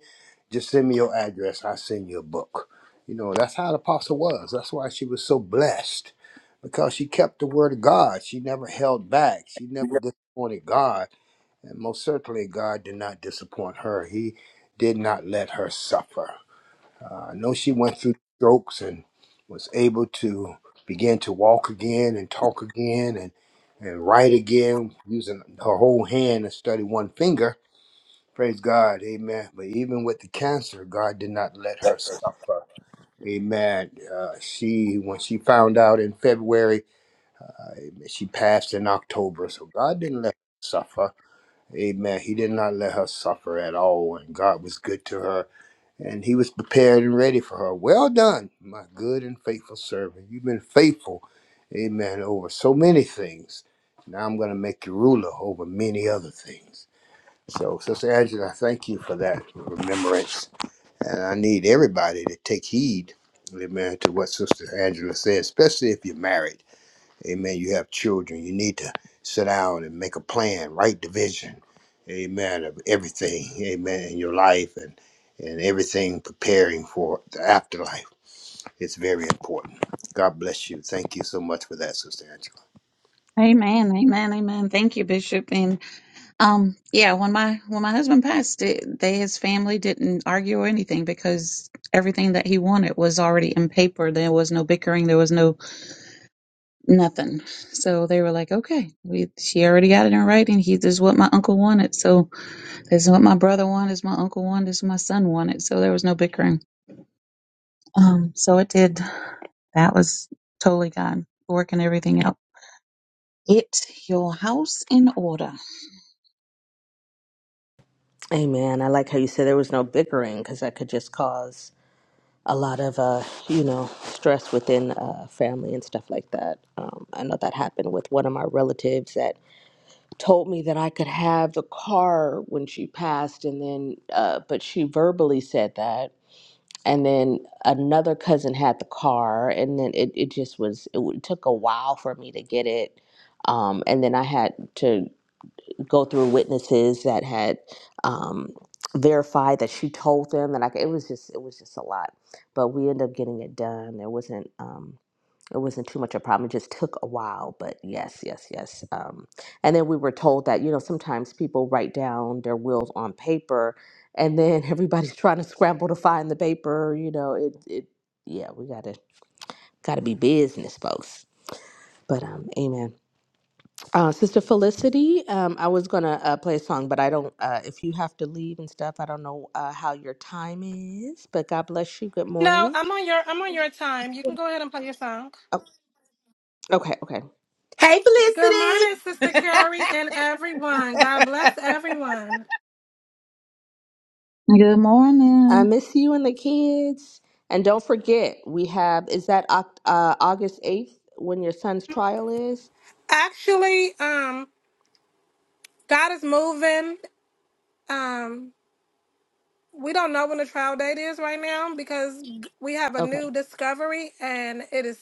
S10: just send me your address. I'll send you a book. You know, that's how the apostle was. That's why she was so blessed because she kept the word of God. She never held back. She never disappointed God. And most certainly, God did not disappoint her. He did not let her suffer. Uh, I know she went through strokes and was able to begin to walk again and talk again and and write again using her whole hand and study one finger. Praise God, Amen. But even with the cancer, God did not let her suffer. Amen. Uh, she when she found out in February, she passed in October. So God didn't let her suffer. Amen. He did not let her suffer at all, and God was good to her and he was prepared and ready for her. Well done, my good and faithful servant. You've been faithful, amen, over so many things. Now I'm going to make you ruler over many other things. So, Sister Angela, I thank you for that remembrance. And I need everybody to take heed, amen, to what Sister Angela says, especially if you're married. Amen. You have children. You need to sit down and make a plan, write the vision. Amen. Of everything. Amen. In your life and and everything preparing for the afterlife. It's very important. God bless you. Thank you so much for that, Sister Angela.
S13: Amen, amen, amen. Thank you, Bishop. And um, yeah, when my when my husband passed, it, they his family didn't argue or anything because everything that he wanted was already in paper. There was no bickering. There was no nothing. So they were like, okay, we she already got it in writing. He this is what my uncle wanted. So this is what my brother wanted. This is my uncle wanted. This is what my son wanted. So there was no bickering. Um, so it did. That was totally gone. Working everything out. Get your house in order.
S11: Amen. I like how you said there was no bickering because that could just cause a lot of uh, you know stress within uh, family and stuff like that. Um, I know that happened with one of my relatives that told me that I could have the car when she passed, and then uh, but she verbally said that. And then another cousin had the car, and then it, it just was, it w- took a while for me to get it. Um, and then I had to go through witnesses that had um, verified that she told them, and like it was just it was just a lot. But we ended up getting it done. It wasn't um, it wasn't too much of a problem. It just took a while, but yes, yes, yes. Um, and then we were told that you know sometimes people write down their wills on paper, and then everybody's trying to scramble to find the paper. You know, it it yeah, we gotta gotta be business folks. But um, amen. Uh, Sister Felicity, um, I was gonna uh, play a song, but I don't. Uh, if you have to leave and stuff, I don't know uh, how your time is. But God bless you. Good
S14: No,
S11: morning.
S14: I'm on your I'm on your time. You can go ahead and play your song.
S11: Oh, okay, okay.
S2: Hey
S14: Good
S2: Felicity.
S14: morning, Sister Carrie and everyone. God bless everyone.
S13: Good
S11: I
S13: morning.
S11: miss you and the kids. And don't forget, we have is that Oc- uh, August eighth when your son's trial is.
S14: Actually, um, God is moving. Um, we don't know when the trial date is right now because we have a new
S11: Okay.
S14: discovery and it is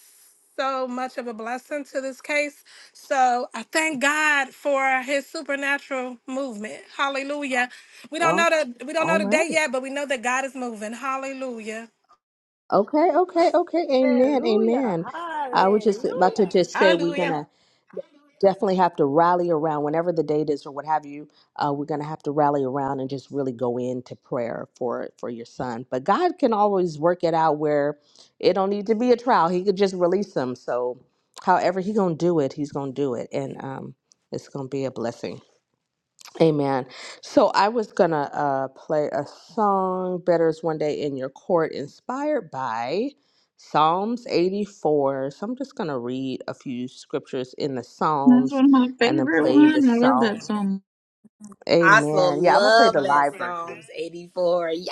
S14: so much of a blessing to this case. So I thank God for his supernatural movement. Hallelujah. We don't
S11: Oh,
S14: know the we don't
S11: all
S14: know the day
S11: right.
S14: yet, but we know that God is moving. Hallelujah.
S11: Okay, okay, okay. Amen,
S1: Hallelujah.
S11: amen. I was just about to
S1: Hallelujah.
S11: just say we're gonna
S2: Hallelujah.
S11: definitely have to rally around whenever the date is or what have you uh, we're going to have to rally around and just really go into prayer for for your son but god can always work it out where it don't need to be a trial he could just release him. so however he gonna do it he's gonna do it and um, it's gonna be a blessing Amen. So I was gonna uh, play a song, "Better Is One Day in Your Court," inspired by Psalms 84. So I'm just gonna read a few scriptures in the
S13: That's
S11: Psalms
S13: one of my
S11: and then
S13: favorite
S11: play the
S13: ones.
S11: Mhm.
S13: I love
S11: song.
S13: that song.
S2: I so
S11: Amen. Yeah, I'm gonna play the
S2: love that
S11: live version.
S2: Psalms 84. Yes.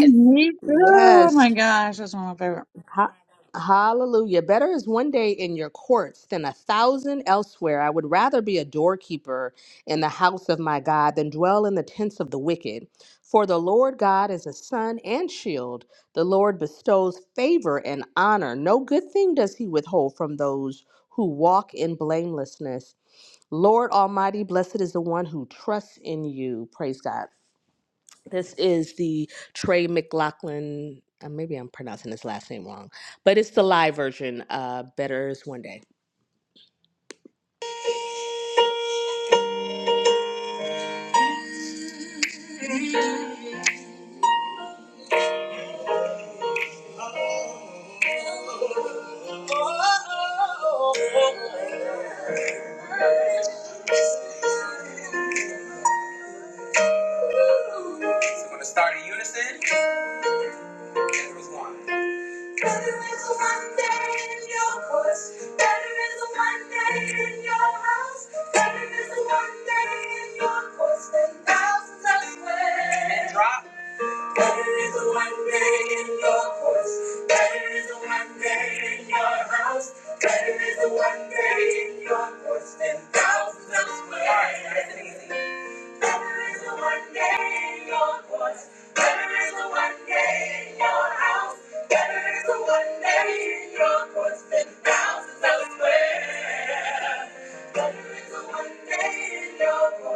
S2: Yes.
S13: too. Oh
S11: Yes.
S13: my gosh, that's one of my favorite.
S11: Ha- Hallelujah. Better is one day in your courts than a thousand elsewhere. I would rather be a doorkeeper in the house of my God than dwell in the tents of the wicked. For the Lord God is a sun and shield. The Lord bestows favor and honor. No good thing does he withhold from those who walk in blamelessness. Lord Almighty, blessed is the one who trusts in you. Praise God. This is the Trey McLaughlin. Uh, maybe I'm pronouncing his last name wrong, but it's the live version. Uh, Better is one day. So we're gonna start in unison. Better is one. Better is a Monday in your course. Better is a Monday in your house. Better is a Monday in your course than thousands elsewhere. Drop. Better is a Monday in your course. Better is a Monday in your house. Better is a Monday in your course than thousands elsewhere. All right, that's easy. Better is a Monday in your course. Better is a Monday Better Better Better is is is one one one day day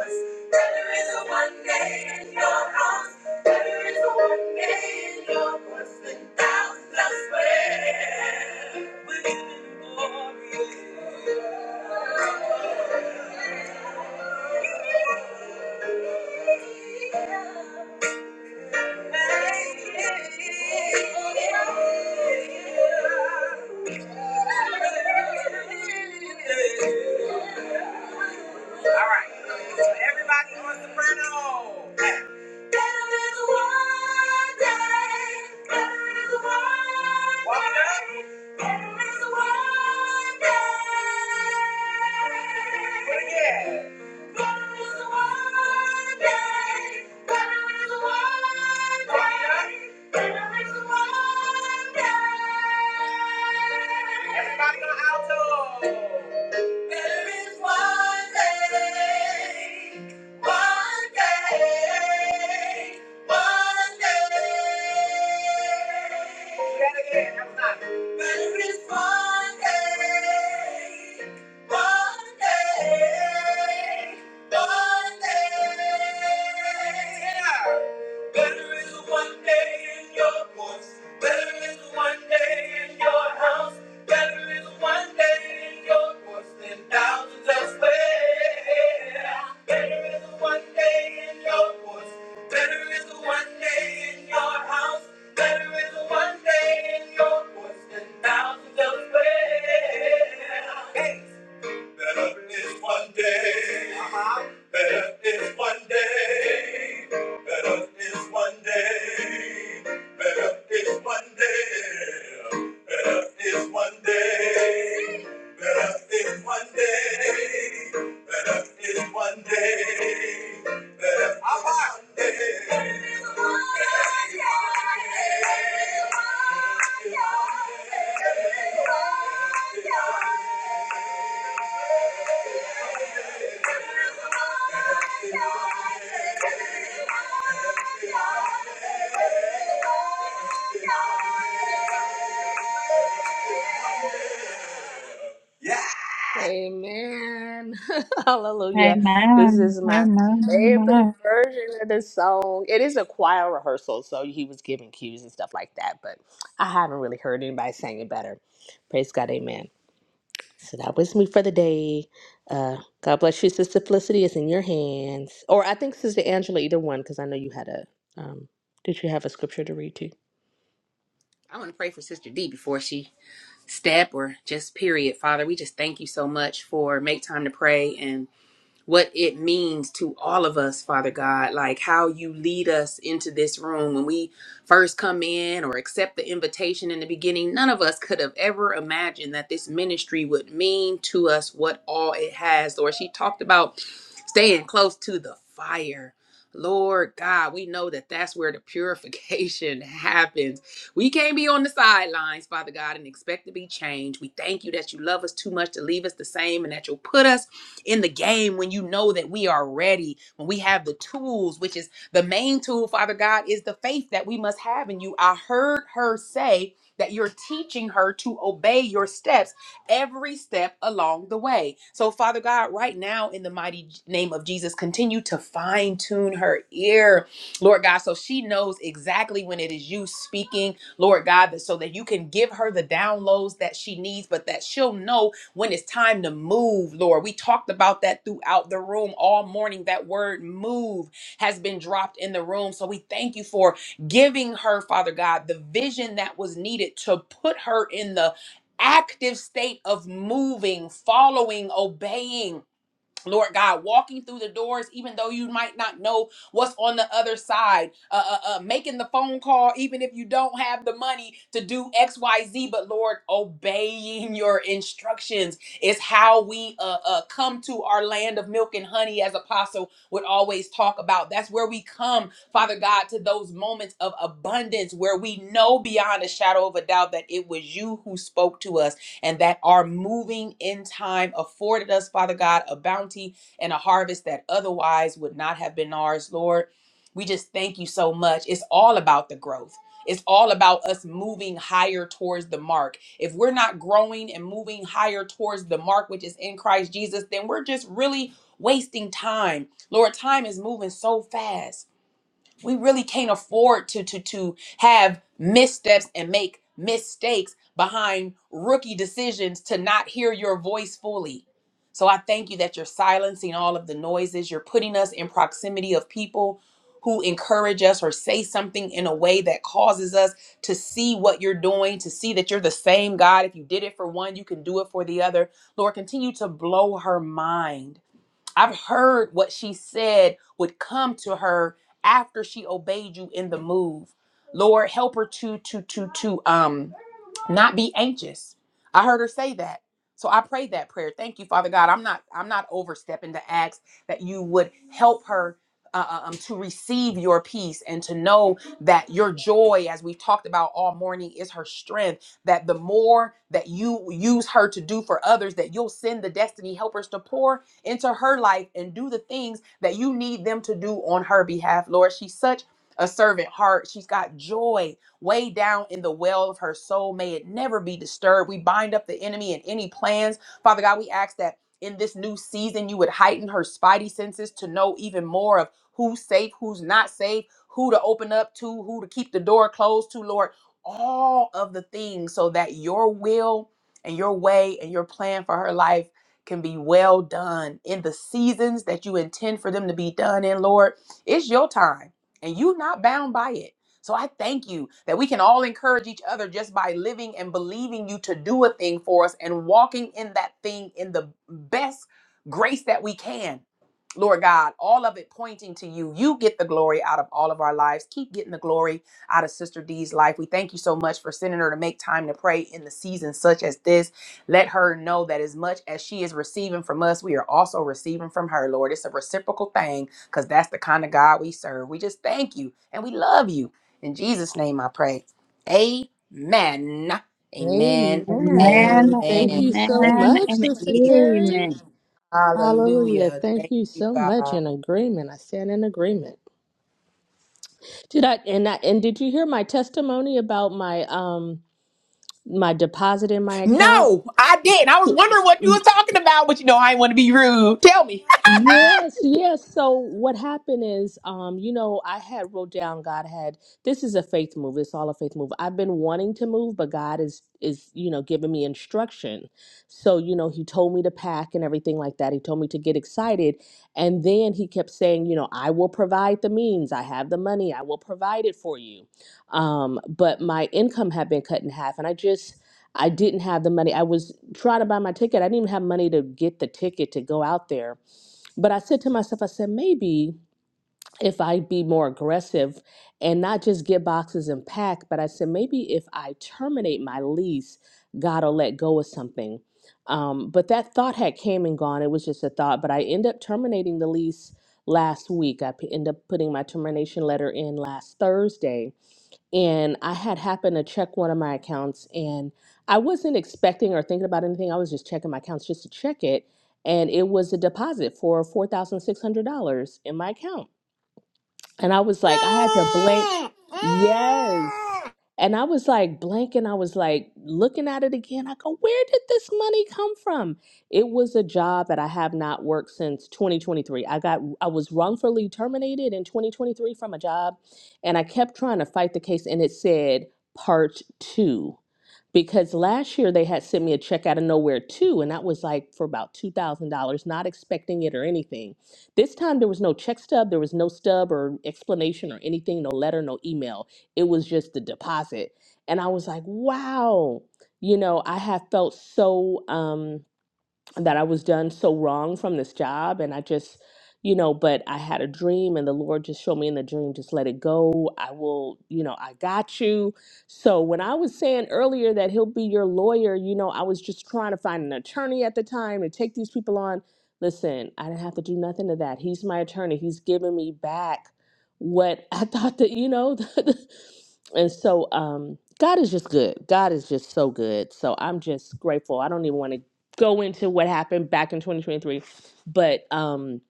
S11: day in in in your your your than than thousands thousands elsewhere. elsewhere. house. We're living for you. All right. So everybody on soprano. Better is one day. Better is one day. Better is one day. Everybody on alto! There is one day, one day, one day. Say that one day, one day, one day. Better is one day in your voice. Better is one day in your house. Better is one day in your voice than thousands elsewhere. Better is one day in your voice. Better is one day in your house. Better is one day in your voice than thousands elsewhere. Hey. Better is one day. Uh-huh. Better is one day. Better is one day. Better is one day. Better is one day. Better is one day. Better is one day. Better is one day. Better is one day. Amen. Hallelujah. This
S13: Amen.
S11: is my
S13: Amen.
S11: favorite
S13: Amen.
S11: version of the song. It is a choir rehearsal, so he was giving cues and stuff like that, but I haven't really heard anybody sing it better. Praise God. Amen. So that was me for the day. Uh, God bless you, Sister Felicity. is in your hands. Or I think Sister Angela, either one, because I know you had a. Um, did you have a scripture to read too?
S2: I want to pray for Sister D before she step or just period. Father, we just thank you so much for make time to pray and what it means to all of us, Father God, like how you lead us into this room when we first come in or accept the invitation in the beginning. None of us could have ever imagined that this ministry would mean to us what all it has. Lord, she talked about staying close to the fire. Lord God, we know that that's where the purification happens. We can't be on the sidelines, Father God, and expect to be changed. We thank you that you love us too much to leave us the same and that you'll put us in the game when you know that we are ready, when we have the tools, which is the main tool, Father God, is the faith that we must have in you. I heard her say that you're teaching her to obey your steps every step along the way. So, Father God, right now, in the mighty name of Jesus, continue to fine tune her ear, Lord God, so she knows exactly when it is you speaking, Lord God, that so that you can give her the downloads that she needs, but that she'll know when it's time to move, Lord. We talked about that throughout the room all morning. That word move has been dropped in the room. So we thank you for giving her, Father God, the vision that was needed to put her in the active state of moving, following, obeying. Lord God, walking through the doors, even though you might not know what's on the other side, uh, uh, uh, making the phone call, even if you don't have the money to do X, Y, Z. But Lord, obeying your instructions is how we uh, uh, come to our land of milk and honey, as Apostle would always talk about. That's where we come, Father God, to those moments of abundance where we know beyond a shadow of a doubt that it was you who spoke to us and that our moving in time afforded us, Father God, a bounty and a harvest that otherwise would not have been ours, Lord. We just thank you so much. It's all about the growth. It's all about us moving higher towards the mark. If we're not growing and moving higher towards the mark, which is in Christ Jesus, then we're just really wasting time. Lord, time is moving so fast we really can't afford to to to have missteps and make mistakes behind rookie decisions to not hear your voice fully so i thank you that you're silencing all of the noises you're putting us in proximity of people who encourage us or say something in a way that causes us to see what you're doing to see that you're the same god if you did it for one you can do it for the other lord continue to blow her mind I've heard what she said would come to her after she obeyed you in the move. Lord, help her to to to to um not be anxious i heard her say that so i prayed that prayer thank you father god i'm not i'm not overstepping to ask that you would help her uh, uh, um, to receive your peace and to know that your joy as we've talked about all morning is her strength that the more that you use her to do for others that you'll send the destiny helpers to pour into her life and do the things that you need them to do on her behalf lord she's such a servant heart she's got joy way down in the well of her soul. May it never be disturbed. We bind up the enemy and any plans. Father God, we ask that in this new season, you would heighten her spidey senses to know even more of who's safe, who's not safe, who to open up to, who to keep the door closed to, Lord. All of the things so that your will and your way and your plan for her life can be well done in the seasons that you intend for them to be done in, Lord. It's your time and you not bound by it. So I thank you that we can all encourage each other just by living and believing you to do a thing for us and walking in that thing in the best grace that we can. Lord God, all of it pointing to you. You get the glory out of all of our lives. Keep getting the glory out of Sister D's life. We thank you so much for sending her to make time to pray in the season such as this. Let her know that as much as she is receiving from us, we are also receiving from her, Lord. It's a reciprocal thing because that's the kind of God we serve. We just thank you and we love you. In Jesus' name I pray. Amen. Amen. Amen.
S13: Amen.
S11: Amen. Thank
S2: Thank
S11: you so
S13: Amen.
S2: you,
S11: much,
S13: And
S11: Sister
S2: Jesus.
S11: Carrie.
S13: amen.
S11: Hallelujah.
S2: Hallelujah.
S11: Thank
S2: Thank
S11: you
S2: you,
S11: so much.
S2: God.
S11: In agreement. I stand in agreement. Did I and I and did you hear my testimony about my um my deposit in my account?
S2: No, I didn't. I was wondering what you were talking about, but you know I didn't want to be rude. Tell me.
S11: Yes, yes. So what happened is, um, you know, I had wrote down God had this is a faith move. It's all a faith move. I've been wanting to move, but God is is you know giving me instruction. So you know, He told me to pack and everything like that. He told me to get excited, and then He kept saying, you know, I will provide the means. I have the money. I will provide it for you. Um, but my income had been cut in half, and I just I didn't have the money. I was trying to buy my ticket. I didn't even have money to get the ticket to go out there but I said to myself, I said, maybe if I be more aggressive and not just get boxes and pack, but I said, maybe if I terminate my lease, God will let go of something. Um, but that thought had came and gone. It was just a thought. But I end up terminating the lease last week. I p- end up putting my termination letter in last Thursday and I had happened to check one of my accounts and I wasn't expecting or thinking about anything. I was just checking my accounts just to check it and it was a deposit for $4,600 in my account. And I was like, I had to blank. Yes. And I was like blanking. I was like looking at it again. I go, where did this money come from? It was a job that I have not worked since 2023. I got I was wrongfully terminated in 2023 from a job, and I kept trying to fight the case, and it said part two. Because last year they had sent me a check out of nowhere too, and that was like for about two thousand dollars, not expecting it or anything. This time there was no check stub, there was no stub or explanation or anything, no letter, no email. It was just the deposit. And I was like, wow, you know, I have felt so. Um, that I was done so wrong from this job. And I just, you know, but I had a dream and the Lord just showed me in the dream, just let it go. I will, you know, I got you. So when I was saying earlier that he'll be your lawyer, you know, I was just trying to find an attorney at the time to take these people on. Listen, I didn't have to do nothing to that. He's my attorney. He's giving me back what I thought that, you know, and so um God is just good. God is just so good. So I'm just grateful. I don't even want to go into what happened back in 2023, but um,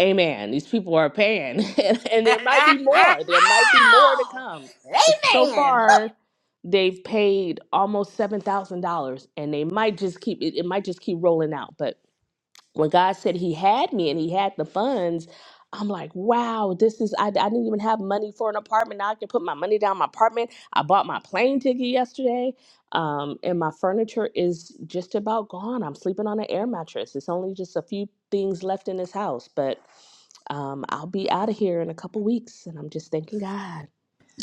S11: amen. These people are paying, and, and there might be more. There might be more to
S2: Ow!
S11: come. But so
S2: Amen.
S11: far, they've paid almost seven thousand dollars, and they might just keep it. It might just keep rolling out. But when God said He had me and He had the funds, I'm like, wow, this is, I, I didn't even have money for an apartment. Now I can put my money down my apartment. I bought my plane ticket yesterday, um, and my furniture is just about gone. I'm sleeping on an air mattress. It's only just a few things left in this house, but um, I'll be out of here in a couple weeks, and I'm just thanking God.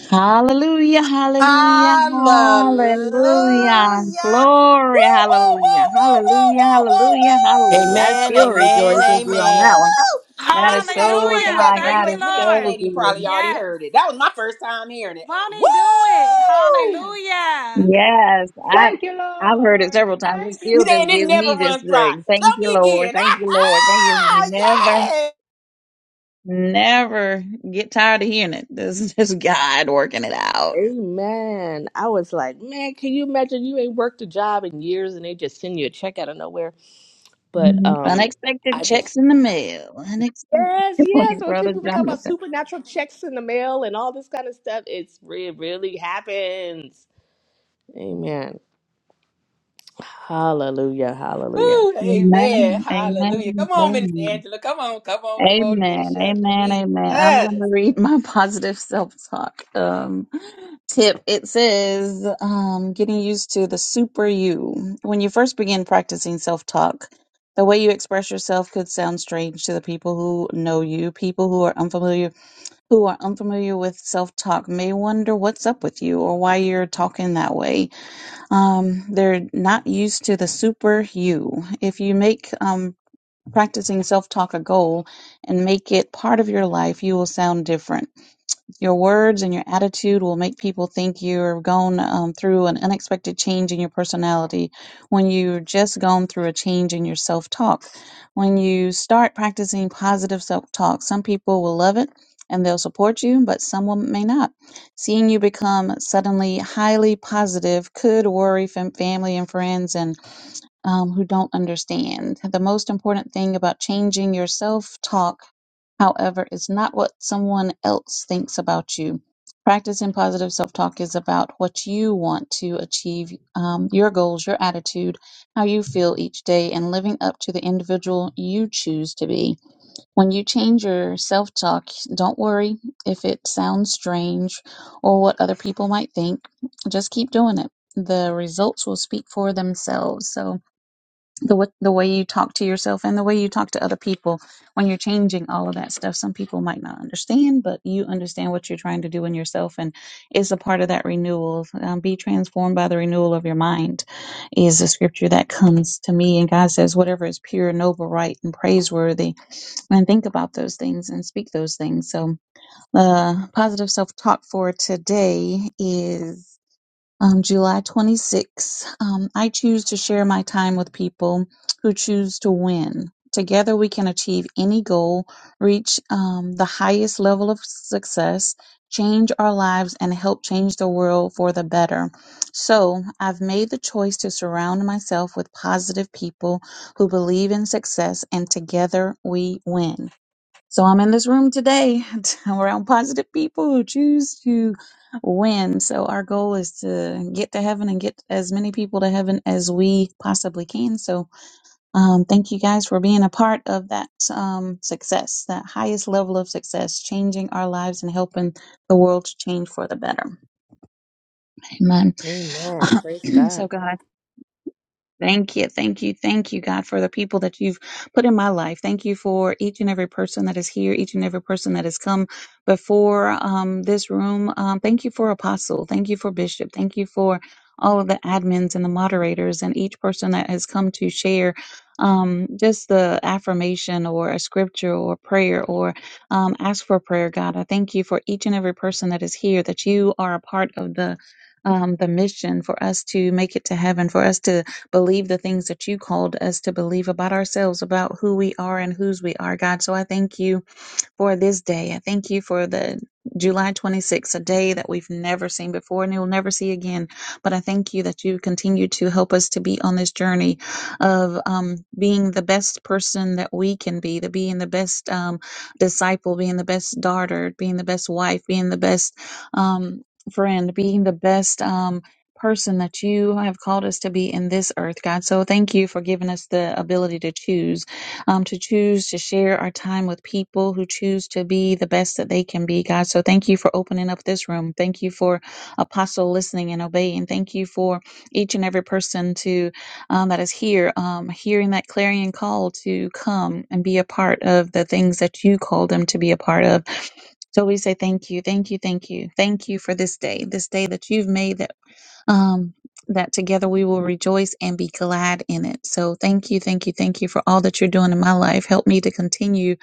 S13: Hallelujah, hallelujah,
S2: Hallelujah.
S13: hallelujah.
S2: Woo,
S13: Glory,
S2: woo, woo,
S13: hallelujah,
S2: woo, woo,
S13: hallelujah,
S2: woo, woo,
S13: hallelujah, hallelujah. I
S7: Amen,
S13: still
S7: amen,
S13: rejoice with you on that
S7: amen.
S13: one.
S2: woo.
S13: God is
S2: Minister Nadine,
S13: so
S2: where you
S14: Hallelujah.
S2: at,
S13: God,
S2: girl?
S14: Thank
S2: You
S13: God
S14: you,
S2: ain't
S13: is
S2: Minister
S14: Lord.
S13: so
S2: Nadine probably
S13: good.
S2: already
S14: Yes.
S2: heard it. That was my first time hearing it.
S14: Bonnie, do it?
S2: Woo!
S14: Hallelujah.
S13: Yes, I
S1: Thank you,
S13: I've heard it
S1: Lord.
S13: several times. It
S1: Thank you,
S2: You
S13: still just
S2: saying it
S13: gives
S1: Lord.
S2: never
S13: me just
S2: runs dry.
S13: the thank
S2: Tell
S13: you,
S2: me
S13: Lord,
S2: again.
S13: thank you, Lord, thank you.
S2: Ah,
S13: Never,
S2: yeah.
S13: never get tired of hearing it. This is just God working it out.
S11: Amen. I was like, man, can you imagine you ain't worked a job in years and they just send you a check out of nowhere? But
S13: Mm,
S11: um,
S13: Unexpected
S11: I just
S13: checks in the mail. Unexpected.
S11: Yes,
S13: Good
S11: yes.
S13: morning,
S11: When
S13: Brother
S11: people talk about
S13: Jonathan.
S11: supernatural checks in the mail and all this kind of stuff, it's re- it really happens. Amen. Hallelujah. Hallelujah.
S2: Woo, amen.
S13: Amen.
S2: Hallelujah.
S13: Amen.
S2: Come on, Minister
S13: Amen.
S2: Angela. Come on, come on, come on.
S13: Amen.
S2: Finish up.
S13: Amen. Amen. I'm going to
S2: Jesus.
S13: read my positive self talk um, tip. It says, um, getting used to the super you. When you first begin practicing self talk, the way you express yourself could sound strange to the people who know you. People who are unfamiliar who are unfamiliar with self talk may wonder what's up with you or why you're talking that way. Um, they're not used to the super you. If you make um, practicing self talk a goal and make it part of your life, you will sound different. Your words and your attitude will make people think you're going um, through an unexpected change in your personality when you've just gone through a change in your self talk. When you start practicing positive self talk, some people will love it and they'll support you, but someone may not. Seeing you become suddenly highly positive could worry fam- family and friends and um, who don't understand. The most important thing about changing your self talk However, it's not what someone else thinks about you. Practicing positive self talk is about what you want to achieve, um, your goals, your attitude, how you feel each day, and living up to the individual you choose to be. When you change your self talk, don't worry if it sounds strange or what other people might think. Just keep doing it. The results will speak for themselves. So, the wa- the way you talk to yourself and the way you talk to other people when you're changing all of that stuff some people might not understand but you understand what you're trying to do in yourself and it's a part of that renewal um, be transformed by the renewal of your mind is a scripture that comes to me and god says whatever is pure noble right and praiseworthy and think about those things and speak those things so uh, positive self-talk for today is um, July twenty sixth. Um, I choose to share my time with people who choose to win. Together, we can achieve any goal, reach um, the highest level of success, change our lives, and help change the world for the better. So, I've made the choice to surround myself with positive people who believe in success, and together we win. So I'm in this room today around positive people who choose to win. So our goal is to get to heaven and get as many people to heaven as we possibly can. So um, thank you guys for being a part of that um, success, that highest level of success, changing our lives and helping the world to change for the better. Amen.
S11: Amen. Praise God.
S13: so God, Thank you, thank you, thank you, God, for the people that you've put in my life. Thank you for each and every person that is here, each and every person that has come before um, this room. Um, thank you for Apostle. Thank you for Bishop. Thank you for all of the admins and the moderators and each person that has come to share um, just the affirmation or a scripture or prayer or um, ask for prayer, God. I thank you for each and every person that is here, that you are a part of the um, the mission for us to make it to heaven, for us to believe the things that you called us to believe about ourselves, about who we are and whose we are, God. So I thank you for this day. I thank you for the July 26th, a day that we've never seen before and we'll never see again. But I thank you that you continue to help us to be on this journey of um, being the best person that we can be, the being the best um, disciple, being the best daughter, being the best wife, being the best um, friend, being the best um, person that you have called us to be in this earth, God. So thank you for giving us the ability to choose um, to choose to share our time with people who choose to be the best that they can be, God. So thank you for opening up this room. Thank you for Apostle listening and obeying. Thank you for each and every person to um, that is here, um, hearing that clarion call to come and be a part of the things that you call them to be a part of. So we say thank you, thank you, thank you, thank you for this day, this day that you've made that um, that together we will rejoice and be glad in it. So thank you, thank you, thank you for all that you're doing in my life. Help me to continue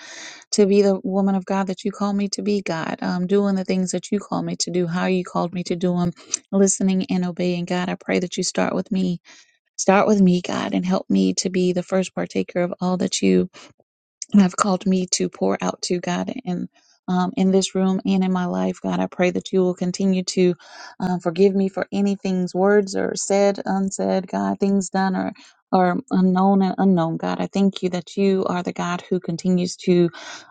S13: to be the woman of God that you call me to be, God, um, doing the things that you call me to do, how you called me to do them, listening and obeying, God. I pray that you start with me. Start with me, God, and help me to be the first partaker of all that you and have called me to pour out to God and um, in this room and in my life, God, I pray that you will continue to uh, forgive me for any things, words or said, unsaid, God, things done or or unknown and unknown, God. I thank you that you are the God who continues to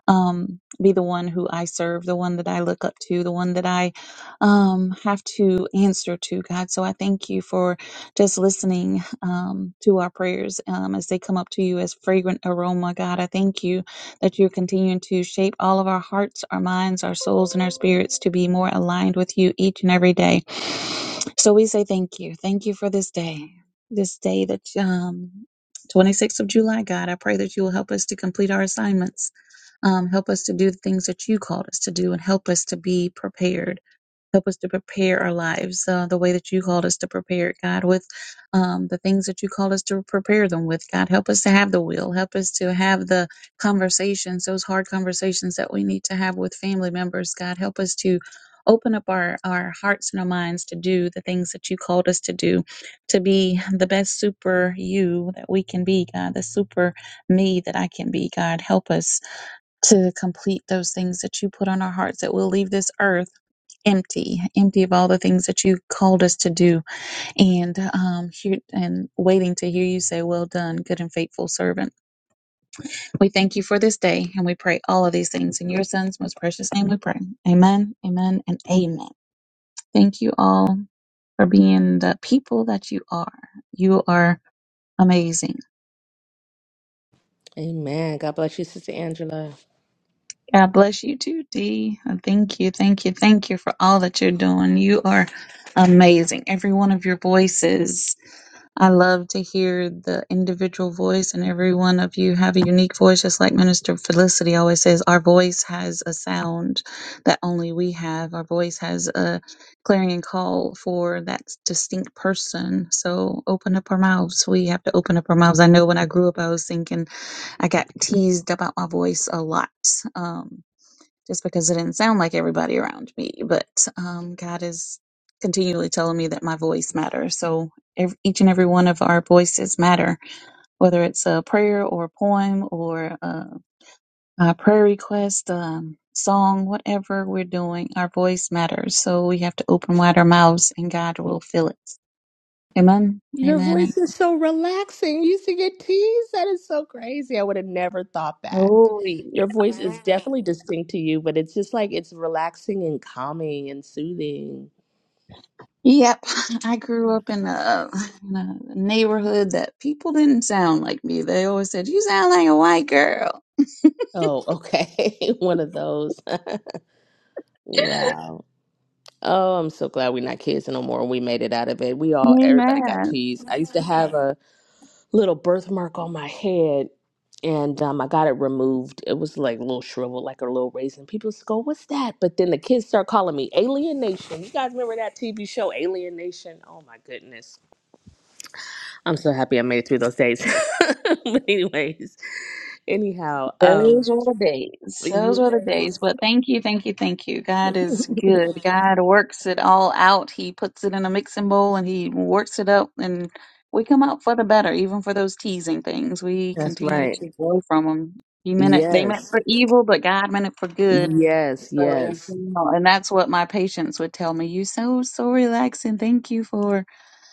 S13: um, be the one who I serve, the one that I look up to, the one that I um, have to answer to, God. So I thank you for just listening um, to our prayers um, as they come up to you as fragrant aroma. God, I thank you that you're continuing to shape all of our hearts, our minds, our souls, and our spirits to be more aligned with you each and every day. So we say thank you. Thank you for this day, this day that. Um, 26th of July, God, I pray that you will help us to complete our assignments. Um, help us to do the things that you called us to do and help us to be prepared Help us to prepare our lives uh, the way that you called us to prepare it, God, with um, the things that you called us to prepare them with, God. Help us to have the will. Help us to have the conversations, those hard conversations that we need to have with family members, God. Help us to open up our, our hearts and our minds to do the things that you called us to do, to be the best super you that we can be, God, the super me that I can be, God. Help us to complete those things that you put on our hearts that we'll leave this earth empty, empty of all the things that you called us to do, and um, hear, and waiting to hear you say, "Well done, good and faithful servant." We thank you for this day, and we pray all of these things in your Son's most precious name. We pray, Amen, Amen, and Amen. Thank you all for being the people that you are. You are amazing.
S11: Amen. God bless you, Sister Angela.
S13: God bless you too, Dee. And Thank you, thank you, thank you for all that you're doing. You are amazing. Every one of your voices I love to hear the individual voice, and every one of you have a unique voice, just like Minister Felicity always says. Our voice has a sound that only we have. Our voice has a clarion call for that distinct person. So open up our mouths. We have to open up our mouths. I know when I grew up, I was thinking I got teased about my voice a lot. Um, just because it didn't sound like everybody around me. But um, God is continually telling me that my voice matters. So ev each and every one of our voices matter, whether it's a prayer or a poem or a, a prayer request, um, song, whatever we're doing, our voice matters. So we have to open wide our mouths, and God will fill it. Amen.
S11: Your
S13: Amen. And
S11: voice is so relaxing. You sing in tease. That is so crazy. I would have never thought that.
S13: oh,
S11: Your voice is Wow. definitely distinct to you, but it's just like it's relaxing and calming and soothing.
S13: Yep, I grew up in a, in a neighborhood that people didn't sound like me. They always said, "You sound like a white girl."
S11: Oh, okay. One of those. Wow. Oh, I'm so glad we're not kids no more. We made it out of it. We all, everybody got
S13: Amen.
S11: teased. I used to have a little birthmark on my head, and um, I got it removed. It was like a little shrivel, like a little raisin. People used to go, "What's that?" But then the kids start calling me Alien Nation. You guys remember that TV show, Alien Nation? Oh my goodness, I'm so happy I made it through those days. but anyways, anyhow,
S13: Those
S11: um,
S13: were the days. Those were the days.
S11: yes,
S13: But thank you, thank you, thank you. God is good. God works it all out. He puts it in a mixing bowl and he works it up, and we come out for the better, even for those teasing things. We
S11: that's
S13: continue
S11: right.
S13: to grow from them. He meant it. They meant
S11: Yes,
S13: for evil, but God meant it for good
S11: yes,
S13: So,
S11: yes.
S13: you know, and that's what my patients would tell me. You so so relaxing. Thank you for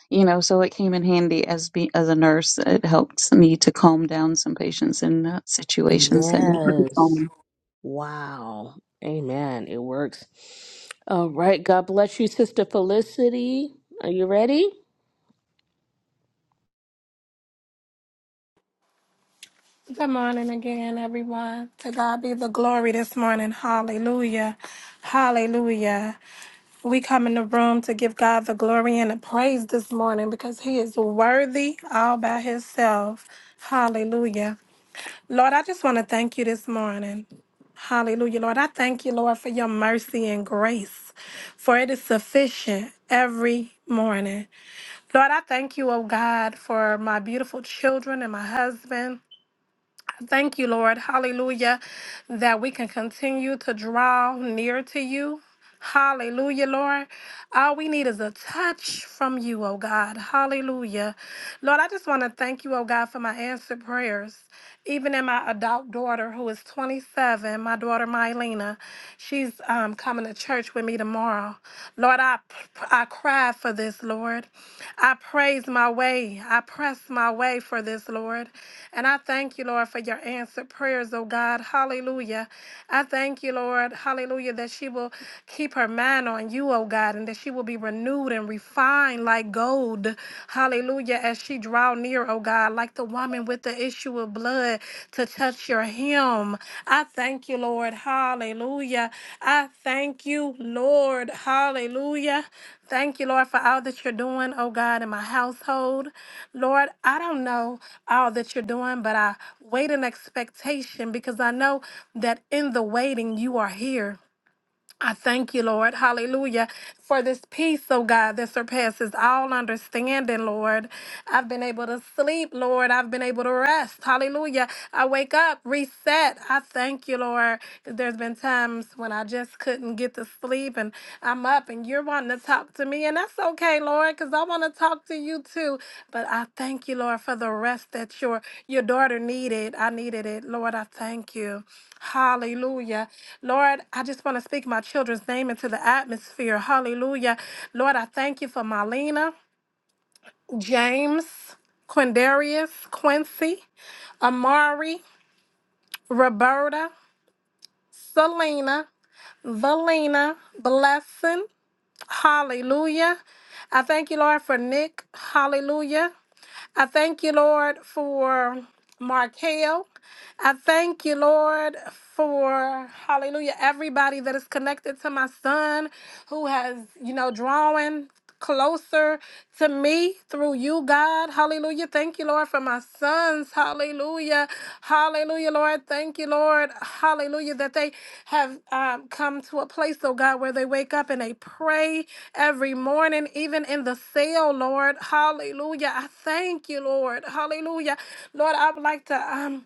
S13: you know. So it came in handy as be as a nurse. It helped me to calm down some patients in uh, situations that need to be
S11: Yes.
S13: calm.
S11: Wow. Amen. It works. All right. God bless you, Sister Felicity. Are you ready?
S14: Good morning again, everyone. To God be the glory this morning. Hallelujah. Hallelujah. We come in the room to give God the glory and the praise this morning because he is worthy all by himself. Hallelujah. Lord, I just want to thank you this morning. Hallelujah. Lord, I thank you, Lord, for your mercy and grace, for it is sufficient every morning. Lord, I thank you, oh God, for my beautiful children and my husband. Thank you, Lord. Hallelujah. That we can continue to draw near to you. Hallelujah, Lord. All we need is a touch from you, oh God. Hallelujah. Lord, I just want to thank you, oh God, for my answered prayers. Even in my adult daughter, who is 27, my daughter Mylena, she's um, coming to church with me tomorrow now. Lord, I, I cry for this, Lord. I praise my way. I press my way for this, Lord. And I thank you, Lord, for your answered prayers, oh God. Hallelujah. I thank you, Lord. Hallelujah. That she will keep her mind on you, oh God, and that she will be renewed and refined like gold. Hallelujah. As she draw near, oh God, like like the woman with the issue of blood to touch your hem. I thank you, Lord. Hallelujah. I thank you, Lord. Hallelujah. Thank you, Lord, for all that you're doing, oh God, in my household. Lord, I don't know all that you're doing, but I wait in expectation because I know that in the waiting, you are here. I thank you, Lord, hallelujah, for this peace, oh God, that surpasses all understanding, Lord. I've been able to sleep, Lord. I've been able to rest, hallelujah. I wake up, reset. I thank you, Lord, because there's been times when I just couldn't get to sleep and I'm up and you're wonderful to talk to me, and that's okay, Lord, because I want to talk to you too. But I thank you, Lord, for the rest that your your daughter needed. I needed it, Lord. I thank you. Hallelujah. Lord, I just want to speak my children's name into the atmosphere. Hallelujah. Lord, I thank you for Marlena, James, Quindarius, Quincy, Amari, Roberta, Selena, Valina, Blessing, Hallelujah. I thank you, Lord, for Nick. Hallelujah. I thank you, Lord, for Markel. I thank you, Lord, for hallelujah, everybody that is connected to my son who has, you know, drawing closer to me through you, God. Hallelujah. Thank you, Lord, for my sons. Hallelujah. Hallelujah, Lord. Thank you, Lord. Hallelujah, that they have um, come to a place, oh God, where they wake up and they pray every morning, even in the cell, Lord. Hallelujah. I thank you, Lord. Hallelujah. Lord, I would like to. Um,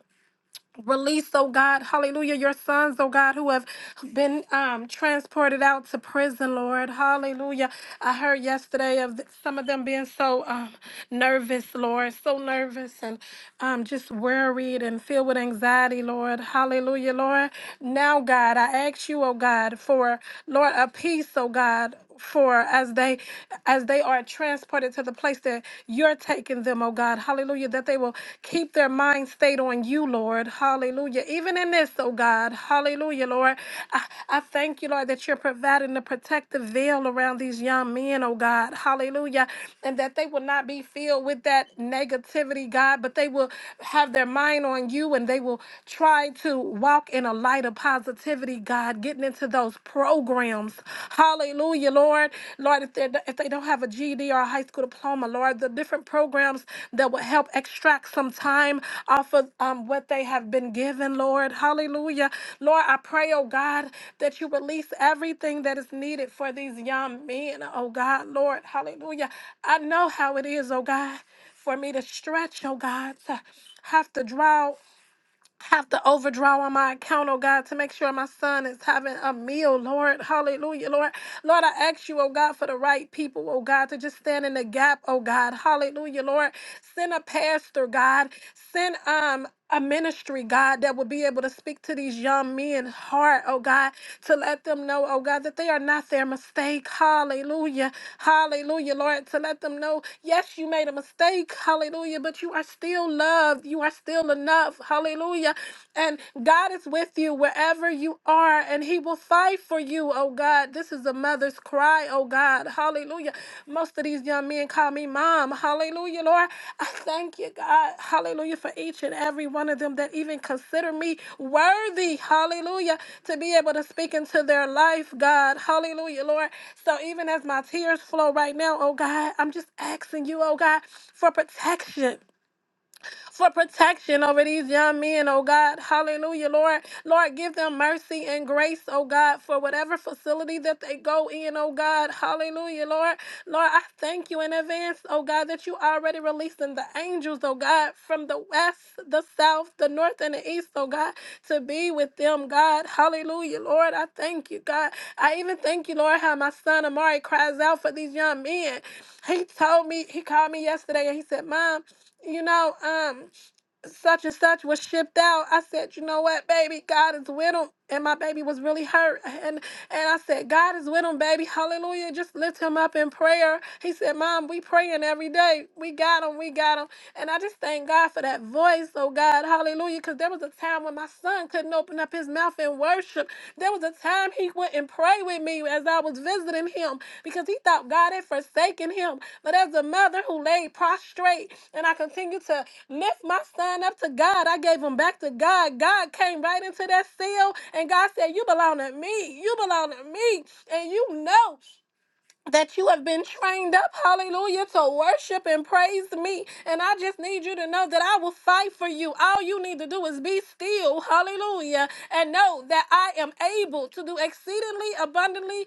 S14: Release, oh God, hallelujah, your sons, oh God, who have been um, transported out to prison, Lord, hallelujah. I heard yesterday of th- some of them being so um, nervous, Lord, so nervous and um, just worried and filled with anxiety, Lord, hallelujah, Lord. Now, God, I ask you, oh God, for, Lord, a peace, oh God for as they as they are transported to the place that you're taking them oh god hallelujah that they will keep their mind stayed on you lord hallelujah even in this oh god hallelujah lord i, I thank you lord that you're providing the protective veil around these young men oh god hallelujah and that they will not be filled with that negativity god but they will have their mind on you and they will try to walk in a light of positivity activity, God, getting into those programs. Hallelujah, Lord. Lord, if they if they don't have a GED or a high school diploma, Lord, the different programs that will help extract some time off of um, what they have been given, Lord. Hallelujah. Lord, I pray, oh God, that you release everything that is needed for these young men, oh God, Lord. Hallelujah. I know how it is, oh God, for me to stretch, oh God, to have to draw have to overdraw on my account, oh God, to make sure my son is having a meal, Lord. Hallelujah, Lord. Lord, I ask you, oh God, for the right people, oh God, to just stand in the gap, oh God. Hallelujah, Lord. Send a pastor, God. Send um a ministry, God, that would be able to speak to these young men's heart, oh God, to let them know, oh God, that they are not their mistake. Hallelujah. Hallelujah, Lord. To let them know, yes, you made a mistake. Hallelujah. But you are still loved. You are are still enough. Hallelujah. And God is with you wherever you are, and He will fight for you, oh God. This is a mother's cry, oh God. Hallelujah. Most of these young men call me mom. Hallelujah, Lord. I thank you, God. Hallelujah, for each and every one of them that even consider me worthy. Hallelujah. To be able to speak into their life, God. Hallelujah, Lord. So even as my tears flow right now, oh God, I'm just asking you, oh God, for protection for protection over these young men, oh God. Hallelujah, Lord. Lord, give them mercy and grace, oh God, for whatever facility that they go in, oh God. Hallelujah, Lord. Lord, I thank you in advance, oh God, that you already releasing the angels, oh God, from the west, the south, the north, and the east, oh God, to be with them, God. Hallelujah, Lord. I thank you, God. I even thank you, Lord, how my son Amari cries out for these young men. He told me, he called me yesterday and he said, Mom, you know, um, such and such was shipped out. I said, you know what, baby, God is with him. And my baby was really hurt. And and I said, God is with him, baby. Hallelujah. Just lift him up in prayer. He said, Mom, we praying every day. We got him. We got him. And I just thank God for that voice, oh God. Hallelujah. Because there was a time when my son couldn't open up his mouth and. words in worship. There was a time he went and prayed with me as I was visiting him because he thought God had forsaken him. But as a mother who laid prostrate and I continued to lift my son up to God, I gave him back to God. God came right into that cell and God said, You belong to me. You belong to me. And you know that you have been trained up, hallelujah, to worship and praise me. And I just need you to know that I will fight for you. All you need to do is be still, hallelujah, and know that I am able to do exceedingly abundantly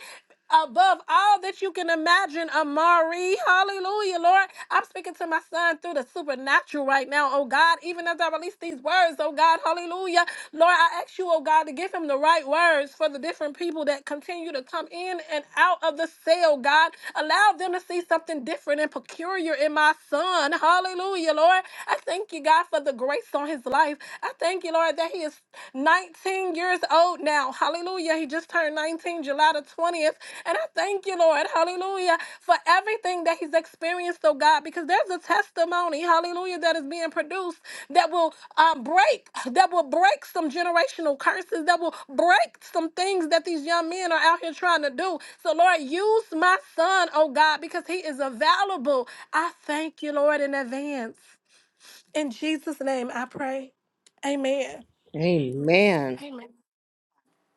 S14: above all that you can imagine, Amari. Hallelujah, Lord. I'm speaking to my son through the supernatural right now, oh God. Even as I release these words, oh God, hallelujah. Lord, I ask you, oh God, to give him the right words for the different people that continue to come in and out of the cell, God. Allow them to see something different and peculiar in my son. Hallelujah, Lord. I thank you, God, for the grace on his life. I thank you, Lord, that he is not 19 years old now. Hallelujah. He just turned 19 July the 20th. And I thank you, Lord. Hallelujah. For everything that he's experienced, oh God, because there's a testimony, hallelujah, that is being produced that will um, break, that will break some generational curses, that will break some things that these young men are out here trying to do. So, Lord, use my son, oh God, because he is available. I thank you, Lord, in advance. In Jesus' name, I pray. Amen.
S11: Amen.
S14: Amen.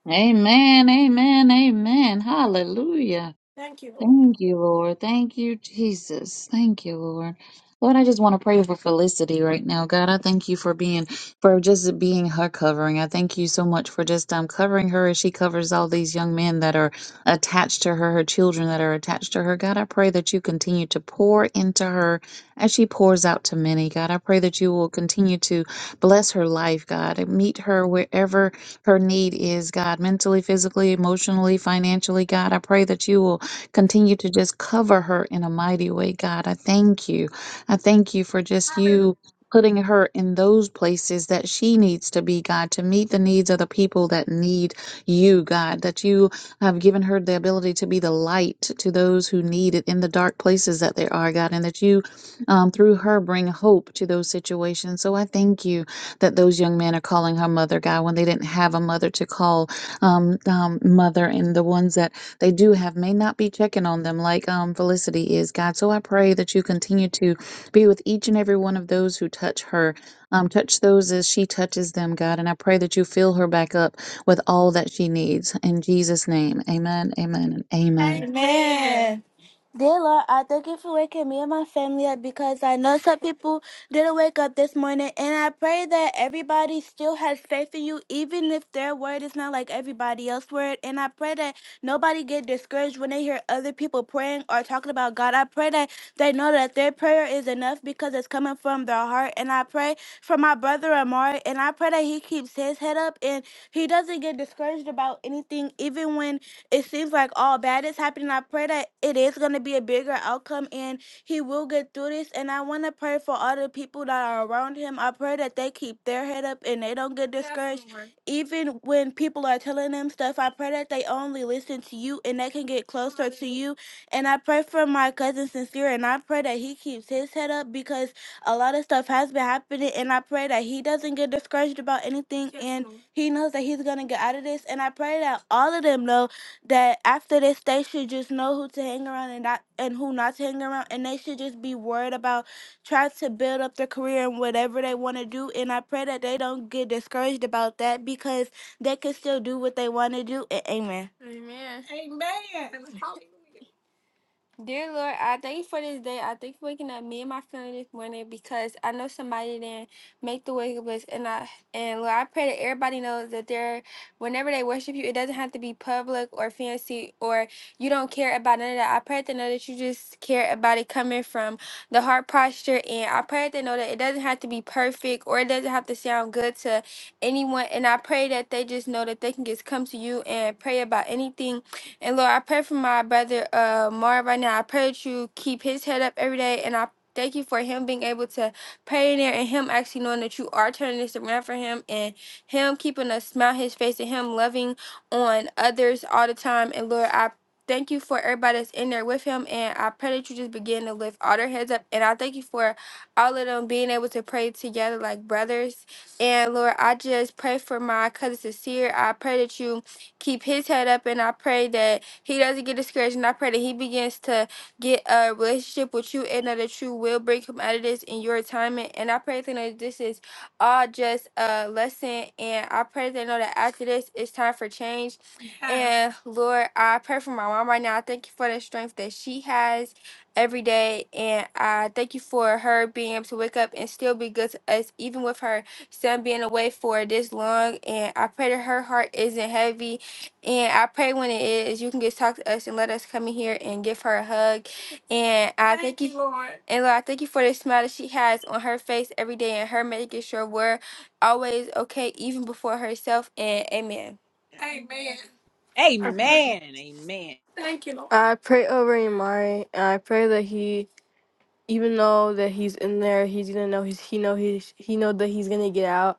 S13: Amen. Amen. Amen. Hallelujah. Thank you, Lord. Thank you, Jesus. Thank you, Lord. Lord, I just want to pray for Felicity right now. God, I thank you for being, for just being her covering. I thank you so much for just um, covering her as she covers all these young men that are attached to her, her children that are attached to her. God, I pray that you continue to pour into her as she pours out to many. God, I pray that you will continue to bless her life, God, and meet her wherever her need is, God, mentally, physically, emotionally, financially. God, I pray that you will Continue to just cover her in a mighty way, God. I thank you. I thank you for just you putting her in those places that she needs to be, God, to meet the needs of the people that need you, God, that you have given her the ability to be the light to those who need it in the dark places that they are, God, and that you, um, through her, bring hope to those situations. So I thank you that those young men are calling her mother, God, when they didn't have a mother to call um, um, mother, and the ones that they do have may not be checking on them like um Felicity is, God. So I pray that you continue to be with each and every one of those who touch her. Um, touch those as she touches them, God. And I pray that you fill her back up with all that she needs. In Jesus' name. Amen. Amen and amen.
S14: Amen. Dear Lord, I thank you for waking me and my family up because I know some people didn't wake up this morning. And I pray that everybody still has faith in you, even if their word is not like everybody else's word. And I pray that nobody get discouraged when they hear other people praying or talking about God. God. I pray that they know that their prayer is enough because it's coming from their heart. And I pray for my brother Amari, and I pray that he keeps his head up and he doesn't get discouraged about anything, even when it seems like all bad is happening. I pray that it is going to be a bigger outcome and he will get through this. And I want to pray for all the people that are around him. I pray that they keep their head up and they don't get discouraged. Definitely. Even when people are telling them stuff, I pray that they only listen to you and they can get closer to you and I pray for my cousin Sincere, and I pray that he keeps his head up because a lot of stuff has been happening. And I pray that he doesn't get discouraged about anything, Yes, and Lord. he knows that he's gonna get out of this. And I pray that all of them know that after this, they should just know who to hang around and not and who not to hang around, and they should just be worried about trying to build up their career and whatever they want to do. And I pray that they don't get discouraged about that because they can still do what they want to do. And amen. Amen. Amen. Dear Lord, I thank you for this day. I thank you for waking up me and my family this morning because I know somebody didn't make the wake up list. And I and Lord, I pray that everybody knows that they're whenever they worship you, it doesn't have to be public or fancy or you don't care about none of that. I pray that they know that you just care about it coming from the heart posture and I pray that they know that it doesn't have to be perfect or it doesn't have to sound good to anyone. And I pray that they just know that they can just come to you and pray about anything and Lord, I pray for my brother uh Marv right now. I pray that you keep his head up every day and I thank you for him being able to pray in there and him actually knowing that you are turning this around for him and him keeping a smile on his face and him loving on others all the time. And Lord, I thank you for everybody that's in there with him and I pray that you just begin to lift all their heads up and I thank you for all of them being able to pray together like brothers. And Lord, I just pray for my cousin Sincere. I pray that you keep his head up, and I pray that he doesn't get discouraged, and I pray that he begins to get a relationship with you, and that you will bring him out of this in your time. And I pray that this is all just a lesson, and I pray they know that after this, it's time for change. And Lord, I pray for my mom right now. I thank you for the strength that she has every day. And I thank you for her being able to wake up and still be good to us, even with her son being away for this long. And I pray that her heart isn't heavy and I pray when it is, you can just talk to us and let us come in here and give her a hug. And I thank, thank you, Lord. And Lord, I thank you for the smile that she has on her face every day and her making sure we're always okay, even before herself. And amen. Amen. Thank you,
S2: Amen. Amen.
S14: Thank you, Lord. I pray over Imari, and I pray that he, even though that he's in there, he's gonna know he's he know he's he know that he's gonna get out.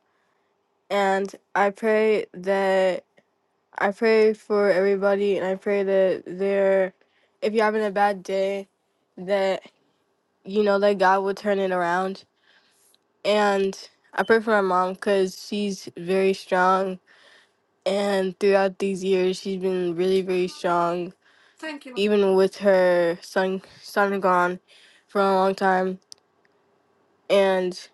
S14: And I pray that I pray for everybody and I pray that they're if you're having a bad day that you know that God will turn it around. And I pray for my mom cuz she's very strong and throughout these years she's been really very strong even with her son son gone for a long time and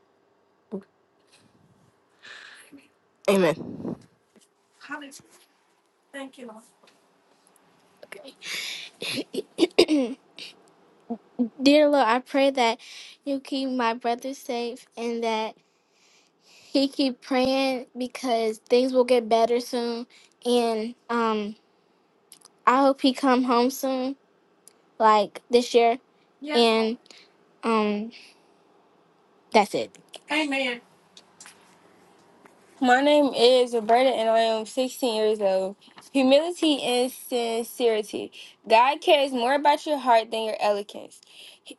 S14: amen. That you keep brother safe and that he keep praying because things will get better soon and um I hope he come home soon, like this year. Yeah. And um, that's it. Amen. My name is Roberta, and I am 16 years old. Humility and sincerity. God cares more about your heart than your eloquence.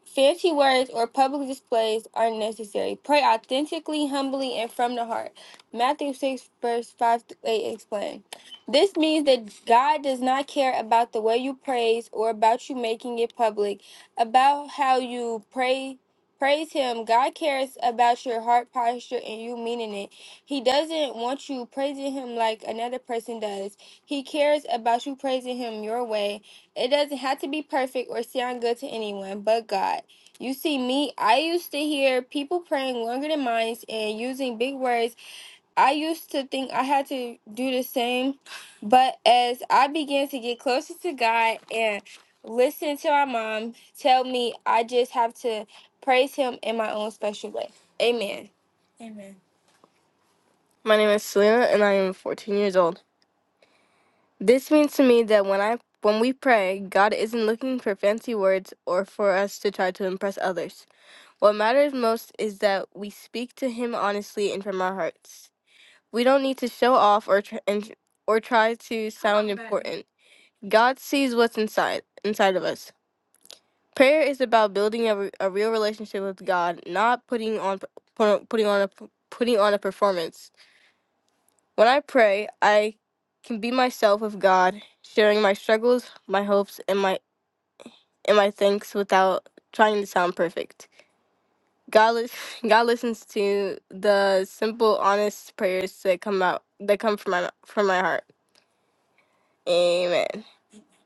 S14: Fancy words or public displays are necessary. Pray authentically, humbly, and from the heart. Matthew 6, verse 5 to 8 explain. This means that God does not care about the way you praise or about you making it public, about how you pray. Praise him. God cares about your heart posture and you meaning it he doesn't want you praising him like another person does. He cares about you praising him your way. It doesn't have to be perfect or sound good to anyone but God. You see, me, I used to hear people praying longer than mine and using big words. I used to think I had to do the same. But as I began to get closer to God and listen to my mom tell me, I just have to praise him in my own special way. Amen. My name is Selena and I am 14 years old. This means to me that when I when we pray, God isn't looking for fancy words or for us to try to impress others. What matters most is that we speak to him honestly and from our hearts. We don't need to show off or tr- and, or try to sound important. God sees what's inside inside of us. Prayer is about building a, re- a real relationship with God, not putting on putting on a putting on a performance. When I pray, I can be myself with God, sharing my struggles, my hopes, and my and my thanks without trying to sound perfect. God, lis- God listens to the simple, honest prayers that come out that come from my from my heart. Amen.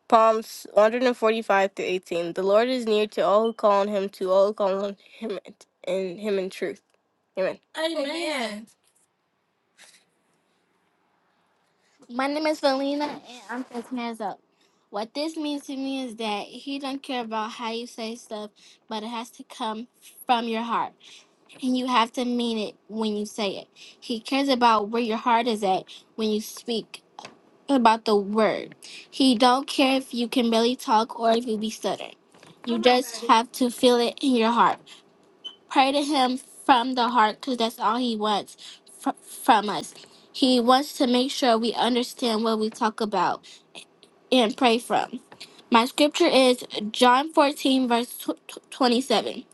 S14: Psalms 145 through 18. The Lord is near to all who call on Him, to all who call on Him and Him in truth. Amen. Amen. My name is Felina, and I'm just hands up. What this means to me is that he don't care about how you say stuff, but it has to come from your heart, and you have to mean it when you say it. He cares about where your heart is at when you speak about the word. He don't care if you can barely talk or if you be stuttering. You just have to feel it in your heart. Pray to Him from the heart because that's all He wants fr- from us. He wants to make sure we understand what we talk about and pray from. My scripture is John 14, verse tw- tw- 27.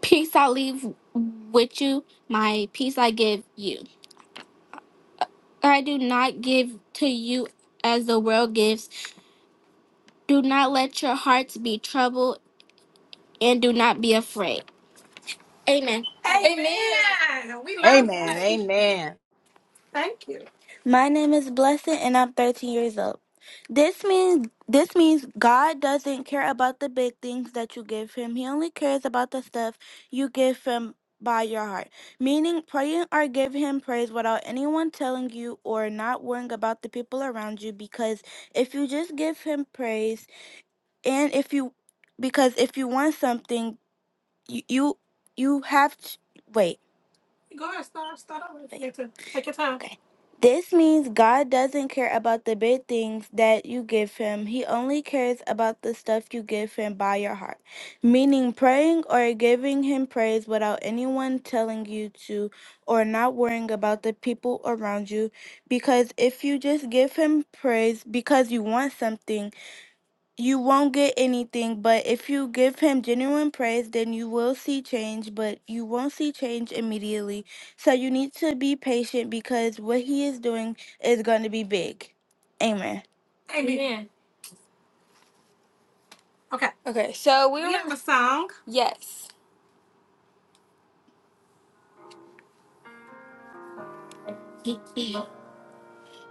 S14: Peace I leave with you, my peace I give you. I do not give to you as the world gives. Do not let your hearts be troubled and do not be afraid. Amen. Amen. We love that.
S2: Amen. Amen.
S14: Thank you. My name is Blessed and I'm 13 years old. This means this means God doesn't care about the big things that you give him. He only cares about the stuff you give him by your heart. Meaning praying or giving him praise without anyone telling you or not worrying about the people around you because if you just give him praise and if you because if you want something you you, you have to wait. Go ahead, start start over. Take your time. Take your time. This means God doesn't care about the big things that you give him. He only cares about the stuff you give him by your heart, meaning praying or giving him praise without anyone telling you to or not worrying about the people around you. Because if you just give him praise because you want something, you won't get anything. But if you give him genuine praise, then you will see change, but you won't see change so you need to be patient because what he is doing is going to be big. Amen. Amen. Okay. Okay, so we We have a song. yes.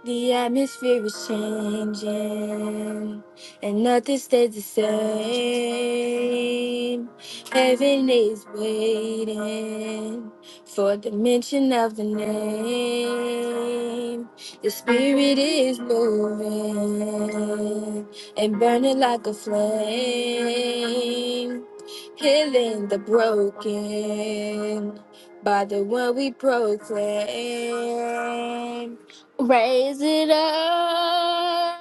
S14: The atmosphere is changing, and nothing stays the same. Heaven is waiting for the mention of the name. The spirit is moving and burning like a flame, healing the broken by the one we proclaim. Raise it up,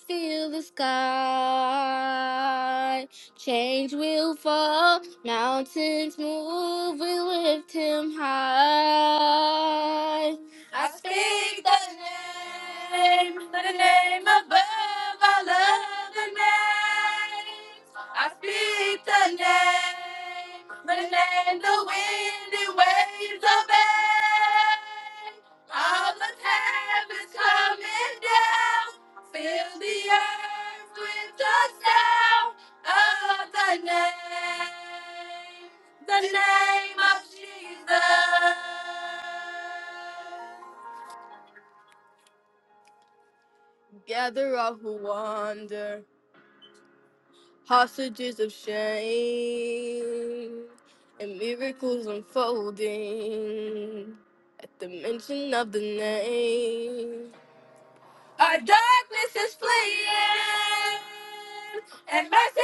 S14: feel the sky. Change will fall, mountains move, we lift him high. I speak the name, the name above, I love the name. I speak the name, the name the wind and waves obey. All of heaven's coming down. Fill the earth with the sound of the name, the name of Jesus. Gather all who wander, hostages of shame, and miracles unfolding. At the mention of the name. Our darkness is fleeing, and mercy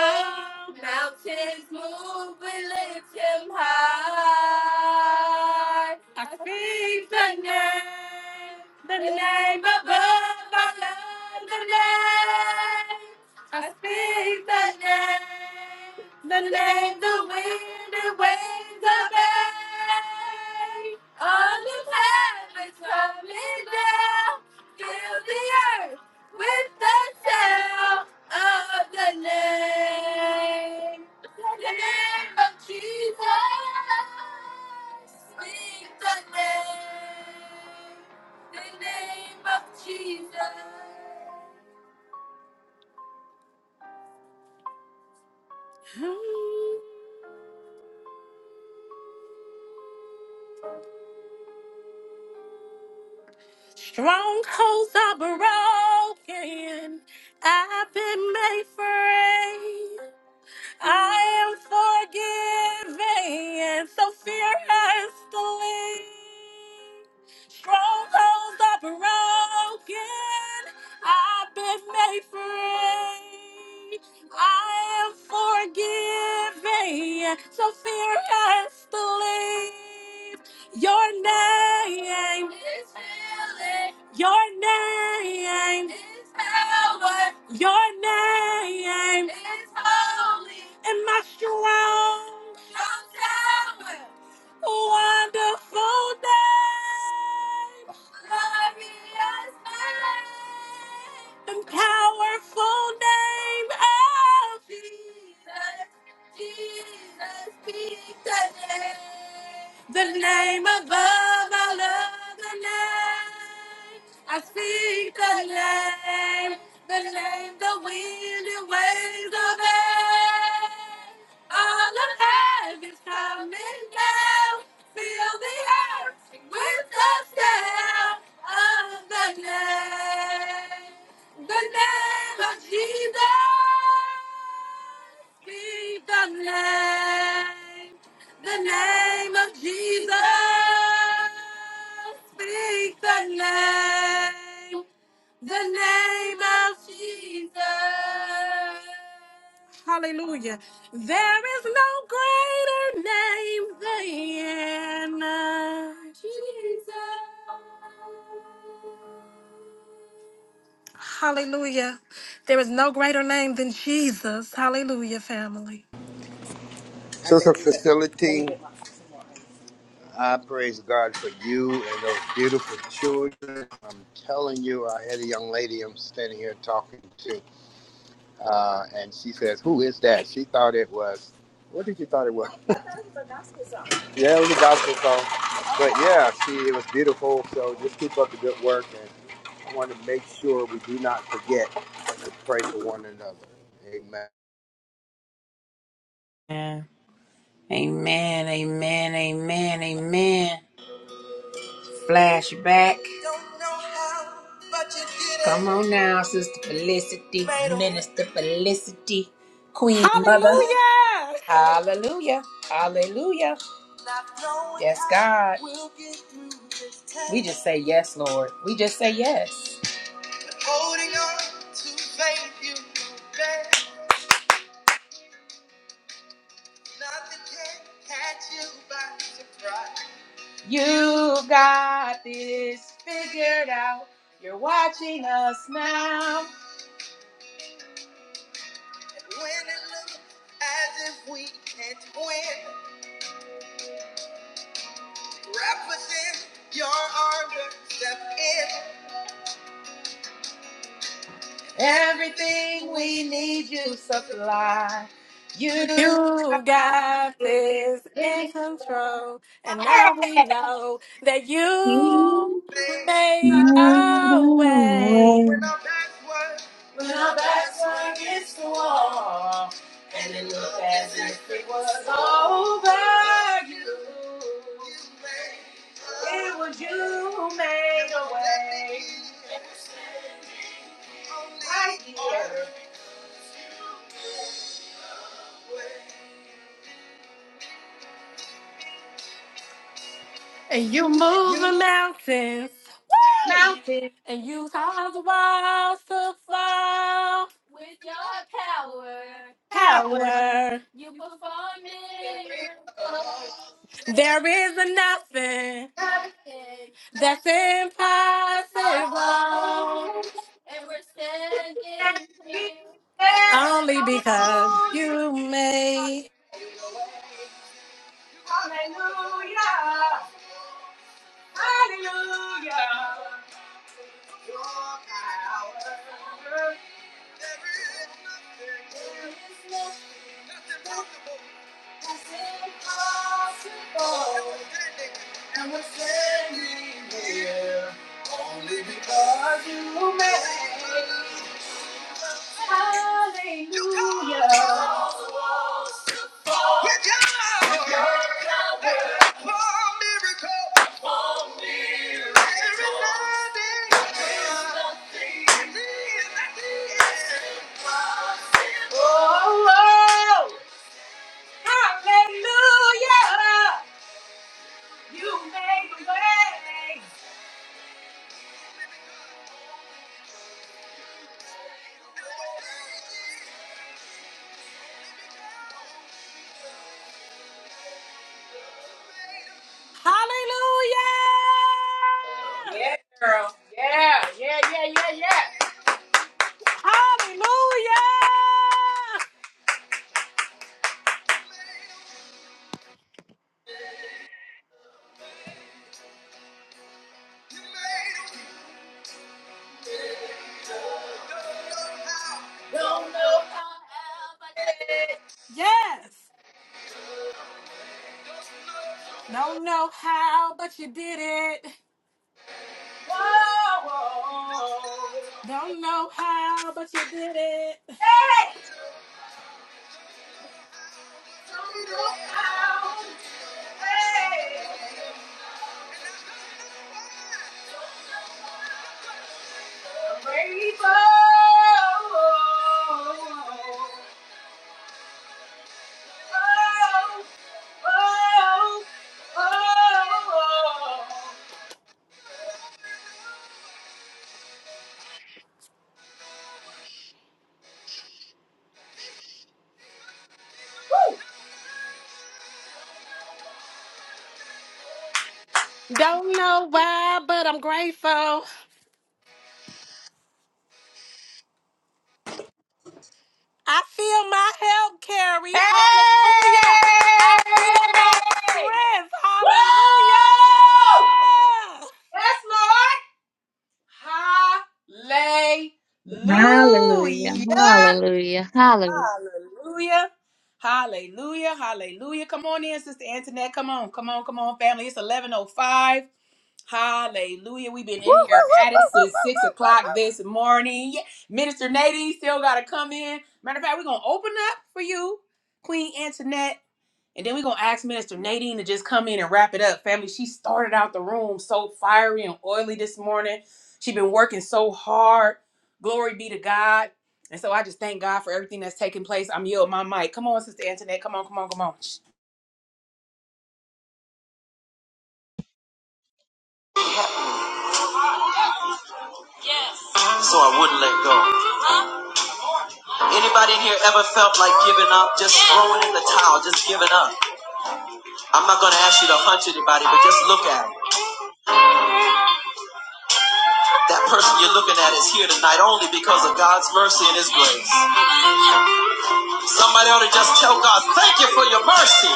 S14: reigns. The name above I love, the name I speak the name. The name the wind and waves obey. All of heaven's coming down. Fill the earth with the sound of the name. The name of Jesus. Speak. saying so fear has to leave. Strongholds are broken. I've been made free. I am forgiven. So fear has to leave. Your name is healing. Your name is power. Your name is power. That I can feel the With the sound of the name, the name of Jesus, be the name, the name of Jesus. Hallelujah. There is no greater name than uh, Jesus. Hallelujah. There is no greater name than Jesus. Hallelujah, family.
S10: Sister Facility, I praise God for you and those beautiful children. I'm telling you, I had a young lady I'm standing here talking to, uh, and she says, "Who is that?" She thought it was. What did you thought it was? Yeah, it was a gospel song. But yeah, see, it was beautiful. So just keep up the good work, and I want to make sure we do not forget to pray for one another. Amen.
S2: Yeah. Amen. Amen. Amen. Amen. Flashback. Don't know how, but you did it. Come on now, Sister Felicity, Made a- Minister Felicity, Queen Mother. Hallelujah. Hallelujah. Not knowing Yes, God. how we'll get through this test. We just say yes, Lord. We just say yes. Holding on to faith, you know You got this figured out. You're watching us now. As if we can't win, wrap us in your arms and step in. Everything we need, you supply. You.
S14: You got things, and now we know that
S13: You
S14: you made
S13: made
S14: a
S13: a
S14: way.
S13: way.
S2: When our backs against the wall, and it looks as if it's over, you, it was you who made a way.
S14: And- and- Hallelujah!
S2: And we say, only Hallelujah, hallelujah. Your power oh, and we're standing here only because you made. Hallelujah. With your with your power, for miracle, every Sunday. I believe, I believe. Hallelujah. Yeah, girl. Yeah, yeah, yeah, yeah, yeah.
S14: Hallelujah!
S2: Don't know
S14: Yes. Don't know how, but you did it.
S2: how.
S14: Don't know how.
S2: Hey, don't know how. Hey, the rainbow. Oh, oh, oh.
S14: Don't know why, but I'm grateful. I feel my help, Carrie. Hallelujah. I feel my
S2: Hey!
S14: strength. Hallelujah.
S2: Oh, that's Lord. Hallelujah.
S13: Hallelujah.
S2: Hallelujah.
S13: Hallelujah. Hallelujah.
S2: Hallelujah. Hallelujah. Come on in, Sister Antoinette. Come on. Come on. Come on, family. It's 11.05. Hallelujah. We've been in here at it since 6 o'clock this morning. Yeah. Minister Nadine still got to come in. Matter of fact, we're going to open up for you, Queen Antoinette. And then we're gonna ask Minister Nadine to just come in and wrap it up. Family, she started out the room so fiery and oily this morning. She's been working so hard. Glory be to God. And so I just thank God for everything that's taking place. I'm yielding my mic. Come on, Sister Antoinette. Come on, come on, come on. Shh.
S15: so I wouldn't let go. Anybody in here ever felt like giving up, just throwing in the towel, just giving up? I'm not going to ask you to hunch anybody, but just look at it. That person you're looking at is here tonight only because of God's mercy and His grace. Somebody ought to just tell God, thank you for your mercy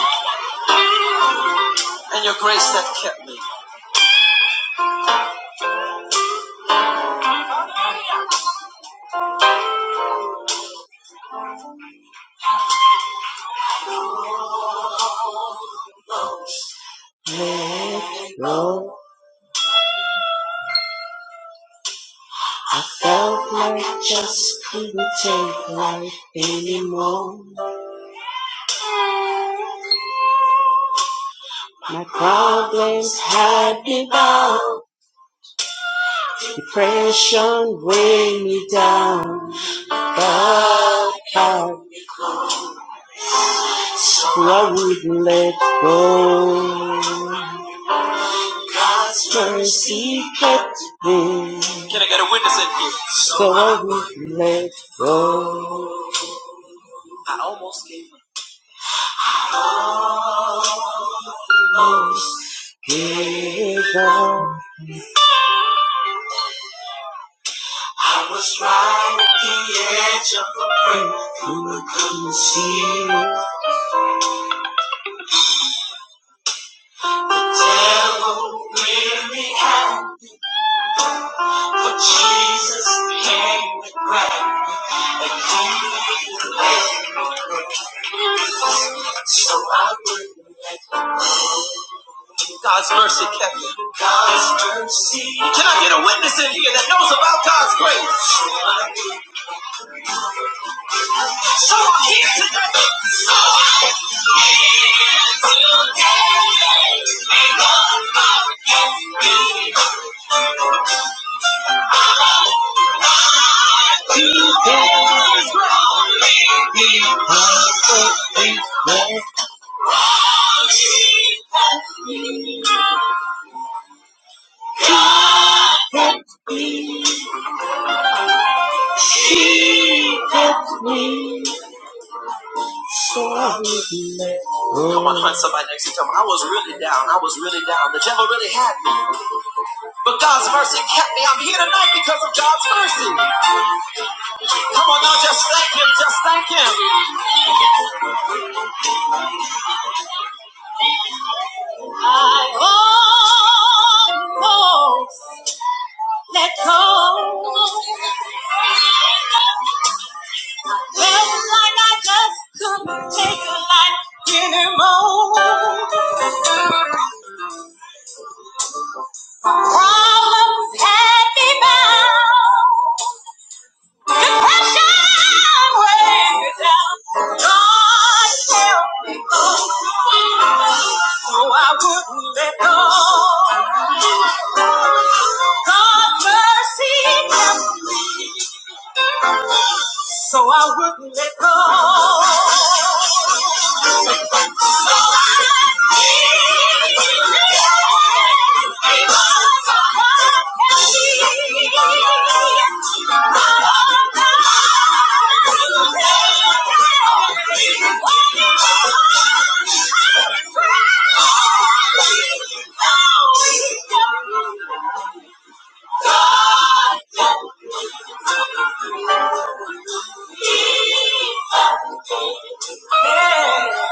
S15: and your grace that kept me. Let go. I felt like just couldn't take life anymore. My problems had me bound. Depression weighed me down, but I wouldn't let go. God's mercy kept me. Can I get a witness in here? So I wouldn't let go. I almost gave up. Almost gave up. I was right at the edge of the brink, but couldn't see. it. Devil made me out, but Jesus came to grab and he left. So I wouldn't let him. God's mercy kept me. Can I get a witness in here that knows about God's grace? Someone here today. So I need today. Ain't no other than Come on, hunt somebody next to you. Tell them, I was really down. I was really down. The devil really had me. But God's mercy kept me. I'm here tonight because of God's mercy. Come on now, just thank Him. Just thank Him. I almost let go. It's like I just couldn't take a life anymore. Problems had me bound. Depression weighing me down. God help me go. Lord, God mercy help me. So I wouldn't let Yeah.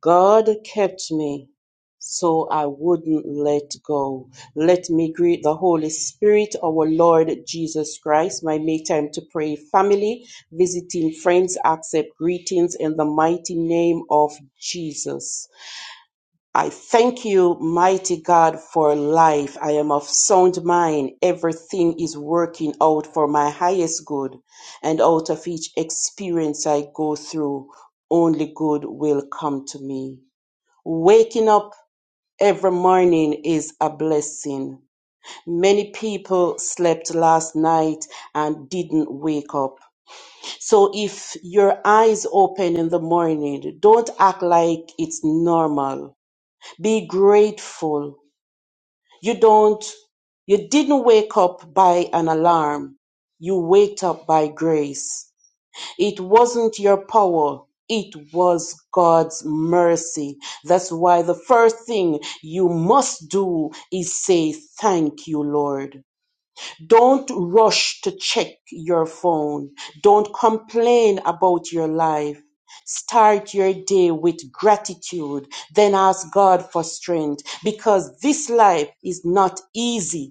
S15: God kept me so I wouldn't let go. Let me greet the Holy Spirit, our Lord Jesus Christ, my make time to pray family, visiting friends, accept greetings in the mighty name of Jesus. I thank you, mighty God, for life. I am of sound mind. Everything is working out for my highest good, and out of each experience I go through, only good will come to me. Waking up every morning is a blessing. Many people slept last night and didn't wake up. So if your eyes open in the morning, don't act like it's normal. Be grateful. You don't you didn't wake up by an alarm. You waked up by grace. It wasn't your power. It was God's mercy. That's why the first thing you must do is say, Thank you, Lord. Don't rush to check your phone. Don't complain about your life. Start your day with gratitude. Then ask God for strength because this life is not easy.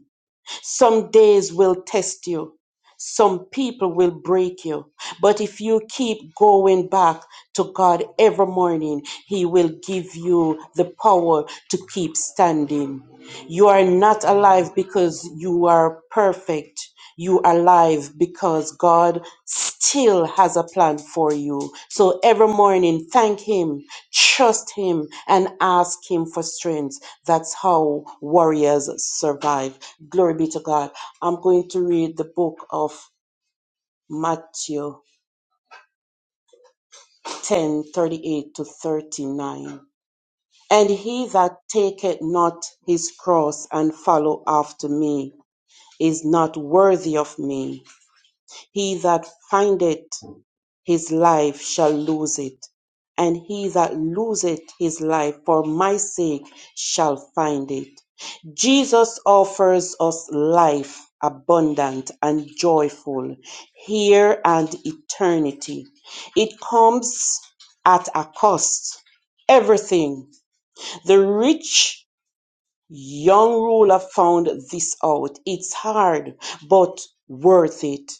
S15: Some days will test you. Some people will break you. But if you keep going back to God every morning, He will give you the power to keep standing. You are not alive because you are perfect. You are alive because God still has a plan for you. So every morning, thank Him, trust Him, and ask Him for strength. That's how warriors survive. Glory be to God. I'm going to read the book of Matthew 10:38 to 39. And he that taketh not his cross and follow after me is not worthy of me. He that findeth his life shall lose it, and he that loseth his life for my sake shall find it. Jesus offers us life abundant and joyful here and eternity. It comes at a cost. Everything. The rich Young ruler found this out. It's hard, but worth it.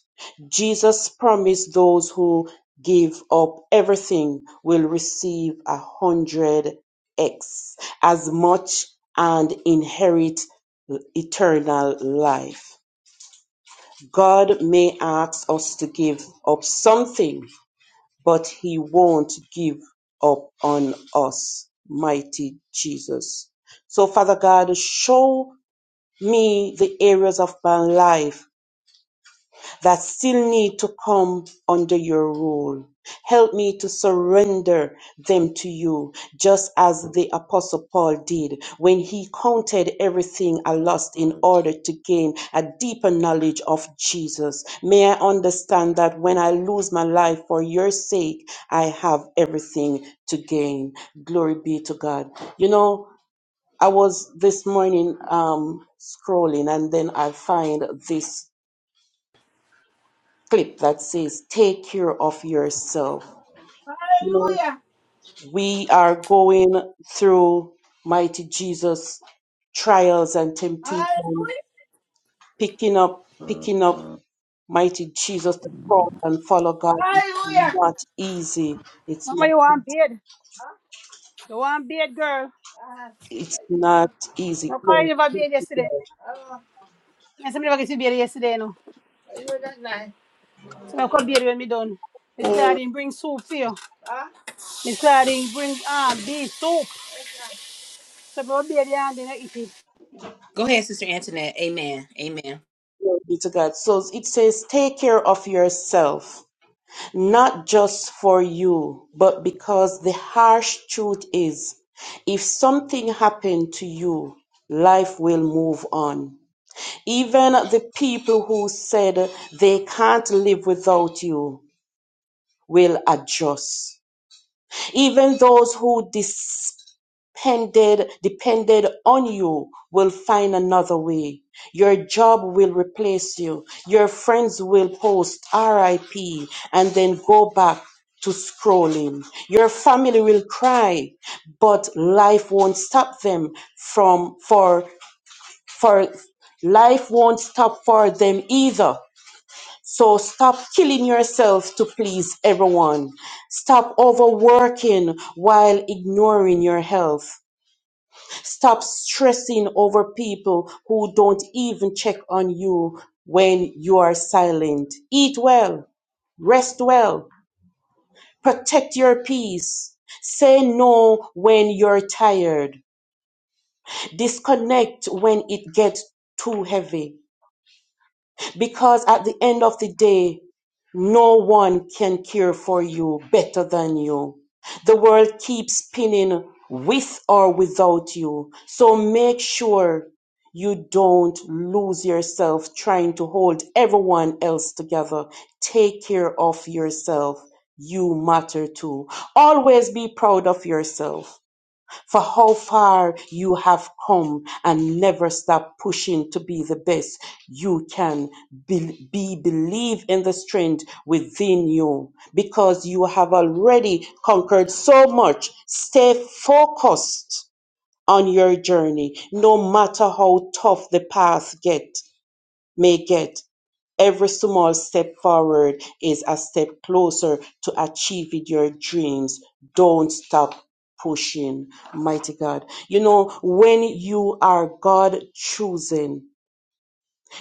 S15: Jesus promised those who give up everything will receive a hundred X as much and inherit eternal life. God may ask us to give up something, but He won't give up on us, mighty Jesus. So, Father God, show me the areas of my life that still need to come under your rule. Help me to surrender them to you, just as the Apostle Paul did when he counted everything I lost in order to gain a deeper knowledge of Jesus. May I understand that when I lose my life for your sake, I have everything to gain. Glory be to God. You know, I was this morning um, scrolling and then I find this clip that says, Take care of yourself. You know, we are going through mighty Jesus trials and temptation, picking up, picking up mighty Jesus the cross and follow God. It's
S1: Hallelujah.
S15: not easy. It's
S1: Mama,
S15: not,
S1: you want bed? You want bed, girl?
S15: it's not easy.
S1: No, I
S15: Glory
S1: never
S15: be
S1: bed
S15: to
S1: yesterday.
S15: God.
S1: I never get to bed yesterday, no. So I come here when me done. Me say
S15: Oh,
S1: I not bring soup for you. Me say I did bring um, beef soup. So I'm my baby and then I eat it.
S2: Go ahead, Sister Antoinette. Amen. Amen.
S15: glory be to God. So it says, Take care of yourself Not just for you, but because the harsh truth is, if something happened to you, life will move on. Even the people who said they can't live without you will adjust. Even those who dis- depended depended on you will find another way. Your job will replace you. Your friends will post RIP and then go back to scrolling. Your family will cry, but life won't stop them from for for life won't stop for them either. So stop killing yourself to please everyone. Stop overworking while ignoring your health. Stop stressing over people who don't even check on you when you are silent. Eat well, rest well, protect your peace. Say no when you're tired. Disconnect when it gets too heavy. Because at the end of the day, no one can care for you better than you. The world keeps spinning with or without you. So make sure you don't lose yourself trying to hold everyone else together. Take care of yourself. You matter too. Always be proud of yourself for how far you have come and never stop pushing to be the best you can be, be believe in the strength within you because you have already conquered so much stay focused on your journey no matter how tough the path get may get Every small step forward is a step closer to achieving your dreams. Don't stop pushing. Mighty God. You know, when you are God chosen,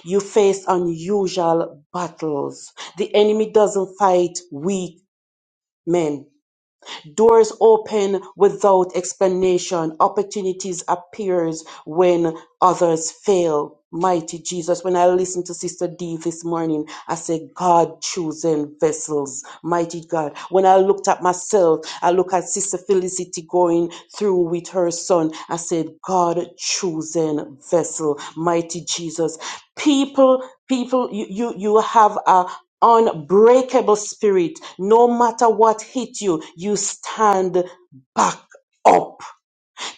S15: you face unusual battles. The enemy doesn't fight weak men. Doors open without explanation. Opportunities appears when others fail. Mighty Jesus, when I listened to Sister D this morning, I said, God chosen vessels. Mighty God. When I looked at myself, I look at Sister Felicity going through with her son. I said, God chosen vessel. Mighty Jesus. People, people, you, you, you have a, unbreakable spirit. No matter what hit you, you stand back up.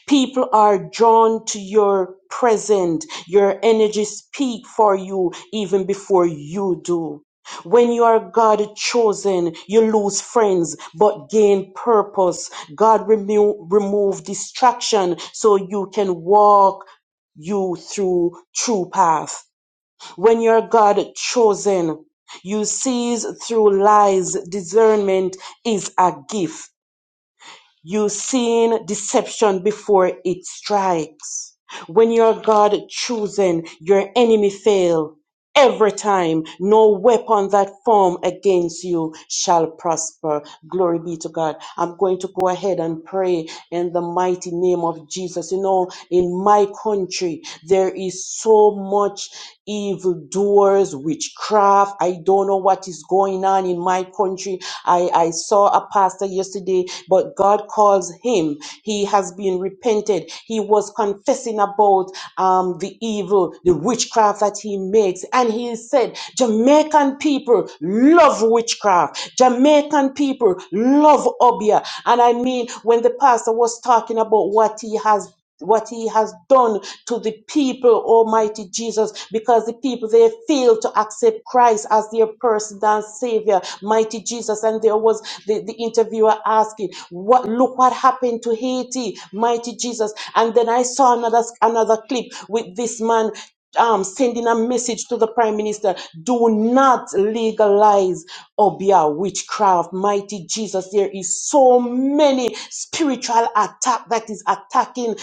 S15: People are drawn to your present. Your energy speak for you even before you do. When you are God chosen, you lose friends but gain purpose. God remove remove distraction so you can walk you through true path. When you're God chosen, you sees through lies. Discernment is a gift. You seen deception before it strikes. When you're God chosen, your enemy fail. Every time, no weapon that form against you shall prosper. Glory be to God. I'm going to go ahead and pray in the mighty name of Jesus. You know, in my country, there is so much evildoers, witchcraft. I don't know what is going on in my country. I, I saw a pastor yesterday, but God calls him. He has been repented. He was confessing about um, the evil, the witchcraft that he makes. And he said, Jamaican people love witchcraft. Jamaican people people love Obia. And I mean, when the pastor was talking about what he has what he has done to the people, Almighty Jesus, because the people they fail to accept Christ as their personal savior, mighty Jesus. And there was the, the interviewer asking, What look what happened to Haiti, mighty Jesus. And then I saw another another clip with this man um, sending a message to the prime minister do not legalize obia witchcraft mighty jesus there is so many spiritual attack that is attacking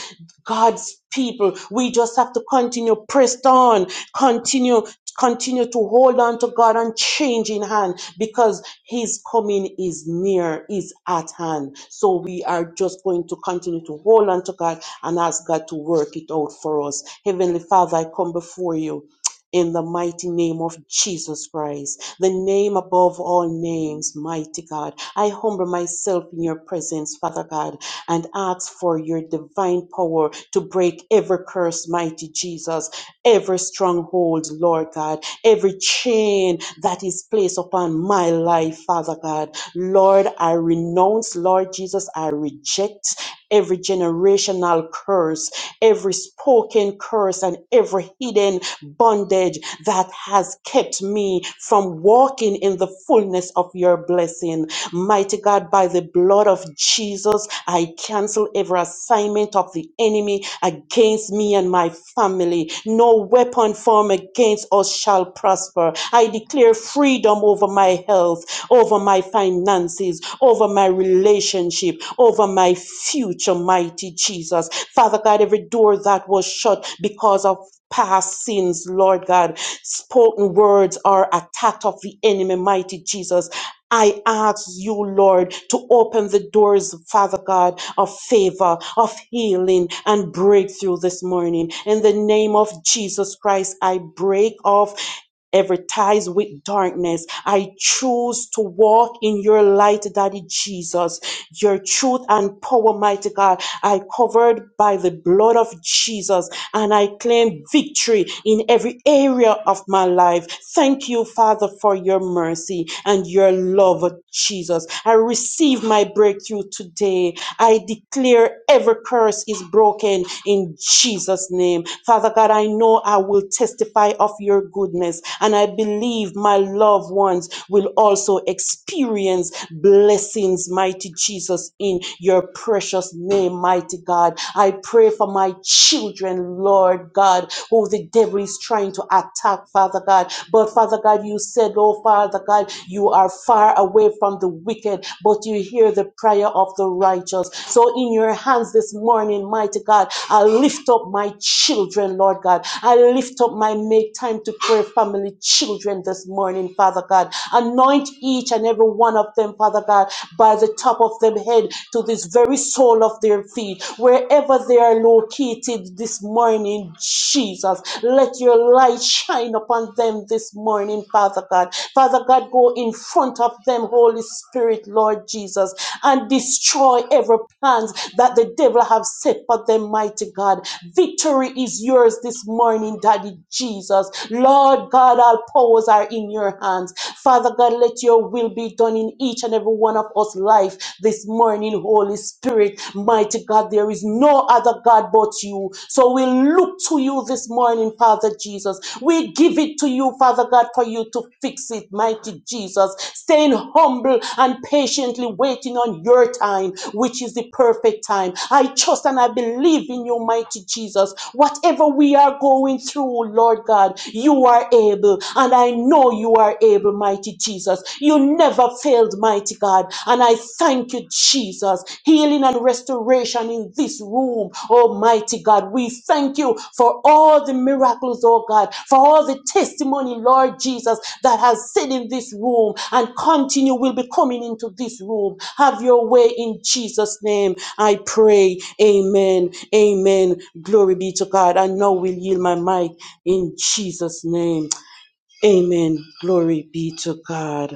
S15: god's people we just have to continue pressed on continue Continue to hold on to God and change in hand because His coming is near, is at hand. So we are just going to continue to hold on to God and ask God to work it out for us. Heavenly Father, I come before you in the mighty name of Jesus Christ, the name above all names, mighty God. I humble myself in your presence, Father God, and ask for your divine power to break every curse, mighty Jesus every stronghold, Lord God, every chain that is placed upon my life, Father God. Lord, I renounce, Lord Jesus, I reject every generational curse, every spoken curse, and every hidden bondage that has kept me from walking in the fullness of your blessing. Mighty God, by the blood of Jesus, I cancel every assignment of the enemy against me and my family. No weapon formed against us shall prosper. I declare freedom over my health, over my finances, over my relationship, over my future, mighty Jesus. Father God, every door that was shut because of past sins, Lord God, spoken words are attacked of the enemy, mighty Jesus. I ask you, Lord, to open the doors, Father God, of favor, of healing, and breakthrough this morning. In the name of Jesus Christ, I break off every ties with darkness. I choose to walk in your light, Daddy Jesus your truth and power, mighty God. I covered by the blood of Jesus and I claim victory in every area of my life. Thank you, Father, for your mercy and your love, Jesus. I receive my breakthrough today. I declare every curse is broken in Jesus' name. Father God, I know I will testify of your goodness and I believe believe my loved ones will also experience blessings, mighty Jesus, in your precious name, mighty God. I pray for my children, Lord God, who the devil is trying to attack, Father God. But Father God, you said, Oh Father God, you are far away from the wicked, but you hear the prayer of the righteous. So in your hands this morning, mighty God, I lift up up my children, Lord God. I lift up my make time to pray family children this morning, Father God. Anoint each and every one of them, Father God, by the top of their head to this very sole of their feet, wherever they are located this morning, Jesus. Let your light shine upon them this morning, Father God. Father God, go in front of them, Holy Spirit, Lord Jesus and destroy every plans that the devil have set for them, mighty God. Victory is yours this morning, Daddy Jesus. Lord God, all powers are in your hands. Father God, let your will be done in each and every one of us life this morning, Holy Spirit. Mighty God, there is no other God but you. So we look to you this this morning, Father Jesus. We give it to you, Father God, for you to fix it, mighty Jesus. Staying humble and patiently waiting on your time, which is the perfect time. I trust and I believe in you, mighty Jesus. Whatever we are going through, Lord God, you are able. And I know you are able, mighty Jesus. You never failed, mighty God. And I thank you, Jesus. Healing and restoration in this room, almighty God. We thank you for all the miracles, oh God, for all the testimony, Lord Jesus, that has sit in this room and continue will be coming into this room. Have your way in Jesus' name. I pray. Amen. Amen. Glory be to God. And now we'll yield my mic in Jesus' name. Amen. Glory be to God.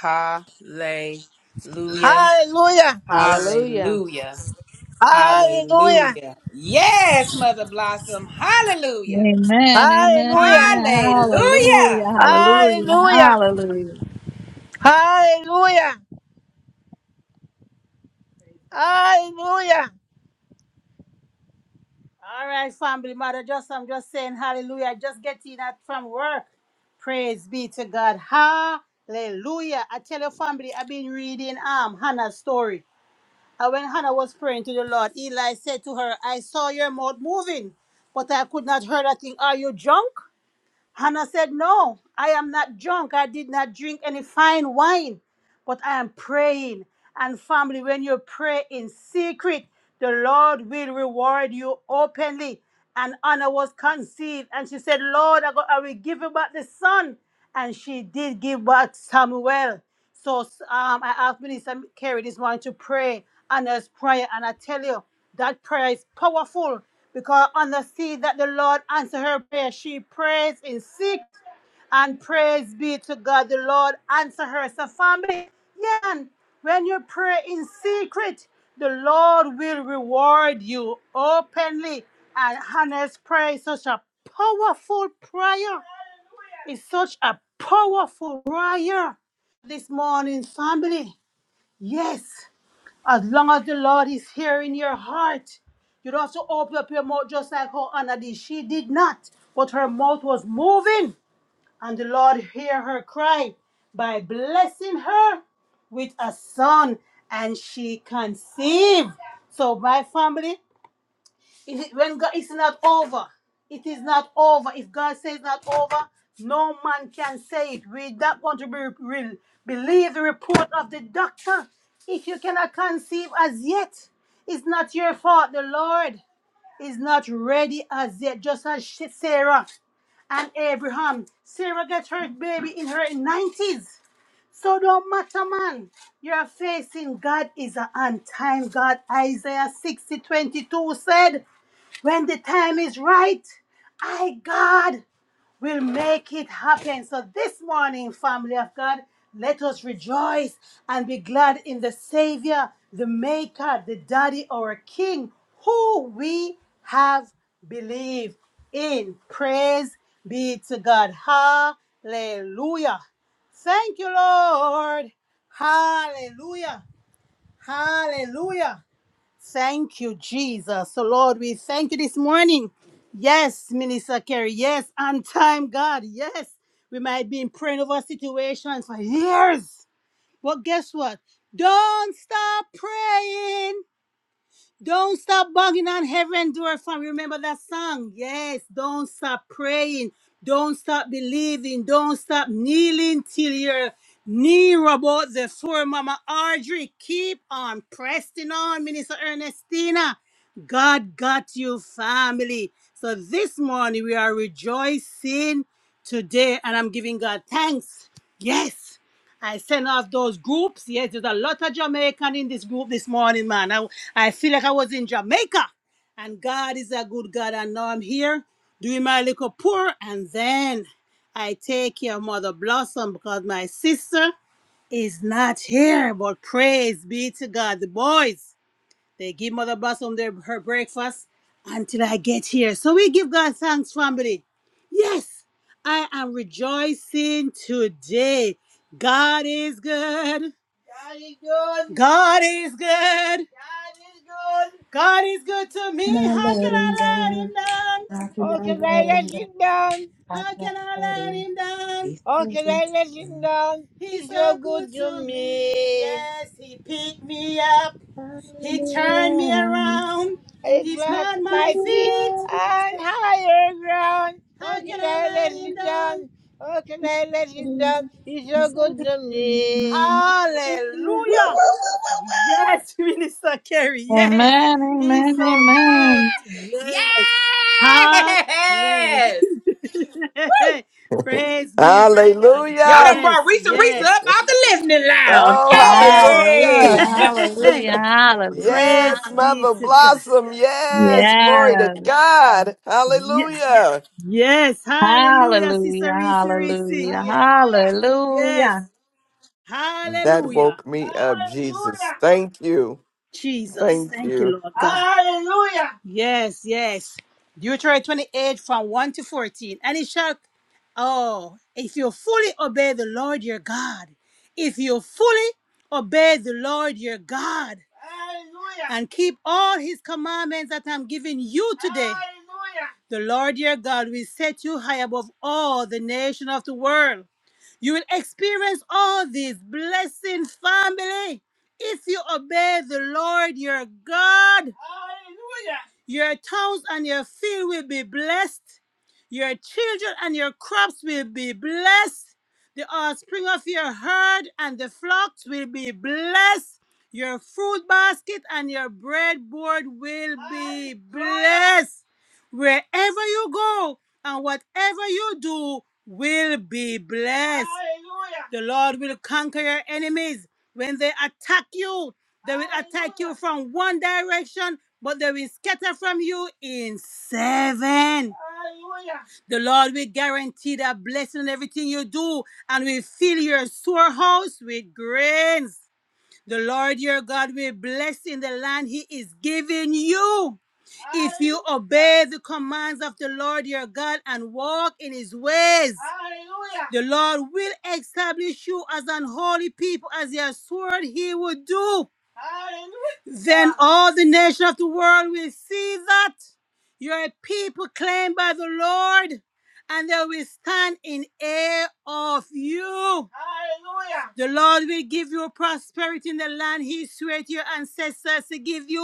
S2: Hallelujah.
S1: Hallelujah.
S11: Hallelujah.
S2: Hallelujah.
S1: Hallelujah.
S2: Hallelujah. Yes, Mother Blossom. Hallelujah.
S13: Amen. Amen.
S1: Hallelujah.
S13: Amen. Hallelujah.
S2: Hallelujah.
S13: Hallelujah.
S1: Hallelujah.
S13: Hallelujah.
S1: Hallelujah. Hallelujah. All right, family, mother, just I'm just saying hallelujah. I Just getting out from work. Praise be to God. Hallelujah. I tell your family, I've been reading um Hannah's story. And when Hannah was praying to the Lord, Eli said to her, I saw your mouth moving, but I could not hear a thing. Are you drunk? Hannah said, No, I am not drunk. I did not drink any fine wine. But I am praying. And family, when you pray in secret, the Lord will reward you openly. And Anna was conceived, and she said, Lord, I, go, I will give you back the son. And she did give back Samuel. So um, I asked Minister Kerry this morning to pray Anna's prayer, and I tell you, that prayer is powerful because Anna sees that the Lord answered her prayer. She prays in secret and praise be to God, the Lord answer her. So, family, yeah, and when you pray in secret, the Lord will reward you openly. And Hannah's prayer is such a powerful prayer. It's such a powerful prayer this morning, family. Yes, as long as the Lord is here in your heart, you don't have to open up your mouth just like how Anna did. She did not, but her mouth was moving and the Lord heard her cry by blessing her with a son, and she conceived. So, my family, is it, when God it's not over, it is not over. If God says not over, no man can say it. We don't want to be, re- believe the report of the doctor. If you cannot conceive as yet, it's not your fault. The Lord is not ready as yet, just as she, Sarah and Abraham. Sarah got her baby in her 90s. So don't matter, man. You're facing God is a on time God. Isaiah 60 22 said, When the time is right, I, God will make it happen. So this morning, family of God, let us rejoice and be glad in the Savior, the Maker, the Daddy, our King, who we have believed in. Praise be to God. Hallelujah. Thank you, Lord. Hallelujah. Hallelujah. Thank you, Jesus. So, Lord, we thank you this morning. Yes, Minister Kerry. Yes, on time, God. Yes, we might be in praying over situations for years. But guess what? Don't stop praying. Don't stop banging on heaven door from remember that song. Yes, don't stop praying. Don't stop believing. Don't stop kneeling till you're near about the floor, Mama Audrey. Keep on pressing on, Minister Ernestina. God got you, family. So this morning we are rejoicing today, and I'm giving God thanks. Yes. I sent off those groups. Yes, there's a lot of Jamaican in this group this morning, man. I, I feel like I was in Jamaica. And God is a good God. And now I'm here doing my little pour. And then I take care of Mother Blossom because my sister is not here. But praise be to God. The boys. They give Mother Blossom their, her breakfast until I get here. So we give God thanks, family. Yes, I am rejoicing today. God is good. God is good. God is good. God is good. God is good to me. How can I let him down? How can I let him down? How can I let him down? How can I let him down? He's, so so good, good to to me. me. Yes, he picked me up. He turned me around. He planted
S2: Yes!
S1: my my feet on higher ground. How Oh, can I let him you down? How can I let you down? He's so good to me. Hallelujah. Yes, Minister Kerry. Yes.
S13: Amen, amen,
S1: He's so good.
S13: amen.
S1: Yes. Hallelujah. Praise be to God.
S2: Y'all
S16: Hallelujah.
S2: done
S1: Yes,
S2: brought Risa Risa
S1: yes.
S2: up out the listening lounge.
S16: Oh,
S13: Hallelujah,
S16: hallelujah.
S2: Hey! Girl,
S13: hallelujah, hallelujah.
S16: Yes,
S1: Praise be
S16: Mother
S1: to God.
S16: Blossom. Yes, glory to God. Hallelujah.
S1: Yes, hallelujah, Sister Reese
S13: hallelujah.
S1: Reese. Hallelujah. Yes,
S16: That
S1: hallelujah.
S16: woke me up, Jesus.
S1: Hallelujah.
S16: Thank you.
S1: Jesus.
S16: Thank
S1: Thank
S16: you.
S1: you, Lord God. Hallelujah. Yes, yes. Deuteronomy 28 from 1 to 14. And it shall, oh, if you fully obey the Lord your God, if you fully obey the Lord your God Hallelujah. and keep all his commandments that I'm giving you today, Hallelujah. the Lord your God will set you high above all the nation of the world. You will experience all these blessings, family, if you obey the Lord your God. Hallelujah. Your towns and your field will be blessed. Your children and your crops will be blessed. The offspring of your herd and the flocks will be blessed. Your fruit basket and your breadboard will be blessed. Wherever you go, and whatever you do will be blessed. Hallelujah. The Lord will conquer your enemies. When they attack you, they will attack you from one direction, but they will scatter from you in seven. Hallelujah. The Lord will guarantee that blessing in everything you do and will fill your storehouse with grains. The Lord your God will bless in the land he is giving you. If you obey the commands of the Lord your God and walk in his ways, Hallelujah. the Lord will establish you as an holy people, as he has sworn he would do. Hallelujah. Then all the nations of the world will see that you're a people claimed by the Lord, and they will stand in awe of you. Hallelujah. The Lord will give you prosperity in the land He swore to your ancestors to give you,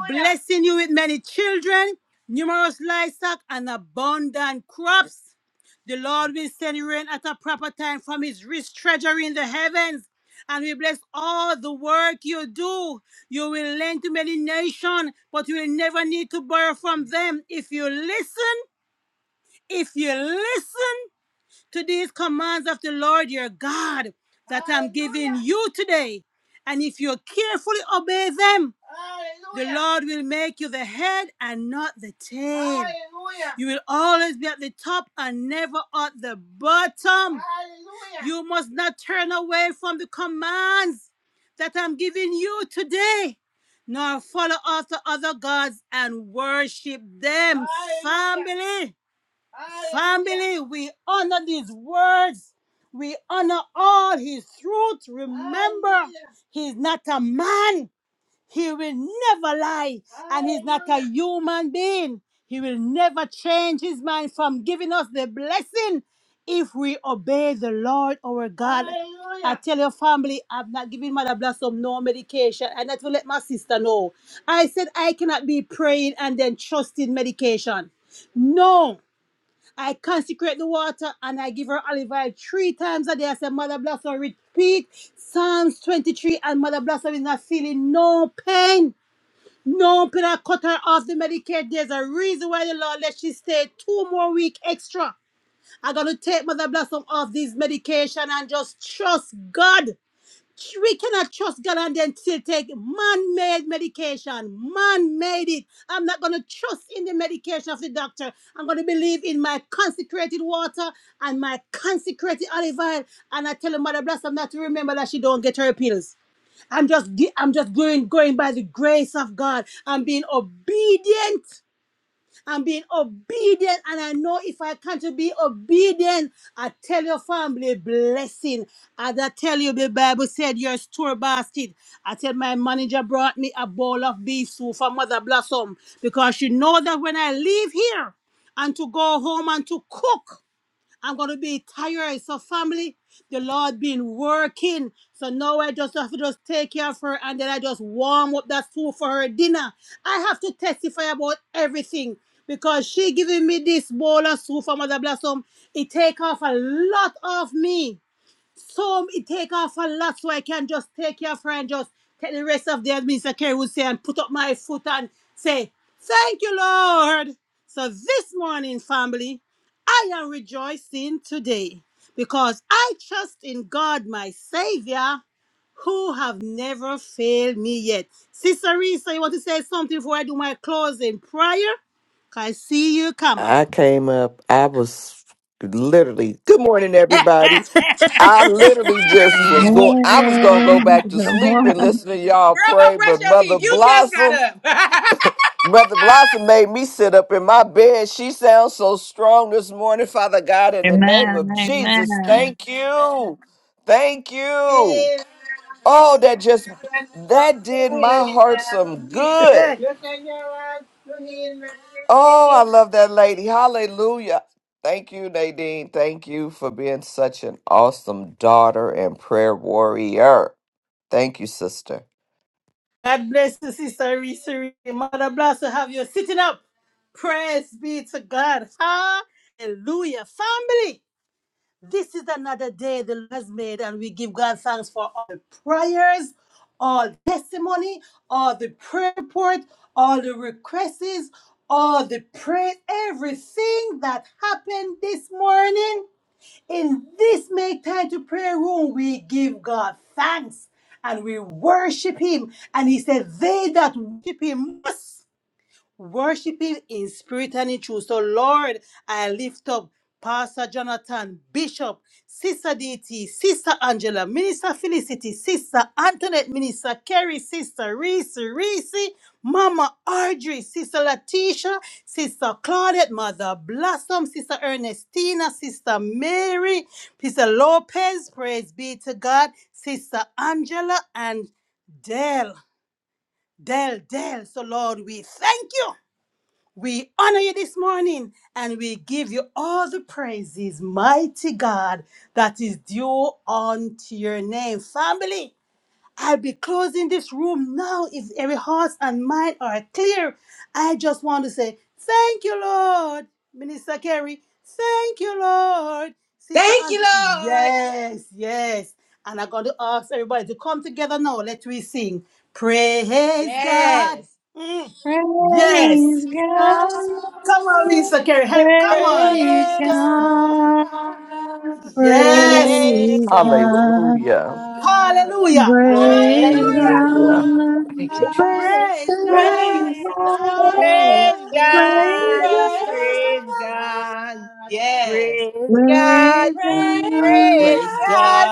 S1: Hallelujah. blessing you with many children, numerous livestock, and abundant crops. The Lord will send rain at a proper time from His rich treasury in the heavens. And we bless all the work you do. You will lend to many nations, but you will never need to borrow from them if you listen if you listen to these commands of the Lord your God that I'm giving you today. And if you carefully obey them, the Lord will make you the head and not the tail. Hallelujah. You will always be at the top and never at the bottom. Hallelujah. You must not turn away from the commands that I'm giving you today nor follow after other gods and worship them. Hallelujah. Family, Family, we honor these words. We honor all his truth. Remember, he's not a man. He will never lie. And he's not a human being. He will never change his mind from giving us the blessing if we obey the Lord our God. I tell your family, I'm not giving Mother Blossom no medication. And that will let my sister know. I said I cannot be praying and then trusting medication. No. I consecrate the water and I give her olive oil three times a day. I said, Mother Blossom, repeat Psalms 23, and Mother Blossom is not feeling no pain. No pain. I cut her off the Medicare. There's a reason why the Lord let she stay two more week extra. I'm going to take Mother Blossom off this medication and just trust God. We cannot trust God and then still take man made medication. Man made it. I'm not going to trust in the medication of the doctor. I'm going to believe in my consecrated water and my consecrated olive oil. And I tell her, Mother Blossom not to remember that she don't get her pills. I'm just, gi- I'm just going, going by the grace of God. I'm being obedient I'm being obedient, and I know if I can to be obedient, I tell your family blessing. As I tell you, the Bible said your store basket. I said my manager brought me a bowl of beef soup for Mother Blossom because she know that when I leave here and to go home and to cook. I'm going to be tired. So, family, the Lord been working. So now I just have to just take care of her and then I just warm up that food for her dinner. I have to testify about everything because she giving me this bowl of soup for Mother Blossom. It take off a lot of me. Some it take off a lot so I can just take your friend, just take the rest of the as Minister Kerry would say and put up my foot and say, Thank you, Lord. So this morning, family, I am rejoicing today because I trust in God, my Savior, who have never failed me yet. Sister Risa, you want to say something before I do my closing prayer? 'Cause I see you come up.
S16: I came up, I was literally, good morning, everybody. I literally just
S13: Good
S16: was going, I was going to go
S13: morning.
S16: back to
S13: Good
S16: sleep and
S13: morning.
S16: listen to y'all pray,
S2: don't brush
S16: but
S2: your
S16: Mother
S2: teeth. You just got
S16: Blossom.
S2: up.
S16: Brother Blossom made me sit up in my bed. She sounds so strong this morning, Father God, in the name
S13: Amen,
S16: of Jesus.
S13: amen.
S16: Thank you. Thank you. Oh, that just that did my heart some good.
S1: Hey. You can hear us to heal
S16: Oh,
S1: me.
S16: I love that lady. Hallelujah. Thank you, Nadine. Thank you for being such an awesome daughter and prayer warrior. Thank you, sister.
S1: God bless you, Sister Reese. Reese. Mother bless to have you sitting up. Praise be to God. Hallelujah. Family, this is another day the Lord has made, and we give God thanks for all the prayers, all testimony, all the prayer report, all the requests, all the praise, everything that happened this morning. In this Make Time to Pray room, we give God thanks and we worship Him. And He said, They that worship Him must. Worship him in spirit and in truth. So, Lord, I lift up Pastor Jonathan, Bishop, Sister DT, Sister Angela, Minister Felicity, Sister Antoinette, Minister Kerry, Sister Reese, Reese, Mama Audrey, Sister Letitia, Sister Claudette, Mother Blossom, Sister Ernestina, Sister Mary, Sister Lopez, praise be to God, Sister Angela, and Dell, Dell, Dell. So, Lord, we thank you. We honor you this morning and we give you all the praises, mighty God, that is due unto your name. Family, I'll be closing this room now if every heart and mind are clear. I just want to say, Thank you, Lord. Minister Kerry, thank you, Lord. Sister
S2: Thank you,
S1: Andrew,
S2: Lord.
S1: yes, yes. And I'm going to ask everybody to come together now. Let we sing. Praise God.
S2: Yes.
S1: Mm, Yes.
S13: Praise God,
S1: Come on, Mr. Kerry. Hey, come on.
S13: praise God,
S1: Yes.
S7: Praise
S2: Praise
S13: praise God,
S7: God,
S16: Hallelujah.
S2: God. Praise
S1: Hallelujah.
S2: God.
S11: Praise
S13: praise God, praise
S7: praise
S1: Hallelujah.
S7: God,
S11: God.
S16: Hallelujah.
S13: God,
S16: Thank you,
S2: God,
S16: Jesus.
S11: Praise
S1: Praise
S11: God.
S1: God.
S13: praise
S7: praise
S2: praise
S13: God.
S7: God,
S11: Praise
S1: Praise
S2: God,
S11: God.
S1: God.
S7: praise
S2: praise
S7: God,
S1: Praise
S2: God.
S1: God.
S2: Yes,
S1: Praise God.
S13: Praise
S16: Thank you,
S2: praise
S7: praise God, praise
S13: God,
S1: Praise
S16: Jesus.
S2: God,
S1: God.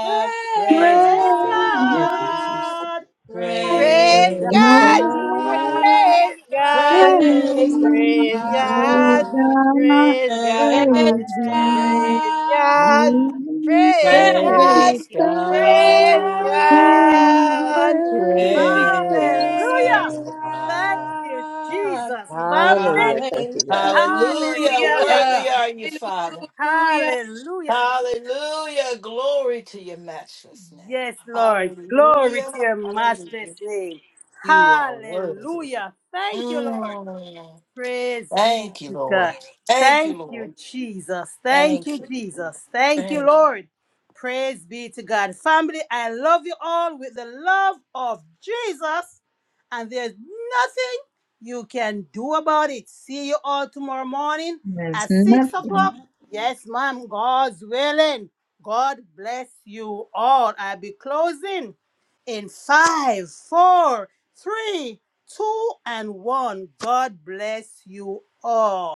S2: praise
S1: Praise
S7: God,
S13: praise
S16: Thank you,
S2: God,
S16: Jesus.
S1: God.
S2: praise
S1: Praise
S11: Praise
S2: God,
S7: praise
S1: God.
S13: Praise God,
S11: God.
S1: Praise God.
S13: praise
S1: Yes.
S2: praise
S13: God,
S1: Praise
S11: Praise
S13: praise
S1: God.
S11: God.
S2: God,
S13: God,
S1: Praise
S7: God,
S2: praise
S1: God.
S13: praise
S7: praise
S1: Yes.
S7: God. praise
S13: God,
S1: Praise God.
S7: God.
S2: God,
S13: praise God,
S1: Praise
S13: praise
S1: God.
S11: Praise
S7: Praise
S2: praise
S1: Praise
S7: God.
S11: God,
S13: God.
S2: God,
S1: God.
S11: praise
S7: Praise
S1: Hallelujah.
S2: Praise
S11: God,
S1: Thank
S7: God.
S1: you,
S2: God.
S1: Jesus. Family.
S11: Hallelujah. Thank you,
S2: Hallelujah.
S11: God.
S7: Hallelujah.
S1: Hallelujah.
S7: Worthy are you, Father.
S2: Hallelujah.
S1: Hallelujah.
S7: Hallelujah. Glory to your matchless name.
S1: Yes, Lord. Glory
S7: Hallelujah.
S1: to your matchless
S7: Hallelujah.
S1: name.
S7: You are worthy.
S1: Hallelujah. Thank you, Lord.
S7: Mm.
S1: Praise be
S7: Thank you,
S1: to God.
S7: Lord. Thank you,
S1: Thank you,
S7: Lord.
S1: Jesus. Thank
S7: Thank
S1: you,
S7: you.
S1: Jesus. Thank
S7: Thank you.
S1: you, Lord. Praise be to God. Family, I love you all with the love of Jesus, and there's nothing you can do about it. See you all tomorrow morning
S13: There's
S1: at 6
S13: nothing
S1: o'clock. Yes, ma'am. God's willing. God bless you all. I'll be closing in five, four, three two and one. God bless you all.